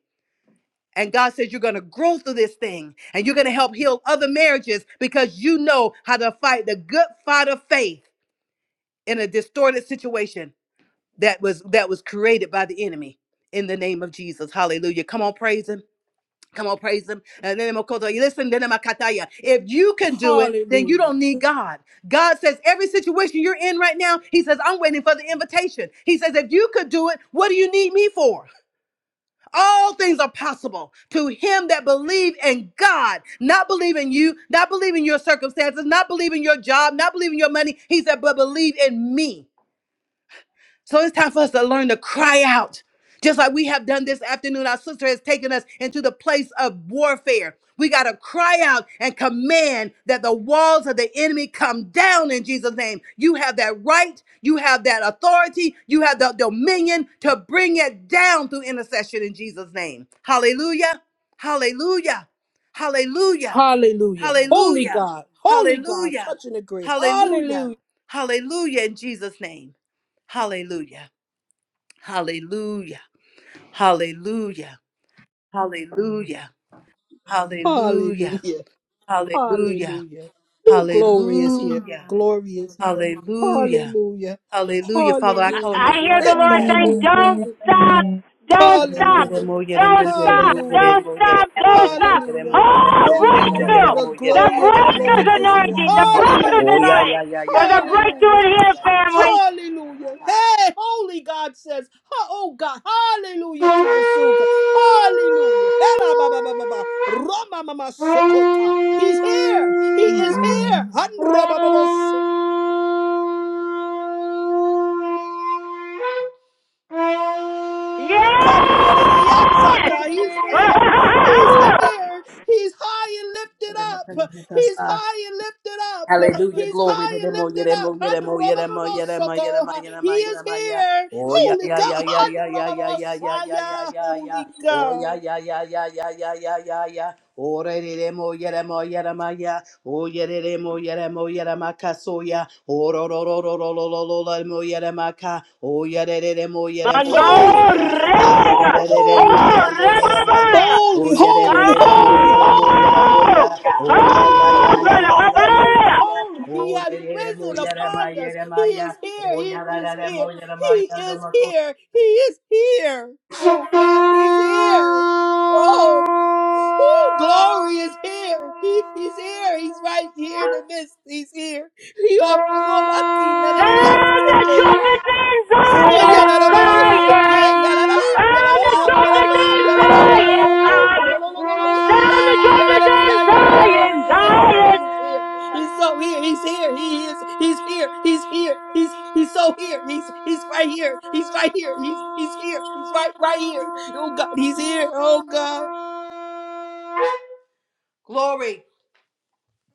[SPEAKER 8] and God says you're going to grow through this thing and you're going to help heal other marriages because you know how to fight the good fight of faith in a distorted situation that was that was created by the enemy in the name of Jesus. Hallelujah. Come on praise him. Come on, praise him. And then Makoto, you listen, then Makataya. If you can do it, then you
[SPEAKER 6] Hallelujah.
[SPEAKER 8] don't need God. God says every situation you're in right now, He says, I'm waiting for the invitation. He says, if you could do it, what do you need me for? All things are possible to him that believe in God, not believe in you, not believe in your circumstances, not believe in your job, not believe in your money. He said, but believe in me. So it's time for us to learn to cry out. Just like we have done this afternoon, our sister has taken us into the place of warfare. We got to cry out and command that the walls of the enemy come down in Jesus' name. You have that right, you have that authority, you have the dominion to bring it down through intercession in Jesus' name. Hallelujah! Hallelujah! Hallelujah!
[SPEAKER 6] Hallelujah. Holy
[SPEAKER 8] Hallelujah!
[SPEAKER 6] God. Holy God.
[SPEAKER 8] Hallelujah!
[SPEAKER 6] Touching the great.
[SPEAKER 8] Hallelujah!
[SPEAKER 6] Hallelujah.
[SPEAKER 8] Hallelujah in Jesus' name. Hallelujah. Hallelujah. Hallelujah. Hallelujah. Hallelujah.
[SPEAKER 6] Hallelujah.
[SPEAKER 8] Hallelujah.
[SPEAKER 6] Hallelujah. Who glory is here?
[SPEAKER 8] Hallelujah.
[SPEAKER 6] Glory is here.
[SPEAKER 8] Hallelujah.
[SPEAKER 6] Hallelujah.
[SPEAKER 8] Hallelujah. Father, I
[SPEAKER 1] I,
[SPEAKER 8] call on
[SPEAKER 6] Hallelujah.
[SPEAKER 8] the
[SPEAKER 1] hear
[SPEAKER 8] blood.
[SPEAKER 1] the Lord
[SPEAKER 6] Eta
[SPEAKER 1] saying,
[SPEAKER 10] hallelujah,
[SPEAKER 6] roma.
[SPEAKER 1] don't
[SPEAKER 10] glory to your
[SPEAKER 1] stop,
[SPEAKER 10] name.
[SPEAKER 8] Oh
[SPEAKER 1] don't stop,
[SPEAKER 8] yeah, yeah,
[SPEAKER 6] Hallelujah.
[SPEAKER 8] yeah, yeah, yeah,
[SPEAKER 1] don't
[SPEAKER 8] yeah,
[SPEAKER 1] stop,
[SPEAKER 8] yeah,
[SPEAKER 6] Hallelujah.
[SPEAKER 1] don't stop, don't stop.
[SPEAKER 6] Hallelujah.
[SPEAKER 10] Jesus.
[SPEAKER 1] Oh,
[SPEAKER 6] Holy God,
[SPEAKER 1] breakthrough!
[SPEAKER 6] the
[SPEAKER 1] The
[SPEAKER 6] glory of the
[SPEAKER 1] breaker's
[SPEAKER 6] Lord is here.
[SPEAKER 1] anointing, the breaker's
[SPEAKER 6] Hallelujah.
[SPEAKER 1] anointing.
[SPEAKER 8] yeah,
[SPEAKER 1] There's a
[SPEAKER 8] yeah,
[SPEAKER 1] breakthrough
[SPEAKER 6] Hallelujah.
[SPEAKER 1] in here,
[SPEAKER 8] yeah,
[SPEAKER 1] family.
[SPEAKER 8] yeah, my
[SPEAKER 6] Hallelujah. Hey, holy God says, ha- oh God, hallelujah to the Sukkah. Hallelujah. Hera ba ba ba ba ba.
[SPEAKER 8] God.
[SPEAKER 6] Rama ma sokota. He's here. He is here.
[SPEAKER 10] Hallelujah,
[SPEAKER 1] Yes!
[SPEAKER 6] Kanyereyasata. He's here. He's here.
[SPEAKER 1] *laughs*
[SPEAKER 6] He's high and lifted up. He's
[SPEAKER 8] Thank
[SPEAKER 6] high and lifted up.
[SPEAKER 8] Hallelujah,
[SPEAKER 6] He's
[SPEAKER 8] glory to
[SPEAKER 6] high and
[SPEAKER 8] them, oh, yeah,
[SPEAKER 6] lifted
[SPEAKER 8] them,
[SPEAKER 6] up.
[SPEAKER 8] oh, yeah, them, oh, yeah, them, oh, yeah, them, oh, yeah,
[SPEAKER 6] Androbababosoko.
[SPEAKER 8] them,
[SPEAKER 6] He
[SPEAKER 8] oh, yeah, them, oh, yeah,
[SPEAKER 6] is
[SPEAKER 8] them, oh, yeah.
[SPEAKER 6] here.
[SPEAKER 8] Oh, yeah,
[SPEAKER 6] Holy
[SPEAKER 8] yeah, yeah,
[SPEAKER 6] God.
[SPEAKER 8] yeah, yeah, yeah, yeah, yeah, yeah, yeah, yeah,
[SPEAKER 6] Androbababosaya.
[SPEAKER 8] yeah, yeah.
[SPEAKER 6] Holy
[SPEAKER 8] Oh,
[SPEAKER 6] God.
[SPEAKER 8] yeah, yeah, yeah, yeah, yeah, yeah, yeah, yeah, yeah. Oh, re, re, them, oh, yeah, them, oh, yeah, them, oh, yeah. Oh, yeah, re, them, oh, yeah, them, oh, yeah, them, oh, yeah. Oh, ro, ro, ro, ro, ro, ro, Ololola mo yere maka, o yere re re mo yere mo
[SPEAKER 1] Mando
[SPEAKER 8] yere mo
[SPEAKER 6] Holy.
[SPEAKER 8] ya, o yere
[SPEAKER 1] rega!
[SPEAKER 8] re re re mo
[SPEAKER 6] Holy.
[SPEAKER 1] Oh,
[SPEAKER 8] yere mo yere ma ya,
[SPEAKER 1] rebabaya!
[SPEAKER 8] o
[SPEAKER 6] Holy,
[SPEAKER 8] yere re
[SPEAKER 6] holy,
[SPEAKER 8] re re mo
[SPEAKER 6] holy,
[SPEAKER 8] yere mo
[SPEAKER 6] holy,
[SPEAKER 8] yere mo ya,
[SPEAKER 1] Oh!
[SPEAKER 6] holy,
[SPEAKER 8] o ya
[SPEAKER 6] holy,
[SPEAKER 8] ya ya
[SPEAKER 1] Oh,
[SPEAKER 8] ya
[SPEAKER 6] holy,
[SPEAKER 8] ya ya ya
[SPEAKER 6] holy,
[SPEAKER 8] ya ya,
[SPEAKER 1] rebabaya!
[SPEAKER 6] holy. He
[SPEAKER 8] o
[SPEAKER 6] has
[SPEAKER 8] re re re mo
[SPEAKER 6] risen
[SPEAKER 8] yere ma
[SPEAKER 6] upon us.
[SPEAKER 8] yere
[SPEAKER 6] He
[SPEAKER 8] ma ya,
[SPEAKER 6] is here.
[SPEAKER 8] o
[SPEAKER 6] He
[SPEAKER 8] ya re re
[SPEAKER 6] is
[SPEAKER 8] re mo
[SPEAKER 6] here.
[SPEAKER 8] yere
[SPEAKER 6] He
[SPEAKER 8] ma ya re
[SPEAKER 6] is
[SPEAKER 8] ma ko.
[SPEAKER 6] here. He is here. Oh God, he's here. Oh, oh glory is here. He, he's here. He's right here in the midst. He's here. He on
[SPEAKER 1] Down the
[SPEAKER 6] the
[SPEAKER 1] trumpets in
[SPEAKER 8] Glory,
[SPEAKER 6] so
[SPEAKER 1] Zion,
[SPEAKER 6] yalala shiki
[SPEAKER 1] Zion.
[SPEAKER 6] yalala
[SPEAKER 1] Down
[SPEAKER 6] yalala
[SPEAKER 1] the trumpets
[SPEAKER 6] yalala
[SPEAKER 1] in
[SPEAKER 6] yalala
[SPEAKER 1] Zion,
[SPEAKER 6] bosoto
[SPEAKER 1] Zion.
[SPEAKER 6] yolololo si
[SPEAKER 1] Down
[SPEAKER 6] ya
[SPEAKER 1] the
[SPEAKER 6] yalala
[SPEAKER 1] trumpets in
[SPEAKER 6] ya yalala
[SPEAKER 1] Zion,
[SPEAKER 6] he is here
[SPEAKER 1] Zion.
[SPEAKER 6] he's here he's so here he's here he is he's here he's here he's he's so here he's he's right here he's right here he's he's here he's right right here oh God he's here oh God
[SPEAKER 8] glory.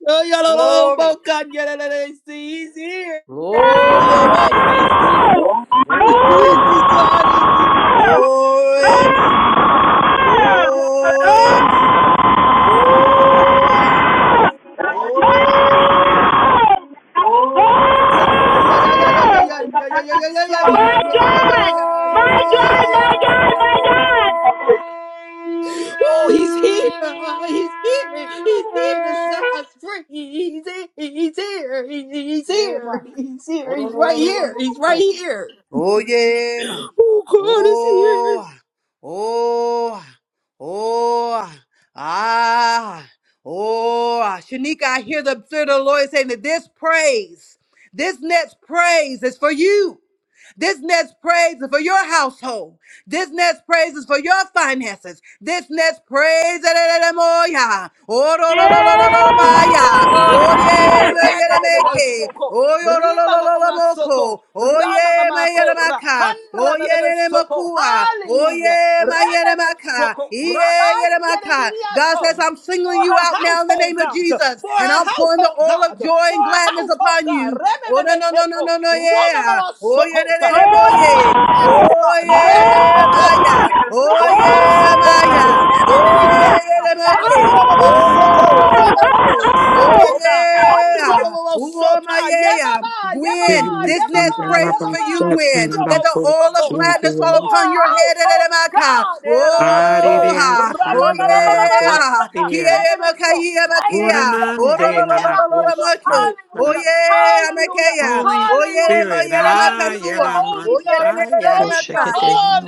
[SPEAKER 6] oh yalala oh God yalala see he's here
[SPEAKER 1] Oh!
[SPEAKER 8] Glory,
[SPEAKER 6] oh
[SPEAKER 8] Maya.
[SPEAKER 6] he's here
[SPEAKER 1] Oh!
[SPEAKER 8] Glory, man.
[SPEAKER 6] *laughs* God is here
[SPEAKER 8] Glory, man.
[SPEAKER 1] Oh!
[SPEAKER 8] Oh, Emma.
[SPEAKER 1] Oh!
[SPEAKER 8] Oh, Emma.
[SPEAKER 1] My God! My God!
[SPEAKER 8] Oh, Emma. Oh,
[SPEAKER 1] My God! My God!
[SPEAKER 6] Oh, he's here. He's here. He's here to set us free. He's here. He's here. He's
[SPEAKER 8] Emma. Emma.
[SPEAKER 6] here. He's here. He's right here. He's
[SPEAKER 8] Oh,
[SPEAKER 6] right here.
[SPEAKER 8] Oh yeah, ma.
[SPEAKER 6] Oh, God is here.
[SPEAKER 8] Oh, ah. oh, ah. oh, ah. ah, oh. ah. Shanika, I hear the Spirit of the Lord saying that this praise, this next praise is for you. This next praise is for your household. This next praise is for your finances. This next praise Ereremoya.
[SPEAKER 1] Yes!
[SPEAKER 8] Orolololololomaya.
[SPEAKER 6] Hallelujah. Rebebebe
[SPEAKER 8] Oyeyeyelemeke. yeah!
[SPEAKER 6] soko. Rima mama
[SPEAKER 8] Oyeyeyelemaka.
[SPEAKER 6] soto. Rama
[SPEAKER 8] yeah!
[SPEAKER 6] mama kora. Handra bebebe soko. Hallelujah. Rebebe
[SPEAKER 8] Oyeyeyelemaka.
[SPEAKER 6] soko. Rabanye
[SPEAKER 8] Iyeyeyelemaka. God says,
[SPEAKER 6] miniato.
[SPEAKER 8] I'm
[SPEAKER 6] For
[SPEAKER 8] singling you
[SPEAKER 6] her
[SPEAKER 8] out now in the
[SPEAKER 6] household,
[SPEAKER 8] name of
[SPEAKER 6] God.
[SPEAKER 8] Jesus,
[SPEAKER 6] For
[SPEAKER 8] and
[SPEAKER 6] her
[SPEAKER 8] I'm pouring the
[SPEAKER 6] household,
[SPEAKER 8] oil of
[SPEAKER 6] God.
[SPEAKER 8] joy
[SPEAKER 6] For
[SPEAKER 8] and
[SPEAKER 6] her
[SPEAKER 8] gladness
[SPEAKER 6] household,
[SPEAKER 8] upon
[SPEAKER 6] God.
[SPEAKER 8] you. Oh no
[SPEAKER 6] Rebebe
[SPEAKER 8] no no no
[SPEAKER 6] keto.
[SPEAKER 8] no no
[SPEAKER 6] Rama
[SPEAKER 8] yeah.
[SPEAKER 6] mama
[SPEAKER 8] Oh yeah
[SPEAKER 6] soko.
[SPEAKER 8] de de de
[SPEAKER 6] For
[SPEAKER 8] oh
[SPEAKER 6] her
[SPEAKER 8] yeah.
[SPEAKER 1] Oh!
[SPEAKER 6] finances,
[SPEAKER 8] Oh
[SPEAKER 6] God.
[SPEAKER 1] Oh!
[SPEAKER 8] yeah
[SPEAKER 6] Rebebe keta.
[SPEAKER 8] Maya. Oh
[SPEAKER 6] Ramama
[SPEAKER 8] yeah
[SPEAKER 6] Soko,
[SPEAKER 8] Maya.
[SPEAKER 6] Rememiketa,
[SPEAKER 8] Hey de moke.
[SPEAKER 6] Handrababo Soko,
[SPEAKER 8] Oh
[SPEAKER 6] Rimamama
[SPEAKER 8] moko. Oh
[SPEAKER 6] Seketa,
[SPEAKER 8] yeah.
[SPEAKER 6] Handrababo
[SPEAKER 8] Oh my
[SPEAKER 6] Sota,
[SPEAKER 8] yeah. yeah.
[SPEAKER 6] Yamama,
[SPEAKER 8] Gwen,
[SPEAKER 6] Yamama,
[SPEAKER 11] Holy
[SPEAKER 8] this next
[SPEAKER 11] Spirit,
[SPEAKER 6] Yamama,
[SPEAKER 8] praise is for you,
[SPEAKER 6] Yamama,
[SPEAKER 11] I
[SPEAKER 8] Gwen. That
[SPEAKER 6] Yamo
[SPEAKER 8] the all of
[SPEAKER 6] Soko,
[SPEAKER 8] gladness shall fall
[SPEAKER 6] for
[SPEAKER 8] upon
[SPEAKER 6] a
[SPEAKER 8] your head.
[SPEAKER 6] household
[SPEAKER 8] Erelemaka.
[SPEAKER 6] God,
[SPEAKER 8] Oh,
[SPEAKER 6] Eramaso,
[SPEAKER 8] ha. oh
[SPEAKER 6] Ramamama
[SPEAKER 8] yeah.
[SPEAKER 6] Sata, and it is
[SPEAKER 8] Kiemaka,
[SPEAKER 6] so, and it is
[SPEAKER 8] yemakia.
[SPEAKER 6] so,
[SPEAKER 8] Oh, lo,
[SPEAKER 6] and
[SPEAKER 8] lo,
[SPEAKER 6] it
[SPEAKER 8] lo, lo, lo,
[SPEAKER 6] cannot be
[SPEAKER 8] lo, lo,
[SPEAKER 6] avoided.
[SPEAKER 8] moke. Oh,
[SPEAKER 6] Hallelujah,
[SPEAKER 8] yeah.
[SPEAKER 6] hallelujah,
[SPEAKER 8] Amakea. Oh, yeah.
[SPEAKER 6] hallelujah,
[SPEAKER 8] mo, yeah,
[SPEAKER 6] hallelujah,
[SPEAKER 11] am
[SPEAKER 6] holy
[SPEAKER 8] Oh, yeah.
[SPEAKER 6] God,
[SPEAKER 8] le, le,
[SPEAKER 6] we
[SPEAKER 8] le,
[SPEAKER 11] Messiah.
[SPEAKER 6] thank
[SPEAKER 12] si
[SPEAKER 6] you,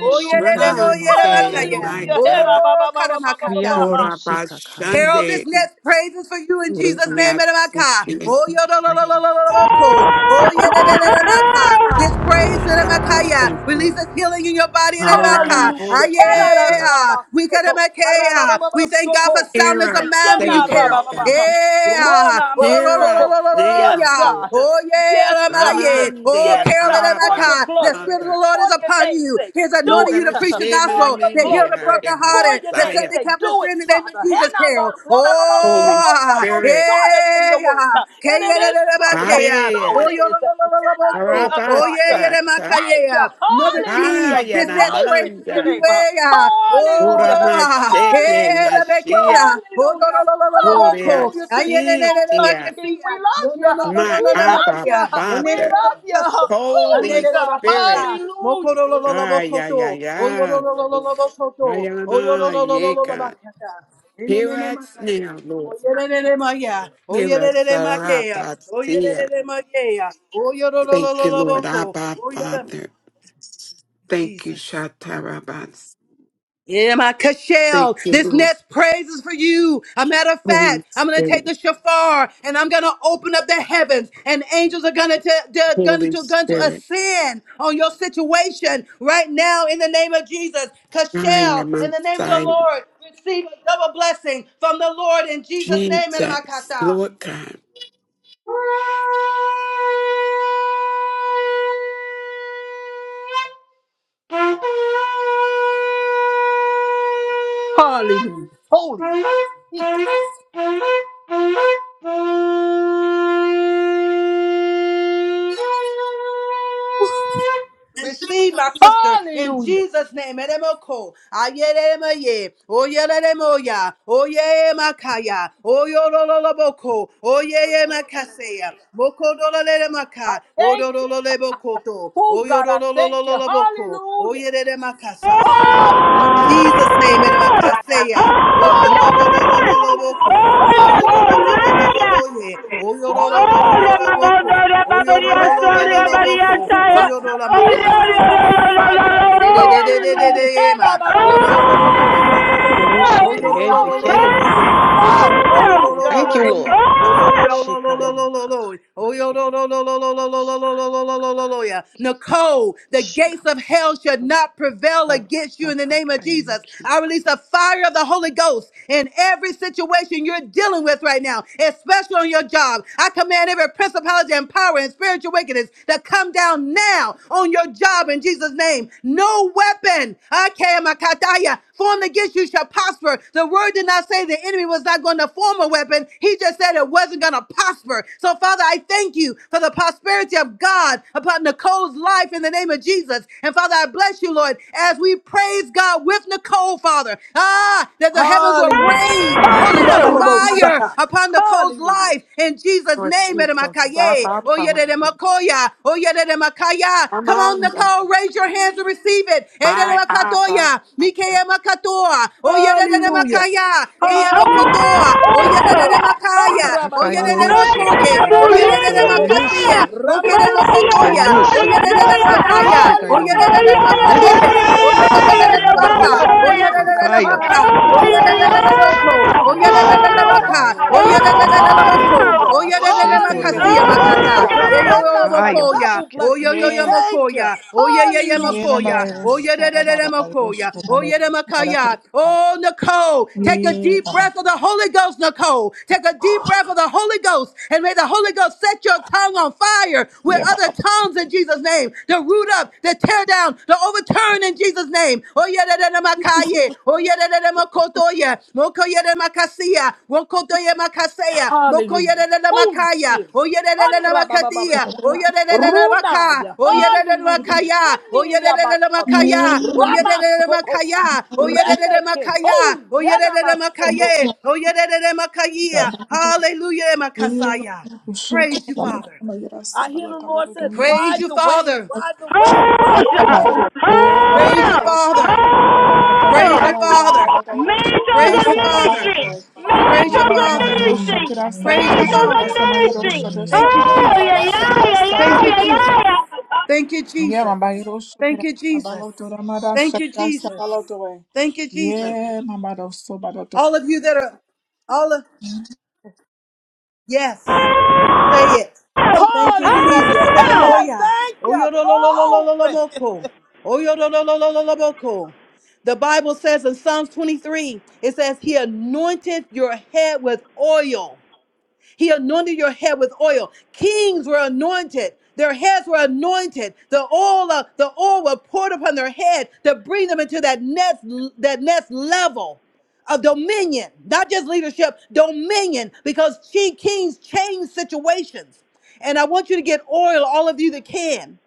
[SPEAKER 8] Oh,
[SPEAKER 12] si
[SPEAKER 8] yeah. le, le, mo,
[SPEAKER 11] Ramad
[SPEAKER 12] tarayama
[SPEAKER 8] yeah,
[SPEAKER 11] say,
[SPEAKER 12] kakaya
[SPEAKER 11] my
[SPEAKER 6] Hallelujah. Hey,
[SPEAKER 12] naneke.
[SPEAKER 11] God,
[SPEAKER 6] ba,
[SPEAKER 8] Oh,
[SPEAKER 6] ba, ba, ba, ba, ba, ba,
[SPEAKER 8] karamakata.
[SPEAKER 12] biara no
[SPEAKER 6] ba.
[SPEAKER 11] Ora
[SPEAKER 12] Bosheketeronosi tarayamakaakayaneke. Viaronosi
[SPEAKER 8] Carol, this
[SPEAKER 11] Bashande,
[SPEAKER 8] next
[SPEAKER 12] prakayamokukuibesh.
[SPEAKER 8] praise is for you in
[SPEAKER 11] Ora
[SPEAKER 8] Jesus' name. Edamaka.
[SPEAKER 11] Yatsute.
[SPEAKER 8] Oh, yo, lo, lo, lo, lo, lo,
[SPEAKER 12] Bayanonosh.
[SPEAKER 8] lo, lo, ko. Oh, yeah, da, da, da, da, maka.
[SPEAKER 1] Oh!
[SPEAKER 8] This
[SPEAKER 11] Oh
[SPEAKER 8] praise,
[SPEAKER 11] God, I
[SPEAKER 8] Edamakaya,
[SPEAKER 11] thank you.
[SPEAKER 8] releases healing in your body. Edamaka.
[SPEAKER 11] Ayara
[SPEAKER 8] Ah,
[SPEAKER 6] Hallelujah.
[SPEAKER 11] Boshandia.
[SPEAKER 8] yeah. We got
[SPEAKER 6] Harararabasoko.
[SPEAKER 8] Edamakaya. We thank God for
[SPEAKER 6] Arabababasoko.
[SPEAKER 8] sound
[SPEAKER 11] Hear
[SPEAKER 8] as a
[SPEAKER 11] us,
[SPEAKER 8] man for
[SPEAKER 11] say,
[SPEAKER 8] you,
[SPEAKER 11] Lord
[SPEAKER 8] Carol.
[SPEAKER 6] Yanarababaha.
[SPEAKER 11] God.
[SPEAKER 8] Yeah. Oh, lo,
[SPEAKER 11] Hear
[SPEAKER 8] lo,
[SPEAKER 11] us
[SPEAKER 8] lo,
[SPEAKER 6] Ronamasoko.
[SPEAKER 8] lo, lo, lo, lo,
[SPEAKER 6] Yes,
[SPEAKER 11] now,
[SPEAKER 8] yeah.
[SPEAKER 11] Lord.
[SPEAKER 6] God.
[SPEAKER 8] Oh, yeah,
[SPEAKER 6] Yes, God.
[SPEAKER 8] Edamaya. Oh,
[SPEAKER 6] Yes,
[SPEAKER 11] Ramande
[SPEAKER 8] Carol,
[SPEAKER 6] God. For
[SPEAKER 8] Edamakaya.
[SPEAKER 11] Abba
[SPEAKER 6] your
[SPEAKER 8] The
[SPEAKER 6] glory.
[SPEAKER 8] Spirit of
[SPEAKER 11] Father.
[SPEAKER 8] the Lord
[SPEAKER 6] For
[SPEAKER 8] is
[SPEAKER 6] your
[SPEAKER 8] upon
[SPEAKER 6] name's
[SPEAKER 8] you.
[SPEAKER 6] sake.
[SPEAKER 8] He is
[SPEAKER 6] Do
[SPEAKER 8] anointing you to
[SPEAKER 6] it.
[SPEAKER 8] preach
[SPEAKER 6] *laughs*
[SPEAKER 8] the
[SPEAKER 6] For
[SPEAKER 11] Shema
[SPEAKER 8] gospel,
[SPEAKER 6] your
[SPEAKER 8] to heal
[SPEAKER 11] Mende
[SPEAKER 8] the
[SPEAKER 6] glory.
[SPEAKER 11] Aya
[SPEAKER 6] For
[SPEAKER 8] brokenhearted,
[SPEAKER 6] your
[SPEAKER 8] to set
[SPEAKER 6] name's
[SPEAKER 11] Messiah.
[SPEAKER 8] the
[SPEAKER 6] sake.
[SPEAKER 8] captives
[SPEAKER 6] Do
[SPEAKER 8] free
[SPEAKER 6] it,
[SPEAKER 8] in the name of
[SPEAKER 6] Father.
[SPEAKER 8] Jesus, Carol. Oh,
[SPEAKER 11] Holy
[SPEAKER 6] Hanamarabababasoko. You're
[SPEAKER 8] ah,
[SPEAKER 6] no
[SPEAKER 11] Spirit.
[SPEAKER 6] shorter than your
[SPEAKER 8] yeah.
[SPEAKER 6] word.
[SPEAKER 8] ah.
[SPEAKER 6] And it is so.
[SPEAKER 8] K-ya-da-da-da-ba-K-ya.
[SPEAKER 6] So
[SPEAKER 8] Oh,
[SPEAKER 6] it
[SPEAKER 11] Areya.
[SPEAKER 6] is. Cannot be
[SPEAKER 8] yo-lo-lo-lo-lo-lo-bo-ko. Oh, yeah,
[SPEAKER 6] otherwise.
[SPEAKER 8] yeah, that my
[SPEAKER 11] Rabasata.
[SPEAKER 6] Thank you.
[SPEAKER 8] K-ya. Mother Jean,
[SPEAKER 6] Hallelujah.
[SPEAKER 8] this next
[SPEAKER 6] Glory
[SPEAKER 8] praise is
[SPEAKER 6] to
[SPEAKER 8] for
[SPEAKER 6] your
[SPEAKER 11] Ayanamanda.
[SPEAKER 8] you.
[SPEAKER 6] name.
[SPEAKER 8] eh, ah.
[SPEAKER 6] Hallelujah.
[SPEAKER 8] Oh, ah,
[SPEAKER 11] Uramasheke
[SPEAKER 8] yeah,
[SPEAKER 6] Hallelujah.
[SPEAKER 8] that my
[SPEAKER 11] Mashiach.
[SPEAKER 8] K-ya. Oh,
[SPEAKER 6] Hallelujah.
[SPEAKER 11] Gloria
[SPEAKER 8] lo-lo-lo-lo-lo-lo-bo-ko.
[SPEAKER 6] Hallelujah
[SPEAKER 8] Ah,
[SPEAKER 6] to your
[SPEAKER 8] yeah, that- that-
[SPEAKER 6] soon
[SPEAKER 8] that- that
[SPEAKER 6] coming
[SPEAKER 11] Sitia.
[SPEAKER 8] my
[SPEAKER 6] King.
[SPEAKER 8] K-ya.
[SPEAKER 6] We
[SPEAKER 8] No,
[SPEAKER 6] love
[SPEAKER 8] no,
[SPEAKER 6] you.
[SPEAKER 8] no, no, no,
[SPEAKER 11] My
[SPEAKER 8] no,
[SPEAKER 6] We
[SPEAKER 8] that my
[SPEAKER 6] love
[SPEAKER 11] Abba
[SPEAKER 8] K-ya.
[SPEAKER 6] you.
[SPEAKER 8] Oh, no,
[SPEAKER 6] We
[SPEAKER 8] no,
[SPEAKER 11] Father.
[SPEAKER 8] no,
[SPEAKER 6] love
[SPEAKER 8] no, my
[SPEAKER 6] you.
[SPEAKER 8] K-ya.
[SPEAKER 6] Holy
[SPEAKER 11] Holy
[SPEAKER 6] God.
[SPEAKER 8] Yanerabakasa,
[SPEAKER 11] Spirit.
[SPEAKER 6] Hallelujah.
[SPEAKER 11] Ay, ay,
[SPEAKER 8] mokorololobokoto,
[SPEAKER 11] ay, ay.
[SPEAKER 8] oyorolololobokoto,
[SPEAKER 11] Ayana Yeka.
[SPEAKER 8] oyorolololobakasa,
[SPEAKER 11] Hear us
[SPEAKER 8] enenenemakase,
[SPEAKER 11] now, Lord.
[SPEAKER 8] oyererelemaya,
[SPEAKER 11] Hear us, our
[SPEAKER 8] oyerereremakea,
[SPEAKER 11] Abba, see
[SPEAKER 8] oyerereremakea,
[SPEAKER 11] Thank you, Lord,
[SPEAKER 8] oyorolololoboko,
[SPEAKER 11] Abba,
[SPEAKER 8] oyorama.
[SPEAKER 11] Father. Thank you,
[SPEAKER 8] Jesus.
[SPEAKER 11] Shatarabas.
[SPEAKER 8] Yeah, my Cashel,
[SPEAKER 11] Thank you,
[SPEAKER 8] this
[SPEAKER 11] Lord,
[SPEAKER 8] next praise is for you. A matter of fact,
[SPEAKER 11] Holy
[SPEAKER 8] I'm gonna take
[SPEAKER 11] Spirit,
[SPEAKER 8] the shofar and I'm gonna open up the heavens, and angels are gonna to, to, gonna
[SPEAKER 11] Holy
[SPEAKER 8] to going to to
[SPEAKER 11] Spirit.
[SPEAKER 8] ascend on your situation right now in the name of Jesus.
[SPEAKER 11] I
[SPEAKER 8] Cashel,
[SPEAKER 11] am
[SPEAKER 8] in the name of the
[SPEAKER 11] outside,
[SPEAKER 8] Lord, receive a double blessing from the Lord in Jesus' name.
[SPEAKER 11] Jesus,
[SPEAKER 8] Edemakata.
[SPEAKER 11] Lord God.
[SPEAKER 8] *laughs* Thank you.
[SPEAKER 6] Hallelujah. Holy.
[SPEAKER 8] Receive my sister in
[SPEAKER 6] Hallelujah.
[SPEAKER 8] Jesus' name. Eremoko. Ayeremaye. Oyeremoya. Oyemakaya. Oyololoboko. Oyemakaseya.
[SPEAKER 6] I
[SPEAKER 8] Mokodolelemaka.
[SPEAKER 6] thank you.
[SPEAKER 8] Odololebokoto.
[SPEAKER 6] Oh God, I thank you.
[SPEAKER 8] Oyolololoboko.
[SPEAKER 6] Hallelujah.
[SPEAKER 1] Oh!
[SPEAKER 8] Oyeremakasaya. In
[SPEAKER 6] Hallelujah.
[SPEAKER 8] Jesus' name, Edemakaseya. Moko do do lo lo
[SPEAKER 6] Hallelujah.
[SPEAKER 8] lo lo moko. Oyo lo lo lo
[SPEAKER 6] Hallelujah.
[SPEAKER 8] lo lo lo lo ye. Oyo lo lo lo lo lo lo moko.
[SPEAKER 6] Onanamashata.
[SPEAKER 8] Oyo lo lo lo lo lo lo
[SPEAKER 6] Remenido
[SPEAKER 8] moko.
[SPEAKER 6] sukuta.
[SPEAKER 8] Oyo do la makasa.
[SPEAKER 6] Hirorobo saya. Hallelujah.
[SPEAKER 8] Yededededededema.
[SPEAKER 6] Herababababababasata.
[SPEAKER 8] Oyorololololololomo.
[SPEAKER 6] And it is so, it is, it is
[SPEAKER 8] Oyorolololololoye.
[SPEAKER 6] so. Holy
[SPEAKER 12] Ayamokorosete-yebekeronobaibosionoku. Thank
[SPEAKER 6] God.
[SPEAKER 12] you, Lord.
[SPEAKER 8] Oyorololololololomo. Oyorolololololololo.
[SPEAKER 12] Shikayamakakayamaki.
[SPEAKER 8] Oyorololololololololololoya.
[SPEAKER 12] Shikayamakakayamaki.
[SPEAKER 8] Nicole, the gates of hell should not prevail against you in the name of Jesus.
[SPEAKER 12] Shikapapapapapapapakayamaki.
[SPEAKER 8] I release the fire of the Holy Ghost in every situation you're dealing with right now, especially on your job. I command every principality and power and spiritual situations that come down now on your job in Jesus' name. No weapon, Akayamakataya, formed against you shall prosper. The word did not say the enemy was not going to form a weapon. He just said it wasn't going to prosper. So, Father, I thank you for the prosperity of God upon Nicole's life in the name of Jesus. And, Father, I bless you, Lord, as we praise God with Nicole, Father. Ah, that the heavens will
[SPEAKER 6] Hallelujah.
[SPEAKER 8] rain Holy Ghost fire
[SPEAKER 6] Hanrabababosaka.
[SPEAKER 8] upon the coast
[SPEAKER 6] Hallelujah.
[SPEAKER 8] life in Jesus'
[SPEAKER 11] Lord
[SPEAKER 8] name.
[SPEAKER 11] Jesus,
[SPEAKER 8] Edemakaye,
[SPEAKER 11] Abba, Father.
[SPEAKER 8] oyedemakoya, oyedemakoya.
[SPEAKER 11] Come
[SPEAKER 8] Come on,
[SPEAKER 11] on,
[SPEAKER 8] Nicole, raise your hands and receive it.
[SPEAKER 11] my Abba,
[SPEAKER 8] Edemakatoya,
[SPEAKER 11] Father.
[SPEAKER 8] mikeyemakatoa,
[SPEAKER 6] Hallelujah.
[SPEAKER 8] oyedemakaya,
[SPEAKER 6] Hallelujah.
[SPEAKER 8] eyemokotoa,
[SPEAKER 6] Holy God.
[SPEAKER 8] oyedemakaya,
[SPEAKER 6] Andrababasaka.
[SPEAKER 1] Manda
[SPEAKER 8] oyedemakoye,
[SPEAKER 1] la burrimi
[SPEAKER 12] Akakayororosekeberanosokoyan. And it is
[SPEAKER 6] Erobabasokota.
[SPEAKER 1] india.
[SPEAKER 12] so.
[SPEAKER 8] oyedemakasia,
[SPEAKER 1] Manda ya
[SPEAKER 12] And it
[SPEAKER 8] okedemokotoya,
[SPEAKER 6] Ramamasukota.
[SPEAKER 12] is
[SPEAKER 1] suri ya
[SPEAKER 12] so.
[SPEAKER 6] Yes,
[SPEAKER 1] doya
[SPEAKER 6] God.
[SPEAKER 1] haya.
[SPEAKER 8] oyedemakaya,
[SPEAKER 1] Ay,
[SPEAKER 6] Hallelujah.
[SPEAKER 1] ay, ay,
[SPEAKER 12] Shikayoronokoyan. And it
[SPEAKER 1] ay,
[SPEAKER 12] is so.
[SPEAKER 1] ay,
[SPEAKER 8] oyedemakatea,
[SPEAKER 6] Hallelujah.
[SPEAKER 1] ay,
[SPEAKER 8] Oh yeah,
[SPEAKER 6] We
[SPEAKER 8] la la la
[SPEAKER 1] ay,
[SPEAKER 8] la
[SPEAKER 2] Glory!
[SPEAKER 6] thank
[SPEAKER 1] ya
[SPEAKER 6] you,
[SPEAKER 8] la
[SPEAKER 2] Ya ba
[SPEAKER 6] God,
[SPEAKER 2] ba
[SPEAKER 8] baka.
[SPEAKER 1] basta
[SPEAKER 6] for
[SPEAKER 12] Yaranambrosa
[SPEAKER 2] ba
[SPEAKER 8] Oh
[SPEAKER 2] yo
[SPEAKER 8] yeah,
[SPEAKER 1] ya.
[SPEAKER 8] la
[SPEAKER 2] soke
[SPEAKER 8] la
[SPEAKER 6] breakthrough
[SPEAKER 2] da
[SPEAKER 8] la
[SPEAKER 6] through her
[SPEAKER 8] la
[SPEAKER 12] yamakakaya
[SPEAKER 2] saba
[SPEAKER 6] heart.
[SPEAKER 8] maka.
[SPEAKER 2] loto de
[SPEAKER 12] lakete
[SPEAKER 8] Oh
[SPEAKER 1] Ay,
[SPEAKER 2] ma
[SPEAKER 8] yeah, la
[SPEAKER 1] ay,
[SPEAKER 8] la
[SPEAKER 2] loto
[SPEAKER 1] ay.
[SPEAKER 12] yamaki.
[SPEAKER 8] la
[SPEAKER 2] we.
[SPEAKER 8] la
[SPEAKER 6] Ramamamaso on her
[SPEAKER 8] moko.
[SPEAKER 6] job.
[SPEAKER 8] Oh yeah,
[SPEAKER 6] We
[SPEAKER 8] la
[SPEAKER 2] Ha
[SPEAKER 8] la
[SPEAKER 6] thank
[SPEAKER 8] la
[SPEAKER 2] ya
[SPEAKER 6] you
[SPEAKER 8] la
[SPEAKER 2] ba ba
[SPEAKER 6] for
[SPEAKER 12] Yasheketa
[SPEAKER 2] ba ba
[SPEAKER 8] baka.
[SPEAKER 2] yo
[SPEAKER 8] Oh yeah,
[SPEAKER 6] prosperity.
[SPEAKER 12] yamakakaya
[SPEAKER 8] la la la la
[SPEAKER 12] laki.
[SPEAKER 8] la
[SPEAKER 2] de
[SPEAKER 8] moko.
[SPEAKER 2] ma
[SPEAKER 6] Hallelujah.
[SPEAKER 8] Oh yeah, la la
[SPEAKER 2] I
[SPEAKER 8] la
[SPEAKER 2] receive
[SPEAKER 1] Ah, ah,
[SPEAKER 2] it.
[SPEAKER 1] ah,
[SPEAKER 2] I
[SPEAKER 6] Hallelujah.
[SPEAKER 8] makasiya
[SPEAKER 2] ba
[SPEAKER 12] Shekoronobayo
[SPEAKER 2] yo
[SPEAKER 6] Glory to
[SPEAKER 8] makata.
[SPEAKER 2] sa
[SPEAKER 12] bakoko
[SPEAKER 6] God.
[SPEAKER 8] Eh
[SPEAKER 1] God.
[SPEAKER 8] yo yo yo
[SPEAKER 6] And
[SPEAKER 12] yamakaya
[SPEAKER 2] ba
[SPEAKER 8] mokoya.
[SPEAKER 6] double
[SPEAKER 12] bachike
[SPEAKER 8] Oh
[SPEAKER 6] blessing.
[SPEAKER 8] yo yo
[SPEAKER 6] We
[SPEAKER 12] yamaki.
[SPEAKER 8] yo
[SPEAKER 2] Yeah.
[SPEAKER 6] thank you.
[SPEAKER 8] mokoya. Oh yeah, yeah, yeah, yeah, yeah, yeah, yeah, yeah, yeah, Makasiya
[SPEAKER 2] Yeah,
[SPEAKER 6] Hallelujah.
[SPEAKER 2] ba ba
[SPEAKER 8] Makata. yo, yo,
[SPEAKER 2] yo
[SPEAKER 12] Shekaya ma-
[SPEAKER 2] Yeah. Yeah ba ba ba yo sa ba ba
[SPEAKER 8] Oyelelelelebaka, yeah, oyeleleleleboko, oyelelelelebaka, oyeleleleleboko, oyelelelelebakasiyamakata, eyoyoyomokoya, oyoyoyomokoya, oyeyeyemokoya, oyelelelelemokoya, oyedemakaya. Oh, Nicole, take a
[SPEAKER 2] Yeah
[SPEAKER 8] deep
[SPEAKER 2] ba
[SPEAKER 8] breath of the Holy Ghost, Nicole. Take a deep breath of the Holy Ghost, and may the Holy Ghost set your tongue on fire with
[SPEAKER 2] Yeah ba
[SPEAKER 8] other tongues in Jesus' name to root up, to tear down, to overturn in Jesus' name. Oh yeah, da da da makaye. Oh yeah, da da da makotoya. Moko yeah da makasiya. Mokoto yeah makaseya. Moko yeah
[SPEAKER 6] Hallelujah.
[SPEAKER 8] da da da
[SPEAKER 6] Holy
[SPEAKER 8] makaya.
[SPEAKER 6] Spirit.
[SPEAKER 8] Oh yeah, da da da da makatiya. Oh
[SPEAKER 6] Andrabababasata.
[SPEAKER 8] yeah, da da da da maka.
[SPEAKER 6] Runaya.
[SPEAKER 8] Oh yeah, da da da
[SPEAKER 6] Hallelujah.
[SPEAKER 8] makaya. Oh yeah, da da da da
[SPEAKER 6] Eniriabasato.
[SPEAKER 2] Yeah ba
[SPEAKER 8] makaya. Oh yeah, da da da
[SPEAKER 6] Ramasokota.
[SPEAKER 8] makaya. Oh
[SPEAKER 2] ba ba Yeah ba
[SPEAKER 8] yeah, da da da
[SPEAKER 6] Remeke.
[SPEAKER 8] makaya.
[SPEAKER 6] Holy.
[SPEAKER 8] Oh yeah, da da da
[SPEAKER 6] Yanamasoto.
[SPEAKER 8] makaye. Oh yeah, da da da makaya. Hallelujah, makasaya. Praise you, Father.
[SPEAKER 2] de ma ya sa
[SPEAKER 6] I
[SPEAKER 2] ba
[SPEAKER 6] hear the Lord says,
[SPEAKER 8] Praise
[SPEAKER 6] ride
[SPEAKER 8] you,
[SPEAKER 6] the wave,
[SPEAKER 8] Father.
[SPEAKER 6] ride the wave, ride the wave.
[SPEAKER 2] Rastapa.
[SPEAKER 1] Hold!
[SPEAKER 2] Oh, Baba
[SPEAKER 8] Praise your
[SPEAKER 2] Bayro
[SPEAKER 1] Hold!
[SPEAKER 8] Father.
[SPEAKER 2] Shokira Sabala
[SPEAKER 8] Praise your
[SPEAKER 1] Hold!
[SPEAKER 2] Dadayava Yiraba
[SPEAKER 8] Father.
[SPEAKER 2] Dadayro
[SPEAKER 1] Mantles
[SPEAKER 2] Baba,
[SPEAKER 8] Praise
[SPEAKER 1] of
[SPEAKER 8] your Father.
[SPEAKER 1] ministry!
[SPEAKER 2] Sababayatoi.
[SPEAKER 6] My God.
[SPEAKER 8] Praise your
[SPEAKER 1] Mantles
[SPEAKER 2] Yema
[SPEAKER 1] of
[SPEAKER 2] Mama
[SPEAKER 8] Father.
[SPEAKER 2] Yro
[SPEAKER 1] ministry!
[SPEAKER 10] hallelujah, hallelujah, hallelujah,
[SPEAKER 2] Shokira
[SPEAKER 10] glory to
[SPEAKER 8] Praise
[SPEAKER 2] Samano
[SPEAKER 8] your
[SPEAKER 10] your
[SPEAKER 1] Mantles
[SPEAKER 10] name.
[SPEAKER 1] of
[SPEAKER 2] Shokira
[SPEAKER 8] Father.
[SPEAKER 2] Samayro
[SPEAKER 1] ministry!
[SPEAKER 2] Shoda
[SPEAKER 10] Hallelujah,
[SPEAKER 8] Thank you,
[SPEAKER 10] thank
[SPEAKER 1] Oh,
[SPEAKER 2] Samarata
[SPEAKER 10] you,
[SPEAKER 8] Jesus.
[SPEAKER 1] yeah,
[SPEAKER 2] Bala
[SPEAKER 10] Jesus.
[SPEAKER 1] yeah,
[SPEAKER 2] Shakira
[SPEAKER 1] yeah,
[SPEAKER 8] Thank
[SPEAKER 1] yeah,
[SPEAKER 8] you,
[SPEAKER 2] Sabadatoi.
[SPEAKER 1] yeah,
[SPEAKER 8] Jesus.
[SPEAKER 1] yeah,
[SPEAKER 8] Thank you, Jesus.
[SPEAKER 2] Yema Bayro
[SPEAKER 8] Thank
[SPEAKER 2] Shokira
[SPEAKER 8] you, Jesus.
[SPEAKER 2] Sabalotora Mada
[SPEAKER 8] Thank you,
[SPEAKER 2] Shakira
[SPEAKER 8] Jesus.
[SPEAKER 2] Sabalotoi.
[SPEAKER 8] Thank you, Jesus.
[SPEAKER 2] Yeah, Mama Sobadoto.
[SPEAKER 8] All of you that are, all of, yes, say
[SPEAKER 1] yeah!
[SPEAKER 8] it.
[SPEAKER 1] Oh!
[SPEAKER 8] Thank you, Jesus.
[SPEAKER 6] Hallelujah.
[SPEAKER 1] Oh!
[SPEAKER 6] Hey,
[SPEAKER 8] Hallelujah.
[SPEAKER 6] thank you. Glory. *laughs*
[SPEAKER 8] Oyodolololololomoko. Oyodololololomoko. The Bible says in Psalms 23, it says, He anointed your head with oil. He anointed your head with oil. Kings were anointed. Their heads were anointed. The oil, of, the oil was poured upon their head to bring them into that next, that next level of dominion, not just leadership, dominion, because she, kings change situations. And I want you to get oil, all of you that can.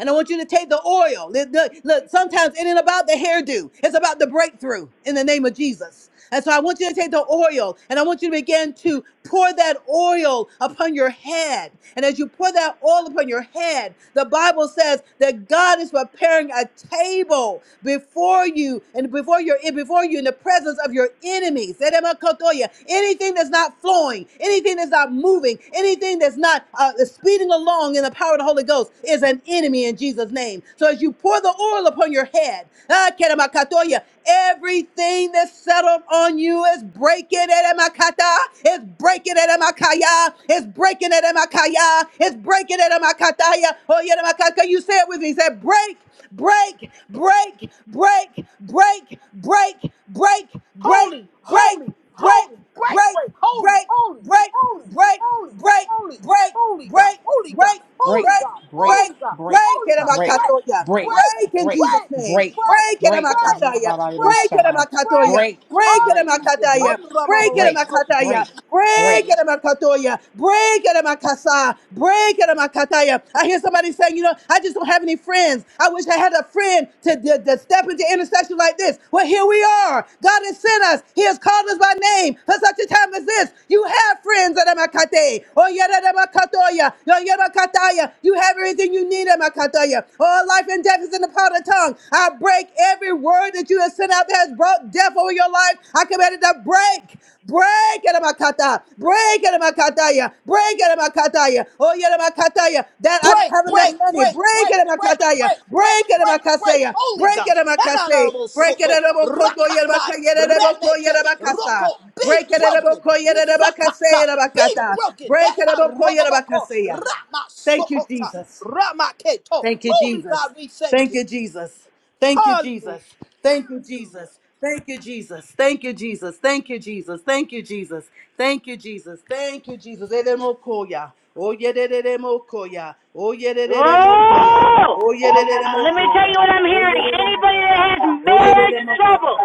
[SPEAKER 8] And I want you to take the oil. Look, look, look, sometimes it ain't about the hairdo. It's about the breakthrough in the name of Jesus. And so I want you to take the oil and I want you to begin to pour that oil upon your head. And as you pour that oil upon your head, the Bible says that God is preparing a table before you and before your before you in the presence of your enemies. Eremakotoya. Anything that's not flowing, anything that's not moving, anything that's not uh, speeding along in the power of the Holy Ghost is an enemy in Jesus' name. So as you pour the oil upon your head, ah, keremakatoya, Everything that's settled on you is breaking. It emakata is breaking. It emakaya is breaking. It emakaya is breaking. It emakata ya oh yeah emakaka. You say it with me. Say break, break, break, break, break, break, break, break, break,
[SPEAKER 6] holy, holy,
[SPEAKER 8] break,
[SPEAKER 6] holy, bright,
[SPEAKER 8] break,
[SPEAKER 6] bright, holy,
[SPEAKER 8] break,
[SPEAKER 6] holy,
[SPEAKER 8] break,
[SPEAKER 6] holy,
[SPEAKER 8] break,
[SPEAKER 6] holy, holy,
[SPEAKER 8] break,
[SPEAKER 6] holy God, holy God,
[SPEAKER 8] break,
[SPEAKER 2] Break,
[SPEAKER 6] holy
[SPEAKER 8] break,
[SPEAKER 6] God,
[SPEAKER 2] break,
[SPEAKER 6] holy
[SPEAKER 8] break.
[SPEAKER 6] God,
[SPEAKER 2] break,
[SPEAKER 8] Break
[SPEAKER 6] holy
[SPEAKER 8] it,
[SPEAKER 6] God,
[SPEAKER 2] break,
[SPEAKER 6] bright,
[SPEAKER 8] Amakatoya.
[SPEAKER 2] break,
[SPEAKER 6] bright,
[SPEAKER 8] Break in
[SPEAKER 2] break,
[SPEAKER 8] Jesus'
[SPEAKER 6] bright,
[SPEAKER 8] name.
[SPEAKER 2] break,
[SPEAKER 8] Break it,
[SPEAKER 2] break.
[SPEAKER 6] bright,
[SPEAKER 8] Amakataya.
[SPEAKER 2] Yaba Bayro
[SPEAKER 8] Break it,
[SPEAKER 6] bright,
[SPEAKER 2] Sabah.
[SPEAKER 6] bright,
[SPEAKER 8] Amakatoya.
[SPEAKER 2] Break,
[SPEAKER 8] Break it,
[SPEAKER 2] break, break.
[SPEAKER 8] Amakataya.
[SPEAKER 6] bright,
[SPEAKER 8] Break it,
[SPEAKER 2] break,
[SPEAKER 6] hallelujah,
[SPEAKER 8] Amakataya.
[SPEAKER 2] break, break.
[SPEAKER 8] Break it, Amakatoya. Break it, Amakasa. Break it, Amakataya. I hear somebody saying, you know, I just don't have any friends. I wish I had a friend to, to, to step into intercession like this. Well, here we are. God has sent us. He has called us by name for such a time as this. You have friends at Amakate. Oh, yeah, at Amakatoya. Oh, yeah, Amakataya. You have everything you need, Amakataya. All life and death is in the power of the tongue. I break every word that you have sent out that has brought death over your life. I command it to break. Break it, Amakata. Break it, Amakataya. Break it, Amakataya. Oh, yeah, Amakataya. That
[SPEAKER 6] break,
[SPEAKER 8] I don't have
[SPEAKER 6] break,
[SPEAKER 8] enough money.
[SPEAKER 6] break,
[SPEAKER 8] Break
[SPEAKER 6] break,
[SPEAKER 8] it,
[SPEAKER 6] break,
[SPEAKER 8] Amakataya.
[SPEAKER 6] break, break,
[SPEAKER 8] Break it,
[SPEAKER 6] break, break.
[SPEAKER 8] Amakasaya.
[SPEAKER 6] Holy
[SPEAKER 8] Break
[SPEAKER 6] God.
[SPEAKER 8] it, Amakasay.
[SPEAKER 6] Hananabo
[SPEAKER 8] Break it,
[SPEAKER 6] soto,
[SPEAKER 8] Amakoto,
[SPEAKER 6] rakatai,
[SPEAKER 8] Yerebakaya, Yereboko,
[SPEAKER 6] remete,
[SPEAKER 8] Yerebakasa.
[SPEAKER 6] roko, be
[SPEAKER 8] Break it,
[SPEAKER 6] broken.
[SPEAKER 8] Amako,
[SPEAKER 6] Isakata,
[SPEAKER 8] Yerebakasaya,
[SPEAKER 6] be
[SPEAKER 8] Yerebakata.
[SPEAKER 6] broken.
[SPEAKER 8] Break it,
[SPEAKER 6] Heta
[SPEAKER 8] Amako,
[SPEAKER 6] robabako,
[SPEAKER 8] Yerebakasaya.
[SPEAKER 6] rama
[SPEAKER 8] Thank you,
[SPEAKER 6] sokota,
[SPEAKER 8] Jesus.
[SPEAKER 6] rama keto.
[SPEAKER 8] Thank you,
[SPEAKER 6] Holy
[SPEAKER 8] Jesus.
[SPEAKER 6] God, we thank
[SPEAKER 8] Thank
[SPEAKER 6] you.
[SPEAKER 8] you, Jesus. Thank you,
[SPEAKER 6] Hallelujah.
[SPEAKER 8] Jesus. Thank you, Jesus. Thank you, Jesus. Thank you, Jesus. Thank you, Jesus. Thank you, Jesus. Thank you, Jesus. Mokoya. Oh, yedede mokoya. Oh, yedede mokoya.
[SPEAKER 1] Oh!
[SPEAKER 8] Oh, yedede
[SPEAKER 1] Let me tell
[SPEAKER 8] mokoya.
[SPEAKER 1] you what I'm
[SPEAKER 8] Oh,
[SPEAKER 1] hearing.
[SPEAKER 8] yedede
[SPEAKER 1] Anybody that
[SPEAKER 8] makata.
[SPEAKER 1] has
[SPEAKER 8] Oh, yedede
[SPEAKER 1] marriage trouble,
[SPEAKER 8] makata.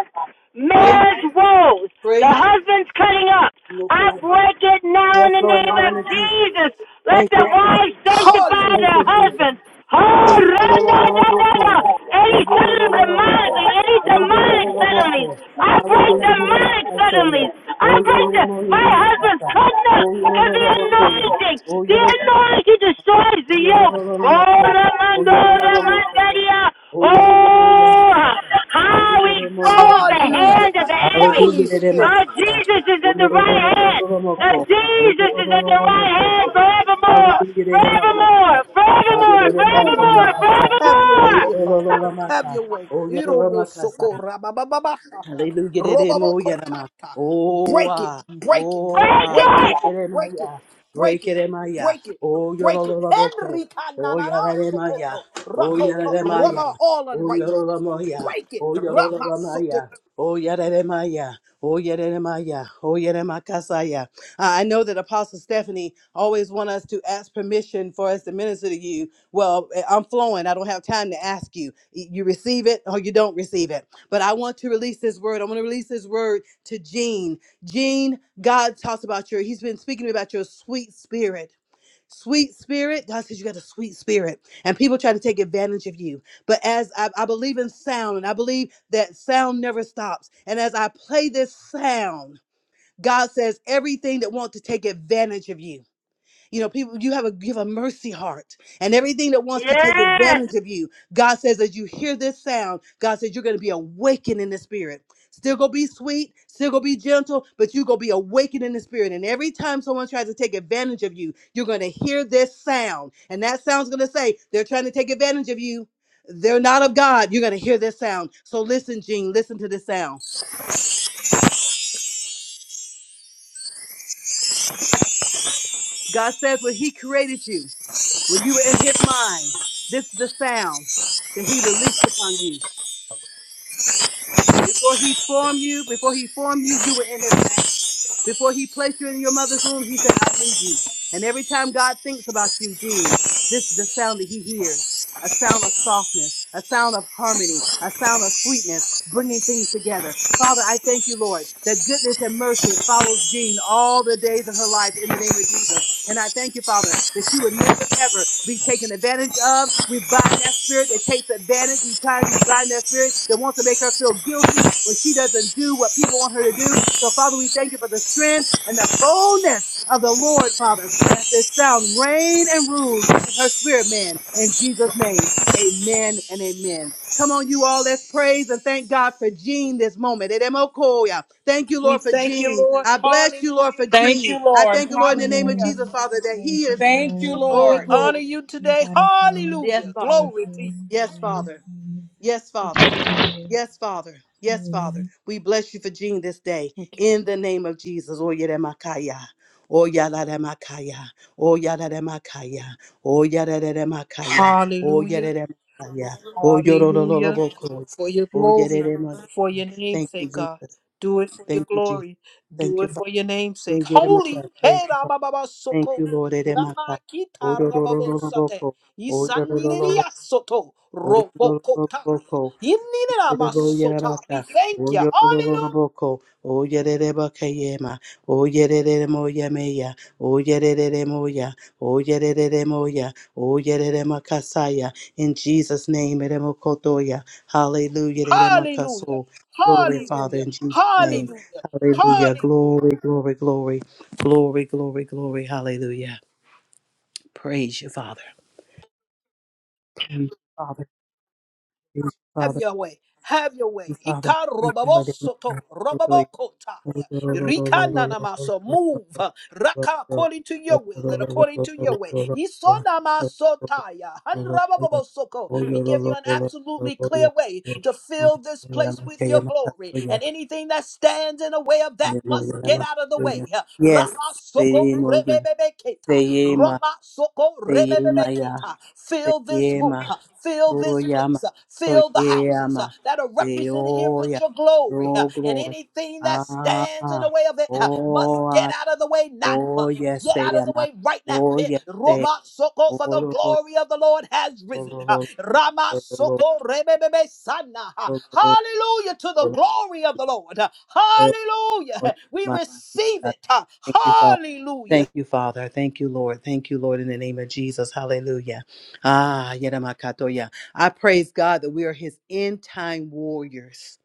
[SPEAKER 8] Praise
[SPEAKER 1] marriage
[SPEAKER 8] you.
[SPEAKER 1] woes, the
[SPEAKER 8] Praise you.
[SPEAKER 1] husband's cutting up. I
[SPEAKER 8] Mokoya.
[SPEAKER 1] break it now
[SPEAKER 8] Yes,
[SPEAKER 1] in the
[SPEAKER 8] Lord,
[SPEAKER 1] name
[SPEAKER 8] in the
[SPEAKER 1] of
[SPEAKER 8] name of Jesus.
[SPEAKER 1] Jesus. Let the wives sanctify
[SPEAKER 6] Hallelujah.
[SPEAKER 1] their husbands. Oh, run, run, run, run, run. Any sudden demonic, any demonic suddenly. I
[SPEAKER 8] Oh,
[SPEAKER 1] break
[SPEAKER 8] you're
[SPEAKER 1] demonic suddenly. I
[SPEAKER 8] Oh,
[SPEAKER 1] break the, my husband's cutting up because he had anointing. The anointing destroys the yoke. Oh, Ramando, Ramandaria. Oh, how expose the
[SPEAKER 6] Hallelujah.
[SPEAKER 1] hand of the enemy.
[SPEAKER 6] Holy Spirit.
[SPEAKER 1] Oh, Jesus is in the right hand. Oh, Jesus is in the right hand forevermore. Forevermore. Forevermore.
[SPEAKER 6] Holy
[SPEAKER 1] Forevermore.
[SPEAKER 6] God, have your way
[SPEAKER 1] Forevermore.
[SPEAKER 6] here, Father. Have your way.
[SPEAKER 8] you don't know my
[SPEAKER 6] Irobosoko
[SPEAKER 8] cousin.
[SPEAKER 6] rabababashaka,
[SPEAKER 8] Hallelujah. de- it mo- ya- da- ma.
[SPEAKER 6] robobokotaka.
[SPEAKER 8] Oh,
[SPEAKER 6] Break it,
[SPEAKER 8] ah,
[SPEAKER 6] break it,
[SPEAKER 8] oh,
[SPEAKER 1] Break
[SPEAKER 8] ah,
[SPEAKER 6] break it,
[SPEAKER 8] break it
[SPEAKER 1] it.
[SPEAKER 8] in my
[SPEAKER 6] break it,
[SPEAKER 8] ya.
[SPEAKER 6] break
[SPEAKER 8] Break
[SPEAKER 6] it,
[SPEAKER 8] it in my ya.
[SPEAKER 6] break it,
[SPEAKER 8] Oh,
[SPEAKER 6] break it.
[SPEAKER 8] yorolaboko.
[SPEAKER 6] Henrika
[SPEAKER 8] Oh,
[SPEAKER 6] nanana
[SPEAKER 8] yaralemaya.
[SPEAKER 6] sokoto,
[SPEAKER 8] Oh,
[SPEAKER 6] rakoto, roma,
[SPEAKER 8] yaralemaya.
[SPEAKER 6] all
[SPEAKER 8] Oh,
[SPEAKER 6] unrighteousness.
[SPEAKER 8] yorolamoya.
[SPEAKER 6] Break it,
[SPEAKER 8] Oh,
[SPEAKER 6] rama sokoto.
[SPEAKER 8] yorolamaya. Oh, yaralemaya. Oh, yaralemaya. Oh, yaramakasaya. I I know that Apostle Stephanie always want us to ask permission for us to minister to you. Well, eh, I'm flowing. I don't have time to ask you. You receive it or you don't receive it. But I want to release this word. I want to release this word to Gene. Gene, God talks about your, he's been speaking about your sweet spirit. Sweet spirit, God says you got a sweet spirit, and people try to take advantage of you. But as I, I believe in sound, and I believe that sound never stops, and as I play this sound, God says everything that wants to take advantage of you. You know, people, you have a you have a mercy heart, and everything that wants to take
[SPEAKER 1] Yes.
[SPEAKER 8] advantage of you. God says, as you hear this sound, God says you're going to be awakened in the spirit. Still gonna be sweet, still gonna be gentle, but you gonna be awakened in the spirit. And every time someone tries to take advantage of you, you're gonna hear this sound, and that sound's gonna say they're trying to take advantage of you. They're not of God. You're gonna hear this sound. So listen, Gene, listen to this sound. That's when He created you, when you were in His mind. This is the sound that He released upon you. Before you're in your mother's womb, he said, I need you. And every time God thinks about you, Gene, this is the sound that he hears. A sound of softness, a sound of harmony, a sound of sweetness, bringing things together. Father, I thank you, Lord, that goodness and mercy follows Gene all the days of her life in the name of Jesus. And I thank you, Father, that she would never, ever be taken advantage of. We bind that spirit that takes advantage. We try bind that spirit that wants to make her feel guilty when she doesn't do what people want her to do. So, Father, we thank you for the strength and the boldness of the Lord, Father. Let this sound reign and rule in her spirit, man. In Jesus' name, amen and amen. Come on, you all, let's praise and thank God for Jean this moment. Edemokoya. Thank you,
[SPEAKER 6] We
[SPEAKER 8] Lord, for
[SPEAKER 6] thank you,
[SPEAKER 8] Jean.
[SPEAKER 6] Lord.
[SPEAKER 8] I bless you, Lord, for
[SPEAKER 6] Hallelujah.
[SPEAKER 2] Thank
[SPEAKER 8] Jean.
[SPEAKER 2] you,
[SPEAKER 8] I
[SPEAKER 2] Lord.
[SPEAKER 8] thank you,
[SPEAKER 10] Thank
[SPEAKER 8] Lord, in
[SPEAKER 10] you,
[SPEAKER 8] the name of
[SPEAKER 10] Lord.
[SPEAKER 2] Hallelujah.
[SPEAKER 10] We
[SPEAKER 8] Jesus,
[SPEAKER 10] give you
[SPEAKER 8] Father,
[SPEAKER 10] the
[SPEAKER 8] that
[SPEAKER 10] praise
[SPEAKER 8] he is,
[SPEAKER 10] and
[SPEAKER 2] Thank you,
[SPEAKER 10] glory for
[SPEAKER 8] oh,
[SPEAKER 6] We
[SPEAKER 2] Lord.
[SPEAKER 10] James,
[SPEAKER 6] honor
[SPEAKER 8] glory.
[SPEAKER 6] you
[SPEAKER 10] your
[SPEAKER 6] today.
[SPEAKER 10] daughter James.
[SPEAKER 8] Yes,
[SPEAKER 6] Hallelujah.
[SPEAKER 10] We praise
[SPEAKER 8] Father.
[SPEAKER 6] Glory to you.
[SPEAKER 10] you. We
[SPEAKER 8] Yes, Father.
[SPEAKER 10] magnify you.
[SPEAKER 8] Yes,
[SPEAKER 10] We
[SPEAKER 8] Father.
[SPEAKER 10] thank you.
[SPEAKER 8] Yes, Father. Yes, Father.
[SPEAKER 10] Hallelujah.
[SPEAKER 8] We bless you for Jean this day
[SPEAKER 12] Thank you.
[SPEAKER 8] in the name of Jesus. Oh, Yeremakaya. Oh, Yadaremakaya. Oh, Yadaremakaya. Oh, Yadaremakaya. Oh,
[SPEAKER 6] Hallelujah.
[SPEAKER 8] Yadaremakaya. Oh,
[SPEAKER 6] Hallelujah.
[SPEAKER 8] Yorololoboko.
[SPEAKER 6] For your
[SPEAKER 8] Oh,
[SPEAKER 6] glory,
[SPEAKER 8] Yadaremakaya.
[SPEAKER 6] for your
[SPEAKER 8] Thank
[SPEAKER 6] name's
[SPEAKER 8] you,
[SPEAKER 6] sake, God.
[SPEAKER 8] Jesus.
[SPEAKER 6] Do it for your
[SPEAKER 8] Thank you, Jesus.
[SPEAKER 6] glory. Do
[SPEAKER 8] Thank you,
[SPEAKER 6] it
[SPEAKER 8] Father.
[SPEAKER 6] for your name's sake.
[SPEAKER 8] Oh,
[SPEAKER 6] Holy.
[SPEAKER 8] Yeremakaya. Praise
[SPEAKER 6] Hey,
[SPEAKER 8] you, Father.
[SPEAKER 6] Rabababa
[SPEAKER 8] Thank
[SPEAKER 6] Soko.
[SPEAKER 8] you, Lord. Yeremakaya. Oh,
[SPEAKER 6] Ramakita Rababo Sate.
[SPEAKER 8] Yorololoboko. Oh, Yorololoboko.
[SPEAKER 6] Isaniria Soto. Robokotaya.
[SPEAKER 8] Oh,
[SPEAKER 6] Ininira Masota. We
[SPEAKER 8] Yerabaka,
[SPEAKER 6] thank you. Hallelujah.
[SPEAKER 8] Oyoroboko, Oyereba Kayema, Oyerere Moya Meya, Oyerere Moya, Oyerere Moya, Oyerere Makasaya, in Jesus' name, Eremokotoya, Hallelujah,
[SPEAKER 6] Hallelujah.
[SPEAKER 8] Eremakaso, Glory, Father,
[SPEAKER 6] Hallelujah.
[SPEAKER 8] in Jesus' name,
[SPEAKER 6] Hallelujah.
[SPEAKER 8] Hallelujah,
[SPEAKER 6] Hallelujah.
[SPEAKER 8] glory, glory, glory, glory, glory, glory, Hallelujah. Praise you, Father. Praise you, Father. Praise you,
[SPEAKER 6] Have
[SPEAKER 8] Father. Praise
[SPEAKER 6] your way. Have your
[SPEAKER 8] you,
[SPEAKER 6] way.
[SPEAKER 8] Father.
[SPEAKER 6] Ika
[SPEAKER 8] Thank
[SPEAKER 6] robabosoto
[SPEAKER 8] you, Lord. Yes,
[SPEAKER 6] robabokotaya. Rika nanamaso. Move. Raka according to your will and according to your way. Isonamasotaya. Hanrababosoko. We give you an absolutely clear way to fill this place with your glory. And anything that stands in the way of that must get out of the way. Ramasoko
[SPEAKER 8] Seyema, yeah,
[SPEAKER 6] rebebebeketa.
[SPEAKER 8] Seyema,
[SPEAKER 6] Ramasoko
[SPEAKER 8] Seyema, ya,
[SPEAKER 6] rebebebeketa uh, fill this room,
[SPEAKER 8] Seyema,
[SPEAKER 6] uh, fill this
[SPEAKER 8] Soyama,
[SPEAKER 6] place, uh, fill the houses
[SPEAKER 8] Soyama,
[SPEAKER 6] uh, that are represented here with
[SPEAKER 8] Seoya,
[SPEAKER 6] your glory. uh,
[SPEAKER 8] Oh
[SPEAKER 6] And
[SPEAKER 8] glory,
[SPEAKER 6] anything that
[SPEAKER 8] Ah,
[SPEAKER 6] stands in
[SPEAKER 8] ah,
[SPEAKER 6] the way of it uh, must
[SPEAKER 8] Oh
[SPEAKER 6] get out of the way now.
[SPEAKER 8] Oh
[SPEAKER 6] uh,
[SPEAKER 8] yes,
[SPEAKER 6] Get
[SPEAKER 8] I
[SPEAKER 6] out of
[SPEAKER 8] am.
[SPEAKER 6] the way right now. *laughs*
[SPEAKER 8] Oh
[SPEAKER 6] Eh,
[SPEAKER 8] yes, I am.
[SPEAKER 6] Roba soko
[SPEAKER 8] Oh
[SPEAKER 6] for the
[SPEAKER 8] lo lo
[SPEAKER 6] glory of the Lord has
[SPEAKER 8] lo
[SPEAKER 6] risen.
[SPEAKER 8] lo
[SPEAKER 6] Ha.
[SPEAKER 8] lo
[SPEAKER 6] Rama
[SPEAKER 8] lo lo
[SPEAKER 6] soko rebebebe sana. Ha.
[SPEAKER 8] lo lo
[SPEAKER 6] Hallelujah to the
[SPEAKER 8] lo. lo.
[SPEAKER 6] glory of the Lord. Ha.
[SPEAKER 8] Oh
[SPEAKER 6] Hallelujah. *laughs* We
[SPEAKER 8] my
[SPEAKER 6] receive
[SPEAKER 8] God.
[SPEAKER 6] it. Ha.
[SPEAKER 8] Thank you, Father.
[SPEAKER 6] Hallelujah.
[SPEAKER 8] Thank you, Father. Thank you, Lord. Thank you, Lord, in the name of Jesus. Hallelujah. Ah, yedamakatoya. I praise God that we are his end time warriors.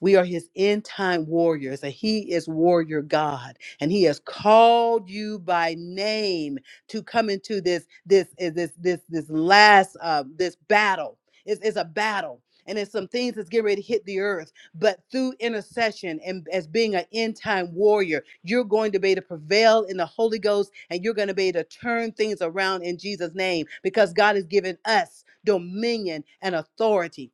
[SPEAKER 8] We are his end time warriors, and he is warrior God. And he has called you by name to come into this, this, eh, this, this, this last uh, this battle. It's, it's a battle. And it's some things that's getting ready to hit the earth. But through intercession and as being an end time warrior, you're going to be able to prevail in the Holy Ghost and you're going to be able to turn things around in Jesus' name because God has given us dominion and authority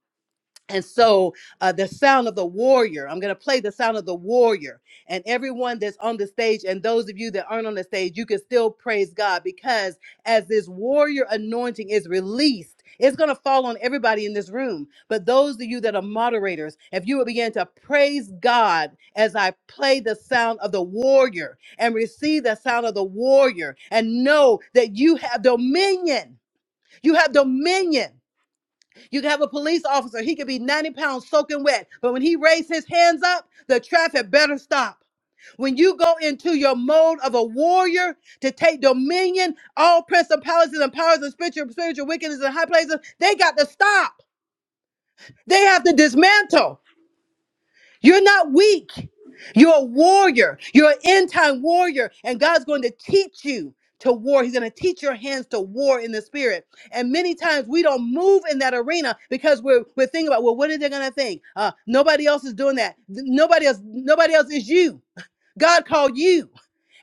[SPEAKER 8] and so uh, the sound of the warrior, I'm going to play the sound of the warrior. And everyone that's on the stage, and those of you that aren't on the stage, you can still praise God because as this warrior anointing is released, it's going to fall on everybody in this room. But those of you that are moderators, if you would begin to praise God as I play the sound of the warrior and receive the sound of the warrior and know that you have dominion, you have dominion. You can have a police officer, he could be 90 pounds soaking wet, but when he raised his hands up, the traffic better stop. When you go into your mode of a warrior to take dominion, all principalities and powers of spiritual, spiritual wickedness in high places, they got to stop. They have to dismantle. You're not weak. You're a warrior. You're an end time warrior. And God's going to teach you to war. He's going to teach your hands to war in the spirit. And many times we don't move in that arena because we're, we're thinking about, well, what are they going to think? Uh, nobody else is doing that. Th- Nobody else, nobody else is you. God called you.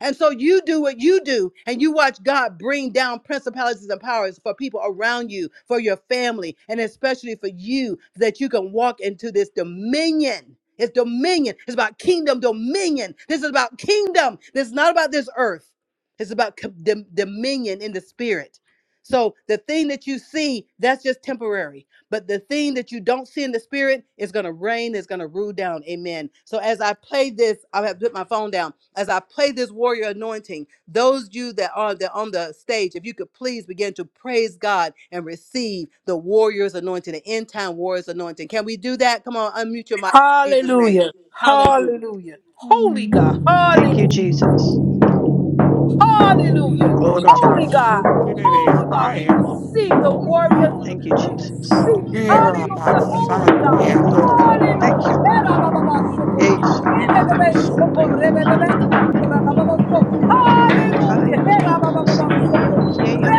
[SPEAKER 8] And so you do what you do and you watch God bring down principalities for people around you, for your family, and especially for you, that you can walk into this dominion. It's dominion. It's about kingdom dominion. This is about kingdom. This is not about this earth. It's about co- dom- dominion in the spirit. So the thing that you see, that's just temporary. But the thing that you don't see in the spirit is going to reign. is going to rule down. Amen. So as I play this, I have put my phone down. As I play this warrior anointing, those you that are that on the stage, if you could please begin to praise God and receive the warrior's anointing, the end time warrior's anointing. Can we do that? Come on, unmute your mic in Jesus' name.
[SPEAKER 6] Hallelujah.
[SPEAKER 8] Hallelujah.
[SPEAKER 6] Hallelujah. Holy
[SPEAKER 10] Hallelujah.
[SPEAKER 6] God.
[SPEAKER 12] Thank you,
[SPEAKER 6] Hallelujah.
[SPEAKER 10] Glory to your
[SPEAKER 12] Jesus.
[SPEAKER 10] name. We praise
[SPEAKER 6] Hallelujah.
[SPEAKER 10] you. We
[SPEAKER 11] Lord,
[SPEAKER 12] Glory to
[SPEAKER 11] Abba,
[SPEAKER 6] Holy
[SPEAKER 10] glorify
[SPEAKER 12] God.
[SPEAKER 6] God.
[SPEAKER 10] you.
[SPEAKER 6] Holy
[SPEAKER 11] Shandere,
[SPEAKER 6] God. We
[SPEAKER 11] higher.
[SPEAKER 6] receive the
[SPEAKER 10] Hallelujah.
[SPEAKER 6] warriors. And the,
[SPEAKER 12] Thank you,
[SPEAKER 6] we
[SPEAKER 12] Jesus.
[SPEAKER 6] receive it.
[SPEAKER 11] Hear
[SPEAKER 10] Hallelujah.
[SPEAKER 11] Abba,
[SPEAKER 6] Hallelujah.
[SPEAKER 10] Thank you,
[SPEAKER 6] Holy God.
[SPEAKER 12] Hey,
[SPEAKER 10] Jesus.
[SPEAKER 11] Satya, my
[SPEAKER 12] glory.
[SPEAKER 11] God.
[SPEAKER 12] Thank
[SPEAKER 6] Hallelujah.
[SPEAKER 12] you,
[SPEAKER 10] Glory to
[SPEAKER 12] Lord.
[SPEAKER 10] your name.
[SPEAKER 6] Herabababasoko.
[SPEAKER 12] Hey,
[SPEAKER 10] Hallelujah.
[SPEAKER 12] shakabarosota
[SPEAKER 6] Rebebebesoko.
[SPEAKER 12] yamaki.
[SPEAKER 6] Rebebebekandarabababoso.
[SPEAKER 12] Rokopaya
[SPEAKER 6] Hallelujah.
[SPEAKER 12] makaya.
[SPEAKER 6] Herababababasoko.
[SPEAKER 12] Yishikenekeya.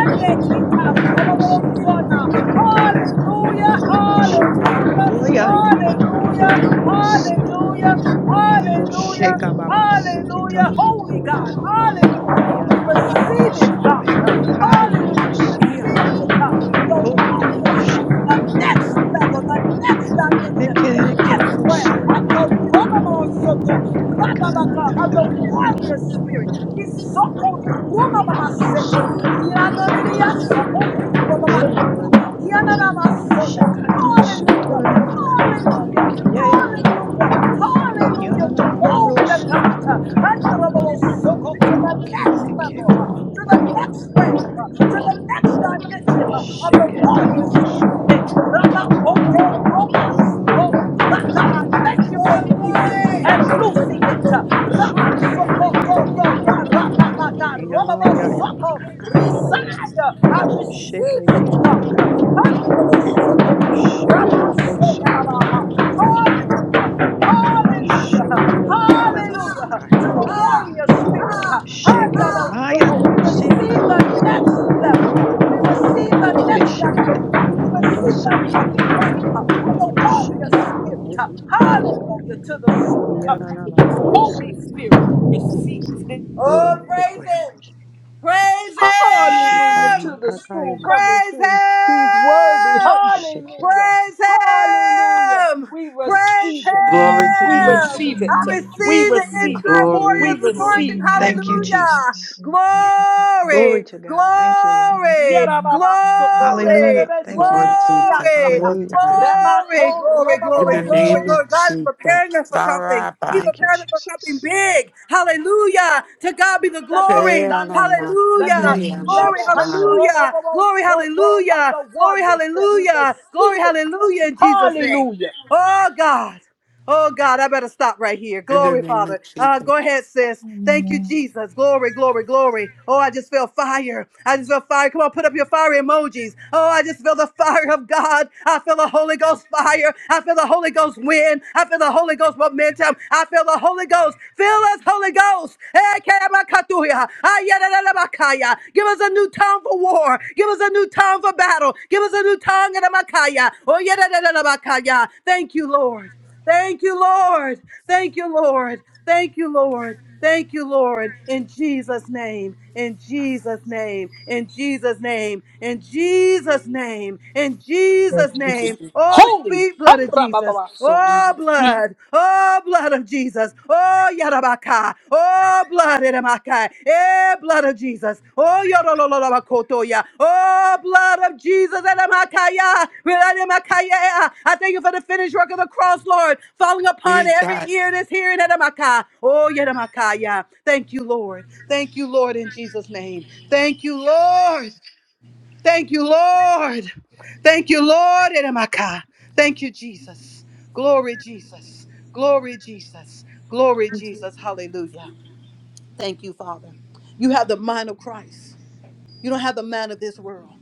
[SPEAKER 10] Hallelujah.
[SPEAKER 12] Orosota yamakato.
[SPEAKER 6] Hallelujah.
[SPEAKER 11] Lord God,
[SPEAKER 6] Hallelujah.
[SPEAKER 12] Yeshikeneotoyaya.
[SPEAKER 6] Hallelujah. Hallelujah.
[SPEAKER 10] Hallelujah.
[SPEAKER 6] Hallelujah.
[SPEAKER 12] Oshega
[SPEAKER 10] Hallelujah.
[SPEAKER 12] baba
[SPEAKER 6] Hallelujah.
[SPEAKER 12] seketoro
[SPEAKER 10] Hallelujah. Hallelujah.
[SPEAKER 12] no
[SPEAKER 6] Holy
[SPEAKER 12] koya
[SPEAKER 6] God. Hallelujah. We
[SPEAKER 12] yarana no
[SPEAKER 6] receive it,
[SPEAKER 12] broso
[SPEAKER 6] God.
[SPEAKER 12] kaya makayo
[SPEAKER 10] Hallelujah.
[SPEAKER 6] Hallelujah. We
[SPEAKER 10] Glory to your
[SPEAKER 12] bukosia
[SPEAKER 6] receive
[SPEAKER 10] name.
[SPEAKER 6] it, God. The
[SPEAKER 10] Praise the
[SPEAKER 12] glory
[SPEAKER 6] warrior's
[SPEAKER 10] people of
[SPEAKER 6] anointing, the
[SPEAKER 12] shikarana
[SPEAKER 10] Zion
[SPEAKER 12] na
[SPEAKER 10] and
[SPEAKER 6] next
[SPEAKER 12] na
[SPEAKER 10] praise
[SPEAKER 12] ya
[SPEAKER 10] the
[SPEAKER 6] level,
[SPEAKER 10] Lord
[SPEAKER 6] the
[SPEAKER 10] of
[SPEAKER 6] next
[SPEAKER 10] Zion.
[SPEAKER 6] dimension, the
[SPEAKER 12] bekere ke
[SPEAKER 10] We
[SPEAKER 6] next
[SPEAKER 10] bless your
[SPEAKER 6] realm.
[SPEAKER 12] broso ya
[SPEAKER 10] name, we
[SPEAKER 6] Ato
[SPEAKER 10] honor you,
[SPEAKER 6] robobo
[SPEAKER 10] we
[SPEAKER 6] soto
[SPEAKER 10] magnify you,
[SPEAKER 12] karana
[SPEAKER 10] we
[SPEAKER 6] rababaka, Of the
[SPEAKER 10] worship
[SPEAKER 12] kakaya
[SPEAKER 10] you.
[SPEAKER 6] warrior spirit.
[SPEAKER 10] Hallelujah.
[SPEAKER 6] Isoko
[SPEAKER 12] e
[SPEAKER 6] rumababa
[SPEAKER 12] parano
[SPEAKER 6] sete.
[SPEAKER 12] sota ya makaya
[SPEAKER 6] Yananiya soko
[SPEAKER 12] yay
[SPEAKER 6] rubababaka.
[SPEAKER 12] lord
[SPEAKER 6] Yananamasoya.
[SPEAKER 12] shakara no
[SPEAKER 6] Hallelujah.
[SPEAKER 12] sotoro ne makakaya
[SPEAKER 6] Hallelujah.
[SPEAKER 12] yay lord
[SPEAKER 6] Hallelujah. Hallelujah.
[SPEAKER 12] yarana na no
[SPEAKER 6] Glory to
[SPEAKER 12] broso ya
[SPEAKER 6] God. Uh,
[SPEAKER 12] makaya
[SPEAKER 6] Honorable Soko to the next
[SPEAKER 12] kerene ke
[SPEAKER 6] level, uh,
[SPEAKER 12] porono
[SPEAKER 6] to the
[SPEAKER 12] koya
[SPEAKER 6] next realm,
[SPEAKER 12] makakaya
[SPEAKER 6] uh, to the next dimension uh, of the
[SPEAKER 12] sheketoro
[SPEAKER 6] warrior
[SPEAKER 12] no so
[SPEAKER 6] spirit. Eh, Rabakoto Roma
[SPEAKER 12] Boronu
[SPEAKER 6] Soko Raka. I Thank
[SPEAKER 12] kukoymakiyamakiy.
[SPEAKER 6] you for
[SPEAKER 8] Glory,
[SPEAKER 6] releasing
[SPEAKER 8] glory.
[SPEAKER 6] and loosing it. Uh,
[SPEAKER 12] Biyadunusota
[SPEAKER 6] Rabasoko to to
[SPEAKER 12] yamakakayamakiy.
[SPEAKER 6] to Rababata
[SPEAKER 12] Yaa
[SPEAKER 6] Robabo
[SPEAKER 12] yaa yaba
[SPEAKER 6] Soko
[SPEAKER 12] kakayamakiy.
[SPEAKER 6] Resire. I receive it, God. Uh,
[SPEAKER 12] Shekayamakakayamakiy.
[SPEAKER 6] Honorable Soko.
[SPEAKER 12] Shuleru
[SPEAKER 6] Ramaseya
[SPEAKER 12] brusaya
[SPEAKER 6] Babaha.
[SPEAKER 12] yamakakayamakiy.
[SPEAKER 6] Hallelujah.
[SPEAKER 12] Shu
[SPEAKER 6] Hallelujah.
[SPEAKER 12] yaranana
[SPEAKER 6] Hallelujah. To the
[SPEAKER 12] nabrakayamakiy.
[SPEAKER 6] warrior spirit.
[SPEAKER 12] Shekayamaya
[SPEAKER 6] Hayabosoko. We receive the next
[SPEAKER 12] nunusikayopkoymakiy.
[SPEAKER 6] level. We receive the
[SPEAKER 12] Bi
[SPEAKER 6] next
[SPEAKER 12] shekete
[SPEAKER 6] dimension. We receive the
[SPEAKER 12] nununubrusaya
[SPEAKER 6] next realm of the
[SPEAKER 12] bu
[SPEAKER 6] warrior spirit.
[SPEAKER 12] shekieranukukoymakiy.
[SPEAKER 6] Hallelujah. To the soon coming King.
[SPEAKER 12] Yaranana
[SPEAKER 6] Holy
[SPEAKER 12] brusaya makiy.
[SPEAKER 6] Spirit, we receive.
[SPEAKER 8] Oh, praise him.
[SPEAKER 12] Borunukukoymakiy.
[SPEAKER 8] Praise
[SPEAKER 6] Hallelujah
[SPEAKER 12] Shikayo
[SPEAKER 8] him!
[SPEAKER 6] to the
[SPEAKER 12] makakayo
[SPEAKER 6] soon coming
[SPEAKER 8] Praise
[SPEAKER 12] mokokoyo
[SPEAKER 6] King.
[SPEAKER 12] maki.
[SPEAKER 6] He's worthy.
[SPEAKER 8] him!
[SPEAKER 6] Hallelujah.
[SPEAKER 12] Shiketoro no
[SPEAKER 8] Praise
[SPEAKER 12] kokoyo.
[SPEAKER 6] Hallelujah.
[SPEAKER 8] him!
[SPEAKER 6] We
[SPEAKER 8] Praise
[SPEAKER 6] receive it.
[SPEAKER 9] Glory
[SPEAKER 10] Hallelujah,
[SPEAKER 9] to
[SPEAKER 6] We
[SPEAKER 10] glory to
[SPEAKER 8] him!
[SPEAKER 9] Jesus.
[SPEAKER 10] your
[SPEAKER 6] receive
[SPEAKER 8] I
[SPEAKER 6] it.
[SPEAKER 10] name.
[SPEAKER 6] We
[SPEAKER 8] receive the end
[SPEAKER 6] receive
[SPEAKER 10] Hallelujah.
[SPEAKER 6] it.
[SPEAKER 8] time
[SPEAKER 9] Glory,
[SPEAKER 6] We
[SPEAKER 8] warrior's
[SPEAKER 10] Everything
[SPEAKER 6] receive.
[SPEAKER 8] anointing.
[SPEAKER 6] it.
[SPEAKER 9] glory,
[SPEAKER 10] in the
[SPEAKER 12] Thank you,
[SPEAKER 10] name
[SPEAKER 9] glory.
[SPEAKER 10] of
[SPEAKER 8] Hallelujah!
[SPEAKER 12] Jesus.
[SPEAKER 10] Jesus. Thank you, Jesus.
[SPEAKER 12] Glory
[SPEAKER 8] Glory!
[SPEAKER 12] to God. Thank you, Lord.
[SPEAKER 10] Glory to your
[SPEAKER 8] Glory!
[SPEAKER 10] name.
[SPEAKER 6] Yerababasoko,
[SPEAKER 10] Hallelujah.
[SPEAKER 8] Glory!
[SPEAKER 12] Hallelujah. Thank you,
[SPEAKER 11] Lord
[SPEAKER 12] Lord.
[SPEAKER 11] Jesus,
[SPEAKER 8] Glory!
[SPEAKER 6] rebebebeseriasaka,
[SPEAKER 11] Lord
[SPEAKER 10] Thank
[SPEAKER 12] Hallelujah.
[SPEAKER 10] you,
[SPEAKER 11] God.
[SPEAKER 10] Jesus.
[SPEAKER 8] Glory,
[SPEAKER 6] remako,
[SPEAKER 8] glory,
[SPEAKER 11] In
[SPEAKER 8] glory,
[SPEAKER 11] the
[SPEAKER 12] Thank you,
[SPEAKER 8] glory,
[SPEAKER 6] roboboboso,
[SPEAKER 11] name
[SPEAKER 10] Hallelujah.
[SPEAKER 11] of
[SPEAKER 8] glory. God is
[SPEAKER 12] Jesus.
[SPEAKER 11] Jesus,
[SPEAKER 8] preparing us for something. He's
[SPEAKER 11] Saraba,
[SPEAKER 12] Thank you,
[SPEAKER 8] preparing us for something
[SPEAKER 12] Jesus.
[SPEAKER 8] big. Hallelujah. To God be the
[SPEAKER 6] The next
[SPEAKER 8] glory.
[SPEAKER 11] Sarah,
[SPEAKER 6] dimension,
[SPEAKER 11] my
[SPEAKER 6] the
[SPEAKER 8] Hallelujah.
[SPEAKER 6] next
[SPEAKER 12] Thank you,
[SPEAKER 11] fear,
[SPEAKER 10] Hallelujah.
[SPEAKER 11] my
[SPEAKER 8] Glory,
[SPEAKER 6] level,
[SPEAKER 12] Jesus.
[SPEAKER 11] God.
[SPEAKER 8] hallelujah. Glory,
[SPEAKER 6] handrobobobosoto of
[SPEAKER 8] hallelujah.
[SPEAKER 6] the
[SPEAKER 8] Glory,
[SPEAKER 6] warrior. We
[SPEAKER 8] hallelujah. Glory,
[SPEAKER 6] receive it.
[SPEAKER 8] hallelujah in Jesus' name.
[SPEAKER 6] Hallelujah.
[SPEAKER 8] Oh God. Oh God, I better stop right here.
[SPEAKER 11] In the
[SPEAKER 8] Glory,
[SPEAKER 11] name
[SPEAKER 8] Father.
[SPEAKER 11] of
[SPEAKER 8] Uh,
[SPEAKER 11] Jesus,
[SPEAKER 8] go ahead, sis. Thank you,
[SPEAKER 10] Hallelujah.
[SPEAKER 8] Jesus. Glory, glory, glory. Oh, I just feel fire. I just feel fire. Come on, put up your fire emojis. Oh, I just feel the fire of God. I feel the Holy Ghost fire. I feel the Holy Ghost wind. I feel the Holy Ghost momentum. I feel the Holy Ghost. Fill us, Holy Ghost. Eh, kerabakatuya. Ah, yadadadabakaya. Give us a new tongue for war. Give us a new tongue for battle. Give us a new tongue in the Makaya. Oh, yadadadadabakaya. Thank you, Lord. Thank you, Lord. Thank you, Lord. Thank you, Lord. Thank you, Lord. In Jesus' name. In Jesus' name. In Jesus' name. In Jesus' name. In
[SPEAKER 6] In
[SPEAKER 8] Jesus'
[SPEAKER 6] Jesus'
[SPEAKER 8] name.
[SPEAKER 6] name.
[SPEAKER 8] Oh,
[SPEAKER 6] Holy.
[SPEAKER 8] speak, blood of Jesus.
[SPEAKER 6] Handrababa. So we
[SPEAKER 8] Oh,
[SPEAKER 6] receive
[SPEAKER 8] blood. Oh, blood of Jesus. Oh, Yarabaka. Oh, blood in my kai. Eh, blood of Jesus. Oh, yorololobakotoya. Oh, blood of Jesus in my kaya. Blood in my kaya. I thank you for the finished work of the cross, Lord, falling upon every
[SPEAKER 11] Jesus,
[SPEAKER 8] ear that's hearing in my kai. Oh, yedamakaya. Thank you, Lord. Thank you, Lord, in Jesus' name. Thank you, Lord. Thank you, Lord. Thank you, Lord. Yedamakaya. Thank you, Jesus. Glory, Jesus. Glory, Jesus. Glory, Jesus. Hallelujah. Thank you, Father. You have the mind of Christ. You don't have the mind of this world.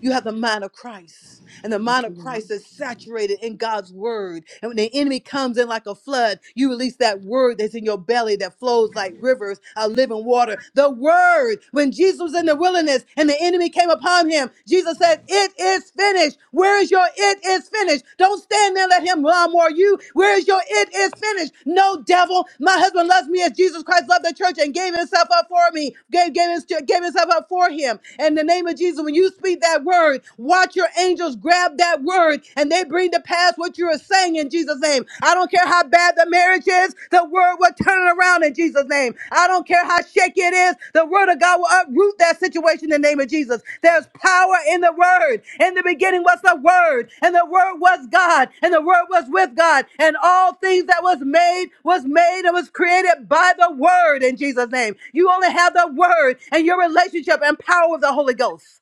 [SPEAKER 8] You have the mind of Christ and the mind of Christ is saturated in God's word. And when the enemy comes in like a flood, you release that word that's in your belly that flows like rivers of living water. The word. When Jesus was in the wilderness and the enemy came upon him, Jesus said, It is finished. Where is your it is finished? Don't stand there, and let him lawnmower you. Where is your it is finished? No devil. My husband loves me as Jesus Christ loved the church and gave himself up for me, gave, gave, his- gave himself up for him. In the name of Jesus, when you speak that word, word. Watch your angels grab that word and they bring to pass what you are saying in Jesus' name. I don't care how bad the marriage is, the word will turn it around in Jesus' name. I don't care how shaky it is, the word of God will uproot that situation in the name of Jesus. There's power in the word. In the beginning was the word, and the word was God, and the word was with God, and all things that was made was made and was created by the word in Jesus' name. You only have the word and your relationship and power with the Holy Ghost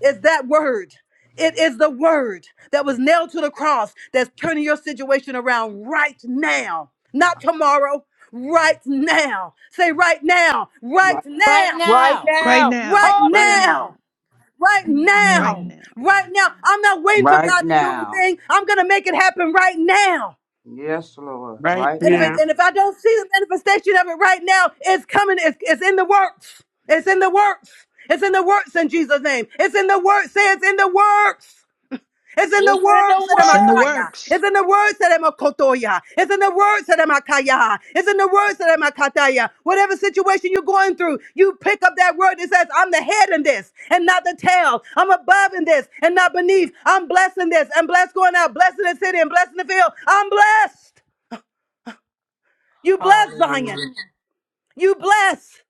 [SPEAKER 8] is that word. It is the word that was nailed to the cross that's turning your situation around right now, not tomorrow, right now. Say right now,
[SPEAKER 9] Right,
[SPEAKER 8] right
[SPEAKER 1] Right
[SPEAKER 8] now,
[SPEAKER 6] right
[SPEAKER 1] now.
[SPEAKER 12] Right
[SPEAKER 6] now.
[SPEAKER 12] now,
[SPEAKER 8] right
[SPEAKER 12] right
[SPEAKER 6] Hallelujah.
[SPEAKER 8] now,
[SPEAKER 12] now,
[SPEAKER 8] right
[SPEAKER 10] Right
[SPEAKER 12] right
[SPEAKER 8] now,
[SPEAKER 10] now.
[SPEAKER 12] now.
[SPEAKER 8] right now. I'm not waiting for God
[SPEAKER 9] right
[SPEAKER 8] to do
[SPEAKER 9] now.
[SPEAKER 8] anything. I'm going to make it happen right now.
[SPEAKER 9] Yes, Lord.
[SPEAKER 11] right
[SPEAKER 9] Right
[SPEAKER 8] And if,
[SPEAKER 9] now.
[SPEAKER 8] it,
[SPEAKER 11] there,
[SPEAKER 8] and if I don't see the manifestation of it right now, it's coming. It's, it's in the works. It's in the works. It's in the works in Jesus' name. It's in the works. Say it's in the works. It's in the
[SPEAKER 6] It's in
[SPEAKER 8] words
[SPEAKER 6] the
[SPEAKER 8] of the
[SPEAKER 12] It's in the
[SPEAKER 6] word.
[SPEAKER 8] Makaya.
[SPEAKER 12] works.
[SPEAKER 8] It's in the words of the Makotoya. It's in the words of the Makaya. It's in the words of the Makataya. Whatever situation you're going through, you pick up that word that says, I'm the head in this and not the tail. I'm above in this and not beneath. I'm blessed in this and blessed going out, blessed in the city and blessed in the field. I'm blessed. You bless Zion.
[SPEAKER 6] Hallelujah.
[SPEAKER 8] You bless.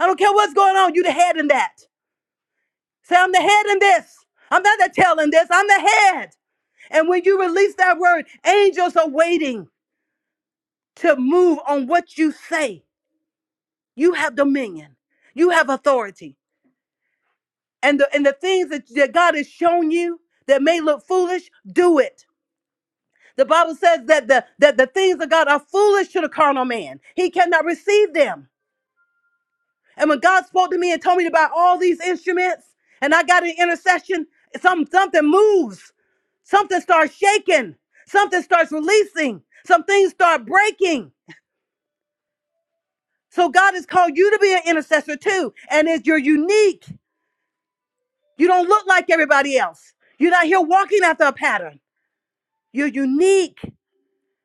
[SPEAKER 8] I don't care what's going on. You the head in that. Say, I'm the head in this. I'm not the tail in this. I'm the head. And when you release that word, angels are waiting. to move on what you say. You have dominion. You have authority. And the and the things that, that God has shown you that may look foolish, do it. The Bible says that the that the things of God are foolish to the carnal man. He cannot receive them. And when God spoke to me and told me about all these instruments, and I got an intercession, some something moves, something starts shaking, something starts releasing, some things start breaking. So God has called you to be an intercessor too, and it's you're unique. You don't look like everybody else. You're not here walking after a pattern. You're unique.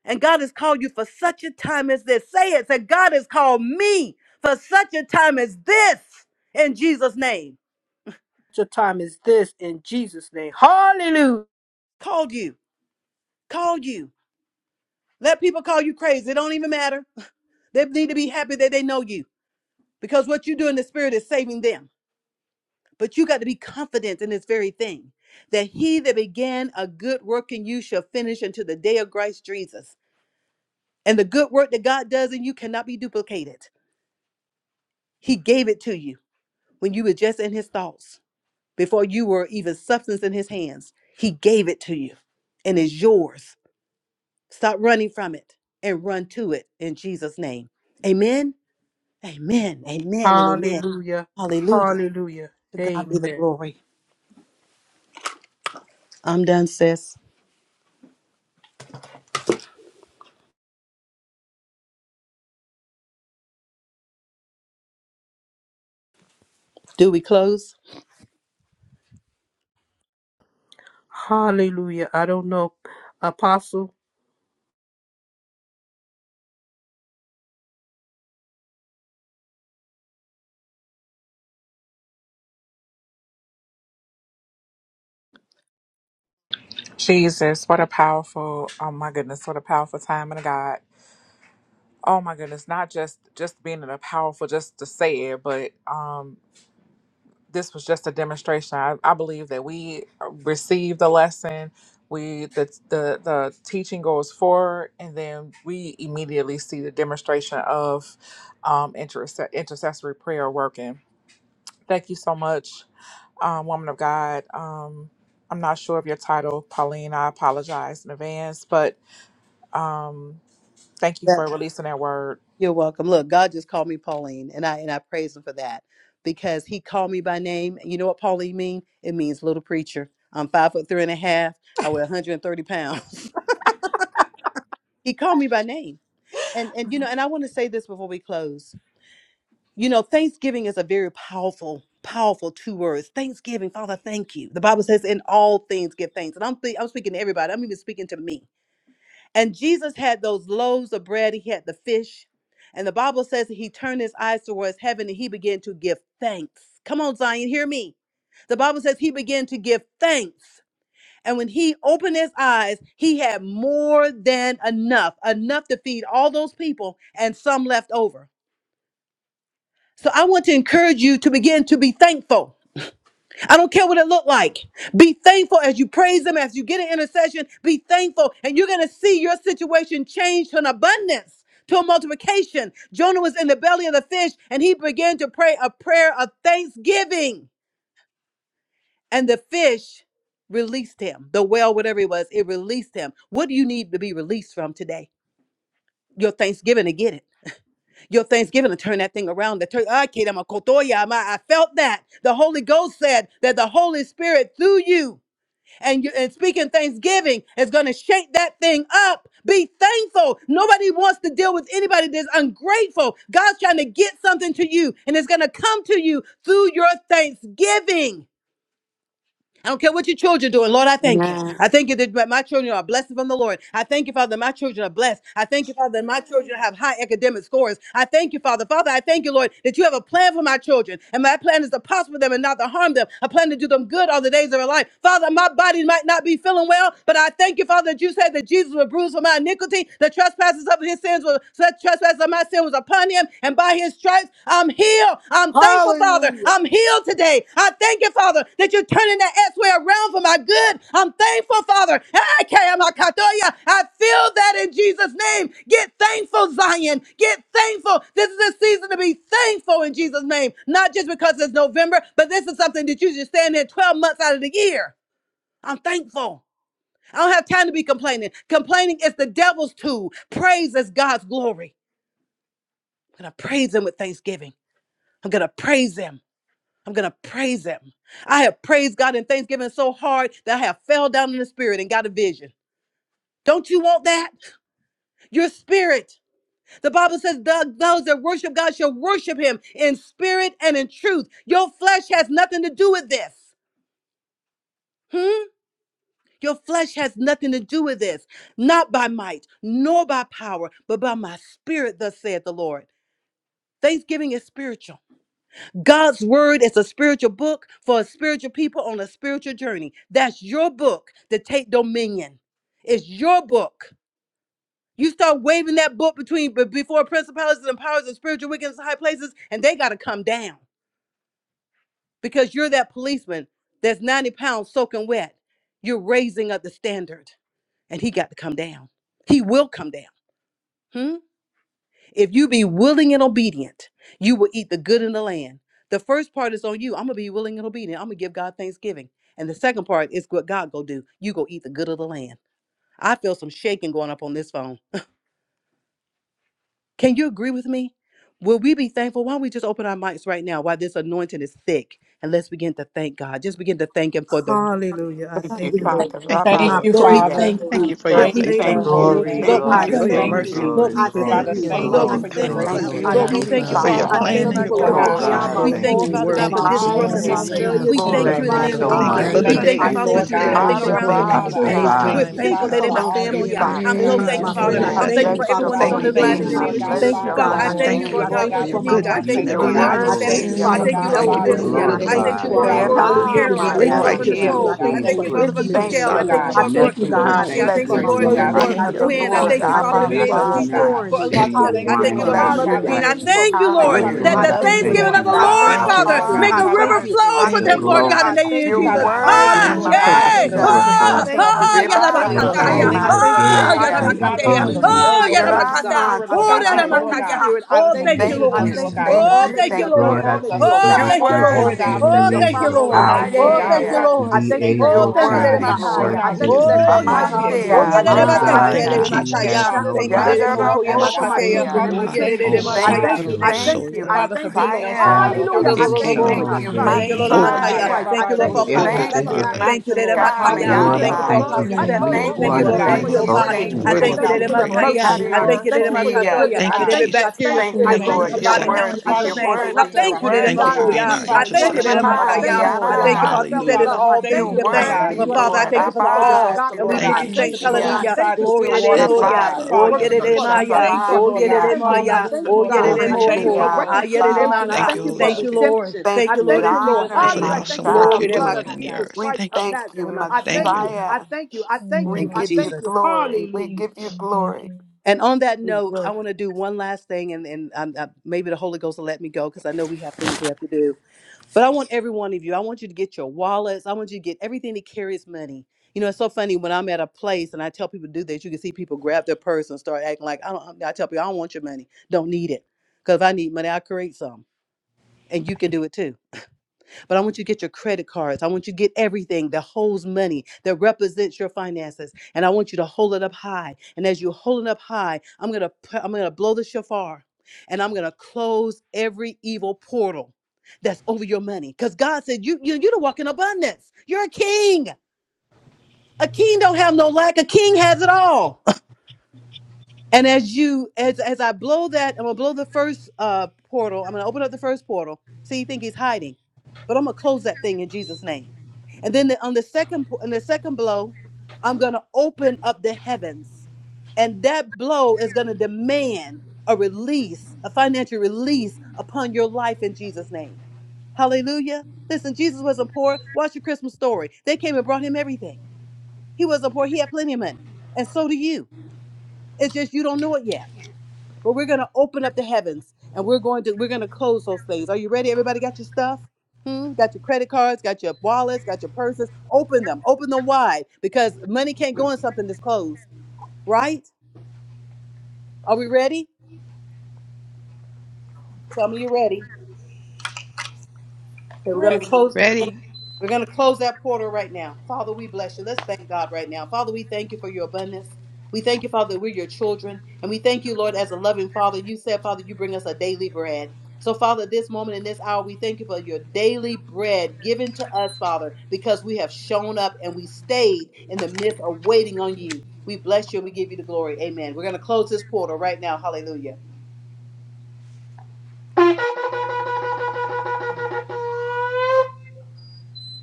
[SPEAKER 8] And God has called you for such a time as this. Say it. Say, God has called me for such a time as this in Jesus' name.
[SPEAKER 6] Such a time is this in Jesus' name. Hallelujah.
[SPEAKER 8] Called you. Called you. Let people call you crazy. It don't even matter. *laughs* They need to be happy that they know you because what you do in the spirit is saving them. But you got to be confident in this very thing that he that began a good work in you shall finish until the day of Christ Jesus. And the good work that God does in you cannot be duplicated. He gave it to you when you were just in his thoughts, before you were even substance in his hands. He gave it to you and it's yours. Stop running from it and run to it in Jesus' name. Amen. Amen. Amen and amen.
[SPEAKER 6] Hallelujah.
[SPEAKER 8] Hallelujah.
[SPEAKER 6] Hallelujah.
[SPEAKER 8] To God be the
[SPEAKER 6] Amen.
[SPEAKER 8] glory. I'm done, sis. Do we close?
[SPEAKER 6] Hallelujah. I don't know. Apostle.
[SPEAKER 2] Jesus, what a powerful, oh my goodness, what a powerful time in God. Oh my goodness, not just just being in a powerful just to say it, but um this was just a demonstration. I, I believe that we received the lesson. We the, the the teaching goes forward, and then we immediately see the demonstration of um intercess- intercessory prayer working. Thank you so much um, woman of God. Um, I'm not sure of your title, Pauline. I apologize in advance, but um, thank you for releasing that word.
[SPEAKER 8] You're welcome. Look, God just called me Pauline, and I and I praise Him for that because He called me by name. You know what Pauline mean? It means little preacher. I'm five foot three and a half. I weigh 130 pounds. *laughs* he called me by name, and and you know, and I want to say this before we close. You know, Thanksgiving is a very powerful, powerful two words. Thanksgiving, Father, thank you. The Bible says, "In all things, give thanks." And I'm thi- I'm speaking to everybody. I'm even speaking to me And Jesus had those loaves of bread, he had the fish. And the Bible says that he turned his eyes towards heaven and he began to give thanks. Come on, Zion, hear me. The Bible says he began to give thanks. And when he opened his eyes, he had more than enough, enough to feed all those people and some left over. So I want to encourage you to begin to be thankful. I don't care what it looked like. Be thankful as you praise Him, as you get an intercession. Be thankful, and you're going to see your situation change to an abundance, to a multiplication. Jonah was in the belly of the fish, and he began to pray a prayer of thanksgiving, and the fish released him. The whale, whatever it was, it released him. What do you need to be released from today? Your thanksgiving to get it. Your thanksgiving to turn that thing around. To turn, I kid not I'm a kotoya, I'm a- I felt that. The Holy Ghost said that the Holy Spirit through you and you and speaking thanksgiving is going to shake that thing up be thankful nobody wants to deal with anybody that's ungrateful god's trying to get something to you and it's going to come to you through your thanksgiving I don't care what your children are doing. Lord, I thank you.
[SPEAKER 11] now.
[SPEAKER 8] I thank you that my children are blessed from the Lord. I thank you, Father, that my children are blessed. I thank you, Father, that my children have high academic scores. I thank you, Father. Father, I thank you, Lord, that you have a plan for my children. And my plan is to prosper them and not to harm them. I plan to do them good all the days of their life. Father, my body might not be feeling well, but I thank you, Father, that you said that Jesus was bruised for my iniquity. The trespasses of his sins were, the trespasses of my sin was upon him and by his stripes I'm healed. I'm thankful, Father.
[SPEAKER 6] Hallelujah.
[SPEAKER 8] I'm healed today. I thank you, Father, that you're turning that S way around for my good. I'm thankful, Father. I feel that in Jesus' name. Get thankful, Zion. Get thankful. This is a season to be thankful in Jesus' name. Not just because it's November, but this is something that you just stand there 12 months out of the year. I'm thankful. I don't have time to be complaining. Complaining is the devil's tool. Praise is God's glory. I'm gonna praise him with thanksgiving. I'm going to praise him. I'm going to praise him. I have praised God in thanksgiving so hard that I have fell down in the spirit and got a vision. Don't you want that? Your spirit. The Bible says, "Th- Those that worship God shall worship him in spirit and in truth. Your flesh has nothing to do with this. Hmm? Your flesh has nothing to do with this, not by might, nor by power, but by my spirit, thus saith the Lord. Thanksgiving is spiritual. God's word is a spiritual book for a spiritual people on a spiritual journey. That's your book to take dominion. It's your book. You start waving that book between be- before principalities and powers and spiritual wickedness in high places, and they got to come down because you're that policeman that's 90 pounds soaking wet. You're raising up the standard, and he got to come down. He will come down. Hmm? If you be willing and obedient, you will eat the good in the land. The first part is on you. I'm gonna be willing and obedient. I'm gonna give God thanksgiving. And the second part is what God go do. You go eat the good of the land. I feel some shaking going up on this phone. Can you agree with me? Will we be thankful? Why don't we just open our mics right now while this anointing is thick and let's begin to thank God. Just begin to thank Him for the
[SPEAKER 6] Hallelujah. I
[SPEAKER 11] Thank
[SPEAKER 8] Father,
[SPEAKER 11] you,
[SPEAKER 6] thank you,
[SPEAKER 8] we
[SPEAKER 6] Lord.
[SPEAKER 11] Father,
[SPEAKER 12] Thank you,
[SPEAKER 11] Rabbi,
[SPEAKER 2] Thank
[SPEAKER 6] I
[SPEAKER 12] Lord.
[SPEAKER 2] you,
[SPEAKER 8] Lord, we
[SPEAKER 6] praise you,
[SPEAKER 11] fear.
[SPEAKER 2] Father.
[SPEAKER 8] thank
[SPEAKER 6] Lord.
[SPEAKER 12] Thank
[SPEAKER 2] I
[SPEAKER 8] you.
[SPEAKER 12] you for
[SPEAKER 6] I
[SPEAKER 12] your
[SPEAKER 8] Lord, we
[SPEAKER 2] praise
[SPEAKER 6] thank
[SPEAKER 2] your
[SPEAKER 11] Thank
[SPEAKER 8] thank
[SPEAKER 6] you
[SPEAKER 11] you,
[SPEAKER 6] for
[SPEAKER 12] faithfulness.
[SPEAKER 2] holy
[SPEAKER 8] you.
[SPEAKER 6] what
[SPEAKER 9] Glory,
[SPEAKER 6] you've
[SPEAKER 2] name,
[SPEAKER 8] Lord,
[SPEAKER 6] done.
[SPEAKER 11] thank
[SPEAKER 8] we
[SPEAKER 6] I
[SPEAKER 12] Thank
[SPEAKER 11] you,
[SPEAKER 12] you
[SPEAKER 9] glory,
[SPEAKER 2] Father.
[SPEAKER 12] for your
[SPEAKER 8] thank
[SPEAKER 6] thank
[SPEAKER 11] thank
[SPEAKER 9] glory,
[SPEAKER 8] you.
[SPEAKER 2] Thank
[SPEAKER 6] you.
[SPEAKER 12] mercy
[SPEAKER 11] you.
[SPEAKER 2] you.
[SPEAKER 12] and
[SPEAKER 8] Lord,
[SPEAKER 9] glory,
[SPEAKER 12] your
[SPEAKER 8] we
[SPEAKER 6] I
[SPEAKER 8] thank
[SPEAKER 6] thank
[SPEAKER 2] Father,
[SPEAKER 6] you
[SPEAKER 12] goodness
[SPEAKER 9] glory,
[SPEAKER 8] you.
[SPEAKER 13] you,
[SPEAKER 12] and
[SPEAKER 6] for
[SPEAKER 12] your
[SPEAKER 6] life.
[SPEAKER 2] thank
[SPEAKER 8] Lord,
[SPEAKER 2] you
[SPEAKER 13] Lord.
[SPEAKER 6] I
[SPEAKER 9] glory,
[SPEAKER 12] loving
[SPEAKER 8] we
[SPEAKER 13] You're
[SPEAKER 2] for your
[SPEAKER 6] thank
[SPEAKER 8] thank
[SPEAKER 6] you
[SPEAKER 2] grace
[SPEAKER 13] worthy,
[SPEAKER 6] for
[SPEAKER 11] Thank
[SPEAKER 9] glory
[SPEAKER 2] and
[SPEAKER 12] kindness.
[SPEAKER 8] you.
[SPEAKER 2] for
[SPEAKER 6] help.
[SPEAKER 9] to
[SPEAKER 13] Lord.
[SPEAKER 11] you,
[SPEAKER 2] your
[SPEAKER 10] I
[SPEAKER 6] I
[SPEAKER 9] you,
[SPEAKER 8] Lord,
[SPEAKER 10] thank
[SPEAKER 13] Thank
[SPEAKER 8] we
[SPEAKER 10] you,
[SPEAKER 13] you,
[SPEAKER 6] thank
[SPEAKER 2] mercy,
[SPEAKER 9] Lord.
[SPEAKER 6] you
[SPEAKER 11] Heavenly
[SPEAKER 12] Thank
[SPEAKER 8] thank
[SPEAKER 12] you
[SPEAKER 8] you
[SPEAKER 6] for
[SPEAKER 2] Lord
[SPEAKER 12] for
[SPEAKER 8] for
[SPEAKER 10] Father. I
[SPEAKER 13] Father.
[SPEAKER 8] our
[SPEAKER 6] strength.
[SPEAKER 12] your
[SPEAKER 11] Father,
[SPEAKER 2] God.
[SPEAKER 10] Give
[SPEAKER 11] I
[SPEAKER 6] I
[SPEAKER 13] You're
[SPEAKER 11] give
[SPEAKER 8] bosses
[SPEAKER 2] Thank
[SPEAKER 12] plan
[SPEAKER 6] thank
[SPEAKER 8] on
[SPEAKER 10] glory
[SPEAKER 12] and
[SPEAKER 6] you
[SPEAKER 2] you,
[SPEAKER 13] worthy.
[SPEAKER 8] our
[SPEAKER 12] your
[SPEAKER 10] and
[SPEAKER 6] for
[SPEAKER 2] Lord
[SPEAKER 10] praise
[SPEAKER 9] Oh
[SPEAKER 8] job,
[SPEAKER 6] looking
[SPEAKER 13] Worthy
[SPEAKER 10] and
[SPEAKER 2] God,
[SPEAKER 13] is the
[SPEAKER 11] glory.
[SPEAKER 12] purposes,
[SPEAKER 8] Father.
[SPEAKER 9] God,
[SPEAKER 6] beyond
[SPEAKER 9] I
[SPEAKER 10] honor
[SPEAKER 6] my
[SPEAKER 2] Father,
[SPEAKER 13] Lamb.
[SPEAKER 8] We
[SPEAKER 10] to
[SPEAKER 12] Lord.
[SPEAKER 10] your
[SPEAKER 9] thank
[SPEAKER 12] You
[SPEAKER 8] thank
[SPEAKER 12] are
[SPEAKER 8] you,
[SPEAKER 2] that
[SPEAKER 6] faults,
[SPEAKER 10] name.
[SPEAKER 9] you.
[SPEAKER 8] Father
[SPEAKER 2] you are
[SPEAKER 8] God,
[SPEAKER 13] Thank
[SPEAKER 12] worthy
[SPEAKER 8] for
[SPEAKER 6] my
[SPEAKER 2] my
[SPEAKER 13] you,
[SPEAKER 12] to
[SPEAKER 10] I
[SPEAKER 12] be
[SPEAKER 11] I
[SPEAKER 6] flaws,
[SPEAKER 8] disgruntled
[SPEAKER 6] and
[SPEAKER 2] restorer,
[SPEAKER 11] give
[SPEAKER 6] my
[SPEAKER 10] magnify
[SPEAKER 13] Jesus,
[SPEAKER 2] you
[SPEAKER 12] praised.
[SPEAKER 10] you.
[SPEAKER 2] are
[SPEAKER 8] moments.
[SPEAKER 11] you
[SPEAKER 13] King
[SPEAKER 2] my
[SPEAKER 10] I
[SPEAKER 13] of
[SPEAKER 6] failures
[SPEAKER 8] We
[SPEAKER 9] I
[SPEAKER 6] and
[SPEAKER 8] thank
[SPEAKER 13] kings
[SPEAKER 10] glorify
[SPEAKER 2] healer,
[SPEAKER 8] you
[SPEAKER 11] glory
[SPEAKER 8] in
[SPEAKER 13] and
[SPEAKER 9] thank
[SPEAKER 10] you.
[SPEAKER 8] the
[SPEAKER 9] you
[SPEAKER 2] my
[SPEAKER 10] I
[SPEAKER 11] and
[SPEAKER 13] Lord
[SPEAKER 8] name
[SPEAKER 6] supplying
[SPEAKER 13] of
[SPEAKER 10] thank
[SPEAKER 8] of
[SPEAKER 9] so
[SPEAKER 6] all
[SPEAKER 10] you,
[SPEAKER 13] lords.
[SPEAKER 12] Thank
[SPEAKER 6] my
[SPEAKER 12] you
[SPEAKER 8] Jesus.
[SPEAKER 2] redeemer.
[SPEAKER 10] Father,
[SPEAKER 11] honor.
[SPEAKER 12] for
[SPEAKER 9] much.
[SPEAKER 13] Thank
[SPEAKER 12] the
[SPEAKER 8] We
[SPEAKER 6] need.
[SPEAKER 10] and
[SPEAKER 9] I
[SPEAKER 13] you.
[SPEAKER 2] Thank
[SPEAKER 8] thank
[SPEAKER 12] day
[SPEAKER 8] you,
[SPEAKER 6] I
[SPEAKER 10] exalt
[SPEAKER 2] you,
[SPEAKER 9] thank
[SPEAKER 10] your
[SPEAKER 12] that
[SPEAKER 8] Father, for
[SPEAKER 2] Lord
[SPEAKER 6] thank
[SPEAKER 9] you
[SPEAKER 12] this
[SPEAKER 6] you,
[SPEAKER 10] name.
[SPEAKER 8] turning
[SPEAKER 12] day
[SPEAKER 6] Lord.
[SPEAKER 9] that
[SPEAKER 8] that
[SPEAKER 6] I
[SPEAKER 2] God.
[SPEAKER 11] I,
[SPEAKER 8] thing
[SPEAKER 12] that
[SPEAKER 13] Praise
[SPEAKER 12] you
[SPEAKER 13] your
[SPEAKER 12] have
[SPEAKER 6] thank you
[SPEAKER 8] around
[SPEAKER 13] holy
[SPEAKER 12] made.
[SPEAKER 6] for
[SPEAKER 8] in
[SPEAKER 6] my
[SPEAKER 9] I
[SPEAKER 11] Rabbi,
[SPEAKER 12] Thank you
[SPEAKER 10] Hallelujah.
[SPEAKER 13] name.
[SPEAKER 2] Father,
[SPEAKER 8] Jesus'
[SPEAKER 12] for
[SPEAKER 2] I
[SPEAKER 10] Thank
[SPEAKER 6] children
[SPEAKER 12] this
[SPEAKER 8] name.
[SPEAKER 6] and
[SPEAKER 2] just
[SPEAKER 11] Sarah,
[SPEAKER 13] Thank
[SPEAKER 10] you,
[SPEAKER 6] I
[SPEAKER 13] you,
[SPEAKER 2] thank
[SPEAKER 8] We're
[SPEAKER 9] survived
[SPEAKER 10] Lord
[SPEAKER 12] time,
[SPEAKER 2] you,
[SPEAKER 13] Lord.
[SPEAKER 9] the
[SPEAKER 12] this
[SPEAKER 6] thank
[SPEAKER 8] thankful.
[SPEAKER 6] you
[SPEAKER 9] surgery.
[SPEAKER 2] Father,
[SPEAKER 10] Jesus.
[SPEAKER 6] for
[SPEAKER 8] Nede
[SPEAKER 2] for
[SPEAKER 6] my
[SPEAKER 12] hour,
[SPEAKER 9] I
[SPEAKER 11] thank
[SPEAKER 2] all
[SPEAKER 11] you,
[SPEAKER 6] family
[SPEAKER 2] that
[SPEAKER 9] thank
[SPEAKER 10] Hallelujah.
[SPEAKER 2] you
[SPEAKER 6] and
[SPEAKER 8] Makatoya.
[SPEAKER 6] I
[SPEAKER 2] do
[SPEAKER 9] you
[SPEAKER 8] I'm
[SPEAKER 11] Father.
[SPEAKER 12] this
[SPEAKER 6] thank
[SPEAKER 8] so
[SPEAKER 6] you
[SPEAKER 2] concerning
[SPEAKER 10] Thank
[SPEAKER 13] Praise
[SPEAKER 6] for
[SPEAKER 12] time
[SPEAKER 10] you,
[SPEAKER 8] thankful,
[SPEAKER 13] your
[SPEAKER 6] my
[SPEAKER 12] of
[SPEAKER 2] us, Lord
[SPEAKER 8] Father.
[SPEAKER 13] holy
[SPEAKER 6] friends.
[SPEAKER 10] Heavenly
[SPEAKER 6] I
[SPEAKER 9] that
[SPEAKER 2] God.
[SPEAKER 11] I
[SPEAKER 8] I'm
[SPEAKER 13] name.
[SPEAKER 6] thank
[SPEAKER 10] Father.
[SPEAKER 8] thankful
[SPEAKER 6] you,
[SPEAKER 12] intercession.
[SPEAKER 8] for
[SPEAKER 13] Thank
[SPEAKER 11] bless
[SPEAKER 6] Father,
[SPEAKER 13] you,
[SPEAKER 11] your
[SPEAKER 8] everyone
[SPEAKER 6] for
[SPEAKER 8] that's on
[SPEAKER 12] Thank
[SPEAKER 2] Father,
[SPEAKER 10] Heavenly
[SPEAKER 6] my
[SPEAKER 11] holy
[SPEAKER 12] you,
[SPEAKER 8] this line
[SPEAKER 2] thank
[SPEAKER 6] healing
[SPEAKER 8] in
[SPEAKER 2] you,
[SPEAKER 10] Father,
[SPEAKER 6] and
[SPEAKER 8] the
[SPEAKER 11] name.
[SPEAKER 13] Jesus.
[SPEAKER 9] even
[SPEAKER 6] I
[SPEAKER 11] I
[SPEAKER 13] I
[SPEAKER 8] name
[SPEAKER 2] Lord
[SPEAKER 8] of
[SPEAKER 12] Jesus.
[SPEAKER 9] in
[SPEAKER 2] God,
[SPEAKER 13] just
[SPEAKER 8] Jesus.
[SPEAKER 9] this
[SPEAKER 11] bless
[SPEAKER 6] Thank you,
[SPEAKER 11] your
[SPEAKER 13] want
[SPEAKER 2] Father,
[SPEAKER 8] Father,
[SPEAKER 6] God.
[SPEAKER 13] to
[SPEAKER 8] I
[SPEAKER 10] praise
[SPEAKER 6] I
[SPEAKER 11] holy
[SPEAKER 9] paralysis,
[SPEAKER 10] and
[SPEAKER 13] say
[SPEAKER 2] for
[SPEAKER 8] thank
[SPEAKER 6] thank
[SPEAKER 8] you,
[SPEAKER 12] Thank
[SPEAKER 6] you.
[SPEAKER 12] you,
[SPEAKER 10] glory
[SPEAKER 8] Lord
[SPEAKER 13] thank
[SPEAKER 6] I
[SPEAKER 11] name.
[SPEAKER 10] and
[SPEAKER 12] Lord,
[SPEAKER 8] God,
[SPEAKER 2] Lord
[SPEAKER 13] you,
[SPEAKER 6] thank
[SPEAKER 8] for
[SPEAKER 12] for
[SPEAKER 10] thank
[SPEAKER 2] God,
[SPEAKER 6] you
[SPEAKER 2] the
[SPEAKER 12] your
[SPEAKER 13] Lord.
[SPEAKER 10] you,
[SPEAKER 6] for my
[SPEAKER 2] food
[SPEAKER 8] Shanika.
[SPEAKER 2] on
[SPEAKER 8] I
[SPEAKER 10] Lord.
[SPEAKER 2] my
[SPEAKER 12] goodness,
[SPEAKER 11] for
[SPEAKER 8] thank
[SPEAKER 6] righteous
[SPEAKER 9] you,
[SPEAKER 8] you,
[SPEAKER 2] table,
[SPEAKER 11] are
[SPEAKER 12] never
[SPEAKER 2] Lord
[SPEAKER 8] Lord
[SPEAKER 6] mind.
[SPEAKER 2] God.
[SPEAKER 9] dear
[SPEAKER 8] God,
[SPEAKER 2] I
[SPEAKER 12] leaving
[SPEAKER 8] for
[SPEAKER 6] I
[SPEAKER 2] just
[SPEAKER 12] us
[SPEAKER 8] Stephanie.
[SPEAKER 12] nor
[SPEAKER 9] Lord,
[SPEAKER 6] thank
[SPEAKER 2] thank
[SPEAKER 6] you,
[SPEAKER 11] worthy
[SPEAKER 2] you,
[SPEAKER 11] of
[SPEAKER 8] I
[SPEAKER 11] the
[SPEAKER 6] Father,
[SPEAKER 2] Lord
[SPEAKER 12] forsaking
[SPEAKER 8] thank
[SPEAKER 13] Thank
[SPEAKER 6] for
[SPEAKER 8] you,
[SPEAKER 13] you,
[SPEAKER 10] Hallelujah.
[SPEAKER 12] us.
[SPEAKER 2] God,
[SPEAKER 8] Lord,
[SPEAKER 12] Thank
[SPEAKER 11] praise.
[SPEAKER 8] for
[SPEAKER 12] you
[SPEAKER 10] Glory
[SPEAKER 12] for
[SPEAKER 9] are
[SPEAKER 10] to
[SPEAKER 2] Father,
[SPEAKER 12] the
[SPEAKER 6] elevation.
[SPEAKER 10] your
[SPEAKER 8] Vincia.
[SPEAKER 6] And
[SPEAKER 12] word
[SPEAKER 6] I
[SPEAKER 12] of
[SPEAKER 13] Father.
[SPEAKER 12] the
[SPEAKER 2] that
[SPEAKER 10] name.
[SPEAKER 8] I
[SPEAKER 13] You're
[SPEAKER 6] thank
[SPEAKER 2] you,
[SPEAKER 12] Lord
[SPEAKER 8] thank
[SPEAKER 6] you
[SPEAKER 10] Thank
[SPEAKER 13] so
[SPEAKER 8] you,
[SPEAKER 10] you
[SPEAKER 6] for
[SPEAKER 9] glorified.
[SPEAKER 2] Lord
[SPEAKER 12] today.
[SPEAKER 10] for
[SPEAKER 8] Lord,
[SPEAKER 11] Say
[SPEAKER 2] God,
[SPEAKER 10] this
[SPEAKER 11] it,
[SPEAKER 2] for
[SPEAKER 9] Lord,
[SPEAKER 8] for
[SPEAKER 2] your
[SPEAKER 10] time of
[SPEAKER 13] worthy,
[SPEAKER 9] I
[SPEAKER 11] ah,
[SPEAKER 2] hand
[SPEAKER 6] hallelujah,
[SPEAKER 8] Carol.
[SPEAKER 12] Thank you
[SPEAKER 8] I
[SPEAKER 2] being
[SPEAKER 11] my
[SPEAKER 12] for
[SPEAKER 10] fellowship,
[SPEAKER 13] Lord.
[SPEAKER 8] thank
[SPEAKER 12] your
[SPEAKER 8] you,
[SPEAKER 2] upon
[SPEAKER 8] Lord,
[SPEAKER 9] ask
[SPEAKER 2] my
[SPEAKER 10] Father.
[SPEAKER 8] for
[SPEAKER 13] Thank
[SPEAKER 6] relationship
[SPEAKER 9] that you
[SPEAKER 11] dear.
[SPEAKER 2] head,
[SPEAKER 6] with
[SPEAKER 13] you,
[SPEAKER 6] you.
[SPEAKER 9] would
[SPEAKER 2] Lord
[SPEAKER 6] I
[SPEAKER 12] righteousness,
[SPEAKER 8] Nicole.
[SPEAKER 12] your
[SPEAKER 8] I
[SPEAKER 2] God.
[SPEAKER 6] thank you
[SPEAKER 9] please
[SPEAKER 8] thank
[SPEAKER 2] Thank
[SPEAKER 6] for
[SPEAKER 8] you,
[SPEAKER 2] you
[SPEAKER 13] Father.
[SPEAKER 2] for
[SPEAKER 9] put
[SPEAKER 8] Father, for
[SPEAKER 12] holiness,
[SPEAKER 10] Hallelujah.
[SPEAKER 2] keeping
[SPEAKER 12] your
[SPEAKER 6] intimacy
[SPEAKER 11] Thank
[SPEAKER 2] me,
[SPEAKER 6] with
[SPEAKER 8] Cashel.
[SPEAKER 10] Thank
[SPEAKER 11] you,
[SPEAKER 8] I
[SPEAKER 2] Lord
[SPEAKER 10] you
[SPEAKER 6] you.
[SPEAKER 8] thank
[SPEAKER 10] for
[SPEAKER 8] you,
[SPEAKER 2] God.
[SPEAKER 11] Lord.
[SPEAKER 6] I
[SPEAKER 8] Lord,
[SPEAKER 12] sovereignty,
[SPEAKER 10] working
[SPEAKER 8] for
[SPEAKER 6] thank
[SPEAKER 2] Thank
[SPEAKER 10] all
[SPEAKER 13] I
[SPEAKER 6] you,
[SPEAKER 2] you
[SPEAKER 12] your
[SPEAKER 2] for
[SPEAKER 9] nothing
[SPEAKER 10] things
[SPEAKER 13] want
[SPEAKER 6] God.
[SPEAKER 2] your
[SPEAKER 9] but
[SPEAKER 13] to
[SPEAKER 6] I
[SPEAKER 10] out
[SPEAKER 12] power,
[SPEAKER 8] Valencia. I
[SPEAKER 13] say
[SPEAKER 6] thank
[SPEAKER 2] keeping
[SPEAKER 6] you
[SPEAKER 8] thank
[SPEAKER 6] for
[SPEAKER 8] you,
[SPEAKER 6] my
[SPEAKER 10] for
[SPEAKER 11] Blessed
[SPEAKER 13] thank
[SPEAKER 10] our
[SPEAKER 2] grace,
[SPEAKER 11] be
[SPEAKER 8] Lord,
[SPEAKER 9] thanksgiving
[SPEAKER 2] Lord
[SPEAKER 13] you,
[SPEAKER 6] first
[SPEAKER 9] in
[SPEAKER 11] the
[SPEAKER 2] God.
[SPEAKER 12] your
[SPEAKER 10] good.
[SPEAKER 13] Lord.
[SPEAKER 9] my
[SPEAKER 6] work.
[SPEAKER 2] Thank
[SPEAKER 8] for
[SPEAKER 10] In
[SPEAKER 2] you
[SPEAKER 11] name
[SPEAKER 6] I
[SPEAKER 2] for
[SPEAKER 11] of
[SPEAKER 9] time.
[SPEAKER 2] your
[SPEAKER 11] the
[SPEAKER 12] kingdom,
[SPEAKER 6] thank
[SPEAKER 12] your
[SPEAKER 10] Jesus'
[SPEAKER 6] you,
[SPEAKER 8] Gwen. I
[SPEAKER 6] God.
[SPEAKER 11] Lord,
[SPEAKER 10] name,
[SPEAKER 8] thank
[SPEAKER 2] protection,
[SPEAKER 12] people,
[SPEAKER 8] you,
[SPEAKER 2] your
[SPEAKER 6] I
[SPEAKER 12] Lord
[SPEAKER 8] Father, in
[SPEAKER 6] thank
[SPEAKER 8] the
[SPEAKER 11] Abba
[SPEAKER 9] Yet
[SPEAKER 6] you
[SPEAKER 9] I
[SPEAKER 12] God.
[SPEAKER 10] amen.
[SPEAKER 8] name
[SPEAKER 6] for
[SPEAKER 2] provision,
[SPEAKER 8] of
[SPEAKER 10] Thank
[SPEAKER 9] am
[SPEAKER 2] Lord
[SPEAKER 10] you,
[SPEAKER 8] Jesus,
[SPEAKER 9] not
[SPEAKER 11] Father.
[SPEAKER 2] God.
[SPEAKER 6] restoring
[SPEAKER 8] for
[SPEAKER 10] Father.
[SPEAKER 6] me.
[SPEAKER 9] sitting
[SPEAKER 2] Father,
[SPEAKER 8] Alethea.
[SPEAKER 9] and
[SPEAKER 8] I
[SPEAKER 2] thank you,
[SPEAKER 6] Hallelujah.
[SPEAKER 11] We
[SPEAKER 8] thank you,
[SPEAKER 6] For
[SPEAKER 2] Lord
[SPEAKER 8] Lord,
[SPEAKER 9] whining
[SPEAKER 8] for
[SPEAKER 2] God,
[SPEAKER 9] and
[SPEAKER 11] bless
[SPEAKER 8] Mother
[SPEAKER 11] your
[SPEAKER 2] Father,
[SPEAKER 6] hallelujah. I
[SPEAKER 12] Hallelujah.
[SPEAKER 8] Jean.
[SPEAKER 2] that
[SPEAKER 8] I
[SPEAKER 6] thank
[SPEAKER 11] name.
[SPEAKER 2] you,
[SPEAKER 6] you
[SPEAKER 9] complaining.
[SPEAKER 11] We
[SPEAKER 6] for
[SPEAKER 8] thank you,
[SPEAKER 2] Lord
[SPEAKER 11] honor
[SPEAKER 2] God,
[SPEAKER 9] But
[SPEAKER 8] Lord,
[SPEAKER 6] recovering.
[SPEAKER 2] Father,
[SPEAKER 12] Glory
[SPEAKER 11] you.
[SPEAKER 10] Thank
[SPEAKER 2] you
[SPEAKER 8] that
[SPEAKER 12] to
[SPEAKER 6] I
[SPEAKER 9] Lord,
[SPEAKER 8] the
[SPEAKER 10] you,
[SPEAKER 9] I
[SPEAKER 13] Thank
[SPEAKER 2] love
[SPEAKER 13] you,
[SPEAKER 6] thank
[SPEAKER 12] God.
[SPEAKER 2] me
[SPEAKER 6] you,
[SPEAKER 2] with an
[SPEAKER 8] thanksgiving
[SPEAKER 10] Father.
[SPEAKER 9] thank
[SPEAKER 13] Lord.
[SPEAKER 6] Lord.
[SPEAKER 8] of
[SPEAKER 9] you
[SPEAKER 8] the
[SPEAKER 6] I
[SPEAKER 9] the
[SPEAKER 8] Lord,
[SPEAKER 2] everlasting
[SPEAKER 6] thank you,
[SPEAKER 11] Thou
[SPEAKER 12] Thank
[SPEAKER 2] love,
[SPEAKER 12] you,
[SPEAKER 8] Father,
[SPEAKER 2] Lord
[SPEAKER 12] Lord.
[SPEAKER 6] Jesus.
[SPEAKER 11] art
[SPEAKER 8] make
[SPEAKER 2] God.
[SPEAKER 6] I
[SPEAKER 8] a
[SPEAKER 2] Father,
[SPEAKER 9] opportunity,
[SPEAKER 8] river
[SPEAKER 2] I
[SPEAKER 6] thank you.
[SPEAKER 2] just
[SPEAKER 8] flow
[SPEAKER 6] I
[SPEAKER 11] worthy.
[SPEAKER 2] thank
[SPEAKER 8] for
[SPEAKER 9] the
[SPEAKER 12] Thank
[SPEAKER 2] you,
[SPEAKER 8] them,
[SPEAKER 12] you,
[SPEAKER 6] thank
[SPEAKER 2] Lord
[SPEAKER 8] Lord
[SPEAKER 12] Lord
[SPEAKER 6] you.
[SPEAKER 9] growth
[SPEAKER 8] God,
[SPEAKER 2] God.
[SPEAKER 8] in
[SPEAKER 12] God.
[SPEAKER 6] I
[SPEAKER 8] the name
[SPEAKER 6] thank
[SPEAKER 8] of
[SPEAKER 11] You're
[SPEAKER 6] you,
[SPEAKER 13] Thank
[SPEAKER 2] Father,
[SPEAKER 8] Jesus.
[SPEAKER 6] Lord.
[SPEAKER 2] I
[SPEAKER 12] Your
[SPEAKER 9] opportunity.
[SPEAKER 2] thank you,
[SPEAKER 11] worthy,
[SPEAKER 8] Ah,
[SPEAKER 12] plans
[SPEAKER 13] you,
[SPEAKER 2] Lord
[SPEAKER 10] Thank
[SPEAKER 12] and
[SPEAKER 6] Hallelujah.
[SPEAKER 13] Jesus.
[SPEAKER 2] God,
[SPEAKER 10] you,
[SPEAKER 6] I
[SPEAKER 9] Thank
[SPEAKER 2] Father, for
[SPEAKER 8] hey,
[SPEAKER 2] the
[SPEAKER 6] thank
[SPEAKER 10] Father.
[SPEAKER 9] you,
[SPEAKER 12] purposes.
[SPEAKER 6] you.
[SPEAKER 11] Mamanda.
[SPEAKER 9] Lord,
[SPEAKER 2] rivers
[SPEAKER 10] Praise
[SPEAKER 6] I
[SPEAKER 2] that you
[SPEAKER 8] oh,
[SPEAKER 9] for
[SPEAKER 10] your
[SPEAKER 2] stir
[SPEAKER 6] thank
[SPEAKER 2] up
[SPEAKER 10] name.
[SPEAKER 6] you.
[SPEAKER 2] even
[SPEAKER 8] oh,
[SPEAKER 2] in
[SPEAKER 6] I
[SPEAKER 2] my
[SPEAKER 6] thank
[SPEAKER 2] belly,
[SPEAKER 11] Riba
[SPEAKER 6] you,
[SPEAKER 2] Lord God. I
[SPEAKER 8] yadabakataya,
[SPEAKER 6] Jesus.
[SPEAKER 9] Nicole
[SPEAKER 6] I
[SPEAKER 2] Thank
[SPEAKER 12] Hallelujah.
[SPEAKER 10] Hallelujah.
[SPEAKER 2] you,
[SPEAKER 11] Shema
[SPEAKER 9] that
[SPEAKER 6] thank
[SPEAKER 2] Lord
[SPEAKER 6] you.
[SPEAKER 2] God.
[SPEAKER 8] oh,
[SPEAKER 6] I
[SPEAKER 9] gave
[SPEAKER 11] Shea.
[SPEAKER 9] the
[SPEAKER 6] thank
[SPEAKER 13] Thank
[SPEAKER 6] you.
[SPEAKER 13] you,
[SPEAKER 2] Father, for
[SPEAKER 8] yadabakateya,
[SPEAKER 2] the
[SPEAKER 13] Lord.
[SPEAKER 10] Hallelujah.
[SPEAKER 9] ability
[SPEAKER 6] Hallelujah.
[SPEAKER 2] flow,
[SPEAKER 6] I
[SPEAKER 8] oh,
[SPEAKER 9] for
[SPEAKER 2] your
[SPEAKER 6] thank
[SPEAKER 9] me
[SPEAKER 2] Holy
[SPEAKER 6] you, God.
[SPEAKER 8] yadabakata,
[SPEAKER 11] Yurama
[SPEAKER 2] Spirit,
[SPEAKER 6] I
[SPEAKER 2] Lord
[SPEAKER 8] oh,
[SPEAKER 2] God.
[SPEAKER 6] thank you,
[SPEAKER 2] Thank you,
[SPEAKER 11] Saya.
[SPEAKER 2] Lord
[SPEAKER 6] Holy
[SPEAKER 2] God.
[SPEAKER 8] yadamakaya.
[SPEAKER 6] Spirit. I
[SPEAKER 2] Father,
[SPEAKER 8] Oh,
[SPEAKER 2] for
[SPEAKER 6] thank
[SPEAKER 8] thank
[SPEAKER 6] you.
[SPEAKER 13] Praise
[SPEAKER 8] you,
[SPEAKER 9] and
[SPEAKER 11] Thank
[SPEAKER 13] your
[SPEAKER 2] visiting
[SPEAKER 6] I
[SPEAKER 13] holy
[SPEAKER 2] us,
[SPEAKER 8] Lord.
[SPEAKER 11] you.
[SPEAKER 2] Lord
[SPEAKER 6] thank
[SPEAKER 9] Lisa.
[SPEAKER 6] you
[SPEAKER 2] God,
[SPEAKER 6] for
[SPEAKER 2] and
[SPEAKER 11] Thank
[SPEAKER 13] name,
[SPEAKER 8] Oh,
[SPEAKER 6] all
[SPEAKER 11] you.
[SPEAKER 6] that
[SPEAKER 8] thank
[SPEAKER 2] communing,
[SPEAKER 6] you
[SPEAKER 8] you,
[SPEAKER 11] Thank
[SPEAKER 6] have done,
[SPEAKER 11] you.
[SPEAKER 8] Lord.
[SPEAKER 9] Lord,
[SPEAKER 2] communing
[SPEAKER 6] all
[SPEAKER 9] I
[SPEAKER 2] with
[SPEAKER 6] that
[SPEAKER 2] us,
[SPEAKER 6] you are
[SPEAKER 2] oh
[SPEAKER 9] thank you
[SPEAKER 8] Oh,
[SPEAKER 6] doing,
[SPEAKER 9] that
[SPEAKER 2] God.
[SPEAKER 11] You're
[SPEAKER 8] thank
[SPEAKER 6] all
[SPEAKER 8] you,
[SPEAKER 6] that
[SPEAKER 9] you
[SPEAKER 6] you.
[SPEAKER 2] Oh
[SPEAKER 6] I
[SPEAKER 8] Lord.
[SPEAKER 9] have
[SPEAKER 6] thank
[SPEAKER 2] God,
[SPEAKER 11] worthy.
[SPEAKER 6] you
[SPEAKER 2] we
[SPEAKER 9] given
[SPEAKER 6] that
[SPEAKER 8] Oh,
[SPEAKER 6] your
[SPEAKER 9] me
[SPEAKER 2] bless
[SPEAKER 8] thank
[SPEAKER 2] your
[SPEAKER 8] you,
[SPEAKER 9] the
[SPEAKER 6] promises
[SPEAKER 2] holy
[SPEAKER 8] Lord.
[SPEAKER 6] are
[SPEAKER 9] power
[SPEAKER 2] name,
[SPEAKER 13] Thank
[SPEAKER 2] Lord
[SPEAKER 6] yea
[SPEAKER 13] you,
[SPEAKER 8] Oh,
[SPEAKER 6] and
[SPEAKER 2] God.
[SPEAKER 8] thank
[SPEAKER 13] Lord.
[SPEAKER 8] you,
[SPEAKER 11] Hallelujah.
[SPEAKER 6] amen.
[SPEAKER 2] Father,
[SPEAKER 9] to
[SPEAKER 2] we
[SPEAKER 6] I
[SPEAKER 8] Lord.
[SPEAKER 2] just
[SPEAKER 9] be
[SPEAKER 6] thank you
[SPEAKER 2] thank
[SPEAKER 6] that
[SPEAKER 2] you,
[SPEAKER 8] Oh,
[SPEAKER 6] you
[SPEAKER 9] able
[SPEAKER 11] You're
[SPEAKER 2] Lord
[SPEAKER 8] thank you,
[SPEAKER 9] to
[SPEAKER 6] haven't
[SPEAKER 8] Lady
[SPEAKER 2] God.
[SPEAKER 11] worthy,
[SPEAKER 10] Oh,
[SPEAKER 6] forgotten me.
[SPEAKER 2] Oh
[SPEAKER 10] thank
[SPEAKER 11] Lord.
[SPEAKER 8] Makaya.
[SPEAKER 6] I
[SPEAKER 9] usurp
[SPEAKER 2] God,
[SPEAKER 10] you,
[SPEAKER 2] we
[SPEAKER 12] Thank you,
[SPEAKER 6] thank
[SPEAKER 9] the
[SPEAKER 6] you
[SPEAKER 10] Lord.
[SPEAKER 2] just
[SPEAKER 12] Lord.
[SPEAKER 6] that
[SPEAKER 2] thank
[SPEAKER 6] you are
[SPEAKER 8] Oh,
[SPEAKER 2] you
[SPEAKER 9] enemy.
[SPEAKER 2] as
[SPEAKER 13] Praise
[SPEAKER 10] Glory
[SPEAKER 6] fighting
[SPEAKER 10] and
[SPEAKER 2] we
[SPEAKER 13] your
[SPEAKER 8] yeah.
[SPEAKER 6] you for
[SPEAKER 10] praise
[SPEAKER 6] me.
[SPEAKER 8] Oh,
[SPEAKER 13] holy
[SPEAKER 10] to
[SPEAKER 2] exalt
[SPEAKER 11] Bamandia,
[SPEAKER 8] yeah,
[SPEAKER 6] I
[SPEAKER 2] you,
[SPEAKER 12] Glory to
[SPEAKER 8] Lady
[SPEAKER 13] name.
[SPEAKER 2] Lord
[SPEAKER 6] thank
[SPEAKER 8] Ma-
[SPEAKER 9] Lord
[SPEAKER 6] you.
[SPEAKER 2] God,
[SPEAKER 6] I
[SPEAKER 12] God.
[SPEAKER 2] in
[SPEAKER 8] Thank
[SPEAKER 9] God,
[SPEAKER 8] you,
[SPEAKER 2] this
[SPEAKER 6] thank
[SPEAKER 12] Thank
[SPEAKER 10] your
[SPEAKER 12] you,
[SPEAKER 9] that
[SPEAKER 6] you.
[SPEAKER 11] Maya,
[SPEAKER 8] Lady
[SPEAKER 2] place
[SPEAKER 6] I
[SPEAKER 2] on
[SPEAKER 9] he
[SPEAKER 10] name.
[SPEAKER 6] thank
[SPEAKER 2] today,
[SPEAKER 6] you
[SPEAKER 9] has
[SPEAKER 12] Jesus.
[SPEAKER 8] Makaya.
[SPEAKER 2] Father,
[SPEAKER 6] not
[SPEAKER 9] no
[SPEAKER 2] as
[SPEAKER 6] for
[SPEAKER 2] we
[SPEAKER 8] Thank
[SPEAKER 6] me,
[SPEAKER 8] you,
[SPEAKER 6] just
[SPEAKER 8] Lady
[SPEAKER 9] right,
[SPEAKER 2] lift
[SPEAKER 6] for
[SPEAKER 2] you
[SPEAKER 6] my,
[SPEAKER 9] he
[SPEAKER 2] up,
[SPEAKER 8] Mokoya
[SPEAKER 2] Lord
[SPEAKER 6] but
[SPEAKER 9] has
[SPEAKER 6] for
[SPEAKER 9] no
[SPEAKER 6] my
[SPEAKER 2] God.
[SPEAKER 8] Makatea.
[SPEAKER 11] Yadarabosia.
[SPEAKER 6] children
[SPEAKER 2] Father,
[SPEAKER 6] and my
[SPEAKER 8] Oh,
[SPEAKER 2] we
[SPEAKER 13] Thank
[SPEAKER 12] Shikoronapaya,
[SPEAKER 8] yeah,
[SPEAKER 13] you,
[SPEAKER 6] children's
[SPEAKER 2] thank you,
[SPEAKER 8] Lady
[SPEAKER 6] care.
[SPEAKER 13] Father.
[SPEAKER 9] over
[SPEAKER 2] Lord
[SPEAKER 6] I
[SPEAKER 12] soya
[SPEAKER 11] Thank
[SPEAKER 9] their
[SPEAKER 2] God.
[SPEAKER 8] Makaya.
[SPEAKER 6] thank
[SPEAKER 11] you,
[SPEAKER 6] you. I
[SPEAKER 8] Thank you,
[SPEAKER 9] children.
[SPEAKER 11] thank
[SPEAKER 6] thank you.
[SPEAKER 11] you,
[SPEAKER 6] I
[SPEAKER 8] Jesus.
[SPEAKER 2] Father, for
[SPEAKER 6] thank
[SPEAKER 12] bakaya,
[SPEAKER 6] you,
[SPEAKER 2] being
[SPEAKER 6] Lord.
[SPEAKER 2] El
[SPEAKER 11] Messiah.
[SPEAKER 2] Shaddai,
[SPEAKER 9] God,
[SPEAKER 8] Thank
[SPEAKER 2] Lord
[SPEAKER 9] I
[SPEAKER 8] you,
[SPEAKER 2] God. We
[SPEAKER 6] Hallelujah.
[SPEAKER 8] Lord,
[SPEAKER 9] thank
[SPEAKER 6] I
[SPEAKER 9] you
[SPEAKER 2] just
[SPEAKER 8] Lord,
[SPEAKER 6] thank
[SPEAKER 8] Lord,
[SPEAKER 6] you
[SPEAKER 12] ekeyo.
[SPEAKER 2] thank
[SPEAKER 8] Lord,
[SPEAKER 6] for
[SPEAKER 2] you.
[SPEAKER 11] Thank
[SPEAKER 13] Thank
[SPEAKER 8] God.
[SPEAKER 6] your
[SPEAKER 9] so
[SPEAKER 11] you,
[SPEAKER 13] you,
[SPEAKER 6] son,
[SPEAKER 9] very
[SPEAKER 8] Thank you,
[SPEAKER 13] Lord.
[SPEAKER 2] Thank
[SPEAKER 9] much
[SPEAKER 8] Lord
[SPEAKER 2] you,
[SPEAKER 13] I
[SPEAKER 12] Glory
[SPEAKER 2] Lord
[SPEAKER 6] Jesus the
[SPEAKER 12] to
[SPEAKER 2] God.
[SPEAKER 8] Makaya.
[SPEAKER 12] God.
[SPEAKER 13] praise
[SPEAKER 11] Messiah.
[SPEAKER 6] Christ.
[SPEAKER 13] you.
[SPEAKER 8] Thank
[SPEAKER 6] I
[SPEAKER 8] you, Lord,
[SPEAKER 9] for
[SPEAKER 8] for
[SPEAKER 12] You're
[SPEAKER 6] thank
[SPEAKER 13] Thank
[SPEAKER 12] a
[SPEAKER 6] you
[SPEAKER 13] you,
[SPEAKER 6] for
[SPEAKER 12] good,
[SPEAKER 8] Apostle
[SPEAKER 9] every
[SPEAKER 6] your
[SPEAKER 12] good
[SPEAKER 2] Yababaroshaba.
[SPEAKER 11] Thank
[SPEAKER 9] bit
[SPEAKER 8] Stephanie.
[SPEAKER 11] you,
[SPEAKER 13] Jesus.
[SPEAKER 9] of
[SPEAKER 12] Father.
[SPEAKER 9] it.
[SPEAKER 6] everlasting.
[SPEAKER 2] Thank
[SPEAKER 8] Thank you,
[SPEAKER 2] you,
[SPEAKER 8] Lord
[SPEAKER 2] Lord.
[SPEAKER 6] For
[SPEAKER 12] You're
[SPEAKER 9] But
[SPEAKER 8] Makaya.
[SPEAKER 9] Lord,
[SPEAKER 12] worthy
[SPEAKER 2] Hallelujah,
[SPEAKER 6] hallelujah.
[SPEAKER 12] of
[SPEAKER 9] I
[SPEAKER 8] Thank you
[SPEAKER 12] our
[SPEAKER 11] Machikamiyama.
[SPEAKER 8] for
[SPEAKER 9] thank
[SPEAKER 6] God,
[SPEAKER 9] you
[SPEAKER 2] hallelujah,
[SPEAKER 8] Apostle
[SPEAKER 6] I
[SPEAKER 9] for
[SPEAKER 12] glory,
[SPEAKER 13] Thank
[SPEAKER 8] Stephanie.
[SPEAKER 13] you,
[SPEAKER 9] each
[SPEAKER 11] Thank
[SPEAKER 2] hallelujah,
[SPEAKER 8] Thank
[SPEAKER 10] Thank
[SPEAKER 6] I
[SPEAKER 8] you,
[SPEAKER 9] one
[SPEAKER 11] you,
[SPEAKER 13] Lord.
[SPEAKER 2] Lord
[SPEAKER 10] you,
[SPEAKER 8] Lord,
[SPEAKER 9] of
[SPEAKER 13] I
[SPEAKER 6] thank
[SPEAKER 8] for
[SPEAKER 6] you
[SPEAKER 12] worthy
[SPEAKER 8] her
[SPEAKER 2] God.
[SPEAKER 12] of
[SPEAKER 2] We
[SPEAKER 6] for
[SPEAKER 11] thank
[SPEAKER 9] these
[SPEAKER 6] your
[SPEAKER 12] our
[SPEAKER 8] healed
[SPEAKER 13] thank
[SPEAKER 10] Father.
[SPEAKER 11] you,
[SPEAKER 10] Thank
[SPEAKER 13] you,
[SPEAKER 2] just
[SPEAKER 9] folks
[SPEAKER 6] grace
[SPEAKER 12] honor.
[SPEAKER 8] body.
[SPEAKER 11] thank
[SPEAKER 6] and
[SPEAKER 12] You're
[SPEAKER 2] thank
[SPEAKER 9] in
[SPEAKER 2] you,
[SPEAKER 8] I
[SPEAKER 9] the
[SPEAKER 11] you.
[SPEAKER 6] I
[SPEAKER 12] worthy
[SPEAKER 9] room.
[SPEAKER 8] thank
[SPEAKER 2] Lord
[SPEAKER 13] Father.
[SPEAKER 12] of
[SPEAKER 8] you,
[SPEAKER 6] thank
[SPEAKER 2] God.
[SPEAKER 6] you
[SPEAKER 12] our
[SPEAKER 8] Lord
[SPEAKER 13] I
[SPEAKER 2] We
[SPEAKER 6] for
[SPEAKER 13] honor
[SPEAKER 6] your
[SPEAKER 13] you.
[SPEAKER 2] praise
[SPEAKER 8] Makaya.
[SPEAKER 12] praise.
[SPEAKER 6] mercy and
[SPEAKER 8] I
[SPEAKER 13] Thank
[SPEAKER 6] I
[SPEAKER 13] you.
[SPEAKER 8] thank
[SPEAKER 2] your
[SPEAKER 8] you,
[SPEAKER 6] thank
[SPEAKER 13] Lord.
[SPEAKER 8] Lord
[SPEAKER 6] you for
[SPEAKER 2] holy
[SPEAKER 6] your
[SPEAKER 11] Hallelujah.
[SPEAKER 2] name,
[SPEAKER 8] Makatoya,
[SPEAKER 6] goodness.
[SPEAKER 12] Thank
[SPEAKER 6] I
[SPEAKER 12] you,
[SPEAKER 8] that
[SPEAKER 2] God.
[SPEAKER 8] every
[SPEAKER 6] thank you. I
[SPEAKER 8] bacterial
[SPEAKER 12] Jesus.
[SPEAKER 6] thank
[SPEAKER 2] Father,
[SPEAKER 6] you.
[SPEAKER 11] Thank
[SPEAKER 2] we
[SPEAKER 8] spirit
[SPEAKER 6] I
[SPEAKER 11] you,
[SPEAKER 8] is
[SPEAKER 12] Thank
[SPEAKER 13] Thank
[SPEAKER 12] you
[SPEAKER 2] thank
[SPEAKER 13] you,
[SPEAKER 6] thank
[SPEAKER 8] leaving
[SPEAKER 12] for
[SPEAKER 11] Lord.
[SPEAKER 8] her
[SPEAKER 2] you,
[SPEAKER 6] you.
[SPEAKER 12] your
[SPEAKER 13] Jesus.
[SPEAKER 6] I
[SPEAKER 11] You're
[SPEAKER 8] body
[SPEAKER 2] Lord.
[SPEAKER 6] thank
[SPEAKER 8] now
[SPEAKER 6] you.
[SPEAKER 8] in
[SPEAKER 6] I
[SPEAKER 11] worthy,
[SPEAKER 2] Father,
[SPEAKER 8] Jesus'
[SPEAKER 6] thank
[SPEAKER 11] you're
[SPEAKER 12] sacrifice.
[SPEAKER 2] you
[SPEAKER 6] you
[SPEAKER 2] are
[SPEAKER 8] name.
[SPEAKER 6] for
[SPEAKER 2] the
[SPEAKER 8] I
[SPEAKER 11] worthy,
[SPEAKER 2] lifter of
[SPEAKER 11] you're
[SPEAKER 6] loving
[SPEAKER 8] thank
[SPEAKER 2] our
[SPEAKER 8] you,
[SPEAKER 10] you,
[SPEAKER 8] Lord
[SPEAKER 2] heads,
[SPEAKER 6] me
[SPEAKER 12] Thank
[SPEAKER 10] Lord.
[SPEAKER 12] you
[SPEAKER 2] Lord
[SPEAKER 12] for
[SPEAKER 11] worthy.
[SPEAKER 2] God.
[SPEAKER 12] being
[SPEAKER 8] Makoya.
[SPEAKER 12] our
[SPEAKER 6] degrees.
[SPEAKER 8] I
[SPEAKER 6] I
[SPEAKER 2] Father, you
[SPEAKER 8] thank
[SPEAKER 2] are
[SPEAKER 11] Be
[SPEAKER 8] you,
[SPEAKER 6] thank
[SPEAKER 2] the
[SPEAKER 8] Lord
[SPEAKER 6] you.
[SPEAKER 12] intercessor.
[SPEAKER 8] Makaya.
[SPEAKER 2] lover
[SPEAKER 13] Thank
[SPEAKER 6] I
[SPEAKER 2] of
[SPEAKER 13] you,
[SPEAKER 2] our
[SPEAKER 11] reminded,
[SPEAKER 6] thank
[SPEAKER 8] Kaya.
[SPEAKER 6] you
[SPEAKER 10] Thank
[SPEAKER 2] soul,
[SPEAKER 13] Lord.
[SPEAKER 6] for
[SPEAKER 8] I
[SPEAKER 10] you,
[SPEAKER 6] your
[SPEAKER 2] Lord
[SPEAKER 8] thank you,
[SPEAKER 11] Anna.
[SPEAKER 2] God.
[SPEAKER 10] Lord.
[SPEAKER 8] Father. You said
[SPEAKER 6] unfailing
[SPEAKER 8] in
[SPEAKER 2] Father,
[SPEAKER 12] Hallelujah.
[SPEAKER 6] love.
[SPEAKER 2] we
[SPEAKER 6] I
[SPEAKER 8] all
[SPEAKER 10] We
[SPEAKER 2] thank
[SPEAKER 8] things
[SPEAKER 11] You're
[SPEAKER 6] thank
[SPEAKER 2] you,
[SPEAKER 10] praise
[SPEAKER 6] you.
[SPEAKER 8] give
[SPEAKER 10] you,
[SPEAKER 6] I
[SPEAKER 2] Lord
[SPEAKER 10] we
[SPEAKER 8] thanks.
[SPEAKER 2] God.
[SPEAKER 6] thank
[SPEAKER 11] worthy,
[SPEAKER 8] But
[SPEAKER 2] You
[SPEAKER 6] you.
[SPEAKER 2] are
[SPEAKER 10] glorify
[SPEAKER 12] Hallelujah.
[SPEAKER 2] the
[SPEAKER 10] you,
[SPEAKER 8] Father, I
[SPEAKER 6] I
[SPEAKER 10] we
[SPEAKER 11] Lord.
[SPEAKER 2] one
[SPEAKER 8] thank
[SPEAKER 2] that
[SPEAKER 8] you
[SPEAKER 6] thank
[SPEAKER 8] for
[SPEAKER 6] you
[SPEAKER 8] the
[SPEAKER 6] for
[SPEAKER 10] magnify
[SPEAKER 6] your
[SPEAKER 2] causes
[SPEAKER 10] you.
[SPEAKER 11] Abide
[SPEAKER 2] us
[SPEAKER 8] all.
[SPEAKER 2] to,
[SPEAKER 10] Thank you,
[SPEAKER 11] in
[SPEAKER 8] And
[SPEAKER 6] agape
[SPEAKER 8] we
[SPEAKER 2] Lord
[SPEAKER 6] love.
[SPEAKER 10] Lord.
[SPEAKER 8] give
[SPEAKER 12] Thank
[SPEAKER 6] I
[SPEAKER 12] you,
[SPEAKER 8] you
[SPEAKER 2] God,
[SPEAKER 11] the
[SPEAKER 13] Thank
[SPEAKER 2] to
[SPEAKER 8] thanks.
[SPEAKER 6] thank
[SPEAKER 2] be
[SPEAKER 6] you,
[SPEAKER 13] you,
[SPEAKER 6] Lord.
[SPEAKER 2] led
[SPEAKER 6] I
[SPEAKER 12] Jesus.
[SPEAKER 13] Lord.
[SPEAKER 8] Hallelujah.
[SPEAKER 6] thank
[SPEAKER 2] beside the
[SPEAKER 6] you.
[SPEAKER 8] Glory
[SPEAKER 12] Your
[SPEAKER 2] still
[SPEAKER 6] I
[SPEAKER 8] to the
[SPEAKER 6] thank
[SPEAKER 2] waters,
[SPEAKER 6] you for
[SPEAKER 2] Lord
[SPEAKER 6] the
[SPEAKER 8] Moya.
[SPEAKER 12] steadfast
[SPEAKER 11] Abide,
[SPEAKER 2] God.
[SPEAKER 6] finished
[SPEAKER 12] love,
[SPEAKER 8] Oh
[SPEAKER 11] Lord
[SPEAKER 6] work
[SPEAKER 2] Father,
[SPEAKER 12] your
[SPEAKER 6] of the cross. I
[SPEAKER 11] Jesus.
[SPEAKER 2] we
[SPEAKER 12] mercy.
[SPEAKER 8] Maya.
[SPEAKER 6] thank you
[SPEAKER 2] thank you,
[SPEAKER 6] for
[SPEAKER 8] Oh
[SPEAKER 2] Lord
[SPEAKER 11] Amandia.
[SPEAKER 2] God.
[SPEAKER 6] repentance. I
[SPEAKER 8] Maya.
[SPEAKER 13] Thank
[SPEAKER 6] thank
[SPEAKER 2] Hallelujah,
[SPEAKER 6] you,
[SPEAKER 8] Oh
[SPEAKER 13] you,
[SPEAKER 2] Lord
[SPEAKER 6] God.
[SPEAKER 2] God. We
[SPEAKER 12] Glory
[SPEAKER 6] I
[SPEAKER 11] Glory
[SPEAKER 12] to God.
[SPEAKER 6] thank you
[SPEAKER 13] Father.
[SPEAKER 2] thank
[SPEAKER 11] be
[SPEAKER 8] Moko.
[SPEAKER 2] you,
[SPEAKER 6] for
[SPEAKER 11] our
[SPEAKER 8] Ah
[SPEAKER 2] Lord.
[SPEAKER 11] Father.
[SPEAKER 6] reconciliation. I
[SPEAKER 12] Thank
[SPEAKER 8] Maka.
[SPEAKER 12] you,
[SPEAKER 6] thank you
[SPEAKER 12] Holy
[SPEAKER 6] for
[SPEAKER 2] Hallelujah.
[SPEAKER 8] Thank you,
[SPEAKER 12] Spirit.
[SPEAKER 8] Lord.
[SPEAKER 6] redemption.
[SPEAKER 8] Thank
[SPEAKER 6] I
[SPEAKER 11] Thank
[SPEAKER 8] you,
[SPEAKER 11] you,
[SPEAKER 8] Lord,
[SPEAKER 6] thank
[SPEAKER 8] in
[SPEAKER 6] you, Lord.
[SPEAKER 10] Thank
[SPEAKER 8] Jesus'
[SPEAKER 12] Thank
[SPEAKER 10] you,
[SPEAKER 11] honor,
[SPEAKER 12] you for the
[SPEAKER 6] Hallelujah.
[SPEAKER 8] name.
[SPEAKER 6] I
[SPEAKER 11] my
[SPEAKER 10] Lord.
[SPEAKER 6] thank
[SPEAKER 12] awesome
[SPEAKER 6] you for
[SPEAKER 12] work
[SPEAKER 11] God.
[SPEAKER 6] the
[SPEAKER 12] you're
[SPEAKER 8] Glory to
[SPEAKER 6] blood
[SPEAKER 12] doing
[SPEAKER 6] of
[SPEAKER 12] in the
[SPEAKER 8] Makata.
[SPEAKER 6] Jesus
[SPEAKER 12] earth.
[SPEAKER 11] We
[SPEAKER 6] Christ
[SPEAKER 12] Thank
[SPEAKER 6] of
[SPEAKER 12] you.
[SPEAKER 11] thank
[SPEAKER 8] To
[SPEAKER 11] you,
[SPEAKER 6] Nazareth.
[SPEAKER 8] the
[SPEAKER 6] I
[SPEAKER 10] Thank
[SPEAKER 12] Thank
[SPEAKER 6] thank
[SPEAKER 12] you,
[SPEAKER 10] you,
[SPEAKER 6] you.
[SPEAKER 8] Makataya.
[SPEAKER 12] Lord.
[SPEAKER 6] I
[SPEAKER 10] Father.
[SPEAKER 11] Messiah.
[SPEAKER 6] thank you. I thank
[SPEAKER 11] We
[SPEAKER 10] Hallelujah.
[SPEAKER 6] you.
[SPEAKER 8] Thank you,
[SPEAKER 6] I
[SPEAKER 11] give
[SPEAKER 6] thank
[SPEAKER 11] you
[SPEAKER 8] Jesus.
[SPEAKER 6] you.
[SPEAKER 11] glory.
[SPEAKER 10] In
[SPEAKER 11] We
[SPEAKER 6] Hallelujah.
[SPEAKER 11] give
[SPEAKER 10] Jesus'
[SPEAKER 11] you
[SPEAKER 10] name, thank
[SPEAKER 11] glory.
[SPEAKER 10] you.
[SPEAKER 8] And on that
[SPEAKER 11] We
[SPEAKER 8] note, I
[SPEAKER 11] will
[SPEAKER 8] want to do one last thing, and, and um, uh, maybe the Holy Ghost will let me go because I know we have things we have to do. But I want every one of you. I want you to get your wallets. I want you to get everything that carries money. You know, it's so funny when I'm at a place and I tell people to do this. You can see people grab their purse and start acting like I don't. I tell people I don't want your money. Don't need it. Because if I need money, I create some, and you can do it too. But I want you to get your credit cards. I want you to get everything that holds money, that represents your finances. And I want you to hold it up high. And as you hold it up high, I'm gonna I'm gonna blow the shofar and I'm gonna close every evil portal that's over your money. Because God said you you you don't walk in abundance. You're a king. A king don't have no lack. A king has it all. And as you as as I blow that, I'm gonna blow the first uh portal. I'm gonna open up the first portal. See, you think he's hiding, but I'm gonna close that thing in Jesus' name. And then the, on the second po- on the second blow, I'm gonna open up the heavens, and that blow is gonna demand a release, a financial release upon your life in Jesus' name. Hallelujah. Listen, Jesus wasn't poor. Watch your Christmas story. They came and brought him everything. He wasn't poor. He had plenty of money, and so do you. It's just you don't know it yet. But we're gonna open up the heavens and we're going to we're gonna close those things. Are you ready? Everybody got your stuff? Hmm? Got your credit cards, got your wallets, got your purses. Open them, open them wide because money can't go in something that's closed, right? Are we ready? Tell me you're ready. Okay, we're gonna
[SPEAKER 2] Ready.
[SPEAKER 8] close.
[SPEAKER 12] Ready,
[SPEAKER 8] We're going to close that portal right now. Father, we bless you. Let's thank God right now. Father, we thank you for your abundance. We thank you, Father, that we're your children. And we thank you, Lord, as a loving Father. You said, Father, you bring us a daily bread. So, Father, this moment in this hour, we thank you for your daily bread given to us, Father, because we have shown up and we stayed in the midst of waiting on you. We bless you and we give you the glory. Amen. We're going to close this portal right now. Hallelujah.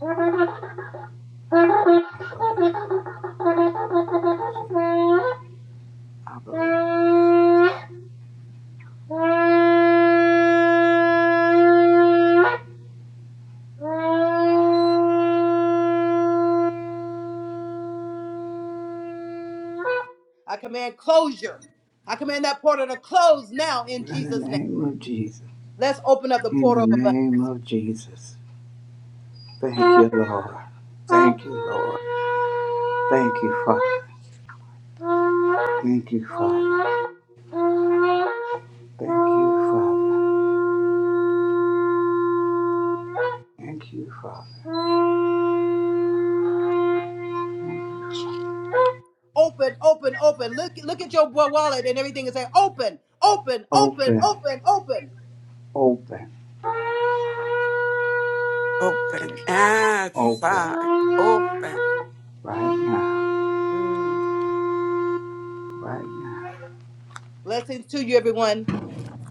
[SPEAKER 8] I
[SPEAKER 9] I believe. I believe.
[SPEAKER 8] command closure. I command that portal to close now in
[SPEAKER 9] In the
[SPEAKER 8] Jesus' name.
[SPEAKER 9] name of Jesus.
[SPEAKER 8] Let's open up the
[SPEAKER 9] In the
[SPEAKER 8] portal of
[SPEAKER 9] name of Jesus. Thank you,
[SPEAKER 8] abundance.
[SPEAKER 9] Lord. Thank you, Lord. Thank you, Father. Thank you, Father. Thank you, Father. Thank you, Father. Thank you, Father.
[SPEAKER 8] Open, open, open. Look, look at your wa- wallet and everything, and say, "Open, open, open,
[SPEAKER 9] Open,
[SPEAKER 8] open, open."
[SPEAKER 9] open,
[SPEAKER 11] Open, yes,
[SPEAKER 9] open.
[SPEAKER 11] open.
[SPEAKER 9] Right now.
[SPEAKER 11] Mm.
[SPEAKER 9] Right now.
[SPEAKER 8] Blessings to you, everyone.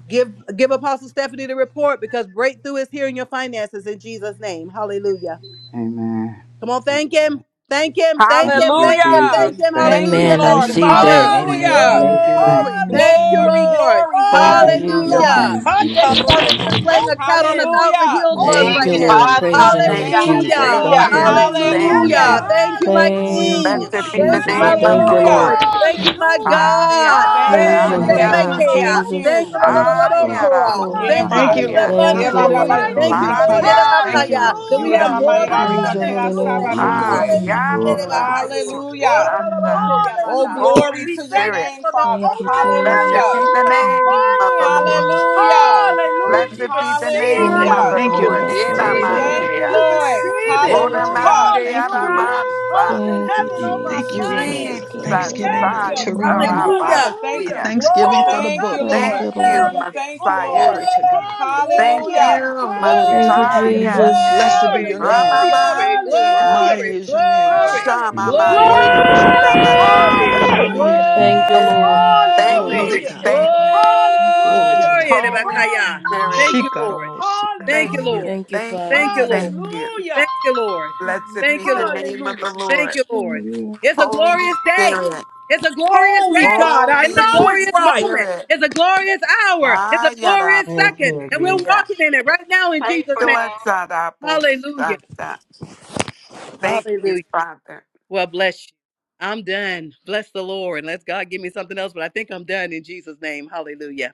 [SPEAKER 8] Give give Apostle Stephanie the report because breakthrough is here in your finances in Jesus' name. Hallelujah.
[SPEAKER 9] Amen.
[SPEAKER 8] Come on, thank
[SPEAKER 9] Amen.
[SPEAKER 8] him. Thank him. Thank him.
[SPEAKER 9] Thank you,
[SPEAKER 8] Thank him.
[SPEAKER 2] Hallelujah.
[SPEAKER 9] Jesus.
[SPEAKER 8] Thank him.
[SPEAKER 9] Thank
[SPEAKER 2] Thank you,
[SPEAKER 8] Hallelujah.
[SPEAKER 13] Amen.
[SPEAKER 9] you.
[SPEAKER 13] I
[SPEAKER 8] Thank
[SPEAKER 2] Lord.
[SPEAKER 8] you,
[SPEAKER 10] Hallelujah.
[SPEAKER 13] receive
[SPEAKER 10] Thank you
[SPEAKER 8] Father.
[SPEAKER 13] that.
[SPEAKER 10] for the
[SPEAKER 9] Thank
[SPEAKER 13] Amen.
[SPEAKER 2] Hallelujah.
[SPEAKER 6] Hallelujah.
[SPEAKER 13] Thank
[SPEAKER 9] you.
[SPEAKER 13] you,
[SPEAKER 10] finances,
[SPEAKER 13] Lord.
[SPEAKER 9] Thank
[SPEAKER 8] Glory.
[SPEAKER 10] Lord.
[SPEAKER 9] you.
[SPEAKER 8] Thank you,
[SPEAKER 6] Hallelujah.
[SPEAKER 2] Glory,
[SPEAKER 10] Hallelujah.
[SPEAKER 8] Lord.
[SPEAKER 2] glory.
[SPEAKER 13] Thank you,
[SPEAKER 9] Thank
[SPEAKER 6] Hallelujah.
[SPEAKER 9] you.
[SPEAKER 2] Hallelujah.
[SPEAKER 13] Jesus.
[SPEAKER 8] Hallelujah.
[SPEAKER 10] Hallelujah.
[SPEAKER 9] Thank
[SPEAKER 8] We
[SPEAKER 9] you.
[SPEAKER 8] thank you,
[SPEAKER 9] Thank
[SPEAKER 8] Father, that
[SPEAKER 9] you. Thank
[SPEAKER 8] you're
[SPEAKER 6] Hataroboko.
[SPEAKER 9] you.
[SPEAKER 8] slaying a cat on a
[SPEAKER 6] Open.
[SPEAKER 8] thousand
[SPEAKER 2] Hallelujah.
[SPEAKER 8] hills
[SPEAKER 10] Thank
[SPEAKER 8] for
[SPEAKER 9] Thank
[SPEAKER 8] us
[SPEAKER 10] you,
[SPEAKER 13] Thank
[SPEAKER 8] right
[SPEAKER 13] you,
[SPEAKER 6] Open.
[SPEAKER 8] now.
[SPEAKER 13] Lord.
[SPEAKER 10] Jesus.
[SPEAKER 9] you. Thank
[SPEAKER 13] Praise
[SPEAKER 6] We
[SPEAKER 9] you.
[SPEAKER 13] your
[SPEAKER 6] thank
[SPEAKER 13] name,
[SPEAKER 6] you
[SPEAKER 11] Thank
[SPEAKER 10] Hallelujah.
[SPEAKER 6] for
[SPEAKER 11] you,
[SPEAKER 2] Thank you,
[SPEAKER 13] Jesus.
[SPEAKER 11] thank
[SPEAKER 6] opening
[SPEAKER 8] Hallelujah.
[SPEAKER 4] Hallelujah.
[SPEAKER 6] the
[SPEAKER 2] Lord.
[SPEAKER 13] Thank you, Lord.
[SPEAKER 9] Thank
[SPEAKER 11] you,
[SPEAKER 6] windows
[SPEAKER 9] you.
[SPEAKER 6] of
[SPEAKER 10] Hallelujah.
[SPEAKER 11] thank
[SPEAKER 6] heaven.
[SPEAKER 11] you.
[SPEAKER 8] Hallelujah.
[SPEAKER 2] Hallelujah.
[SPEAKER 8] Thank
[SPEAKER 10] Hallelujah.
[SPEAKER 8] you, my
[SPEAKER 6] Hallelujah.
[SPEAKER 10] Hallelujah.
[SPEAKER 13] Thank
[SPEAKER 8] King.
[SPEAKER 13] you,
[SPEAKER 6] Over
[SPEAKER 11] Blessed
[SPEAKER 6] our
[SPEAKER 11] be the
[SPEAKER 8] Thank
[SPEAKER 9] Thank
[SPEAKER 8] you,
[SPEAKER 13] Jesus.
[SPEAKER 10] Thank
[SPEAKER 13] I
[SPEAKER 8] my
[SPEAKER 9] you.
[SPEAKER 11] name
[SPEAKER 10] you,
[SPEAKER 6] finances.
[SPEAKER 11] of
[SPEAKER 13] thank
[SPEAKER 11] the
[SPEAKER 13] you,
[SPEAKER 10] Jesus.
[SPEAKER 9] Thank you.
[SPEAKER 8] Lord.
[SPEAKER 13] Lord.
[SPEAKER 2] Hallelujah.
[SPEAKER 11] Lord.
[SPEAKER 10] Thank
[SPEAKER 8] Thank you, my
[SPEAKER 10] you,
[SPEAKER 6] Hallelujah.
[SPEAKER 10] Jesus.
[SPEAKER 11] Adia,
[SPEAKER 8] God.
[SPEAKER 2] Thank
[SPEAKER 13] Praise
[SPEAKER 8] Thank
[SPEAKER 13] your
[SPEAKER 8] you,
[SPEAKER 2] you,
[SPEAKER 9] My
[SPEAKER 6] Hallelujah.
[SPEAKER 8] that
[SPEAKER 10] Hallelujah.
[SPEAKER 13] holy
[SPEAKER 9] God
[SPEAKER 2] thank
[SPEAKER 6] For
[SPEAKER 13] name,
[SPEAKER 11] adia,
[SPEAKER 2] you,
[SPEAKER 10] Thank
[SPEAKER 6] the
[SPEAKER 10] you,
[SPEAKER 2] thank
[SPEAKER 10] God.
[SPEAKER 6] open
[SPEAKER 8] Thank
[SPEAKER 13] Jesus.
[SPEAKER 8] you,
[SPEAKER 2] you.
[SPEAKER 8] Lord,
[SPEAKER 9] shall
[SPEAKER 6] heaven.
[SPEAKER 9] supply
[SPEAKER 6] Hata.
[SPEAKER 11] adia,
[SPEAKER 9] all
[SPEAKER 10] Hallelujah.
[SPEAKER 11] rabo,
[SPEAKER 12] Lord.
[SPEAKER 2] Yeah,
[SPEAKER 9] my
[SPEAKER 8] Thank you,
[SPEAKER 12] Thank
[SPEAKER 2] ma.
[SPEAKER 8] Lord,
[SPEAKER 12] you,
[SPEAKER 8] for
[SPEAKER 6] Hallelujah.
[SPEAKER 10] Hallelujah.
[SPEAKER 9] needs
[SPEAKER 8] the
[SPEAKER 12] Lord.
[SPEAKER 13] Thank
[SPEAKER 2] Yeah,
[SPEAKER 6] Over
[SPEAKER 8] abundance,
[SPEAKER 13] you,
[SPEAKER 2] ma,
[SPEAKER 6] our
[SPEAKER 2] ba,
[SPEAKER 8] Lord.
[SPEAKER 2] ba,
[SPEAKER 13] Lord.
[SPEAKER 12] Hallelujah.
[SPEAKER 10] Thank
[SPEAKER 2] yo,
[SPEAKER 8] Thank
[SPEAKER 10] you,
[SPEAKER 8] you,
[SPEAKER 9] according
[SPEAKER 12] Thank
[SPEAKER 6] finances.
[SPEAKER 12] you,
[SPEAKER 8] Lord,
[SPEAKER 9] to
[SPEAKER 10] Lord.
[SPEAKER 8] that
[SPEAKER 12] Lord.
[SPEAKER 2] sabaya.
[SPEAKER 9] His
[SPEAKER 12] Thank
[SPEAKER 11] adia,
[SPEAKER 12] you, Lord.
[SPEAKER 8] that we
[SPEAKER 12] You are
[SPEAKER 2] Yeah,
[SPEAKER 12] the
[SPEAKER 8] have
[SPEAKER 2] ma,
[SPEAKER 6] Hallelujah.
[SPEAKER 2] ma,
[SPEAKER 12] Lord of
[SPEAKER 8] more
[SPEAKER 12] the
[SPEAKER 8] than
[SPEAKER 11] Messiah.
[SPEAKER 2] ira,
[SPEAKER 13] Praise
[SPEAKER 8] enough
[SPEAKER 13] your
[SPEAKER 12] breakthrough.
[SPEAKER 8] in
[SPEAKER 2] shakira,
[SPEAKER 13] holy
[SPEAKER 8] Jesus'
[SPEAKER 13] name,
[SPEAKER 8] name.
[SPEAKER 9] my
[SPEAKER 6] Hallelujah.
[SPEAKER 2] sabalotoe.
[SPEAKER 9] riches
[SPEAKER 13] Jesus.
[SPEAKER 9] and
[SPEAKER 12] You are the
[SPEAKER 10] Hallelujah.
[SPEAKER 8] Hallelujah, that
[SPEAKER 12] Lord
[SPEAKER 9] glory.
[SPEAKER 12] of the
[SPEAKER 8] make
[SPEAKER 11] Ariada
[SPEAKER 12] breakthrough.
[SPEAKER 8] care.
[SPEAKER 2] Hallelujah.
[SPEAKER 11] Bosanda.
[SPEAKER 10] Hallelujah.
[SPEAKER 2] Oh,
[SPEAKER 6] Hallelujah.
[SPEAKER 2] glory
[SPEAKER 11] Holy
[SPEAKER 6] We
[SPEAKER 2] to your
[SPEAKER 6] thank you
[SPEAKER 11] Spirit,
[SPEAKER 2] name,
[SPEAKER 6] for the
[SPEAKER 2] Father.
[SPEAKER 13] Thank you,
[SPEAKER 6] open heaven
[SPEAKER 11] blessed
[SPEAKER 2] Hallelujah.
[SPEAKER 13] Jesus.
[SPEAKER 11] be the
[SPEAKER 6] over our
[SPEAKER 11] name of the
[SPEAKER 6] finances.
[SPEAKER 11] Lord.
[SPEAKER 2] Hallelujah.
[SPEAKER 6] Hallelujah.
[SPEAKER 9] Thank
[SPEAKER 6] We
[SPEAKER 11] Blessed be the
[SPEAKER 6] receive
[SPEAKER 11] name
[SPEAKER 6] it.
[SPEAKER 13] Thank
[SPEAKER 11] of
[SPEAKER 13] you,
[SPEAKER 11] the
[SPEAKER 2] Hallelujah.
[SPEAKER 12] Thank you,
[SPEAKER 6] We
[SPEAKER 11] Lord.
[SPEAKER 13] Father.
[SPEAKER 12] Lord.
[SPEAKER 13] Praise
[SPEAKER 6] receive
[SPEAKER 13] your
[SPEAKER 6] it.
[SPEAKER 13] holy
[SPEAKER 12] Hallelujah.
[SPEAKER 2] Thank
[SPEAKER 13] name.
[SPEAKER 2] you,
[SPEAKER 11] Inamandia.
[SPEAKER 6] We
[SPEAKER 2] Lord.
[SPEAKER 6] receive it.
[SPEAKER 9] you.
[SPEAKER 12] Glory to God.
[SPEAKER 2] Hallelujah.
[SPEAKER 11] Unamandia
[SPEAKER 12] Thank you,
[SPEAKER 6] Hallelujah.
[SPEAKER 12] Lord.
[SPEAKER 11] Ramasa.
[SPEAKER 6] Open
[SPEAKER 13] Thank you,
[SPEAKER 6] heaven
[SPEAKER 9] Thank
[SPEAKER 6] over our
[SPEAKER 9] you,
[SPEAKER 12] Thank
[SPEAKER 9] God.
[SPEAKER 12] you,
[SPEAKER 13] Jesus,
[SPEAKER 12] Lord.
[SPEAKER 13] King of
[SPEAKER 11] Jesus.
[SPEAKER 6] finances.
[SPEAKER 13] kings
[SPEAKER 6] We
[SPEAKER 13] and Lord
[SPEAKER 12] Thanksgiving
[SPEAKER 13] of
[SPEAKER 6] thank you.
[SPEAKER 12] to
[SPEAKER 13] lords.
[SPEAKER 10] Hallelujah.
[SPEAKER 12] remember.
[SPEAKER 2] Father,
[SPEAKER 8] Hallelujah.
[SPEAKER 12] A
[SPEAKER 2] thank
[SPEAKER 6] Hallelujah.
[SPEAKER 11] Sakarabasia.
[SPEAKER 2] you.
[SPEAKER 8] Glory,
[SPEAKER 12] thanksgiving for
[SPEAKER 6] Holy
[SPEAKER 12] the
[SPEAKER 2] Thank
[SPEAKER 6] God,
[SPEAKER 2] you,
[SPEAKER 6] we
[SPEAKER 12] books.
[SPEAKER 13] Thank
[SPEAKER 11] Thank
[SPEAKER 2] Lord.
[SPEAKER 13] you,
[SPEAKER 6] thank you for
[SPEAKER 11] you,
[SPEAKER 13] Lord.
[SPEAKER 2] We
[SPEAKER 6] the
[SPEAKER 2] thank you,
[SPEAKER 11] Messiah.
[SPEAKER 2] Lord.
[SPEAKER 6] open.
[SPEAKER 12] Glory to God.
[SPEAKER 11] Thank
[SPEAKER 6] Hallelujah.
[SPEAKER 2] Hallelujah.
[SPEAKER 8] glory,
[SPEAKER 11] you,
[SPEAKER 12] Glory to
[SPEAKER 13] Thank you,
[SPEAKER 10] Hallelujah. Hallelujah.
[SPEAKER 12] God.
[SPEAKER 8] glory,
[SPEAKER 6] Hallelujah.
[SPEAKER 10] Hallelujah.
[SPEAKER 11] Messiah.
[SPEAKER 13] Jesus.
[SPEAKER 10] Thank
[SPEAKER 12] Blessed be
[SPEAKER 8] glory,
[SPEAKER 10] you,
[SPEAKER 12] your name,
[SPEAKER 10] God.
[SPEAKER 12] O
[SPEAKER 6] Hallelujah.
[SPEAKER 12] God.
[SPEAKER 8] glory, glory,
[SPEAKER 11] Ramamandia.
[SPEAKER 6] Hallelujah.
[SPEAKER 8] glory,
[SPEAKER 12] Mighty is your name, Lord.
[SPEAKER 9] Thank you,
[SPEAKER 8] glory,
[SPEAKER 6] Hallelujah.
[SPEAKER 9] God.
[SPEAKER 12] Worthy is your
[SPEAKER 1] Glory.
[SPEAKER 11] Shamamandia
[SPEAKER 12] name, Lord.
[SPEAKER 11] Mashiach.
[SPEAKER 12] Holy is
[SPEAKER 6] Hallelujah.
[SPEAKER 10] Hallelujah.
[SPEAKER 12] your
[SPEAKER 9] Thank
[SPEAKER 13] Thank
[SPEAKER 9] you.
[SPEAKER 13] you,
[SPEAKER 12] name.
[SPEAKER 13] Lord.
[SPEAKER 10] Hallelujah.
[SPEAKER 11] Thank
[SPEAKER 12] Glory
[SPEAKER 8] glory,
[SPEAKER 11] you.
[SPEAKER 12] to
[SPEAKER 6] Hallelujah.
[SPEAKER 10] Thank
[SPEAKER 12] God.
[SPEAKER 11] Thank
[SPEAKER 10] you,
[SPEAKER 11] you,
[SPEAKER 10] Jesus. Thank you, Jesus.
[SPEAKER 12] Glory to
[SPEAKER 6] Hallelujah.
[SPEAKER 8] glory,
[SPEAKER 12] God.
[SPEAKER 8] and
[SPEAKER 11] Holy
[SPEAKER 8] Ibakaya.
[SPEAKER 10] Hallelujah.
[SPEAKER 11] Spirit,
[SPEAKER 8] Thank
[SPEAKER 6] Hallelujah.
[SPEAKER 8] you, Lord.
[SPEAKER 12] Shikaronosika.
[SPEAKER 8] Thank
[SPEAKER 11] thank
[SPEAKER 8] you,
[SPEAKER 11] you,
[SPEAKER 8] Lord.
[SPEAKER 6] Hallelujah.
[SPEAKER 13] Thank you,
[SPEAKER 11] thank
[SPEAKER 13] Father.
[SPEAKER 11] you,
[SPEAKER 8] Thank you, Lord.
[SPEAKER 11] thank
[SPEAKER 10] Hallelujah.
[SPEAKER 11] you.
[SPEAKER 6] Hallelujah.
[SPEAKER 8] Thank you, Lord.
[SPEAKER 11] Blessed
[SPEAKER 8] Thank
[SPEAKER 11] be
[SPEAKER 10] Hallelujah.
[SPEAKER 8] you,
[SPEAKER 11] the
[SPEAKER 8] Lord.
[SPEAKER 11] name
[SPEAKER 6] Hallelujah.
[SPEAKER 11] of the
[SPEAKER 8] Thank
[SPEAKER 11] Lord.
[SPEAKER 8] you, Lord.
[SPEAKER 10] Hallelujah.
[SPEAKER 8] It's a
[SPEAKER 11] Holy
[SPEAKER 8] glorious day.
[SPEAKER 11] Spirit,
[SPEAKER 8] It's a glorious
[SPEAKER 6] Holy
[SPEAKER 8] day.
[SPEAKER 6] God, I
[SPEAKER 8] It's a
[SPEAKER 6] know
[SPEAKER 11] Holy
[SPEAKER 6] it's
[SPEAKER 8] glorious
[SPEAKER 6] right.
[SPEAKER 8] moment.
[SPEAKER 11] Spirit,
[SPEAKER 8] It's a glorious hour. It's a glorious
[SPEAKER 9] Hey,
[SPEAKER 11] Ayarapo,
[SPEAKER 8] second. And we're
[SPEAKER 9] Peggy.
[SPEAKER 8] walking in it right now in
[SPEAKER 9] Hey,
[SPEAKER 8] Jesus' name.
[SPEAKER 9] Brand.
[SPEAKER 11] Blessed
[SPEAKER 8] Hallelujah.
[SPEAKER 11] Santa. Thank you,
[SPEAKER 8] Hallelujah.
[SPEAKER 11] Father.
[SPEAKER 8] Well, bless you. I'm done. Bless the Lord. Unless God give me something else, but I think I'm done in Jesus' name. Hallelujah.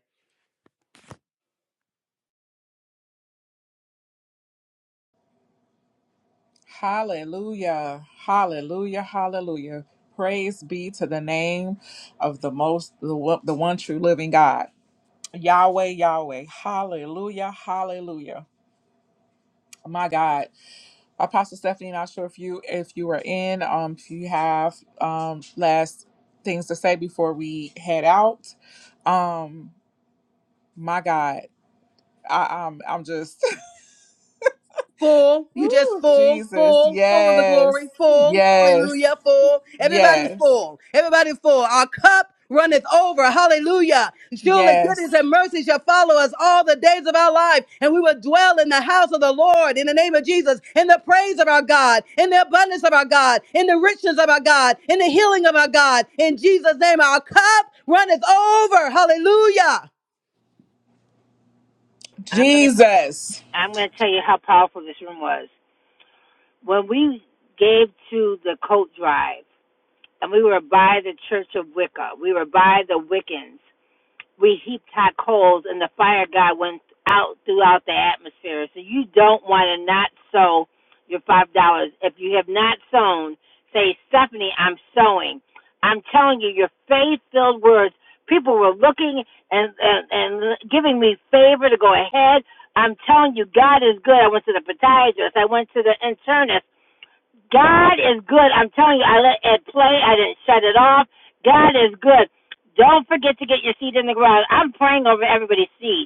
[SPEAKER 2] Hallelujah. Hallelujah. Hallelujah. Praise be to the name of the most, the, one- the one true living God. Yahweh, Yahweh. Hallelujah. Hallelujah. My God. Apostle Stephanie, not sure if you if you were in, um, if you have um last things to say before we head out. Um, my God, I, I'm I'm just
[SPEAKER 8] full.
[SPEAKER 2] *laughs*
[SPEAKER 8] You just
[SPEAKER 2] Woo,
[SPEAKER 8] full,
[SPEAKER 2] Jesus,
[SPEAKER 8] full, full of the
[SPEAKER 2] yes,
[SPEAKER 8] glory, full.
[SPEAKER 2] yes,
[SPEAKER 8] Hallelujah, full. Everybody's
[SPEAKER 2] yes,
[SPEAKER 8] full. Everybody's full. Our cup runneth over. Hallelujah. Surely
[SPEAKER 2] yes,
[SPEAKER 8] goodness and mercy shall follow us all the days of our life, and we will dwell in the house of the Lord in the name of Jesus, in the praise of our God, in the abundance of our God, in the richness of our God, in the healing of our God. In Jesus' name, our cup runneth over. Hallelujah.
[SPEAKER 1] I'm going to
[SPEAKER 2] Jesus.
[SPEAKER 1] I'm going to tell you how powerful this room was. When we gave to the coat drive, and we were by the Church of Wicca, we were by the Wiccans, we heaped hot coals and the fire god went out throughout the atmosphere. So you don't want to not sow your five dollars. If you have not sown, say Stephanie, I'm sowing. I'm telling you, your faith filled words. People were looking and, and and giving me favor to go ahead. I'm telling you, God is good. I went to the podiatrist. I went to the internist. God is good. I'm telling you, I let it play. I didn't shut it off. God is good. Don't forget to get your seed in the ground. I'm praying over everybody's seed.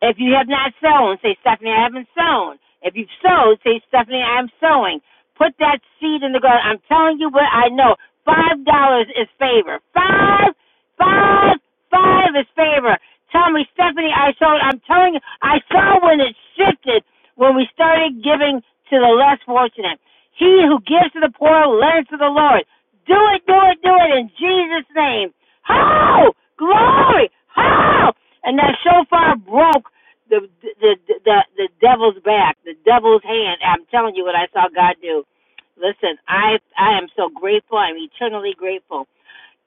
[SPEAKER 1] If you have not sown, say, Stephanie, I haven't sown. If you've sowed, say, Stephanie, I'm sowing. Put that seed in the ground. I'm telling you what I know. Five dollars is favor. Five, five, five is favor. Tell me, Stephanie, I sold. I'm telling you, I saw when it shifted when we started giving to the less fortunate. He who gives to the poor lends to the Lord. Do it, do it, do it in Jesus' name. How glory, how? And that shofar broke the the the the, the devil's back, the devil's hand. I'm telling you what I saw God do. Listen, I I am so grateful. I'm eternally grateful.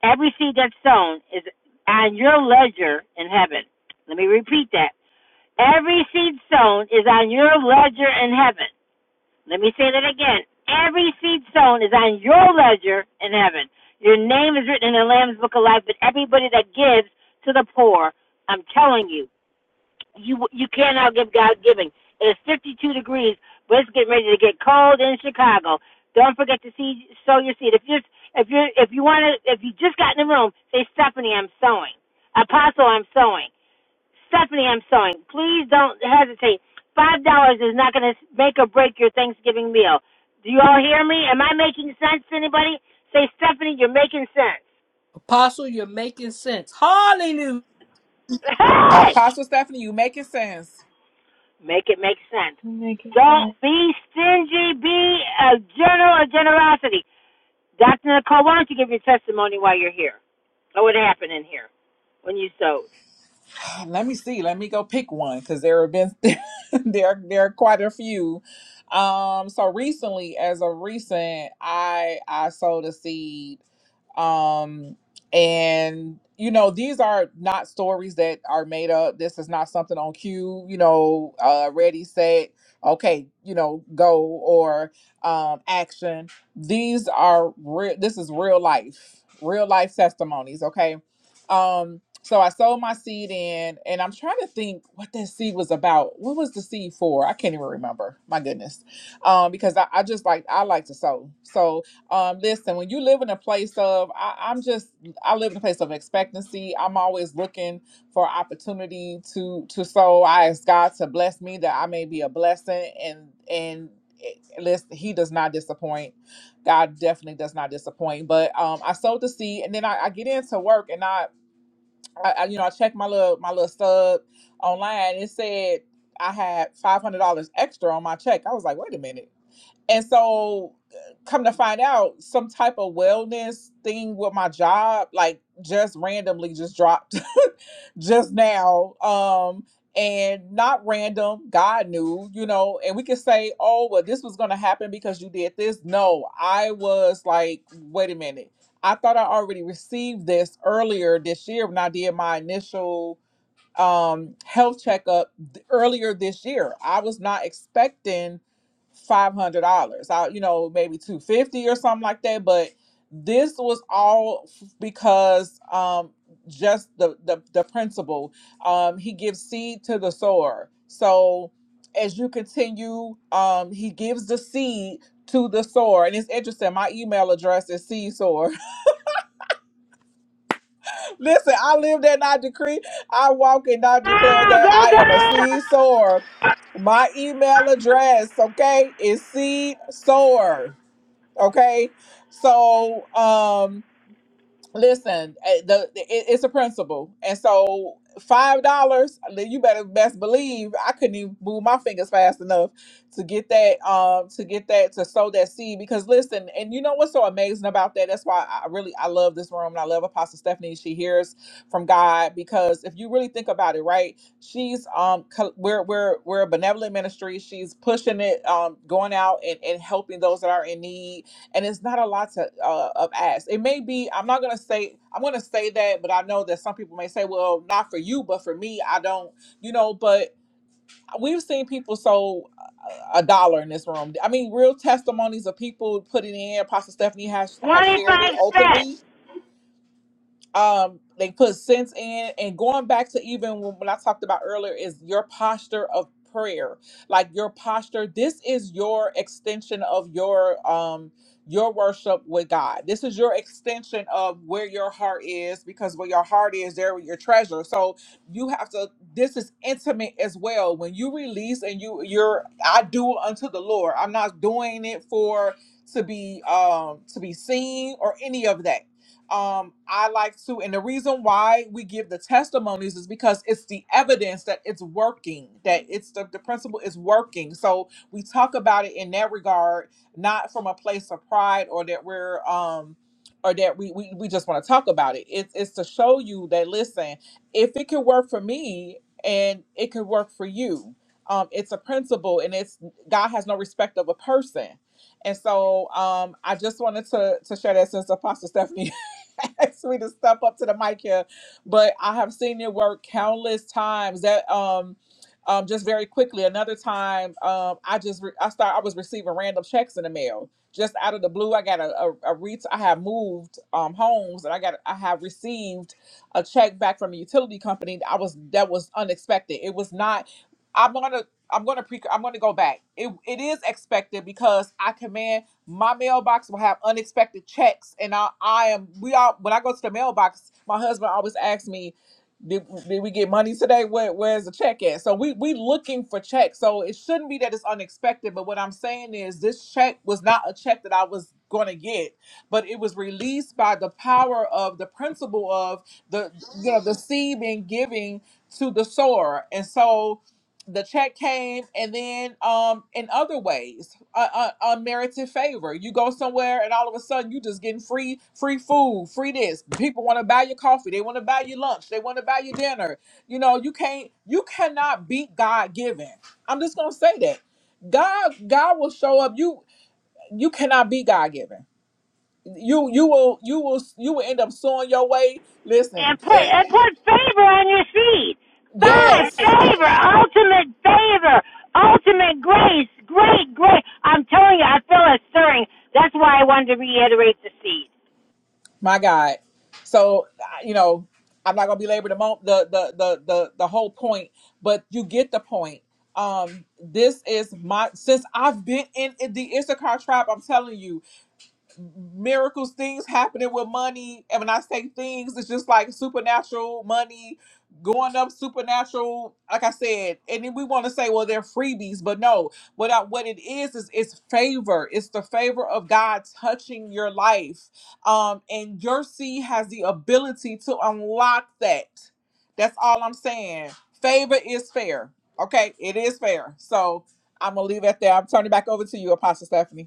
[SPEAKER 1] Every seed that's sown is on your ledger in heaven. Let me repeat that. Every seed sown is on your ledger in heaven. Let me say that again. Every seed sown is on your ledger in heaven. Your name is written in the Lamb's Book of Life, but everybody that gives to the poor, I'm telling you, you you can't outgive God giving. It's 52 degrees, but it's getting ready to get cold in Chicago. Don't forget to see sow your seed. If you're if you if you want to if you just got in the room, say Stephanie, I'm sowing. Apostle, I'm sowing. Stephanie, I'm sewing. Please don't hesitate. Five dollars is not going to make or break your Thanksgiving meal. Do you all hear me? Am I making sense to anybody? Say, Stephanie, you're making sense.
[SPEAKER 6] Also, you're making sense. Hallelujah.
[SPEAKER 1] Hey!
[SPEAKER 2] Apostle Stephanie, you making sense.
[SPEAKER 1] Make it make sense.
[SPEAKER 10] Hallelujah.
[SPEAKER 1] Don't
[SPEAKER 10] Magnificent.
[SPEAKER 1] be stingy. Be a general of generosity. Dr. Nicole, why don't you give your testimony while you're here? Or what happened in here when you sewed?
[SPEAKER 2] *sighs* let me see. Let me go pick one because there have been *laughs* there there are quite a few. Um, so recently, as of recent, I I sowed a seed um and you know these are not stories that are made up this is not something on cue you know uh ready set okay you know go or um action these are real this is real life real life testimonies okay um so i sold my seed in and i'm trying to think what that seed was about what was the seed for i can't even remember my goodness um because i, I just like i like to sow so um, listen, when you live in a place of, I, I'm just, I live in a place of expectancy. I'm always looking for opportunity to to sow. I ask God to bless me that I may be a blessing, and and it- listen, He does not disappoint. God definitely does not disappoint. But um, I sowed the seed, and then I, I get into work, and I, I, I, you know, I checked my little my little stub online. It said I had five hundred dollars extra on my check. I was like, wait a minute. And so, come to find out, some type of wellness thing with my job, like just randomly just dropped *laughs* just now. Um, and not random, God knew, you know. And we could say, oh, well, this was going to happen because you did this. No, I was like, wait a minute. I thought I already received this earlier this year when I did my initial um, health checkup th- earlier this year. I was not expecting five hundred dollars. I, you know, maybe two fifty or something like that. But this was all f- because um, just the the, the principle. Um, he gives seed to the sower. So as you continue, um, he gives the seed to the sower. And it's interesting. My email address is seedsower Listen, I live that and I decree. I walk and I declare
[SPEAKER 1] Oh,
[SPEAKER 2] that I
[SPEAKER 1] go,
[SPEAKER 2] am a
[SPEAKER 1] go!
[SPEAKER 2] seed sower. My email address, okay, is seed sower. Okay. So um, Listen, eh, the, it, it's a principle, and so five dollars. You better best believe I couldn't even move my fingers fast enough to get that, um, to get that to sow that seed. Because listen, and you know what's so amazing about that? That's why I really I love this room, and I love Apostle Stephanie. She hears from God because if you really think about it, right? She's um, co- we're we're we're a benevolent ministry. She's pushing it, um, going out and and helping those that are in need and it's not a lot to uh, of ask. It may be I'm not gonna say I'm gonna say that, but I know that some people may say, "Well, not for you, but for me, I don't," you know. But we've seen people so a dollar in this room. I mean, real testimonies of people putting in. Apostle Stephanie has has
[SPEAKER 1] 25
[SPEAKER 2] shared it
[SPEAKER 1] cents.
[SPEAKER 2] openly um they put sense in and going back to even when, when i talked about earlier is your posture of prayer like your posture this is your extension of your um your worship with god this is your extension of where your heart is because where your heart is there with your treasure so you have to this is intimate as well when you release and you you're i do unto the lord i'm not doing it for to be um to be seen or any of that um, I like to, and the reason why we give the testimonies is because it's the evidence that it's working, that it's the, the principle is working. So we talk about it in that regard, not from a place of pride or that we're um or that we we, we just want to talk about it. It's it's to show you that listen, if it can work for me and it can work for you. Um, it's a principle and it's God has no respect of a person. And so um, I just wanted to to share that since Apostle Stephanie *laughs* *laughs* asked me to step up to the mic here, but I have seen it work countless times. That um, um, just very quickly. Another time, um, I just re- I start I was receiving random checks in the mail just out of the blue. I got a a, a re- I have moved um homes and I got I have received a check back from a utility company. I was that was unexpected. It was not. I'm gonna I'm gonna pre I'm gonna go back. It it is expected because I command my mailbox will have unexpected checks and I, I am we all when I go to the mailbox, my husband always asks me, did, did we get money today? Where, where's the check at? So we we looking for checks. So it shouldn't be that it's unexpected, but what I'm saying is this check was not a check that I was gonna get, but it was released by the power of the principle of the you know the seed being giving to the sower. And so the check came and then um in other ways uh, uh, unmerited favor you go somewhere and all of a sudden you just getting free free food free this people want to buy your coffee they want to buy your lunch they want to buy your dinner you know you can't you cannot beat god given i'm just gonna say that god god will show up you you cannot be god given you you will you will you will end up sewing your way
[SPEAKER 1] and
[SPEAKER 2] listen
[SPEAKER 1] put
[SPEAKER 2] eh,
[SPEAKER 1] and put favor on your seed. Five
[SPEAKER 2] yes
[SPEAKER 1] favor, ultimate favor, ultimate grace, great, great. I'm telling you, I feel a stirring. That's why I wanted to reiterate the seed.
[SPEAKER 2] My God. So you know, I'm not gonna belabor the moment the the the the the whole point, but you get the point. Um, this is my since I've been in the Issachar tribe. I'm telling you, miracles, things happening with money. And when I say things, it's just like supernatural money going up, supernatural. Like I said, and then we want to say, well, they're freebies, but no. What I, what it is is it's favor. It's the favor of God touching your life, um, and your seed has the ability to unlock that. That's all I'm saying. Favor is fair. Okay, it is fair. So I'm gonna leave it there. I'm turning it back over to you, Apostle Stephanie.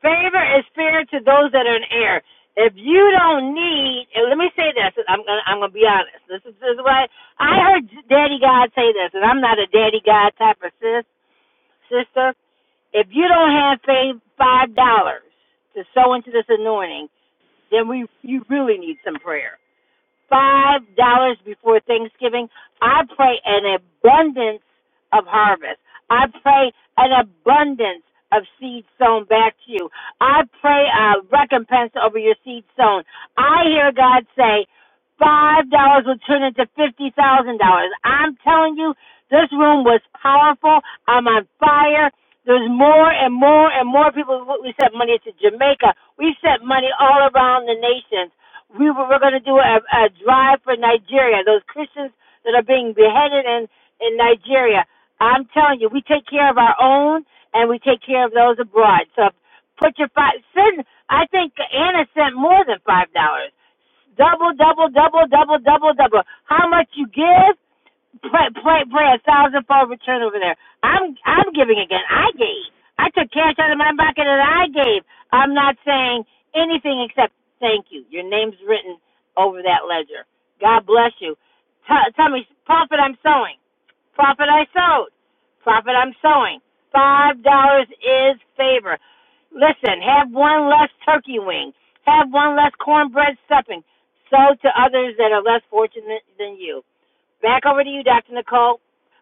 [SPEAKER 1] Favor is fair to those that are in error. If you don't need, and let me say this, I'm gonna I'm gonna be honest. This is, this is what I, I heard Daddy God say this, and I'm not a Daddy God type of sis, sister, if you don't have five dollars to sow into this anointing, then we you really need some prayer five dollars before Thanksgiving. I pray an abundance of harvest. I pray an abundance of seed sown back to you. I pray a recompense over your seed sown. I hear God say five dollars will turn into fifty thousand dollars. I'm telling you, this room was powerful. I'm on fire. There's more and more and more people. We sent money to Jamaica. We sent money all around the nations we were, we're going to do a, a drive for Nigeria. Those Christians that are being beheaded in in Nigeria. I'm telling you, we take care of our own and we take care of those abroad. So put your five. Send. I think Anna sent more than five dollars. Double, double, double, double, double, double. How much you give? pray, pray, pray a thousandfold return over there. I'm, I'm giving again. I gave. I took cash out of my pocket and I gave. I'm not saying anything except thank you. Your name's written over that ledger. God bless you. T- tell me, profit I'm sowing. Profit I sowed. Profit I'm sowing. Five dollars is favor. Listen, have one less turkey wing. Have one less cornbread stuffing. Sow to others that are less fortunate than you. Back over to you, Dr. Nicole.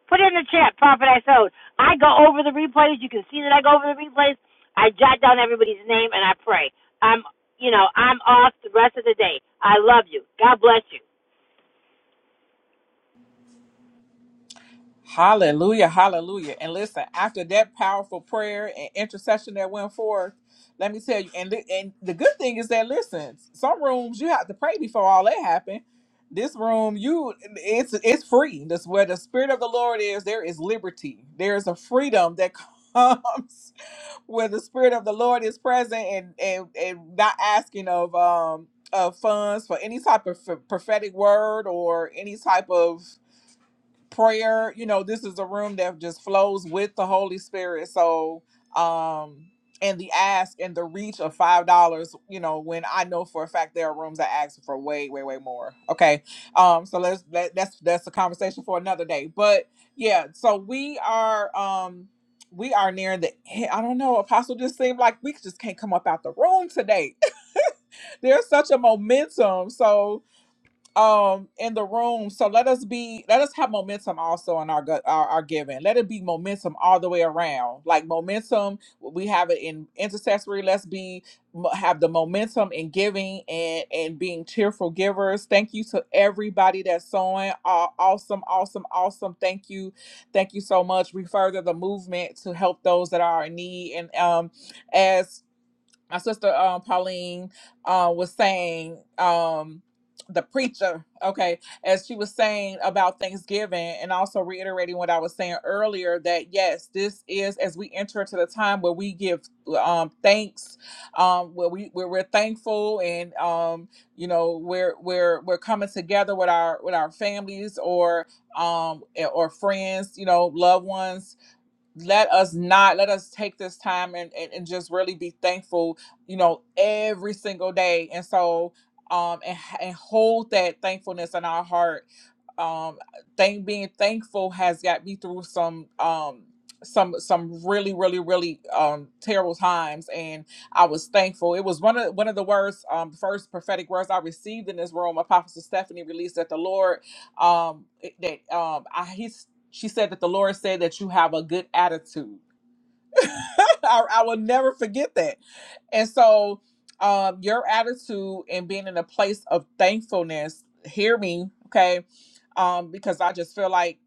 [SPEAKER 1] Put it in the chat, Prophet I sowed. I go over the replays. You can see that I go over the replays. I jot down everybody's name and I pray. I'm, you know, I'm off the rest of the day. I love you. God bless you.
[SPEAKER 2] Hallelujah, hallelujah. And listen, after that powerful prayer and intercession that went forth, let me tell you, and the, and the good thing is that listen, some rooms you have to pray before all that happened. This room, you it's it's free. That's where the spirit of the Lord is, there is liberty. There is a freedom that *laughs* comes where the spirit of the Lord is present and and, and not asking of um of funds for any type of prophetic word or any type of prayer you know this is a room that just flows with the holy spirit so um and the ask and the reach of five dollars you know when i know for a fact there are rooms that ask for way way way more okay um so let's that, that's that's a conversation for another day but yeah so we are um we are nearing the end. i don't know apostle just seemed like we just can't come up out the room today *laughs* there's such a momentum so um in the room so let us be let us have momentum also in our gut our, our giving let it be momentum all the way around like momentum we have it in intercessory let's be m- have the momentum in giving and and being cheerful givers thank you to everybody that's sewing Aw- awesome awesome awesome thank you thank you so much we further the movement to help those that are in need and um as my sister um, Pauline uh, was saying um, the preacher, okay, as she was saying about Thanksgiving, and also reiterating what I was saying earlier that yes, this is as we enter into the time where we give um, thanks, um, where we where we're thankful, and um, you know we're we're we're coming together with our with our families or um eh, or friends, you know, loved ones let us not let us take this time and, and, and just really be thankful you know every single day and so um and, and hold that thankfulness in our heart um thank being thankful has got me through some um some some really really really um terrible times and i was thankful it was one of one of the words um first prophetic words i received in this room apostle stephanie released that the lord um it- that um I, he she said that the Lord said that you have a good attitude. *laughs* I, I will never forget that. And so, um, your attitude and being in a place of thankfulness, hear me, okay? Um, because I just feel like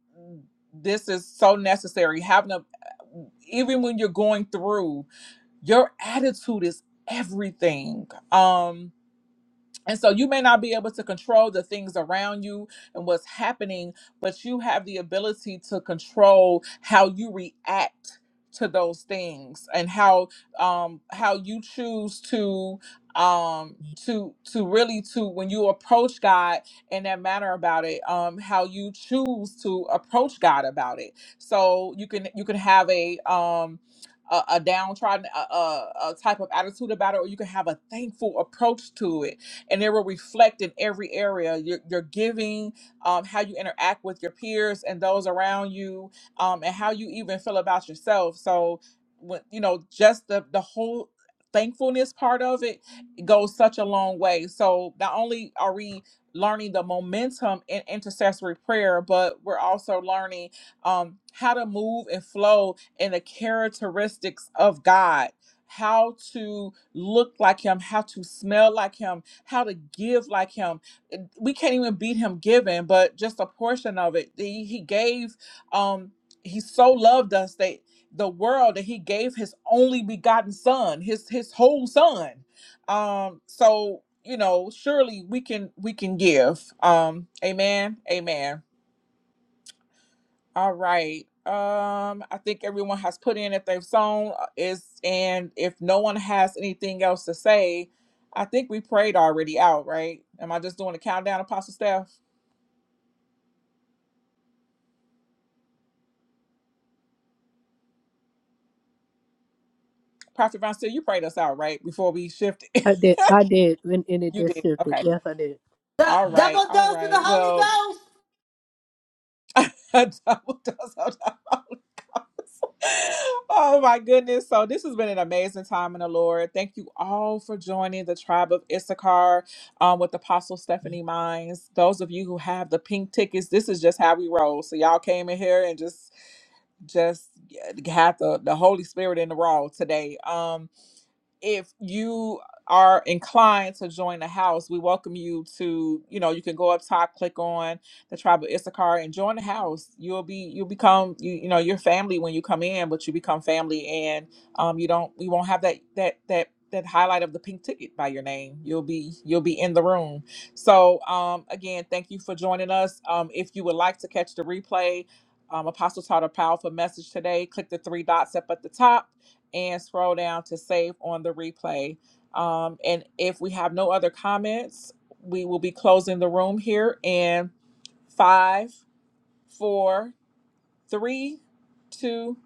[SPEAKER 2] this is so necessary. Having a, even when you're going through, your attitude is everything. Um, and so you may not be able to control the things around you and what's happening, but you have the ability to control how you react to those things and how um how you choose to um to to really to when you approach God in that manner about it um how you choose to approach God about it so you can you can have a um a, a downtrodden a, a, a type of attitude about it or you can have a thankful approach to it and it will reflect in every area your, your giving um, how you interact with your peers and those around you um, and how you even feel about yourself so when you know just the the whole thankfulness part of it goes such a long way so not only are we learning the momentum in intercessory prayer but we're also learning um, how to move and flow in the characteristics of god how to look like him, how to smell like him, how to give like him. Uh, We can't even beat him giving, but just a portion of it. He, he gave, um, he so loved us that the world that he gave his only begotten son, his his whole son. Um, so you know, surely we can we can give. Um, amen. Amen. All right. Um, I think everyone has put in if they've sown uh, is, and if no one has anything else to say, I think we prayed already out, right? Am I just doing a countdown, Apostle Steph? Prophet Von Steele, you prayed us out, right? Before we shifted, *laughs*
[SPEAKER 6] I did. I did. When and it
[SPEAKER 2] you
[SPEAKER 6] just
[SPEAKER 2] did.
[SPEAKER 6] shifted.
[SPEAKER 2] Okay.
[SPEAKER 6] Yes, I did.
[SPEAKER 2] All
[SPEAKER 1] Du-
[SPEAKER 2] right.
[SPEAKER 1] double
[SPEAKER 2] All
[SPEAKER 1] dose of the
[SPEAKER 2] right.
[SPEAKER 1] Holy
[SPEAKER 2] Well,
[SPEAKER 1] Ghost.
[SPEAKER 2] *laughs* double does. oh my goodness. So this has been an amazing time in the Lord. Thank you all for joining the tribe of Issachar um, with Apostle Stephanie Mines. Those of you who have the pink tickets, this is just how we roll. So y'all came in here and just just yeah, had the, the Holy Spirit in the raw today. Um if you are inclined to join the house, we welcome you to, you know, you can go up top, click on the tribe of Issachar and join the house. You'll be, you'll become, you, you know, your family when you come in, but you become family and um, you don't, we won't have that, that, that, that highlight of the pink ticket by your name. You'll be, you'll be in the room. So um, again, thank you for joining us. Um, if you would like to catch the replay, um, Apostle taught a powerful message today. Click the three dots up at the top and scroll down to save on the replay. Um, and if we have no other comments, we will be closing the room here in five, four, three, two,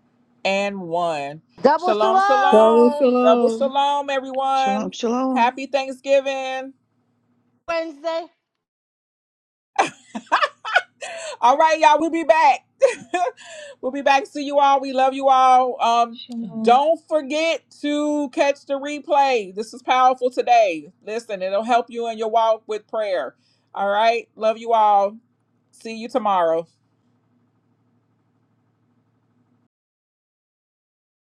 [SPEAKER 2] and one.
[SPEAKER 1] Double
[SPEAKER 2] Shalom,
[SPEAKER 1] shalom.
[SPEAKER 6] Go
[SPEAKER 2] shalom, double
[SPEAKER 6] shalom.
[SPEAKER 2] shalom,
[SPEAKER 12] Shalom,
[SPEAKER 2] everyone.
[SPEAKER 12] shalom.
[SPEAKER 2] Happy Thanksgiving.
[SPEAKER 1] Wednesday.
[SPEAKER 2] All right, y'all, we'll be back. *laughs* we'll be back. See you all. We love you all. Um,
[SPEAKER 10] Shalom.
[SPEAKER 2] don't forget to catch the replay. This is powerful today. Listen, it'll help you in your walk with prayer. All right. Love you all. See you tomorrow.